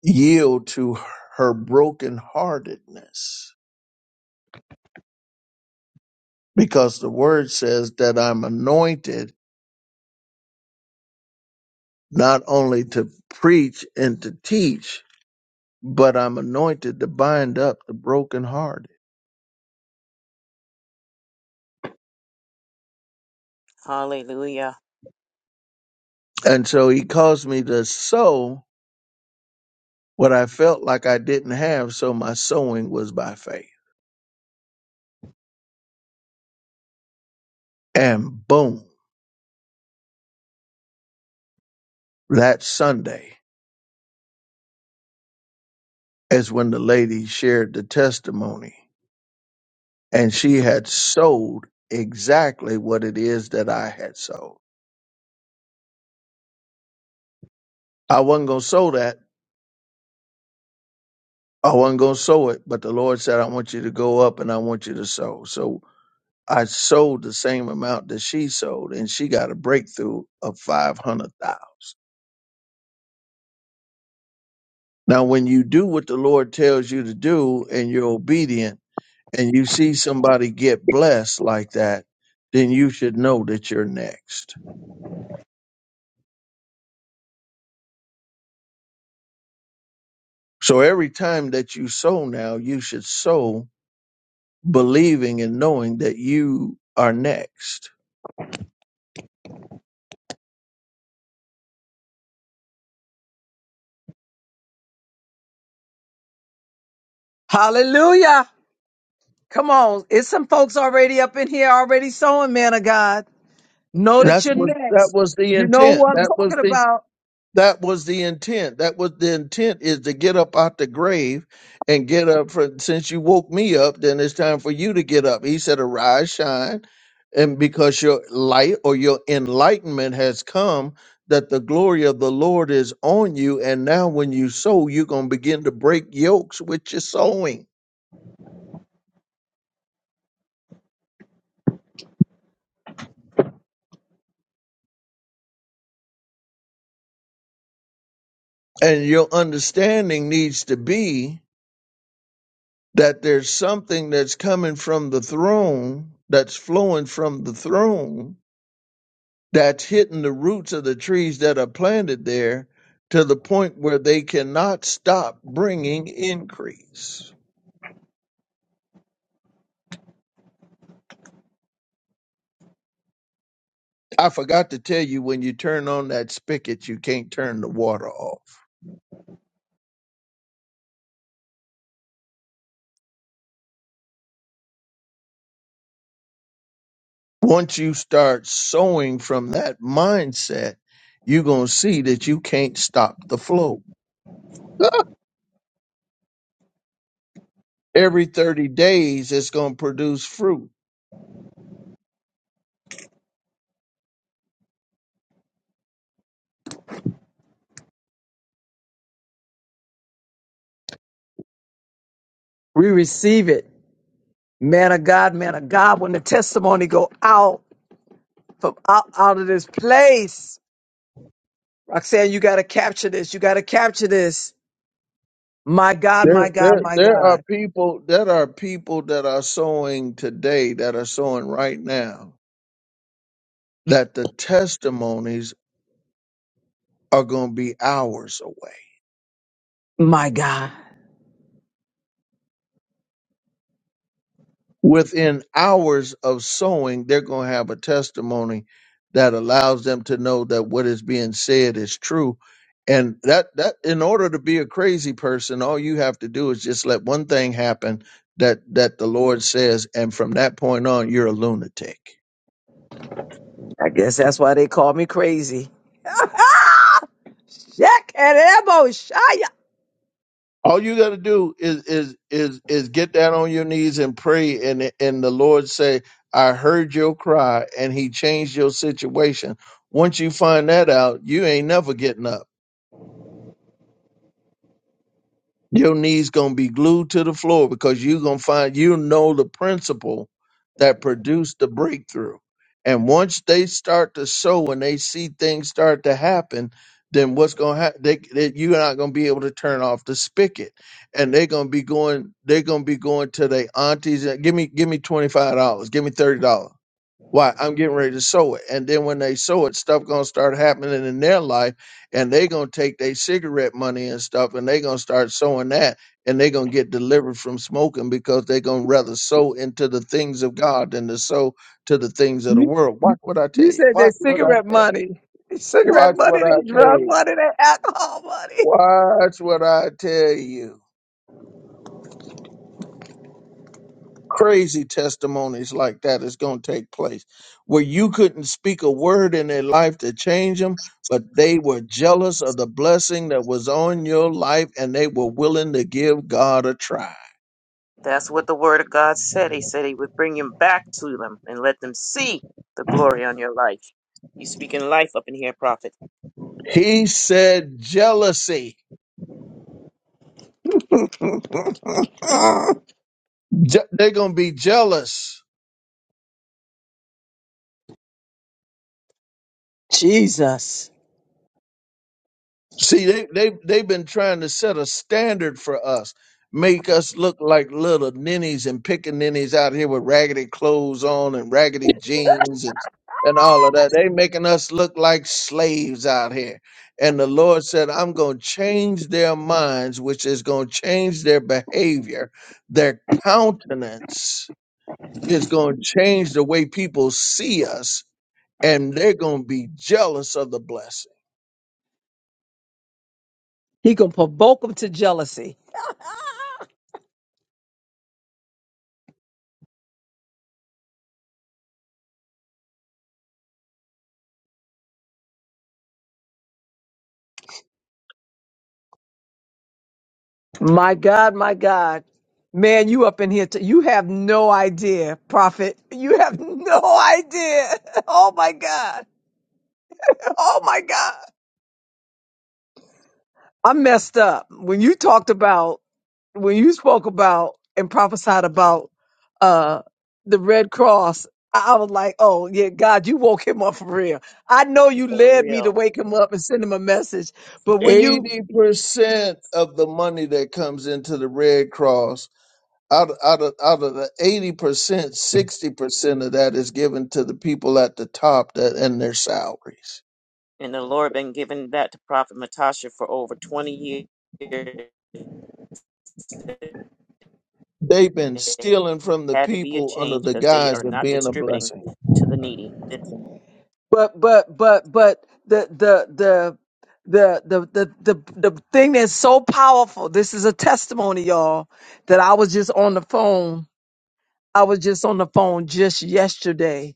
yield to her brokenheartedness because the word says that I'm anointed not only to preach and to teach, but I'm anointed to bind up the brokenhearted.
Hallelujah.
And so he caused me to sow what I felt like I didn't have. So my sowing was by faith. And boom, that Sunday is when the lady shared the testimony and she had sold exactly what it is that I had sold. I wasn't going to sow that. I wasn't going to sow it, but the Lord said, I want you to go up and I want you to sow. So I sold the same amount that she sold, and she got a breakthrough of 500,000. Now, when you do what the Lord tells you to do and you're obedient and you see somebody get blessed like that, then you should know that you're next. So every time that you sow now, you should sow believing and knowing that you are next.
Hallelujah. Come on. It's some folks already up in here already sowing, man of God. Know that
That's
you're
what that
next.
was the
You know who
intent.
I'm
That was
talking
the
about.
That was the intent. That was the intent is to get up out the grave and get up for since you woke me up, then it's time for you to get up. He said, Arise, shine, and because your light or your enlightenment has come, that the glory of the Lord is on you. And now when you sow, you're gonna begin to break yokes with your sowing. And your understanding needs to be that there's something that's coming from the throne, that's flowing from the throne that's hitting the roots of the trees that are planted there to the point where they cannot stop bringing increase. I forgot to tell you when you turn on that spigot, you can't turn the water off. Once you start sowing from that mindset, you're going to see that you can't stop the flow. [laughs] Every 30 days, it's going to produce fruit.
We receive it. Man of God, man of God, when the testimony go out from out, out of this place. Roxanne, you got to capture this. You got to capture this. My God,
There,
my God,
there,
my
there are
God,
people, there are people that are sowing today, that are sowing right now that the testimonies are going to be hours away.
my God.
Within hours of sowing, they're going to have a testimony that allows them to know that what is being said is true. And that that in order to be a crazy person, all you have to do is just let one thing happen that that the Lord says, and from that point on, you're a lunatic.
I guess that's why they call me crazy. Shaq and Elbow, Shia.
All you got to do is is is is get down on your knees and pray, and and the Lord say, "I heard your cry, and He changed your situation." Once you find that out, you ain't never getting up. Your knees gonna be glued to the floor because you're gonna find you know the principle that produced the breakthrough. And once they start to sow and they see things start to happen, then what's gonna happen? They, they, you're not gonna be able to turn off the spigot, and they're gonna be going. They're gonna be going to their aunties. And, give me, give me twenty five dollars. Give me thirty dollars why? I'm getting ready to sow it. And then when they sow it, stuff gonna start happening in their life, and they gonna take their cigarette money and stuff, and they gonna start sowing that, and they gonna get delivered from smoking because they gonna rather sow into the things of God than to sow to the things of the world. Watch what I tell
You
you.
said they
Watch what I
cigarette
tell. you.
money. [laughs] Cigarette
Watch what
money,
I
they
tell
drug
you.
money, they alcohol money.
Watch what I tell you. crazy testimonies like that is going to take place where you couldn't speak a word in their life to change them but they were jealous of the blessing that was on your life and they were willing to give god a try
That's what the word of God said. He said he would bring him back to them and let them see the glory on your life. You speaking life up in here, prophet.
he said jealousy Je- they're going to be jealous
Jesus.
See, they they they've been trying to set a standard for us, make us look like little ninnies and pickaninnies out here with raggedy clothes on and raggedy jeans and and all of that. They making us look like slaves out here. And the Lord said, I'm going to change their minds, which is going to change their behavior, their countenance is going to change the way people see us, and they're going to be jealous of the blessing.
He gonna provoke them to jealousy. My God, my God. Man, you up in here. T- you have no idea, prophet. You have no idea. [laughs] Oh my God. Oh my God. I messed up. When you talked about when you spoke about and prophesied about uh the Red Cross, I I was like, oh yeah, God, you woke him up for real. I know you
For
led me to
real.
wake him up and send him a message, but when you
80% of the money that comes into the Red Cross, out, of, out, of, out of the 80%, 60% of that is given to the people at the top that, and their salaries.
And the Lord been giving that to Prophet Matasha for over 20 years. It
They've been stealing from the
had to be a
people under
change
the
because they
guise
are
of
not
being a
distributing
blessing.
to the needy. Listen,
but but but but the the the the the the the, the thing that's so powerful, this is a testimony, y'all, that I was just on the phone. I was just on the phone just yesterday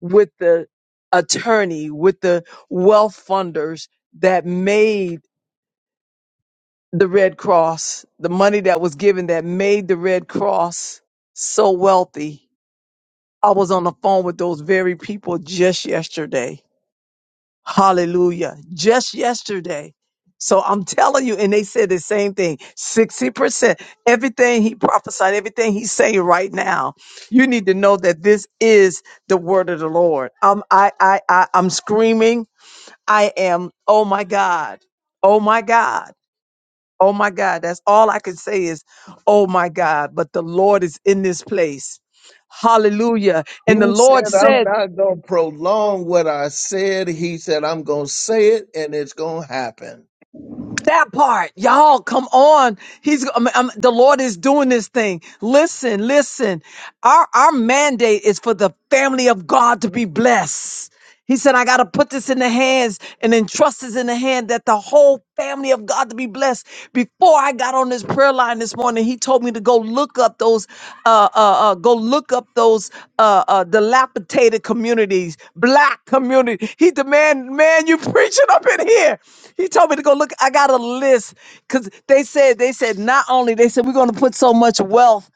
with the attorney, with the wealth funders that made the Red Cross, the money that was given that made the Red Cross so wealthy. I was on the phone with those very people just yesterday. Hallelujah. Just yesterday. So I'm telling you, and they said the same thing 60%. Everything he prophesied, everything he's saying right now, you need to know that this is the word of the Lord. I'm, I, I, I, I'm screaming. I am, oh my God, oh my God, oh my God. That's all I can say is, oh my God, but the Lord is in this place. Hallelujah.
He
And the
said,
Lord
I'm
said,
not going to prolong what I said. He said, I'm going to say it and it's going to happen.
that part, y'all, come on. He's I mean, I'm- the Lord is doing this thing. Listen, listen. Our our mandate is for the family of God to be blessed. He said, I got to put this in the hands and entrust this in the hand that the whole family of God to be blessed. Before I got on this prayer line this morning he told me to go look up those uh uh, uh go look up those uh, uh dilapidated communities black community he demand man you preaching up in here he told me to go look i got a list because they said they said not only they said we're going to put so much wealth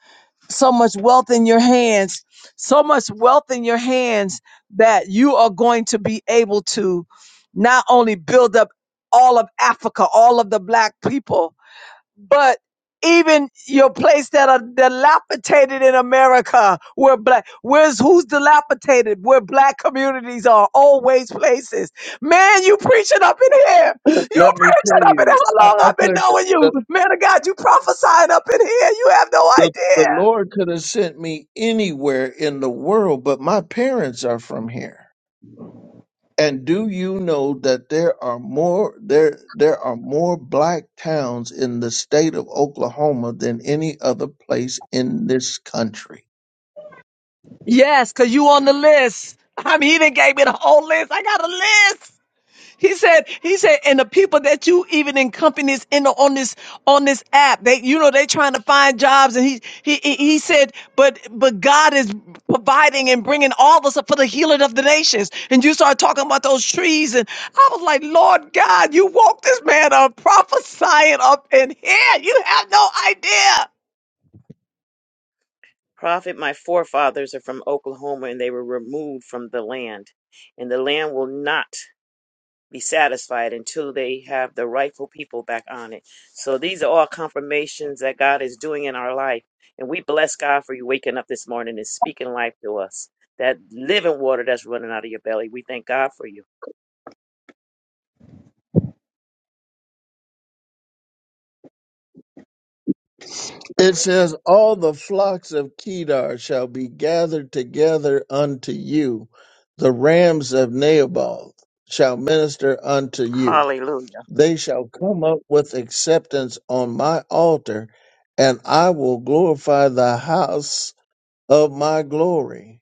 so much wealth in your hands so much wealth in your hands that you are going to be able to not only build up all of africa all of the black people but even your place that are dilapidated in America, where black, where's who's dilapidated, where black communities are always places. Man, you preaching up in here. You
[laughs] Let me tell
preaching up in here.
you,
How
I,
long
I
I've been
could.
knowing
The,
you, man of God? You prophesying up in here. You have no
the, the
idea.
Lord could have sent me anywhere in the world, but my parents are from here. And do you know that there are more there there are more black towns in the state of Oklahoma than any other place in this country?
Yes, cause you on the list. I mean, he didn't gave me the whole list. I got a list. He said, he said, and the people that you even in companies in the, on this on this app, they you know they trying to find jobs, and he he he he said, but but God is providing and bringing all us up for the healing of the nations. And you start talking about those trees, and I was like, Lord God, you woke this man up prophesying up in here. You have no idea.
Prophet, my forefathers are from Oklahoma and they were removed from the land. And the land will not be satisfied until they have the rightful people back on it. So these are all confirmations that God is doing in our life. And we bless God for you waking up this morning and speaking life to us. That living water that's running out of your belly. We thank God for you.
It says, All the flocks of Kedar shall be gathered together unto you, the rams of Naboth shall minister unto you.
Hallelujah.
They shall come up with acceptance on my altar, and I will glorify the house of my glory.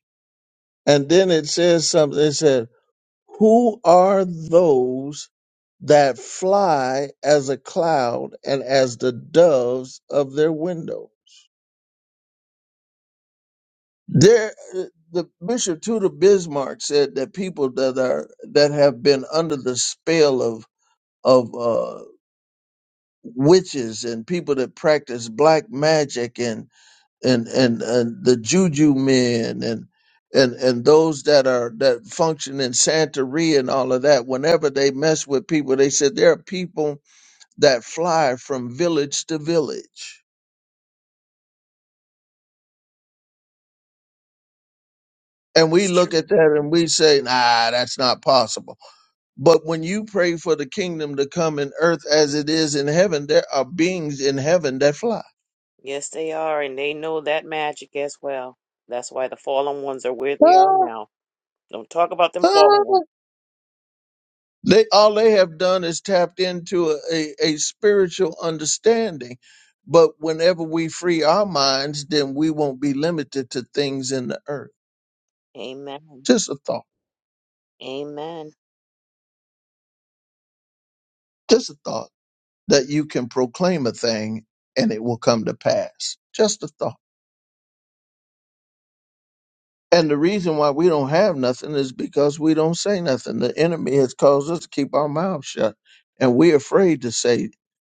And then it says something. It said, Who are those that fly as a cloud and as the doves of their window. There, the Bishop Tudor Bismarck said that people that are that have been under the spell of of uh, witches and people that practice black magic and and and, and the juju men and and and those that are that function in Santeria and all of that. Whenever they mess with people, they said there are people that fly from village to village. And we
It's
look
true.
at that and we say, nah, that's not possible. But when you pray for the kingdom to come in earth as it is in heaven, there are beings in heaven that fly.
Yes, they are. And they know that magic as well. That's why the fallen ones are where they are now. Don't talk about them fallen
[laughs]
ones.
They all they have done is tapped into a, a spiritual understanding. But whenever we free our minds, then we won't be limited to things in the earth.
Amen.
Just a thought.
Amen.
Just a thought that you can proclaim a thing and it will come to pass. Just a thought. And the reason why we don't have nothing is because we don't say nothing. The enemy has caused us to keep our mouths shut. And we're afraid to say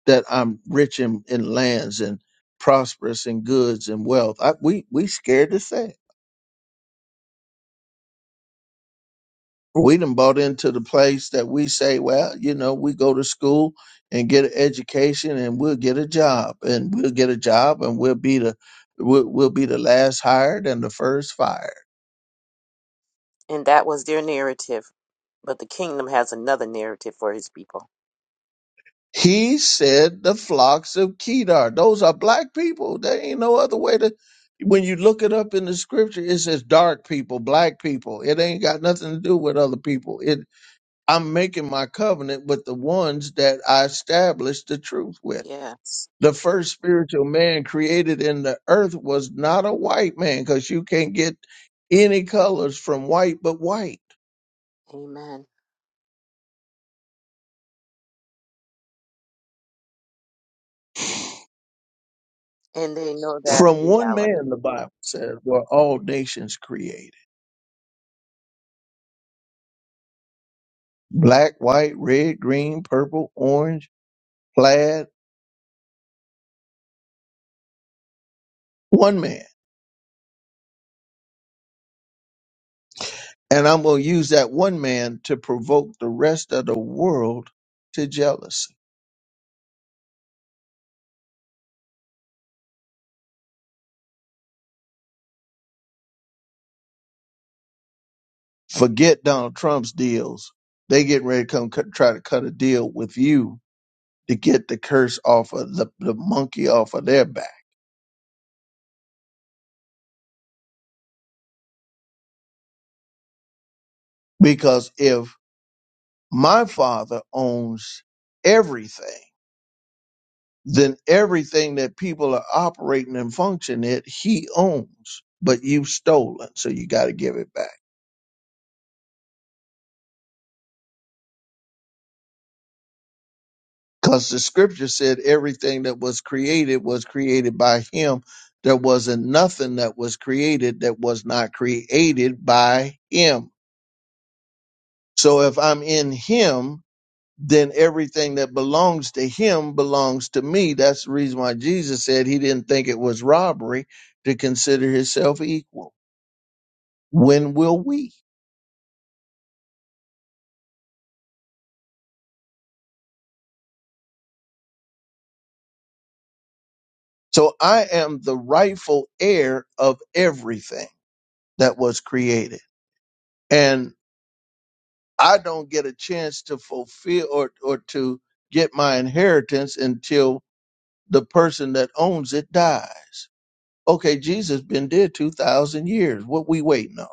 that I'm rich in, in lands and prosperous in goods and wealth. I, we we scared to say it. We done bought into the place that we say, well, you know, we go to school and get an education and we'll get a job and we'll get a job and we'll be the we'll, we'll be the last hired and the first fired
And that was their narrative. But the kingdom has another narrative for his people.
He said the flocks of Kedar. Those are black people. There ain't no other way to. When you look it up in the scripture, it says dark people, black people. It ain't got nothing to do with other people. It. I'm making my covenant with the ones that I established the truth with.
Yes.
The first spiritual man created in the earth was not a white man, because you can't get any colors from white but white.
Amen. And they know that
From one
reality.
man, the Bible says, were all nations created. black, white, red, green, purple, orange, plaid, one man. And I'm going to use that one man to provoke the rest of the world to jealousy. Forget Donald Trump's deals. They getting ready to come cut, try to cut a deal with you to get the curse off of the, the monkey off of their back. Because if my father owns everything, then everything that people are operating and functioning it he owns but you've stolen so you got to give it back because the scripture said everything that was created was created by him there wasn't nothing that was created that was not created by him so if i'm in him then everything that belongs to him belongs to me that's the reason why jesus said he didn't think it was robbery to consider himself equal when will we So I am the rightful heir of everything that was created. And I don't get a chance to fulfill or, or to get my inheritance until the person that owns it dies. Okay, Jesus been dead 2000 years. What we waiting on?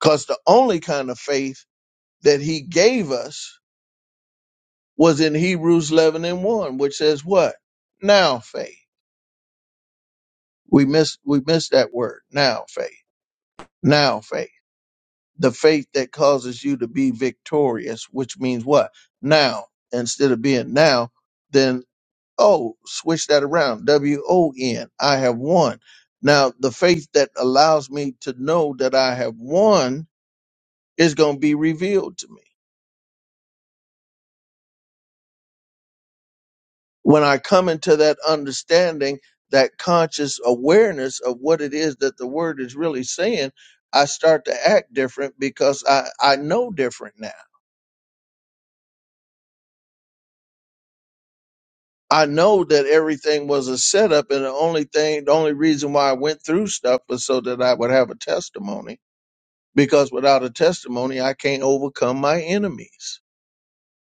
Cause the only kind of faith that he gave us was in Hebrews 11 and 1, which says what? Now faith. We miss we miss that word. Now faith. Now faith the faith that causes you to be victorious, which means what? Now, instead of being now, then, oh, switch that around. W O N, I have won. Now, the faith that allows me to know that I have won is going to be revealed to me. When I come into that understanding, that conscious awareness of what it is that the word is really saying, I start to act different because I, I know different now. I know that everything was a setup, and the only thing, the only reason why I went through stuff was so that I would have a testimony. Because without a testimony, I can't overcome my enemies.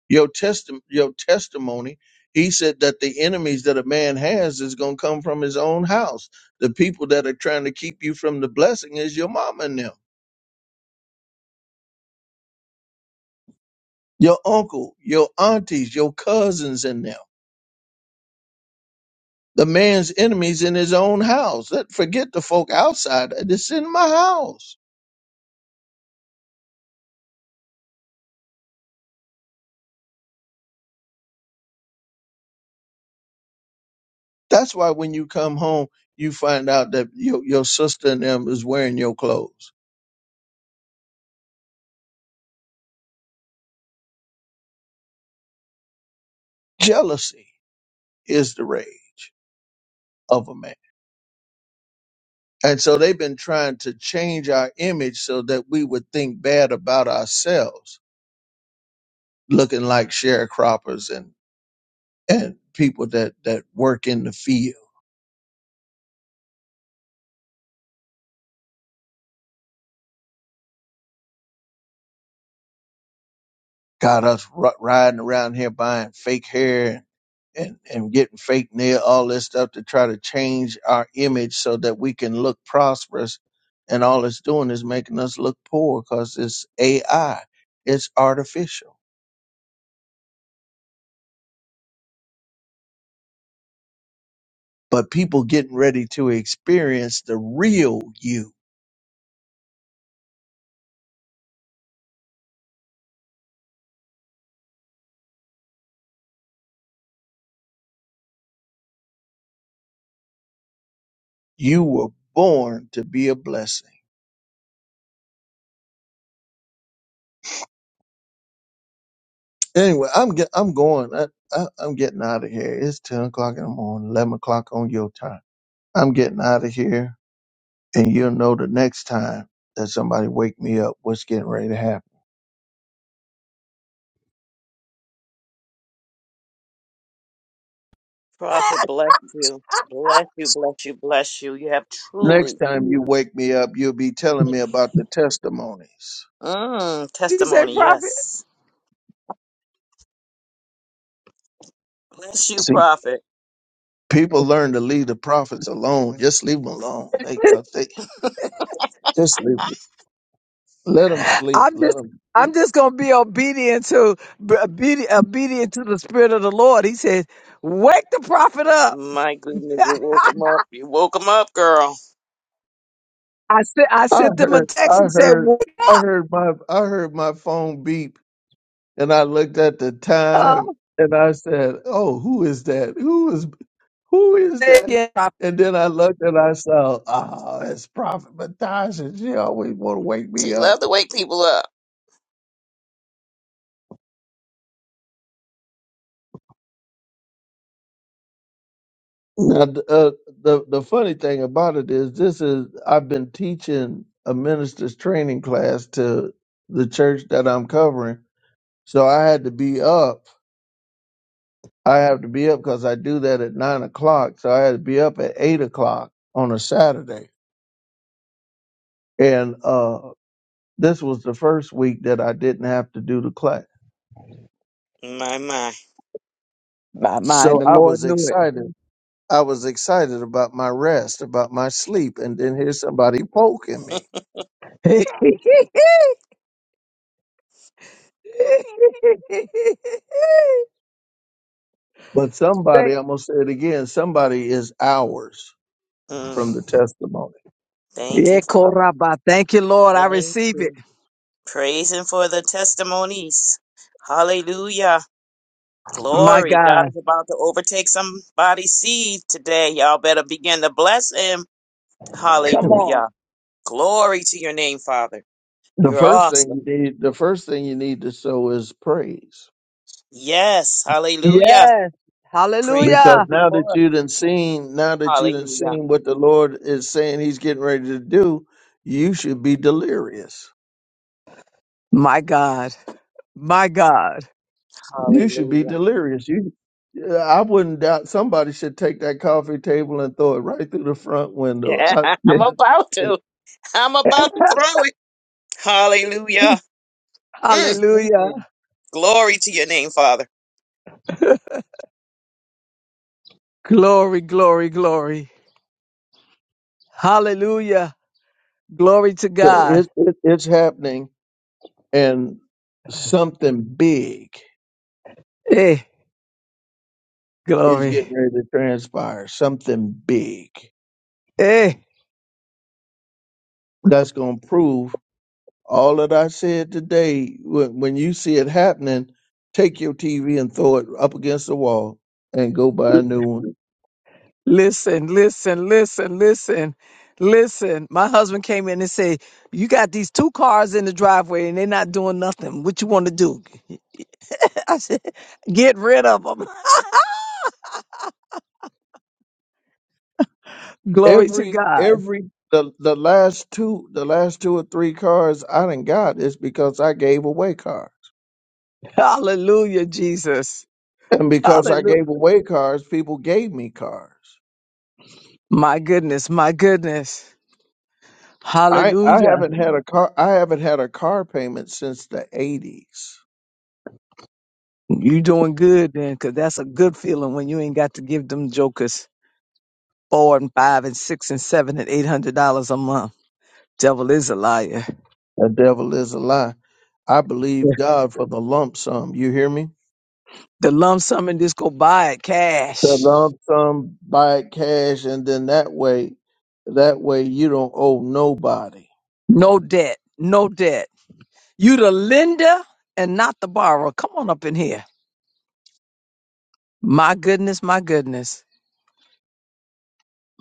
Your testi- your testimony, he said that the enemies that a man has is going to come from his own house. The people that are trying to keep you from the blessing is your mama and them, your uncle, your aunties, your cousins and them. The man's enemies in his own house. Let forget the folk outside. It's in my house. That's why when you come home, you find out that your, your sister and them is wearing your clothes. Jealousy is the rage of a man. And so they've been trying to change our image so that we would think bad about ourselves, looking like sharecroppers and, and people that, that work in the field. Got us r- riding around here buying fake hair and, and getting fake nail, all this stuff to try to change our image so that we can look prosperous. And all it's doing is making us look poor because it's AI, it's artificial. But people getting ready to experience the real you. You were born to be a blessing. Anyway, I'm get, I'm going. I, I, I'm getting out of here. It's ten o'clock in the morning, eleven o'clock on your time. I'm getting out of here, and you'll know the next time that somebody wake me up. What's getting ready to happen?
Prophet, bless you. Bless you, bless you, bless you. You have
Next
truly
time you wake me up, you'll be telling me about the testimonies.
mm,
Did You say,
testimony.
prophet,
Yes. Bless you,
See,
Prophet.
people learn to leave the prophets alone. Just leave them alone. They, 'cause they just leave. 'em. Let them sleep.
I'm
Let
just
them
I'm
sleep.
just gonna be obedient to be obedient, obedient to the spirit of the Lord. He said, wake the prophet up.
My goodness, you woke him up. You woke him up, girl.
I sent I
I
sent them a
heard.
text
I
and said,
heard.
"Wake
I heard my. I heard my phone beep, and I looked at the
up!"
time, and I said, "Oh, who is that? Who is who is
They
that?"
can
And then I looked and I saw, ah, it's Prophet Matasha. She always want to wake me
She
up.
loved to wake people up.
Now, th- uh, the the funny thing about it is, this is I've been teaching a minister's training class to the church that I'm covering, so I had to be up. I have to be up because I do that at nine o'clock, so I had to be up at eight o'clock on a Saturday, and uh, this was the first week that I didn't have to do the class,
My, my.
My
so
mind, the
I
Lord
was
knew it.
excited. I was excited about my rest, about my sleep, and then here's somebody poking me.
[laughs]
But somebody,
Thank,
I'm going to say it again, somebody is hours
Mm,
from the testimony.
thank you,
yeah,
Father.
Koraba. Thank you, Lord. I
Thank
receive it.
you. Praising for the testimonies. Hallelujah.
My
Glory. God
God.
is about to overtake somebody's seed today. Y'all better begin to bless him.
Come on.
Hallelujah. Glory to your name, Father.
The
You're
first thing
awesome.
you need, the first thing you need to sow is praise.
Yes. Hallelujah.
Yes.
Praise
Because
goes
Hallelujah.
now that
before. us.
you done seen, now that you done
Hallelujah.
seen what the Lord is saying he's getting ready to do, you should be delirious.
My God. My God.
You should be
Hallelujah.
delirious. You, I wouldn't doubt somebody should take that coffee table and throw it right through the front window.
Yeah,
I,
[laughs] I'm about
I,
to. I'm about to throw it. Hallelujah. Mm, mm,
Hallelujah.
mm. Glory to your name, Father.
Glory, glory, glory. Hallelujah. Glory to
so
God.
it's, it, it's happening and something big
Eh,
is
glory.
getting ready to transpire. Something big
Eh.
that's going to prove all that I said today. When, when you see it happening, take your TV and throw it up against the wall and go buy a new one.
Listen, listen, listen, listen, listen. My husband came in and said, You got these two cars in the driveway and they're not doing nothing. What you want to do? [laughs] I said, Get rid of them. [laughs] Glory to
Every
God.
every the the last two the last two or three cars I done got is because I gave away cars,
Hallelujah, Jesus.
and because I
Hallelujah.
gave away cars, people gave me cars.
My goodness, my goodness.
I I
Hallelujah.
haven't had a car I haven't had a car payment since the eighties.
You doing good then, because that's a good feeling when you ain't got to give them jokers four and five and six and seven and eight hundred dollars a month. Devil is a liar.
The devil is a lie. I believe God for the lump sum. You hear me?
The lump sum and just go buy it
The
cash.
lump sum, buy it cash, and then that way, that way you don't owe nobody.
No debt. No debt. You the lender and not the borrower. Come on up in here. My goodness, my goodness.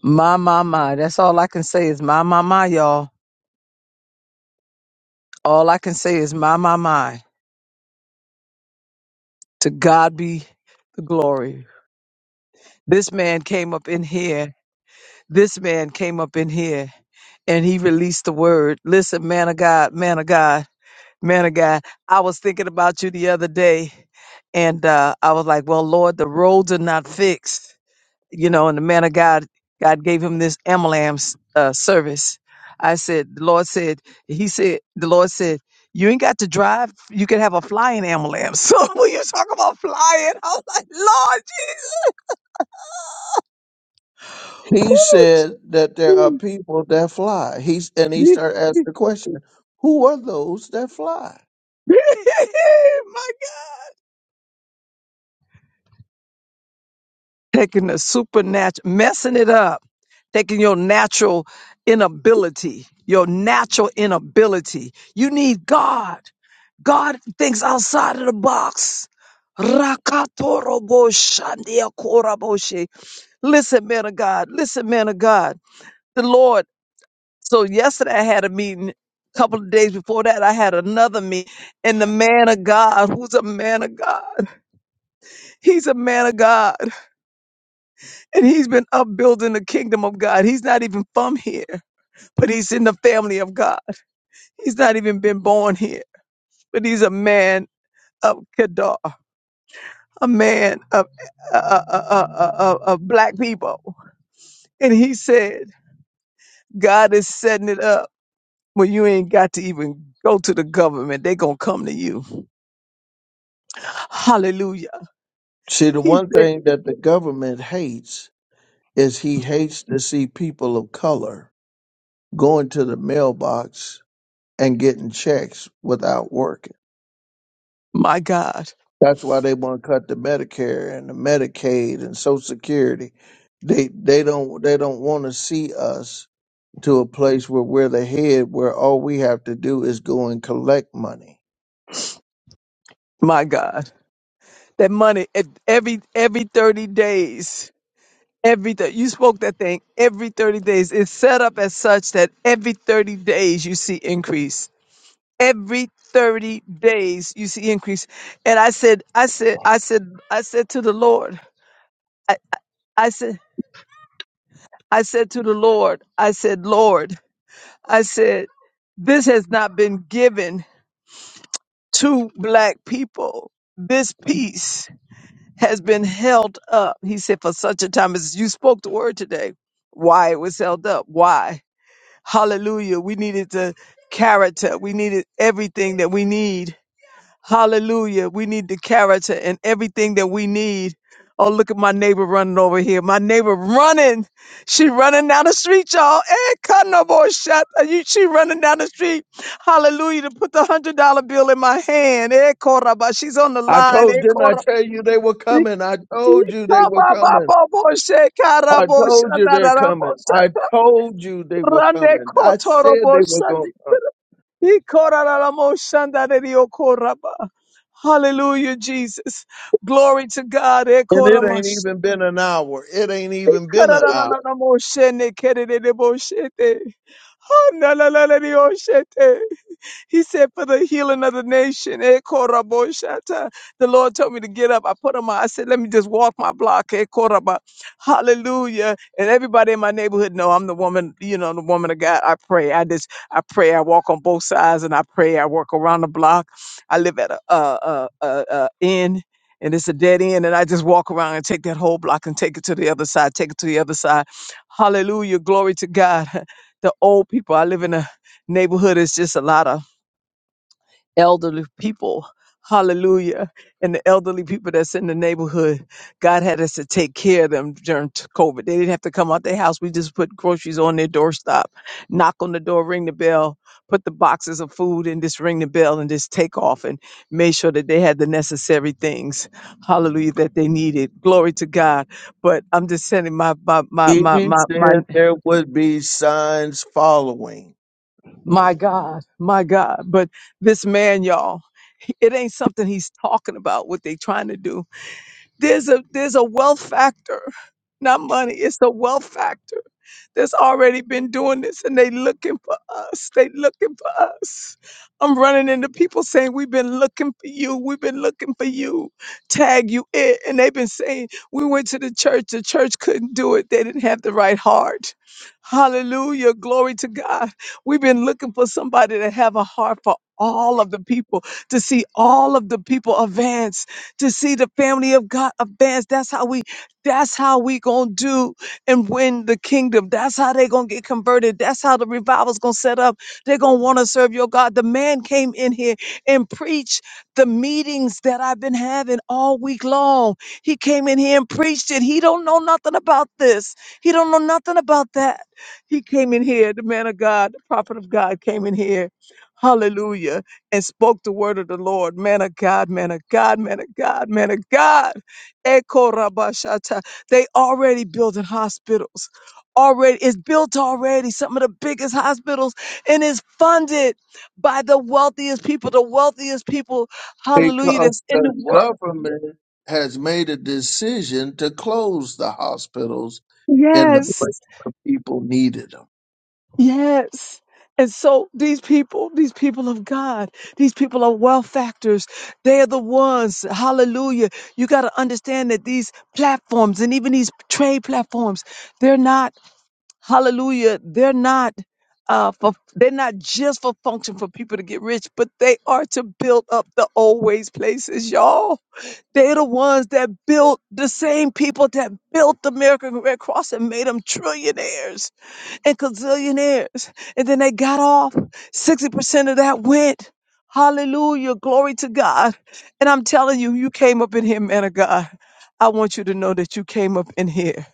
My, my, my. That's all I can say is my, my, my, y'all. All I can say is my, my, my. To God be the glory. This man came up in here. This man came up in here and he released the word. Listen, man of God, man of God. Man of God, I was thinking about you the other day, and uh, I was like, "Well, Lord, the roads are not fixed," you know. And the man of God, God gave him this Amalam uh, service. I said, "The Lord said," He said, "The Lord said, you ain't got to drive. You can have a flying Amalam." [laughs] So when you talk about flying, I was like, "Lord
He said that there are people that fly. He's and he
Jesus,
started asking
woo,
the
[laughs]
question, who are those that fly?
[laughs] my God, taking the supernatural, messing it up." taking your natural inability, your natural inability. You need God. God thinks outside of the box. Rakatoroboshandiakoraboshe. Listen, man of God. Listen, man of God. The Lord. So yesterday I had a meeting. A couple of days before that, I had another meeting. And the man of God, who's a man of God, he's a man of God. And he's been upbuilding the kingdom of God. He's not even from here, but he's in the family of God. He's not even been born here, but he's a man of Kedar, a man of uh, uh, uh, uh, uh, uh, uh, of black people. And he said, God is setting it up where you ain't got to even go to the government. They're going to come to you. Hallelujah.
See, the
He
one
said,
thing that the government hates is he hates to see people of color going to the mailbox and getting checks without working.
my God,
That's why they want to cut the Medicare and the Medicaid and Social Security. They they don't they don't want to see us to a place where we're the head, where all we have to do is go and collect money.
my God. That money, if every every 30 days, every th- you spoke that thing every 30 days it's set up as such that every 30 days you see increase every 30 days you see increase and i said i said i said i said to the lord i, I said i said to the lord i said lord i said this has not been given to black people this peace has been held up he said for such a time as you spoke the word today why it was held up why hallelujah we needed the character we needed everything that we need Hallelujah. We need the character and everything that we need. Oh, look at my neighbor running over here. My neighbor running. She running down the street, y'all. Eh, cut no boy shot. Are you- She running down the street. Hallelujah. To put the hundred dollar bill in my hand. Eh, koraba. She's on the
I
line.
told
Eh,
didn't I
koraba.
tell you they were coming? I told you they were coming. I told you they're coming. I told you they were coming. I said they were
Rande
gonna come.
Ikorararamo-shandadediokoraba. Hallelujah, Jesus. Glory to God.
And it ain't
Ekoramas-
even been an hour. It ain't even been an hour.
Ikararararamo-shenekerereboshete. Hanalalalelioshete. He said, for the healing of the nation. Eh, koraboshata. The Lord told me to get up. I put on my, I said, let me just walk my block. Eh, koraba. Hallelujah. And everybody in my neighborhood know I'm the woman, you know, the woman of God. I pray. I just, I pray. I walk on both sides and I pray. I work around the block. I live at a, a, a, a, a inn. And it's a dead end, and I just walk around and take that whole block and take it to the other side, take it to the other side. Hallelujah, glory to God. [laughs] The old people, I live in a neighborhood, it's just a lot of elderly people. Hallelujah. And the elderly people that's in the neighborhood, God had us to take care of them during t- COVID. They didn't have to come out their house. We just put groceries on their doorstop, knock on the door, ring the bell, put the boxes of food and just ring the bell and just take off and made sure that they had the necessary things. Hallelujah that they needed. Glory to God. But I'm just sending my my my
He
my my, my
said there would be signs following
My God, my God. But this man, y'all, [laughs] it ain't something he's talking about what they trying to do. There's a there's a wealth factor, not money. It's a wealth factor that's already been doing this, and they looking for us. They looking for us. I'm running into people saying we've been looking for you. We've been looking for you. Tag you it, and they've been saying we went to the church. The church couldn't do it. They didn't have the right heart. Hallelujah, glory to God. We've been looking for somebody to have a heart for all of the people, to see all of the people advance to see the family of God advance. That's how we that's how we gonna do and win the kingdom. That's how they gonna get converted. That's how the revival's gonna set up. They're gonna want to serve your God. The man came in here and preached the meetings that I've been having all week long. He came in here and preached it. He don't know nothing about this. He don't know nothing about that. He came in here, the man of God, the prophet of God came in here. Hallelujah and spoke the word of the Lord. Man of God, man of God, man of God, man of God. Eko rabashata. They already building hospitals. Already, it's built already. Some of the biggest hospitals, and it's funded by the wealthiest people, the wealthiest people, hallelujah, that's
because
in the
the
world.
government has made a decision to close the hospitals in the place
Yes.
where people needed them.
Yes. And so these people, these people of God, these people are wealth factors. They are the ones. Hallelujah. You got to understand that these platforms and even these trade platforms, they're not hallelujah they're not uh for they're not just for function for people to get rich but they are to build up the old ways places y'all they're the ones that built the same people that built the american red cross and made them trillionaires and gazillionaires and then they got off 60% of that went hallelujah glory to god and i'm telling you you came up in here man of god i want you to know that you came up in here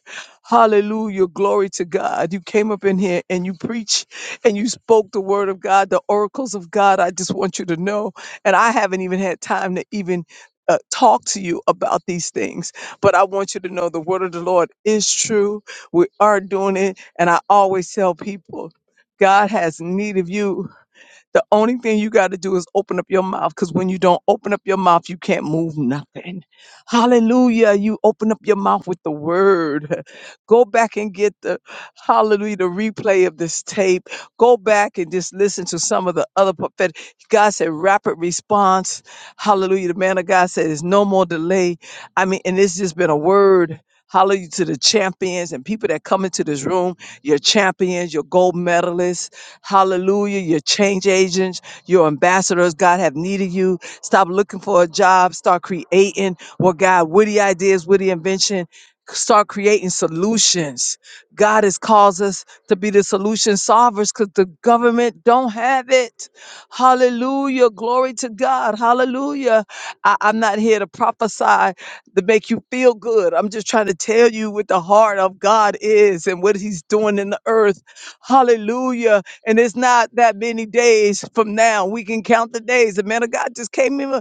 Hallelujah. Glory to God. You came up in here and you preach and you spoke the word of God, the oracles of God. I just want you to know. And I haven't even had time to even uh, talk to you about these things, but I want you to know the word of the Lord is true. We are doing it. And I always tell people, God has need of you the only thing you got to do is open up your mouth because when you don't open up your mouth, you can't move nothing. Hallelujah. You open up your mouth with the word. [laughs] Go back and get the hallelujah, the replay of this tape. Go back and just listen to some of the other prophetic. God said rapid response. Hallelujah. The man of God said there's no more delay. I mean, and it's just been a word. Hallelujah to the champions and people that come into this room, your champions, your gold medalists. Hallelujah, your change agents, your ambassadors. God have needed you. Stop looking for a job. Start creating what God, witty ideas, witty invention. Start creating solutions. God has caused us to be the solution solvers because the government don't have it. Hallelujah. Glory to God. Hallelujah. I, I'm not here to prophesy to make you feel good. I'm just trying to tell you what the heart of God is and what He's doing in the earth. Hallelujah. And it's not that many days from now. We can count the days. The man of God just came in.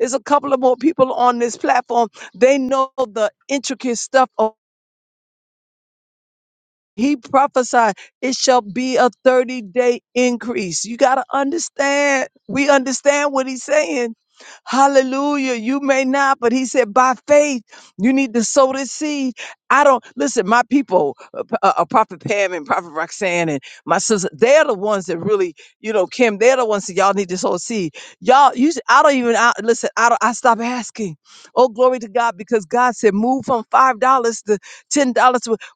There's a couple of more people on this platform. They know the intricate stuff of He prophesied it shall be a 30 day increase. You got to understand. We understand what he's saying. Hallelujah. You may not, but he said, by faith, you need to sow the seed. I don't listen, my people, uh, P- uh, uh, Prophet Pam and Prophet Roxanne and my sister, they're the ones that really, you know, Kim, they're the ones that y'all need to sow a seed. Y'all, you, s- I don't even, I, listen, I don't, I stop asking. Oh, glory to God, because God said, move from $5 to $10.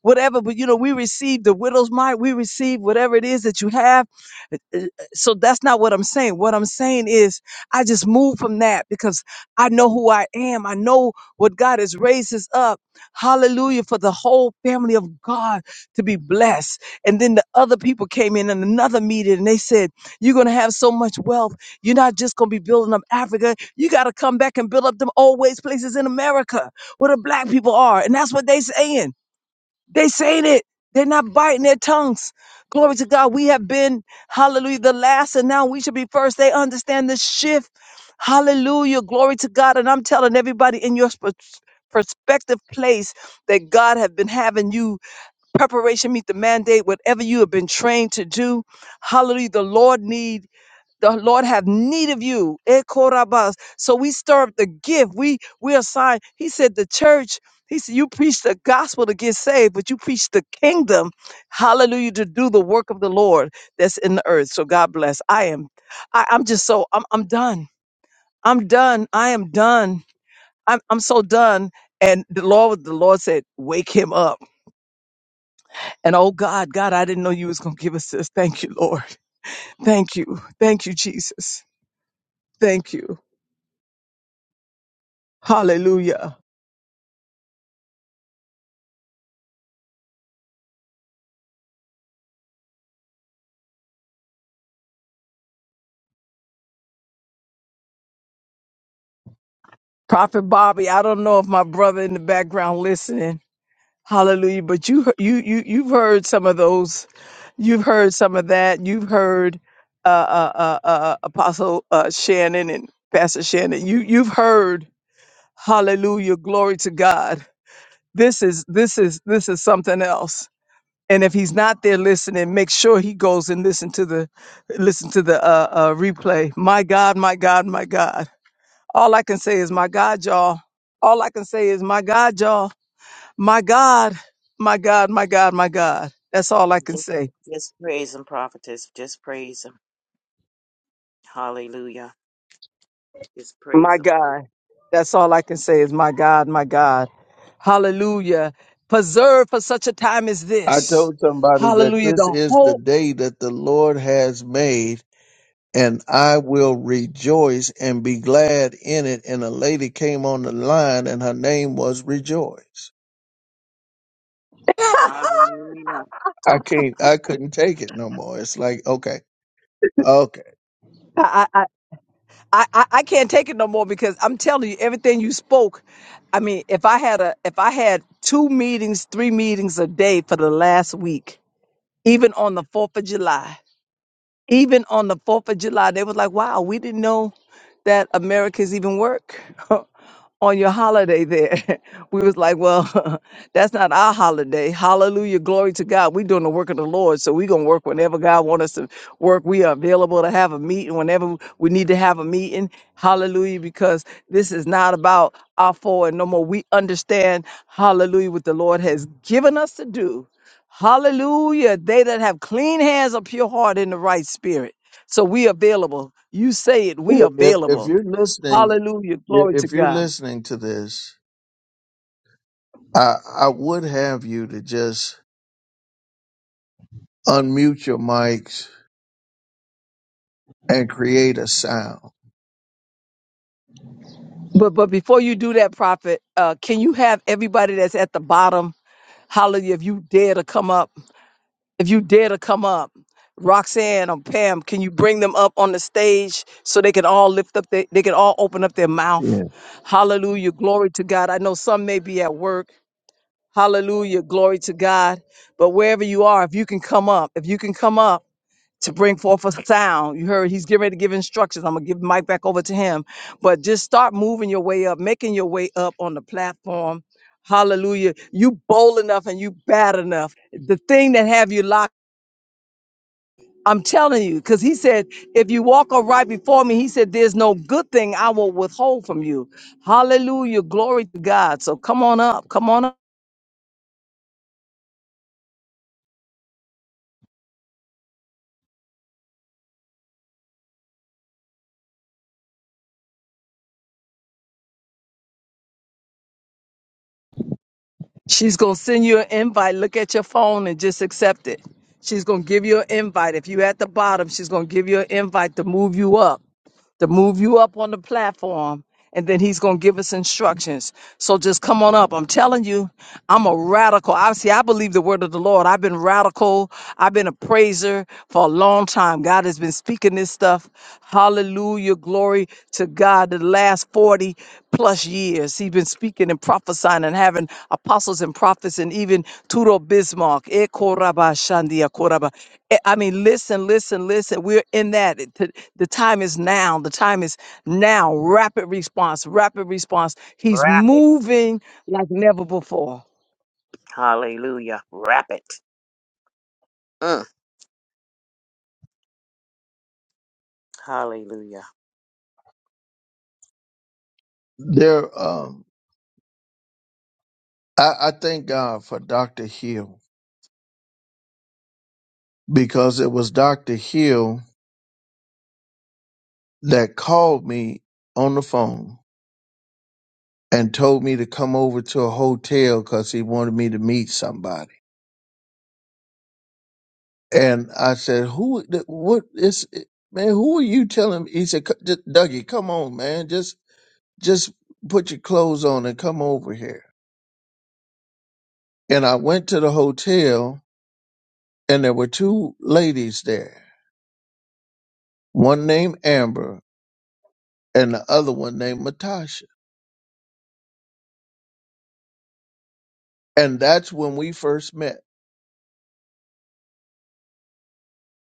whatever. But you know, we receive the widow's mite, we receive whatever it is that you have. Uh, uh, So that's not what I'm saying. What I'm saying is, I just move from that because I know who I am. I know what God has raised us up. Hallelujah for the whole family of God to be blessed. And then the other people came in in another meeting and they said, You're going to have so much wealth. You're not just going to be building up Africa. You got to come back and build up them old waste places in America where the black people are. And that's what they saying. They saying it. They're not biting their tongues. Glory to God. We have been, hallelujah, the last, and now we should be first. They understand the shift. Hallelujah. Glory to God. And I'm telling everybody in your sp- prospective place that God have been having you preparation meet the mandate, whatever you have been trained to do. Hallelujah. The Lord need the Lord have need of you. Ekorabas. So we stir up the gift. We we assign. He said the church. He said you preach the gospel to get saved, but you preach the kingdom. Hallelujah to do the work of the Lord that's in the earth. So God bless. I am. I, I'm just so. I'm. I'm done. I'm done. I am done. I'm. I'm so done. And the Lord, the Lord said, wake him up. And oh God, God, I didn't know you was gonna give us this. Thank you, Lord. Thank you. Thank you, Jesus. Thank you. Hallelujah. Prophet Bobby, I don't know if my brother in the background listening. Hallelujah. But you you you you've heard some of those. You've heard some of that. You've heard uh uh uh, uh uh, Apostle uh Shannon and Pastor Shannon. You you've heard hallelujah, glory to God. This is this is this is something else. and if he's not there listening make sure he goes and listen to the listen to the uh, uh replay my god my god my god all i can say is my god y'all all i can say is my god y'all my god my god my god my god that's all i can
Just,
say
just praise him, prophetess. Just praise him. Hallelujah. Just praise
my
him.
god that's all i can say is my god my god hallelujah preserve for such a time as
I
this
told somebody that
hallelujah
this
the
is the
hope
day that the Lord has made, and I will rejoice and be glad in it. And a lady came on the line, and her name was Rejoice.
Hallelujah.
I can't, I couldn't take it no more. It's like, okay, okay.
I, I, I, I I can't take it no more because I'm telling you everything you spoke. I mean, if I had a if I had two meetings, three meetings a day for the last week, even on the Fourth of July. Even on the 4th of July, they was like, wow, we didn't know that Americans even work [laughs] on your holiday there. [laughs] we was like, well, [laughs] that's not our holiday. Hallelujah. Glory to God. we doing the work of the Lord. So we going to work whenever God want us to work. We are available to have a meeting whenever we need to have a meeting. Hallelujah. Because this is not about our forward no more. We understand, hallelujah, what the Lord has given us to do. Hallelujah. They that have clean hands, a pure heart, in the right spirit. So we available. You say it, we
If, if if
available.
you're listening
Hallelujah.
if
Glory to
you're
God.
listening to this, I, I would have you to just unmute your mics and create a sound.
But but before you do that, prophet, uh, can you have everybody that's at the bottom? Hallelujah. If you dare to come up, if you dare to come up, Roxanne or Pam, can you bring them up on the stage so they can all lift up their, they can all open up their mouth?
Yeah.
Hallelujah. Glory to God. I know some may be at work. Hallelujah. Glory to God. But wherever you are, if you can come up, if you can come up to bring forth a sound, you heard he's getting ready to give instructions. I'm going to give the mic back over to him. But just start moving your way up, making your way up on the platform. Hallelujah. You bold enough and you bad enough. The thing that have you locked, I'm telling you, because he said, if you walk upright before me, he said, there's no good thing I will withhold from you. Hallelujah. Glory to God. So come on up. Come on up. She's going to send you an invite. Look at your phone and just accept it. She's going to give you an invite. If you're at the bottom, she's going to give you an invite to move you up, to move you up on the platform. And then he's going to give us instructions. So just come on up. I'm telling you, I'm a radical. I see, I believe the word of the Lord. I've been radical. I've been a praiser for a long time. God has been speaking this stuff. Hallelujah. Glory to God. The last 40 plus years. He's been speaking and prophesying and having apostles and prophets and even Turo Bismarck. Eh, koraba shandia koraba. Eh, I mean, listen, listen, listen. We're in that. It- The the time is now. The time is now. Rapid response, rapid response. He's moving like never before.
Hallelujah. Wrap it. Mm. Hallelujah.
There, um, I, I thank God for Dr. Hill because it was Dr. Hill that called me on the phone and told me to come over to a hotel because he wanted me to meet somebody. And I said, who, what is, man, who are you telling me? He said, "C- Dougie, come on, man. Just just put your clothes on and come over here. And I went to the hotel, and there were two ladies there, one named Amber and the other one named Matasha. And that's when we first met.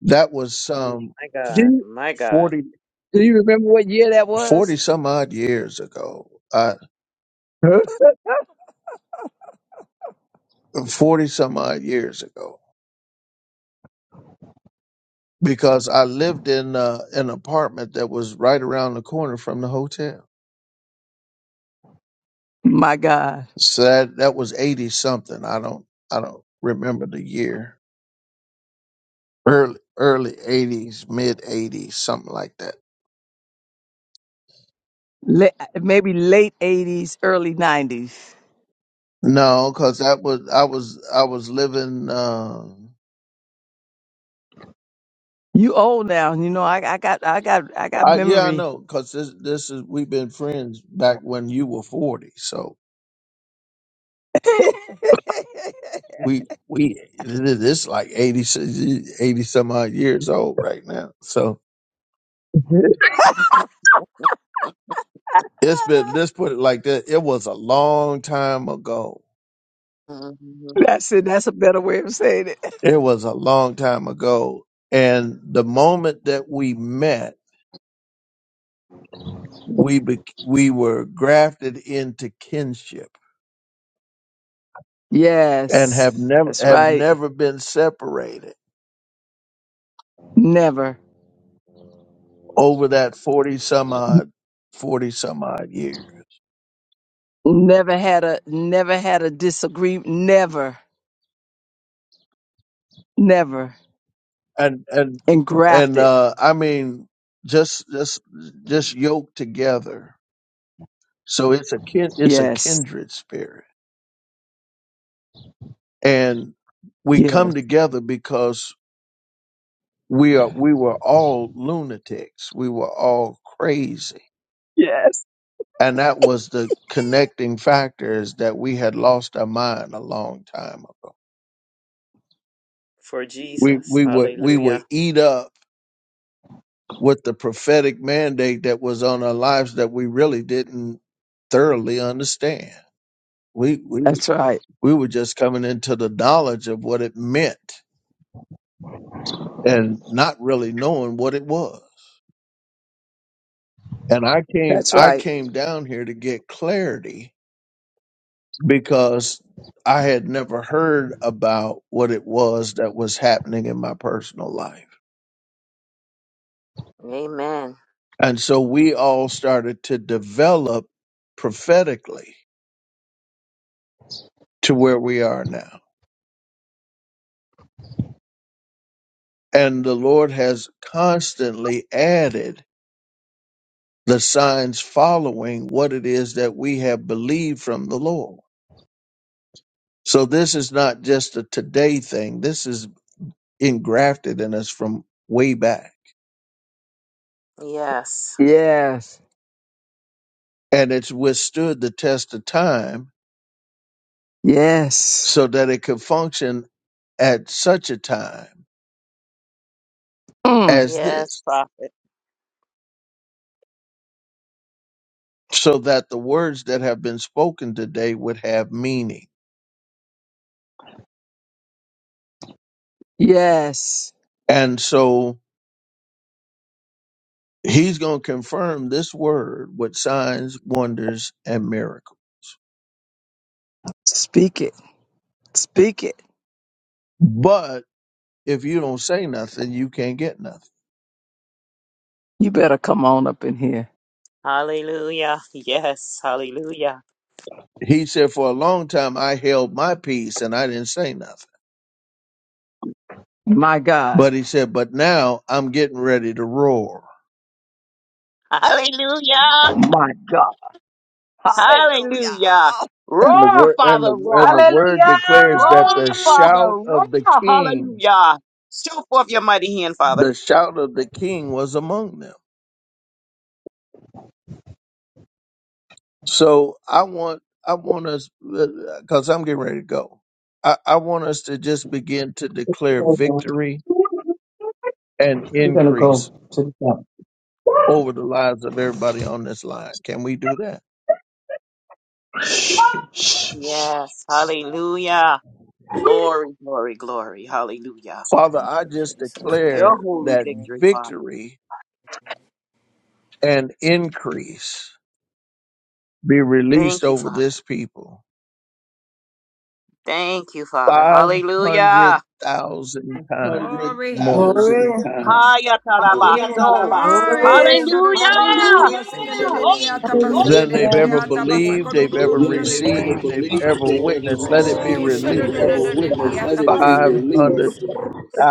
That was
Mm,
some
My
Do
God,
you,
my God,
40,
do you remember what year that
40
was?
some odd years ago. Uh,
Huh?
40 some odd years ago. Because I lived in uh, an apartment that was right around the corner from the hotel.
[laughs] My God.
So that, that was 80 something. I don't, I don't remember the year early early eighties, mid eighties, something like that.
Le- maybe late 80s, early 90s.
No, because that was I was I was living. Uh,
You old now, you know. I, I got, I got, I got
I, yeah, I
memory
know. Because this this is we've been friends back when you were forty, so
[laughs]
we we this is like 80, eighty some odd years old right now. So it's been let's put it like that. It was a long time ago.
Mhm.
That's it. That's a better way of saying it.
It was a long time ago, and the moment that we met. we bec we were grafted into kinship and have
Yes,
never
that's
have
right.
never been separated
Never,
over that 40 some odd 40 some odd years
never had a, never had a disagreement. Never, never.
and and
And
and
grafted.
uh i mean just just just yoked together so it's a kin it's a
Yes,
kindred spirit and we come
yes,
together because we are we were all lunatics we were all crazy
yes.
And that was the connecting factor is that we had lost our mind a long time ago.
for
We
Jesus.
we were we were
Hallelujah.
eat up with the prophetic mandate that was on our lives that we really didn't thoroughly understand. We we
That's right.
we were just coming into the knowledge of what it meant and not really knowing what it was. And I came
That's
I
right.
came down here to get clarity because I had never heard about what it was that was happening in my personal life.
Amen.
And so we all started to develop prophetically to where we are now. And the Lord has constantly added the signs following what it is that we have believed from the Lord. So this is not just a today thing. This is engrafted in us from way back.
Yes.
Yes,
And it's withstood the test of time
yes,
so that it could function at such a time
mm.
as
Yes,
this,
prophet.
so that the words that have been spoken today would have meaning.
yes.
And so he's going to confirm this word with signs, wonders, and miracles.
Speak it. Speak it.
But if you don't say nothing, you can't get nothing.
You better come on up in here.
Hallelujah. Yes. Hallelujah.
He said, For a long time, I held my peace and I didn't say nothing.
My God.
But he said, But now I'm getting ready to roar.
Hallelujah.
My God.
Hallelujah.
And the
Roar,
word and the
Father,
and
roar.
the word
Hallelujah.
declares that
Roar,
the
Father,
shout
roar.
of the king
Hallelujah. Show forth your mighty hand, Father.
the shout of the king was among them. So I want I want us because I'm getting ready to go. I, I want us to just begin to declare
Hallelujah.
victory and
We're gonna
increase
go to the top.
over the lives of everybody on this line. Can we do that?
Yes. Hallelujah. Glory, glory, glory. Hallelujah.
Father,
Thank
I
you,
just
Jesus.
Your
declare
holy
Hallelujah,
that
God.
victory, Father.
victory and increase be released
Thank you,
over this
Father.
people
Thank you, Father. Hallelujah.
500,000 times
hundred
more
thousand
Glory.
times.
Haya
Hallelujah.
tarabaso.
Hallelujah.
Glory,
Hallelujah.
Thank you,
They've
Glory.
Lord.
than
Hallelujah,
Hallelujah.
they've
God.
ever
Thank you,
believed,
Lord.
they've ever
Thank you, God.
ever
received, they've
believed,
ever
they've
Oh,
ever
witnessed. Let it be
Koramande de
received,
de
they've
released
Dios.
ever
Ay,
witnessed. Let it be
abaste,
God,
500,000
Dios.
released.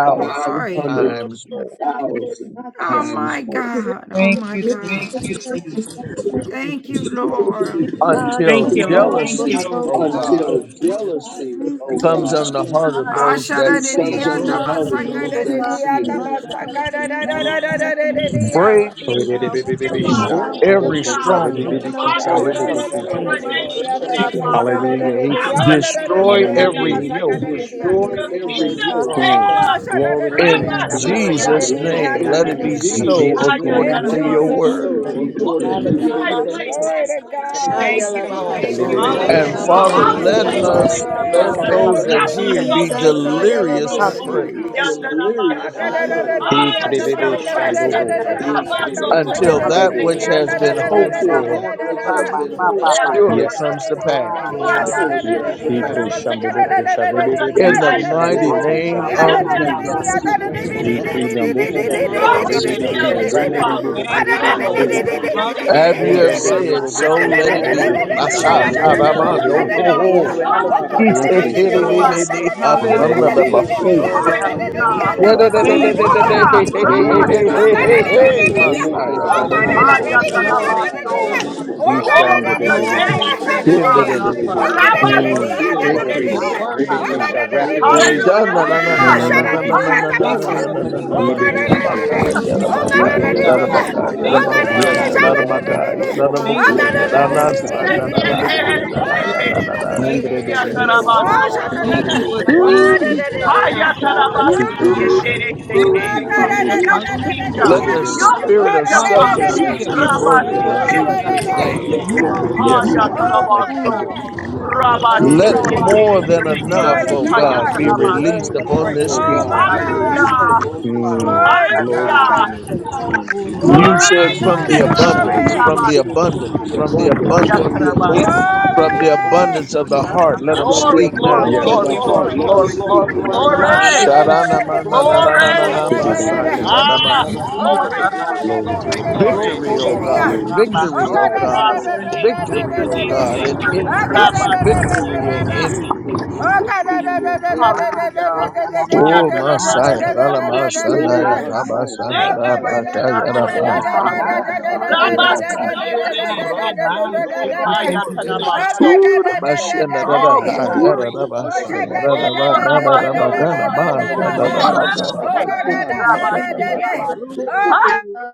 Five hundred
Thank you,
times more
thank you,
thousand. Oh
to
my God. Oh
Thank
my
you,
thank you, Lord.
Jesus.
God.
Thank you, Lord. Thank you,
Thank you, Lord.
thank you, God.
until
Thank
send
you,
Thank you,
me
God.
Lord.
over,
Thank
jealousy,
you,
oh
Hallelujah.
O
Lord. Thank
God.
Thank
God,
you,
Until
you, Jesus.
Jesus.
Multiple
jealousy,
streams
oh
of
Thank you,
comes on
God.
Lord.
income,
the
Thank
Thank you, thank
heart
you.
you,
of
God.
God.
those that
In
see
you.
the
Him.
Ashadadiya,
name
Glory.
of
Hallelujah.
Jesus,
Thank
uh,
you.
Tabasakadadiya,
money coming to me from
Glory. Hallelujah.
the
Thank
Thank you,
Tabasakadadiya.
north
Break
and
Father.
Thank you, God. Thank
south.
you.
you,
Thank
God.
you,
Shake
Thank you.
Father.
Oyerebebebebesha,
Thank
Destroy
you,
down,
Thank
press
God.
every
you,
obokusha,
Hallelujah.
together,
Jesus.
Thank you,
stronghold,
running
For
God.
our
over,
rebebebekisha,
some
Glory.
give
community,
Irabasa,
Hallelujah.
it
for
mbobobokusha.
to
our
Thank
darabasa,
you,
my
Lord.
bosom.
nation's
We thank
Um,
sake,
toroboko,
you.
Father.
I
Hallelujah.
sandarabasa.
We
Increase
Rabba
am
thank you,
in
Lord.
the
Jesus.
We
destroy
name of
thank
O
I
you.
every
Jesus.
Sikiyetere.
yoke
rebakata
commit this,
The
We
rabasate
that
every
is
thank you,
dedede.
kingdom's
uh,
yoke
Lord. We
sake,
Mm.
Oh,
thank you.
Father.
this,
Glory to
O
your name,
Rabba
shadadadadea,
in
korara
Jesus.
Glory.
uh,
Jesus'
rabasate
Hallelujah.
I
Sikiyetere.
in
name.
ask
Let it
oh
be
dededededede.
In
God for
so
Jesus'
Jesus'
name.
Haya
name.
everything I
Hallelujah.
in
according
Let
to
need
it
your
to
Jesus'
taramaso.
be a
so
word.
name.
Rabasatande
all
dedede
according
the
to
Hallelujah.
oso
your
dry
We
man.
word.
thank you.
places,
todoroboko.
Glory to
Thank you,
God,
Lord.
God.
Thank you,
Lord
Lord.
Make
God,
Glory,
me
And
hallelujah.
Shambebebekisha.
Hallelujah,
ebadadada
Father,
all
Thank you,
the
let
Jesus.
Jesus.
waste
dedededede
us,
oso
places,
Glory,
let
Father.
Glory,
those
todoroboko.
that
hallelujah. We
hear
thank
shadadadadadiya,
be
you, Jesus.
delirious with
Hallelujah. We thank
praise
O
you, Jesus. We thank
korabandara
you, Lord.
isete
Ah, to the
Glory,
Ikrebebesha,
dadadabaso
oppressed.
hallelujah. We thank
todoroboko.
you, Jesus.
Rabasoko,
until
Hallelujah.
that
We
which has
thank
O
you,
been
God,
Lord.
hoped
rebesikienderese.
ere-
for
Hallelujah.
You
We thank you,
ask,
surely
Yes,
Jesus.
Father.
comes
God.
to pass.
Hallelujah. We thank
the
you,
Rabasikienderese.
latter
Jesus.
Ikresha,
O
day
roboko
mbobokusha,
For
faithful,
such
shetene.
a
In the
time
rebebebekisha,
as this.
mighty
oh
ndobokusha.
name
God, to
of
be
Hallelujah.
the
We thank you,
Jesus.
government
Jesus.
that the
Ikrida,
government
Yandalabasikiyandeleleteke.
We
can
thank you,
Your
mbobobokusha,
give up
Jesus.
holy
We
rebebeki,
thank
jealousy,
you, Lord.
Father.
Thank you,
Rabba,
krandebebebokusha,
We
Lord.
thank
babebeki.
you, Jesus. We
As you
Hallelujah,
thank
have
Rabasikiyandeleleteke.
you,
Ondende,
But
Lord.
Lord,
said,
Jesus.
it's not
so
for you.
let
mbobobokusha,
it
You
Glory,
know
be.
what?
hallelujah. We
rebebekisha,
Basha
thank
Thank
you,
That
you,
to
mboboboko,
save
Father.
jealousy
Jesus.
for
tarabando ho
Baal.
babebebeka.
ho.
In
Glory,
all
my
hallelujah.
He
We
life,
said,
thank
relations
Thank
to
you,
Increase,
you,
"Kiri
God.
li
Lord.
bi
Lord.
ni
in the name
asanda
of
Rabasikiyandoroto.
da
Hallelujah,
ba
Jesus.
hu."
Glory,
Jesus.
hallelujah. We thank
Hallelujah.
you, Jesus.
Thank you,
Rora
God.
Hey, hey,
We
hey, hey,
thank
hey,
Rabba,
hey,
Hallelujah,
hey,
the
Rabba
you,
Irebebebesha,
Father.
hey,
foundation,
Rabasikiyandeleleteke.
doboko
Messiah.
oh
da
Thank
bo
you,
bo
Lord. We thank you. Glory,
Lord.
God.
go,
hallelujah.
ya
sharebebekesha
da
We
bobo,
ba.
Arabakakakaka.
Glory
thank you.
to your
My
Hayatarabaso.
name.
Oh,
Glory,
for your
hallelujah.
Glory
name's
We
Oh
to
ishanderebebekesha.
God,
thank
sake,
you,
your
Arabakakakaka.
Dimbi
Jesus.
di
name,
di
Father.
di, ya
Father.
da
We
You're
da
thank
bo
you,
worthy.
Mm.
go, da
Lord. We
bo
thank you,
You're
go.
Jesus.
Increase,
worthy
Rabasikiyandeleleteke.
of the
rebekesha,
praise.
rapid
Arabashakakakaka.
You're
Let
release
the
worthy
in
of
Hallelujah.
the
the
name of
glory.
Jesus.
Thank you for
Hallelujah.
Glory,
this
Arabashukarakakaka.
word.
hallelujah. We thank you,
Thank you for
Ibebebekesha.
these
Shukurakakaka.
men and women of God.
Glory,
Thank
Arabakakaka.
you, Father.
Yes, Lord.
hallelujah.
Hallelujah.
Shukakakakaka.
Thank you for
Glory,
the
hallelujah. We thank
breakthrough. Thank you for
you,
the
Arabakakakaka.
deliverance. Thank you for the blessing.
Andrebebekesha,
Hayatarabaso.
Thank you for the
Lord.
Arabakakakaka. Arabakakakaka.
increase, God.
Shukakakakaka.
Thank you for the
We
victory.
thank you. Hallelujah.
ikrebesha,
We
Thank
Hayatarabasikiendereseke.
you, Father.
O
Your
Thank
God,
Hallelujah,
eba-
kingdom.
Eba-
Jesus.
Your
spirit
bebebekesha.
Eba-
of
kingdom, Father.
Eba-
you,
selfishness
Hallelujah.
Arabashakakakaka.
Lord. Hallelujah.
be
Eba-
We
Oh, you're
Eba-
broken
Thank
in
worthy,
you.
God.
Jesus'
Eba-
name.
Eba-
Rabasikiendereseke.
You
Eba-
are worthy.
Yes,
Oh,
God.
You
Thank you
alone
for
Hayatarabaso.
are
doing
Oh,
Arabakakakaka.
worthy. You
Hallelujah. We
deserve
it.
the
Let
Thank you, Lord. Thank you, Lord.
Ah,
glory.
more
Ikrebebesha,
We
than
You
Thank you.
Rabasikiendereseke.
Hallelujah.
enough,
Glory to
deserve
oh
the
God,
honor.
God.
Rabashu,
be
You
Hallelujah.
Hayatarabas.
Hallelujah.
deserve
released
the
robobobokosha.
upon
praise.
this
Oh
people.
my
I
Hallelujah,
God.
we
bless your
thank
Hallelujah.
name,
you.
Father.
Mm.
Glory
I
to
honor you,
Glory
Hallelujah,
to
God.
your
God.
Hallelujah.
we
name,
thank you. Lord.
Jesus.
Oh,
You
Oh
said
my
Ramande,
Hallelujah,
from
oh,
God.
we
the
Glory.
Ikrebesha,
Ramande,
abundance,
Glory.
from the
bobokosha,
oh,
abundance, from the
Glory.
abundance.
Rabasikiatarabas.
Yes,
From
Sandere
Lord
the abundance
Jesus.
of
Boshiki
the heart, let them
Labahaya.
From the
Glory,
speak
glory,
now,
abundance. da,
Yes,
the
Lord.
Thank
glory,
Lord
you,
glory,
Father.
Jesus.
Rabashu,
glory, glory,
glory.
da,
Urabandere
glory,
da,
Hallelujah, we
Beshiki
ya, da, ba,
Labando
sa,
glory.
da, da, da,
Bosheke
Be-be-be-be-keisha.
Lemon
Ah,
Shadanamanamananananamasayadadaba.
Siki
Oh,
glory,
thank
God,
you, Lord.
glory,
Labahaya.
Glory to
glory,
your name,
glory.
Victory, O
Jesus.
Rokote
Thank you,
God.
Oh,
Lemendio
Victory,
God,
O
Oh,
God.
we
Father, your
thank you,
namesake,
Victory,
your
O God,
Thank
Oh,
you,
namesake.
and
we
God,
thank you,
increase.
Rabba,
Lord.
Siki,
Victory
and
and increase.
Dedeseke.
Oh,
Hallelujah.
Rabashu,
Oh,
Yandanama,
Messiah.
Rabashu,
Siki, and
Rabashu,
Dedeseke.
Rabashu,
Thank you for hearing our
Aya
Ralamasandayanabasandadabakayadaba.
voices,
na
Father.
We
shika
thank
Rabba,
you,
kaka.
Jesus. We
Siki, and
thank you, Lord.
Arama
Dedeseke.
We
shoko
thank you, Jesus.
yena.
Hayatanamaso.
Ooh, the Bashina da da
Oh,
da,
Aruka
ya da
glory.
da
kiti
ba sa,
deda
ya da da ba,
Oh,
da da da ba, ga
Rabaso.
deda
na ba,
maya
ga da da ba, ga
shaka
da ba.
Glory.
kaka
Oh,
kaka.
Rabasi. Hi.
Hallelujah,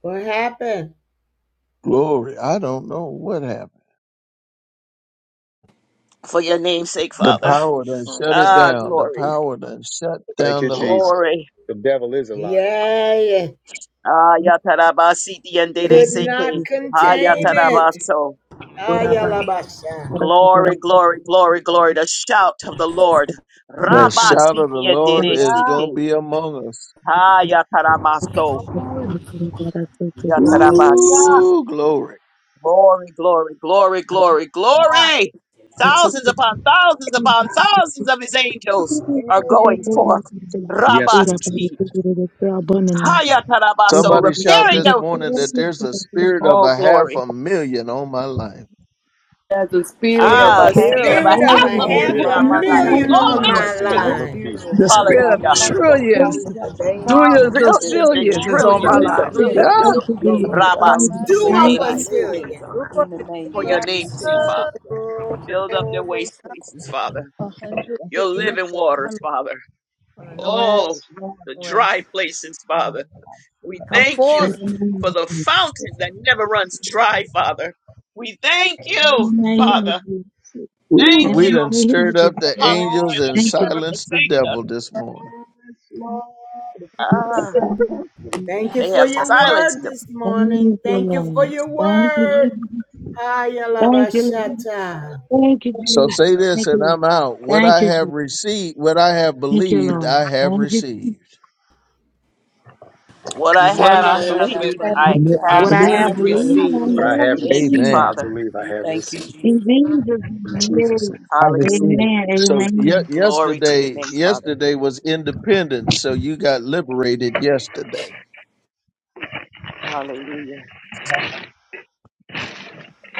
What happened?
Glory, I don't know what happened.
For your name's sake,
The
Father.
power done shut it
Ah,
Hallelujah,
down.
God.
The
glory.
Thank
power done shut
Thank
down
you,
the line.
Jesus.
Glory.
The devil is a
you,
liar.
Abakashu.
Yay.
Ah, yatarabasi
the
diendere
Could
name of
seke.
not
Jesus.
Ah,
Yes,
contain
Lord
it.
Jesus.
yatarabaso.
Get our bodies
Ayalabasha.
get our
Glory,
minds
glory, glory, glory. The shout of the Lord.
get our
The
lives together.
shout
Rabasi
of the Lord
Thank
diendere
is going to
seke.
be among us.
Ah, yataramaso.
you,
Lord.
I thank you for
Hallelujah,
Yatarabasi.
Ooh, glory.
Glory, glory, glory, glory,
Lord.
glory. Thousands
for
upon thousands upon thousands of his angels are going forth.
Amen.
Yes,
Get our
Lord Jesus.
bodies
Rabasi,
get our abundance. Thank
Hayatarabaso,
Somebody
you.
shout
repairing
this
the,
morning that there's a spirit of
oh,
a half
glory.
a million on my life.
As the spirit of
There's
Ah,
a
a
Spirit
half
will
spirit
a
of a
have
spirit of
million
a
half a
a
million.
half
on
Rid
million
of
a
a
on
my
my
half a
life.
My
life,
million
million
on
life,
on
my
the
life
my
in the
as
Glory.
spirit
the
name of
of
line.
our
spirit of
The
Jesus.
spirit of
I'm
Hallelujah.
so
multi-million,
thousand
trillions,
a
thousand
baby.
strong.
billions,
the,
Yes,
Trillions and
the
zillions
Lord.
is on
So
trillions
my
trillion
it's
and
a
life.
dollars,
Yeah.
million. It's
trillions.
going
Yes,
to be both of
Lord.
billion
us.
Rabasi,
dollars on
life,
Do
and
my
Spirit
our
of
Dede
Yes,
life,
a
hallelujah.
Lord.
million is
Brazilian.
on
Do
our life.
it,
in the name
for
of
million.
your
right?
is
name's
the
Jesus,
sake,
amen.
Father.
Lord
Build up their waste places, Father.
A hundred
Your
Yes,
billion of
living
Jesus.
times
waters, Father.
From the north
Yes,
Oh,
Lord.
the
and west.
dry places,
Oh,
Father.
my God.
We
Come
thank
my
you
God.
forth.
for the fountain that never runs
Yes,
dry, Father. We thank
more
you,
than
Father.
Ooh,
In
Thank
all
we done
you.
the name of
stirred
Jesus.
up the
Lord. Yes,
angels
Lord.
Hallelujah, that
and
you
Thank you.
never
silenced the
forsake us.
devil this morning.
Yes, Lord.
Ah,
Thank
they have
Jesus.
silenced them.
Morning.
you,
Thank you for
Lord.
your
Thank you,
word.
Jesus.
Thank
Thank you, Lord.
Ayalabashata.
Thank you,
So
Jesus.
say
Jesus.
this
Thank you,
and
Lord.
I'm out.
you.
What
Thank
I
you,
have
Jesus.
received, what I have
Thank you,
believed,
Lord.
I have
Thank you, Jesus.
received.
What I
God. What
When
have
I
I
What I
have
have
What
believed,
have
believed,
I
that
have
I
believed,
Be-
I
have.
I
What
have
I
received.
believed,
I
Believe
have
have
have
received,
I
I
received.
have
believed,
have
received.
received.
What
believed.
I
I have
have
received.
Thank
received
you,
what
received.
Amen.
I
Father.
believe I
And
have
thank you,
received
Jesus.
In Jesus'
in
name.
Jesus'
Yes.
name.
I
Hallelujah.
receive.
Amen.
So
Amen.
ye-
Glory to your
yesterday,
name, Father.
yesterday was independence. So you got liberated yesterday.
Hallelujah.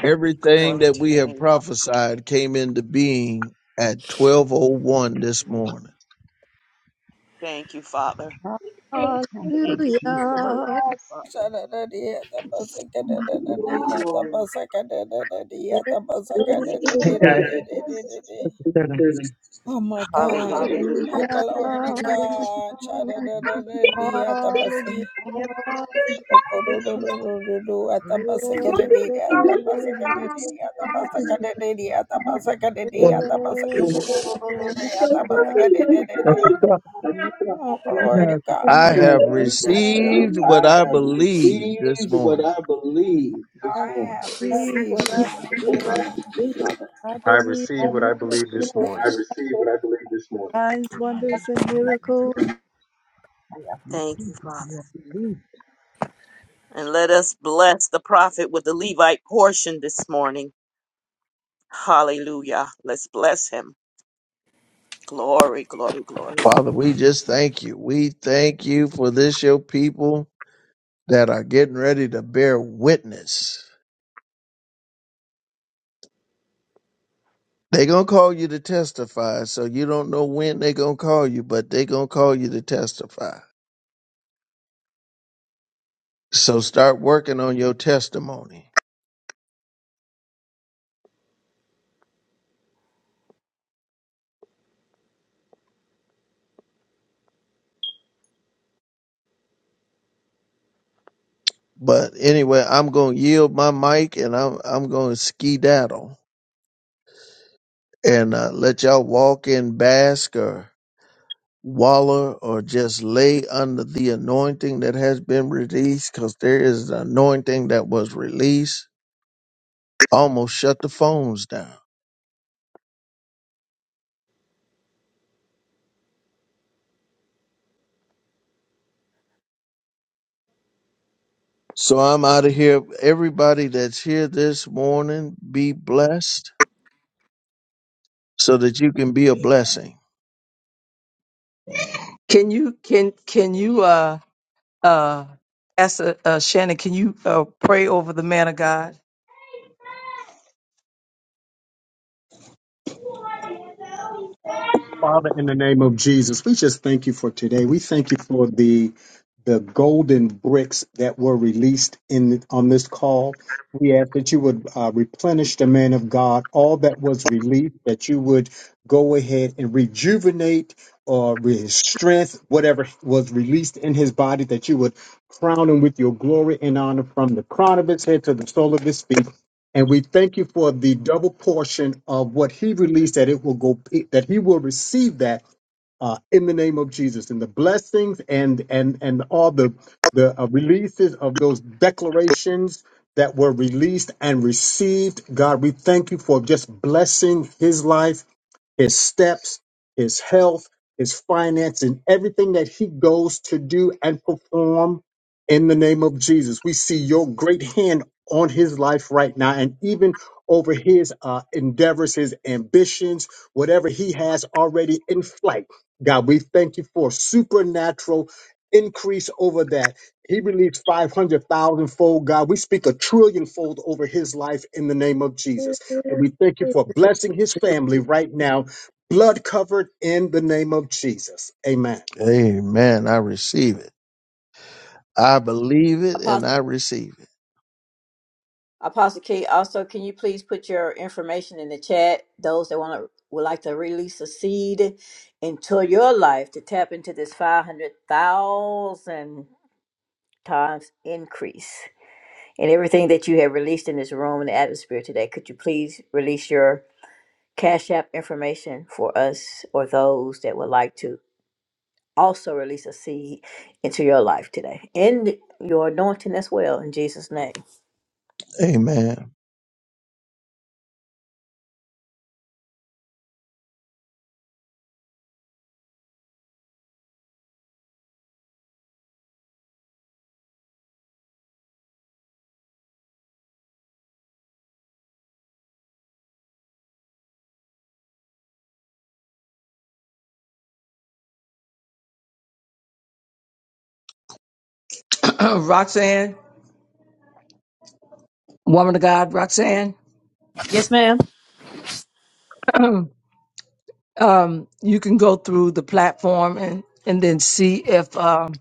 Everything
Glory
that
to
we
your
have
name, Father.
prophesied came into being at 1201 this morning.
Thank you, Father.
Thank you,
Thank you for your liberation,
Jesus.
Father.
Thank you, Lord.
Glory.
Hallelujah,
Thank you, Father.
hallelujah,
Yes, Jesus.
Oh my God.
Hallelujah.
Hallelujah. Thank Glory to God.
Thank you,
Cha-da-da-da-da-dee, atabasi.
hallelujah,
Jesus.
Okodododododo,
glory,
atabasakadadidi,
glory, hallelujah,
atabasakadadidi, atabasakadadidi,
Thank you,
atabasakadadidi,
Well,
hallelujah, Lord,
atabasakadododododo,
that's the
atabasakadadidi.
stuff.
Jesus.
Oh, glory
No,
to
it's just
God.
a
I
I
Oh,
have
mercy.
believe I
received
receive.
I
what I
have
believe this
received what
morning.
I
Yes,
believe this I morning. have
you are
received
what I
Thank
Lord.
you,
see.
Father.
I
I
believe
receive
Jesus,
in
what I believe this
miracles,
morning.
I received what I believe this morning.
signs, wonders, and
I, I
miracles.
have
Thank you,
received what I
Father.
have believed.
And let us bless the prophet with the Levite portion this morning. Hallelujah. Let's bless him. Glory, glory, glory.
Father, we just thank you. We thank you for this, your people that are getting ready to bear witness. They're going to call you to testify. So you don't know when they're going to call you, but they're going to call you to testify. So start working on your testimony. But anyway, I'm going to yield my mic and I'm, I'm going to skedaddle and uh, let y'all walk in, bask or waller or just lay under the anointing that has been released because there is an anointing that was released. Almost shut the phones down. So I'm out of here. Everybody that's here this morning, be blessed so that you can be a blessing.
Can you can can you uh uh ask uh, uh, Shannon? Can you uh, pray over the man of God,
Father, in the name of Jesus, we just thank you for today. We thank you for the the golden bricks that were released in on this call. We ask that you would uh, replenish the man of God, all that was released, that you would go ahead and rejuvenate or re- his strength, whatever was released in his body, that you would crown him with your glory and honor from the crown of his head to the sole of his feet. And we thank you for the double portion of what he released that it will go that he will receive that uh, in the name of Jesus and the blessings and and and all the the uh, releases of those declarations that were released and received. God, we thank you for just blessing his life, his steps, his health, his finance, and everything that he goes to do and perform in the name of Jesus. We see your great hand on his life right now and even over his uh, endeavors, his ambitions, whatever he has already in flight. God, we thank you for supernatural increase over that. He believes 500,000 fold, God. We speak a trillion fold over his life in the name of Jesus. And we thank you for blessing his family right now, blood covered in the name of Jesus. Amen.
Amen. I receive it. I believe it and
Apostle,
I receive
Apostle Key, also, can you please put your information in the chat? Those that want to would like to release a seed into your life to tap into this 500,000 times increase in everything that you have released in this room and the atmosphere today. Could you please release your Cash App information for us or those that would like to? also release a seed into your life today and your anointing as well in Jesus' name.
it. Amen.
[clears throat] Roxanne, woman of God, Roxanne?
Yes, ma'am.
[clears throat] um, you can go through the platform and and then see if um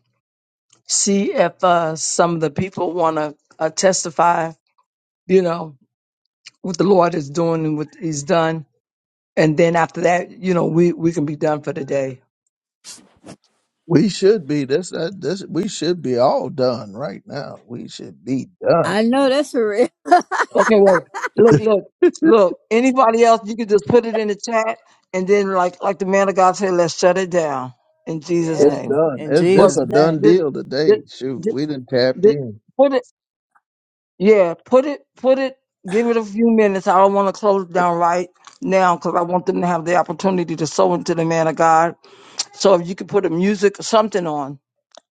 see if uh some of the people want to uh, testify. You know, what the Lord is doing and what He's done. And then after that, you know, we, we can be done for the day.
We should be this. That, this we should be all done right now. We should be done.
I know that's for real. [laughs]
Okay, well, look, look, look. Anybody else, you can just put it in the chat, and then like like the man of God said, let's shut it down in Jesus'
It's
Yes,
name.
done.
in
It,
But
this
Jesus'
a
name.
done
th-
deal
th-
today. Shoot,
th-
we done tapped
th-
in.
put it, yeah, put it, put it. Give it a few minutes. I don't want to close down right now because I want them to have the opportunity to sow into the man of God. So if you could put a music, something on,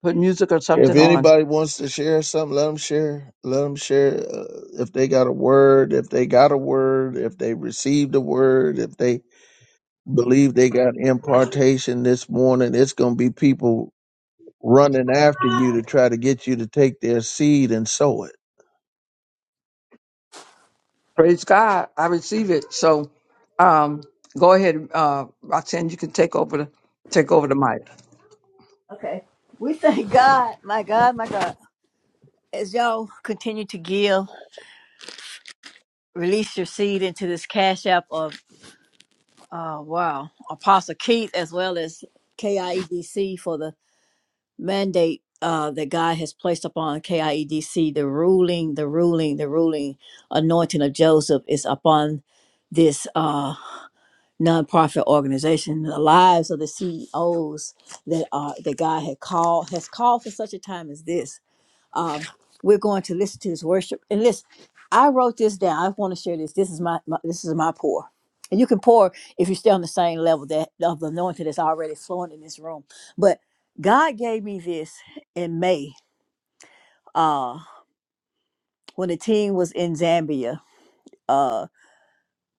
put music or
If
something on
anybody wants to share something, let them share. Let them share. Uh, if they got a word, if they got a word, if they received a word, if they believe they got impartation this morning, it's gonna be people running after you to try to get you to take their seed and sow it.
Praise God. I receive it. So um, go ahead, uh, Roxanne, you can take over the take over the mic.
Okay. We thank God, my God, my God. As y'all continue to give, release your seed into this cash app of uh wow, Apostle Keith as well as KIEDC for the mandate uh, that God has placed upon KIEDC, the ruling, the ruling, the ruling anointing of Joseph is upon this uh, nonprofit organization. The lives of the CEOs that are that God had called has called for such a time as this um, we're going to listen to this worship. And listen, I wrote this down. I want to share this. This is my, my this is my pour. And you can pour if you stay on the same level that of the anointing that's already flowing in this room. But God gave me this in May, uh, when the team was in Zambia, uh,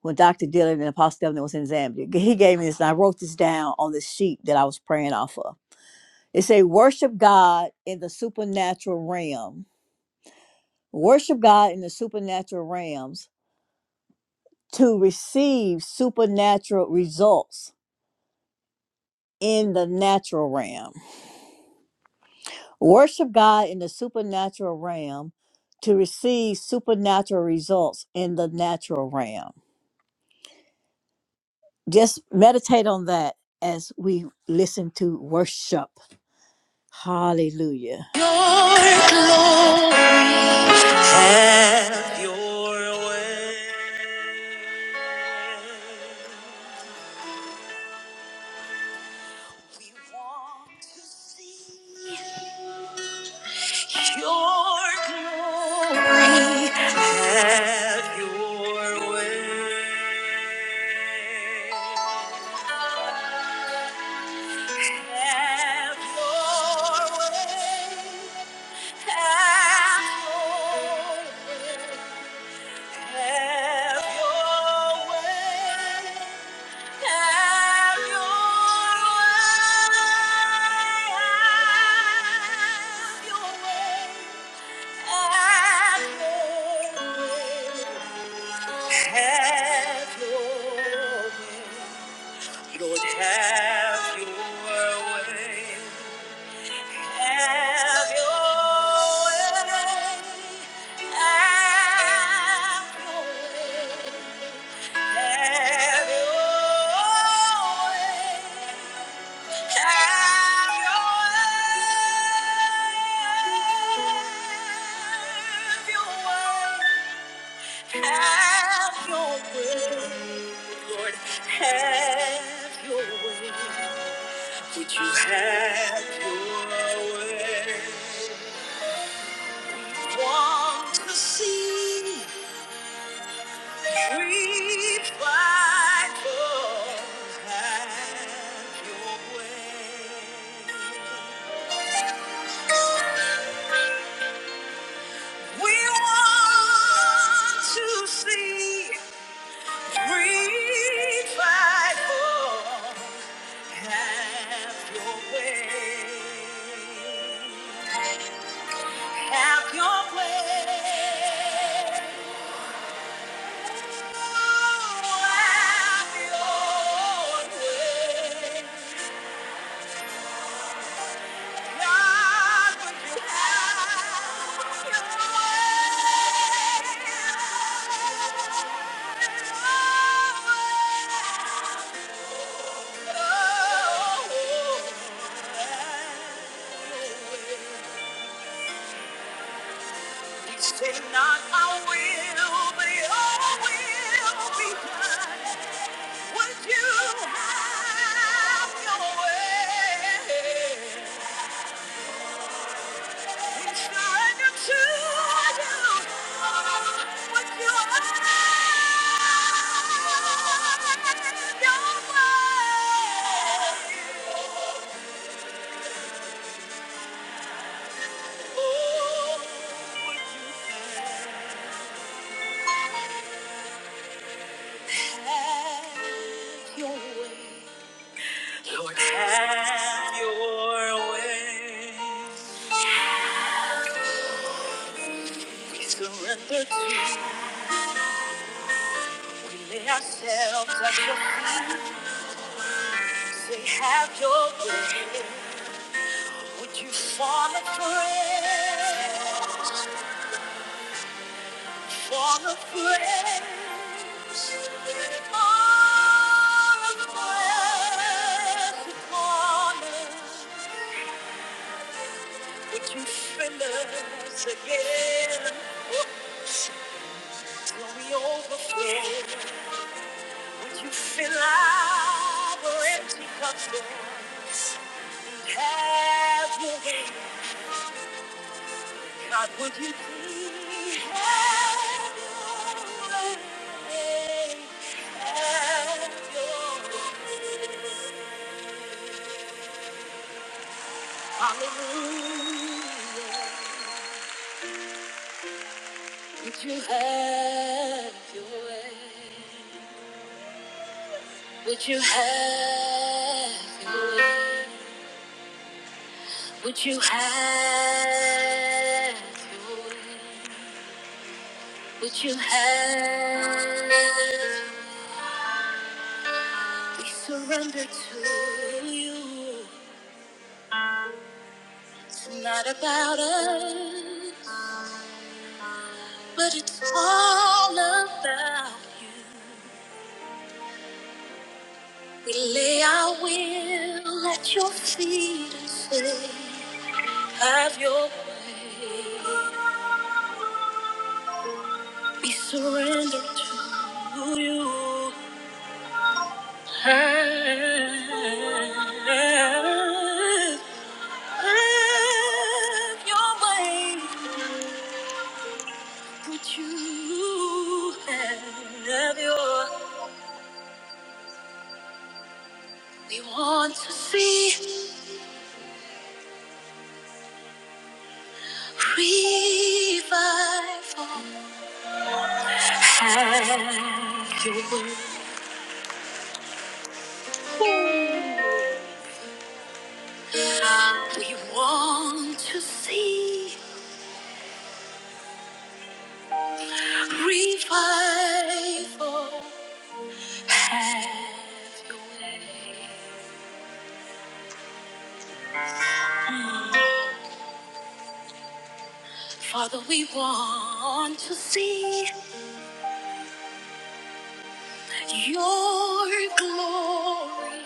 when Dr. Dillon and Apostle Devlin was in Zambia. He gave me this and I wrote this down on the sheet that I was praying off of. It say, worship God in the supernatural realm. Worship God in the supernatural realms to receive supernatural results in the natural realm. Worship God in the supernatural realm to receive supernatural results in the natural realm. Just meditate on that as we listen to worship. Hallelujah. We want to see your glory. Have your way. Have your way. Have your way. Have your way. Have your way. Have your way. Have Have your your way. Have your way. Lord, have your way. Have your way. Have your way. Have your way. Have your way. Have your way, Lord, have your way. Would you have your way? Want to see revival? Have your way. We want to see. We fight for have your way. Have your way. Oh, have your way. Say not I will, but your will be done. Would you have your way? Lord, have your way. We surrender to you. We lay ourselves at your feet. Say, have your way. Would you fall afresh? Fall afresh. Fall afresh upon us. Would you fill us again? Till we overflow. Would you fill our empty cups, Lord? Have your way. God, would you please have your way? Have your way. Hallelujah. Would you have your way? Would you have your way? Would you have your way? Would you have? We surrender to you. It's not about us, but it's all about you. We lay our will at your feet and say, Have your way. We surrender to you. Have, have your way. Would you have your? We want to see. Revival. Have your way. We want to see revival. Have your way. Father, we want to see your glory.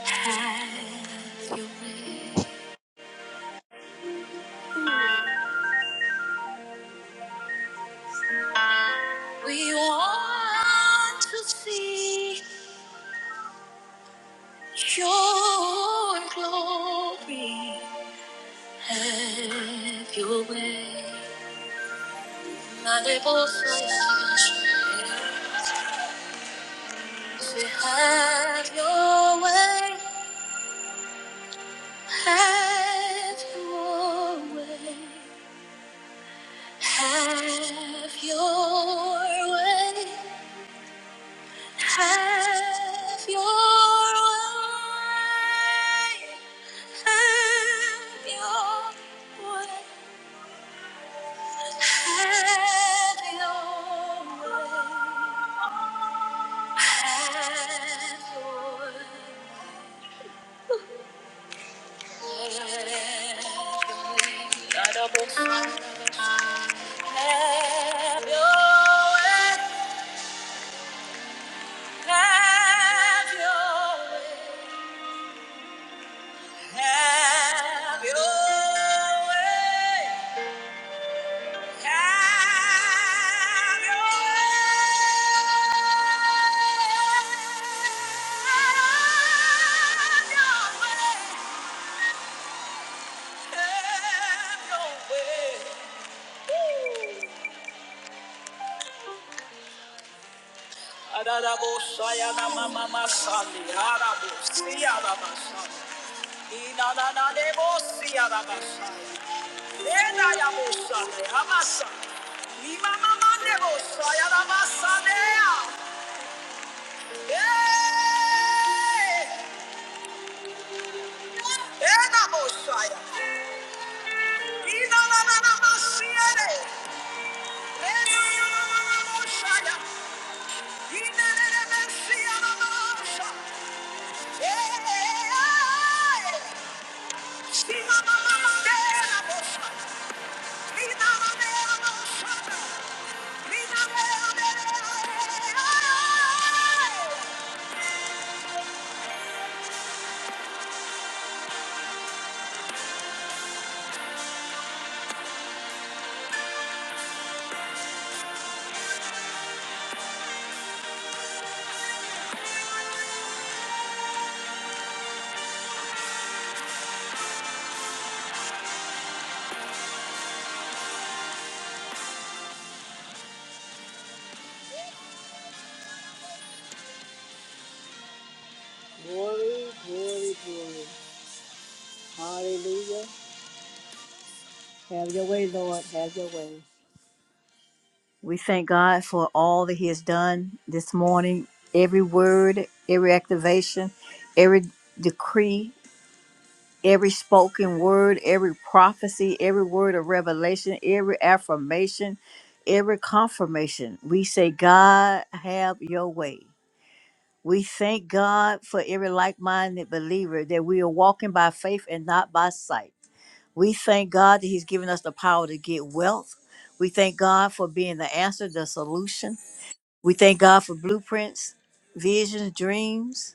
Have your way. We want to see Your glory, have your way. Unable to have your way, have your way, have your way. Have your way. Have your way. Have your way. Have Have Have your your your way. way. way. Have your way. Have your way. Have your way. Have your way. Woo. Ararabo sayana mama masani arabo siyara masani. Inana na nebo siyara masani. Ena yabo sani amasa. Lima mama nebo sayana masani ya. Eh, ena bo saya. Inana na na masiyere. Ena na na na na bo saya. Inana na na siyara Glory, glory, glory. Hallelujah. Have your way, Lord. Have your way. We thank God for all that He has done this morning. Every word, every activation, every decree, every spoken word, every prophecy, every word of revelation, every affirmation, every confirmation. We say, God, have your way. We thank God for every like minded believer that we are walking by faith and not by sight. We thank God that He's given us the power to get wealth. We thank God for being the answer, the solution. We thank God for blueprints, visions, dreams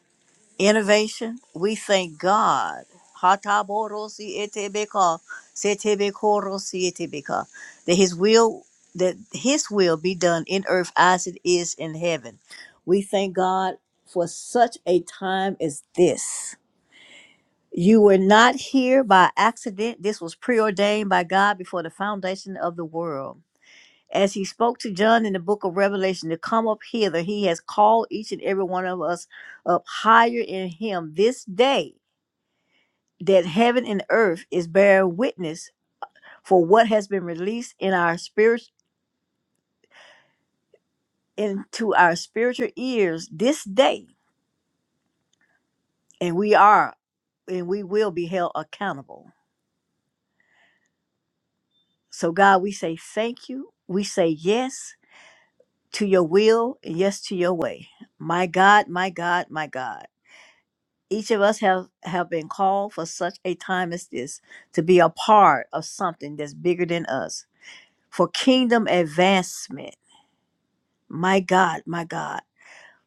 innovation. We thank God. Hataborosi etebeka, setebekorosi etebeka. That his will that his will be done in earth as it is in heaven. We thank God for such a time as this. You were not here by accident. This was preordained by God before the foundation of the world. As he spoke to John in the book of Revelation to come up hither, he has called each and every one of us up higher in him this day that heaven and earth is bearing witness for what has been released in our spirit into our spiritual ears this day. And we are and we will be held accountable. So God, we say thank you. We say yes to your will and yes to your way. My God, my God, my God. Each of us have, have been called for such a time as this to be a part of something that's bigger than us for kingdom advancement. My God, my God.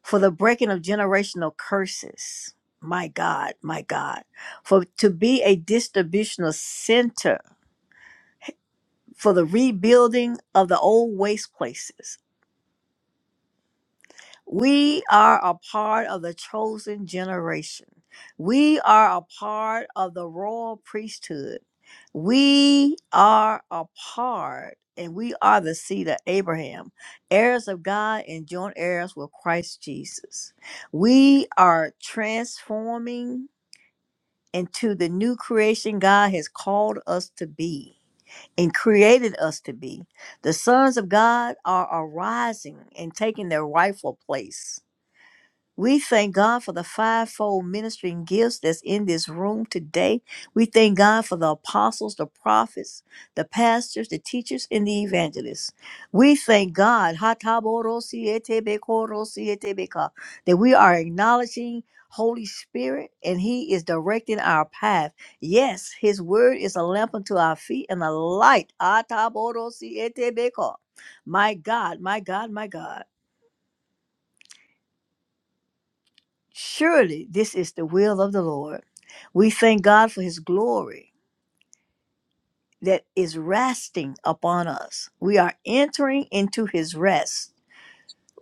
For the breaking of generational curses. My God, my God. For to be a distributional center for the rebuilding of the old waste places We are a part of the chosen generation. We are a part of the royal priesthood. We are a part, and we are the seed of Abraham, heirs of God and joint heirs with Christ Jesus. We are transforming into the new creation God has called us to be and created us to be. The sons of God are arising and taking their rightful place. We thank God for the fivefold ministering gifts that's in this room today. We thank God for the apostles, the prophets, the pastors, the teachers, and the evangelists. We thank God [laughs] that we are acknowledging Holy Spirit and He is directing our path. Yes, His word is a lamp unto our feet and a light. [laughs] My God, my God, my God. Surely this is the will of the Lord. We thank God for his glory that is resting upon us. We are entering into his rest.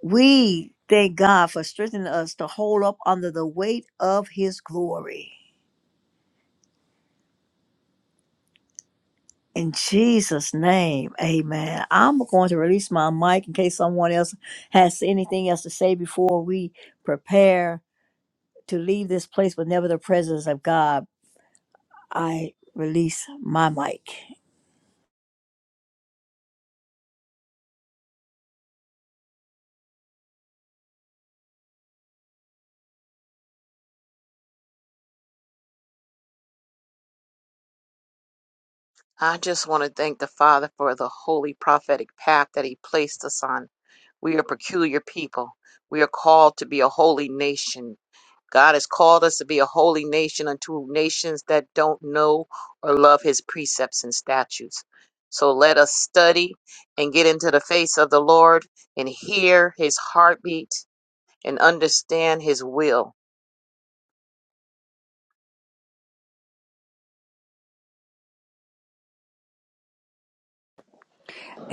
We thank God for strengthening us to hold up under the weight of his glory. In Jesus' name, amen. I'm going to release my mic in case someone else has anything else to say before we prepare to leave this place, but never the presence of God. I release my mic.
I just want to thank the Father for the holy prophetic path that he placed us on. We are peculiar people. We are called to be a holy nation. God has called us to be a holy nation unto nations that don't know or love his precepts and statutes. So let us study and get into the face of the Lord and hear his heartbeat and understand his will.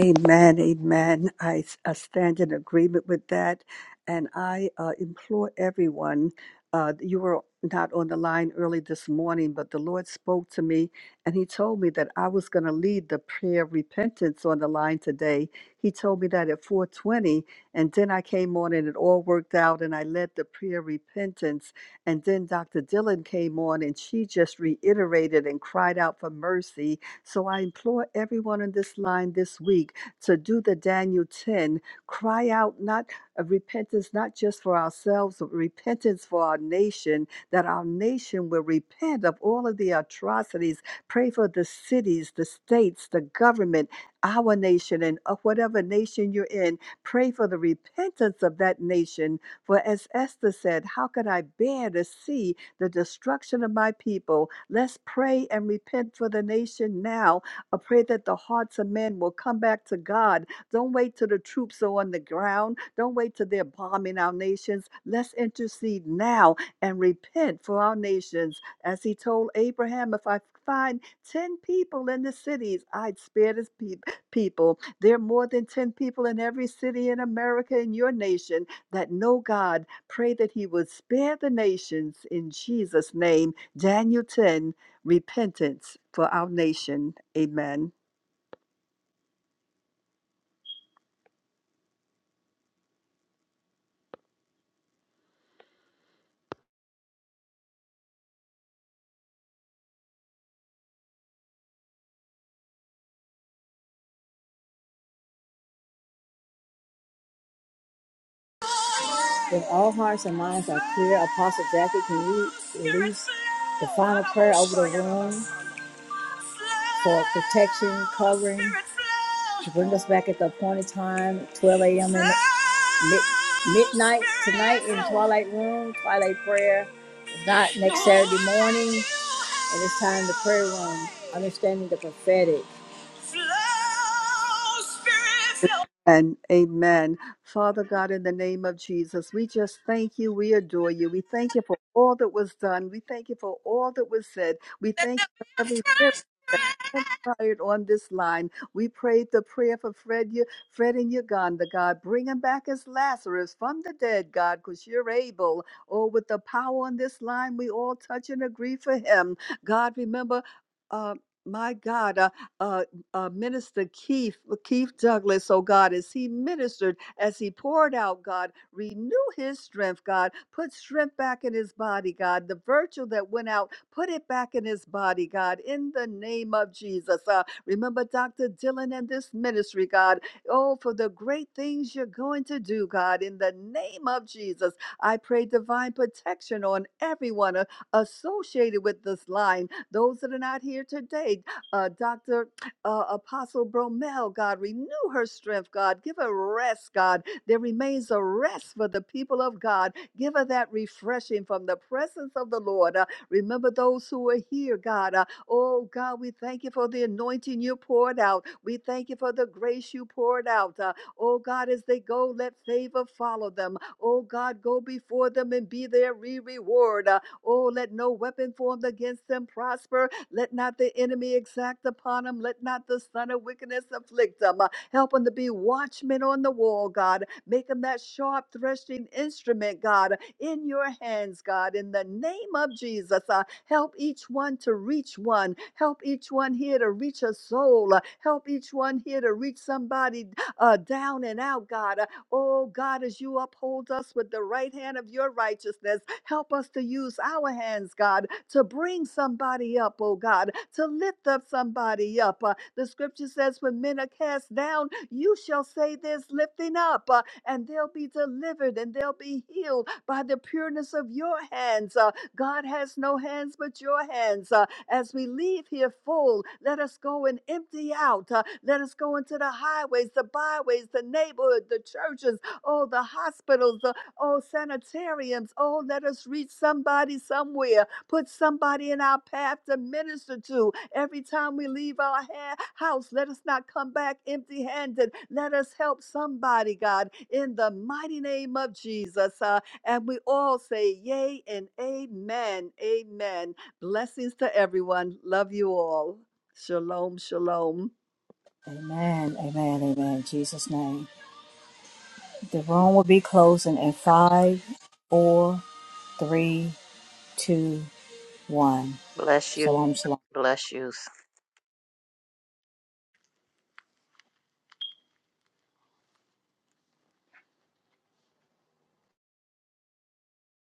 Amen, amen. I, I stand in agreement with that. And I uh, implore everyone, uh, you were not on the line early this morning, but the Lord spoke to me and He told me that I was going to lead the prayer of repentance on the line today. He told me that at 420. And then I came on and it all worked out and I led the prayer of repentance. And then Dr. Dillon came on and she just reiterated and cried out for mercy so I implore everyone on this line this week to do the Daniel 10, cry out not a repentance, not just for ourselves, but repentance for our nation, that our nation will repent of all of the atrocities. Pray for the cities, the states, the government, our nation, and of whatever nation you're in. Pray for the repentance of that nation. For as Esther said, how could I bear to see? the destruction of my people. Let's pray and repent for the nation now. I pray that the hearts of men will come back to God. Don't wait till the troops are on the ground. Don't wait till they're bombing our nations. Let's intercede now and repent for our nations. As he told Abraham, if I find 10 people in the cities, I'd spare this peop people. There are more than 10 people in every city in America in your nation that no God pray that he would spare the nations in Jesus' name. Daniel 10, repentance for our nation. Amen.
If all hearts and minds are clear, Apostle Jackie, can you release the final prayer over the room for protection, covering, to bring us back at the appointed time, 12 a.m. in mid- midnight tonight in Twilight Room, Twilight Prayer. If not, next Saturday morning, and it's time the prayer room, understanding the prophetic. Flow, Spirit, flow,
And amen. Father God, in the name of Jesus, we just thank you. We adore you. We thank you for all that was done. We thank you for all that was said. We
let
thank
there
you
be
for
a
every miracle
fresh
that
breath.
transpired on this line. We prayed the prayer for Fred, U- Fred and Uganda, God. Bring him back as Lazarus from the dead, God, because you're able. Oh, with the power on this line, we all touch and agree for him. God, remember, uh, my God, uh, uh, uh, Minister Keith, Keith Douglas, oh God, as he ministered, as he poured out, God, renew his strength, God, put strength back in his body, God, the virtue that went out, put it back in his body, God, in the name of Jesus. Uh, remember Dr. Dylan and this ministry, God, oh, for the great things you're going to do, God, in the name of Jesus. I pray divine protection on everyone uh, associated with this line, those that are not here today, uh, Dr uh, Apostle Bromel, God. Renew her strength, God. Give her rest, God. There remains a rest for the people of God. Give her that refreshing from the presence of the Lord. Uh, remember those who are here, God. Uh, oh, God, we thank you for the anointing you poured out. We thank you for the grace you poured out. Uh, oh, God, as they go, let favor follow them. Oh, God, go before them and be their re reward. Uh, oh, let no weapon formed against them prosper let not the enemy exact upon them. Let not the son of wickedness afflict them. Help them to be watchmen on the wall, God. Make them that sharp threshing instrument, God, in your hands, God, in the name of Jesus. Uh, help each one to reach one. Help each one here to reach a soul. Uh, help each one here to reach somebody uh, down and out, God. Uh, Oh God, as you uphold us with the right hand of your righteousness, help us to use our hands, God, to bring somebody up, oh God, to lift up somebody up. Uh, the scripture says, When men are cast down, you shall say this lifting up, uh, and they'll be delivered and they'll be healed by the pureness of your hands. Uh, God has no hands but your hands. Uh, as we leave here full, let us go and empty out. Uh, let us go into the highways, the byways, the neighborhood, the churches, oh, the hospitals, the oh, sanitariums. Oh, let us reach somebody somewhere. Put somebody in our path to minister to. Every time we leave our ha- house, let us not come back empty handed. Let us help somebody, God, in the mighty name of Jesus. Uh, and we all say, Yay and Amen. Amen. Blessings to everyone. Love you all. Shalom, shalom.
Amen. Amen. Amen. In Jesus' name. The room will be closing in five, four, three, two, one.
Bless you.
Shalom. Shalom.
Bless you.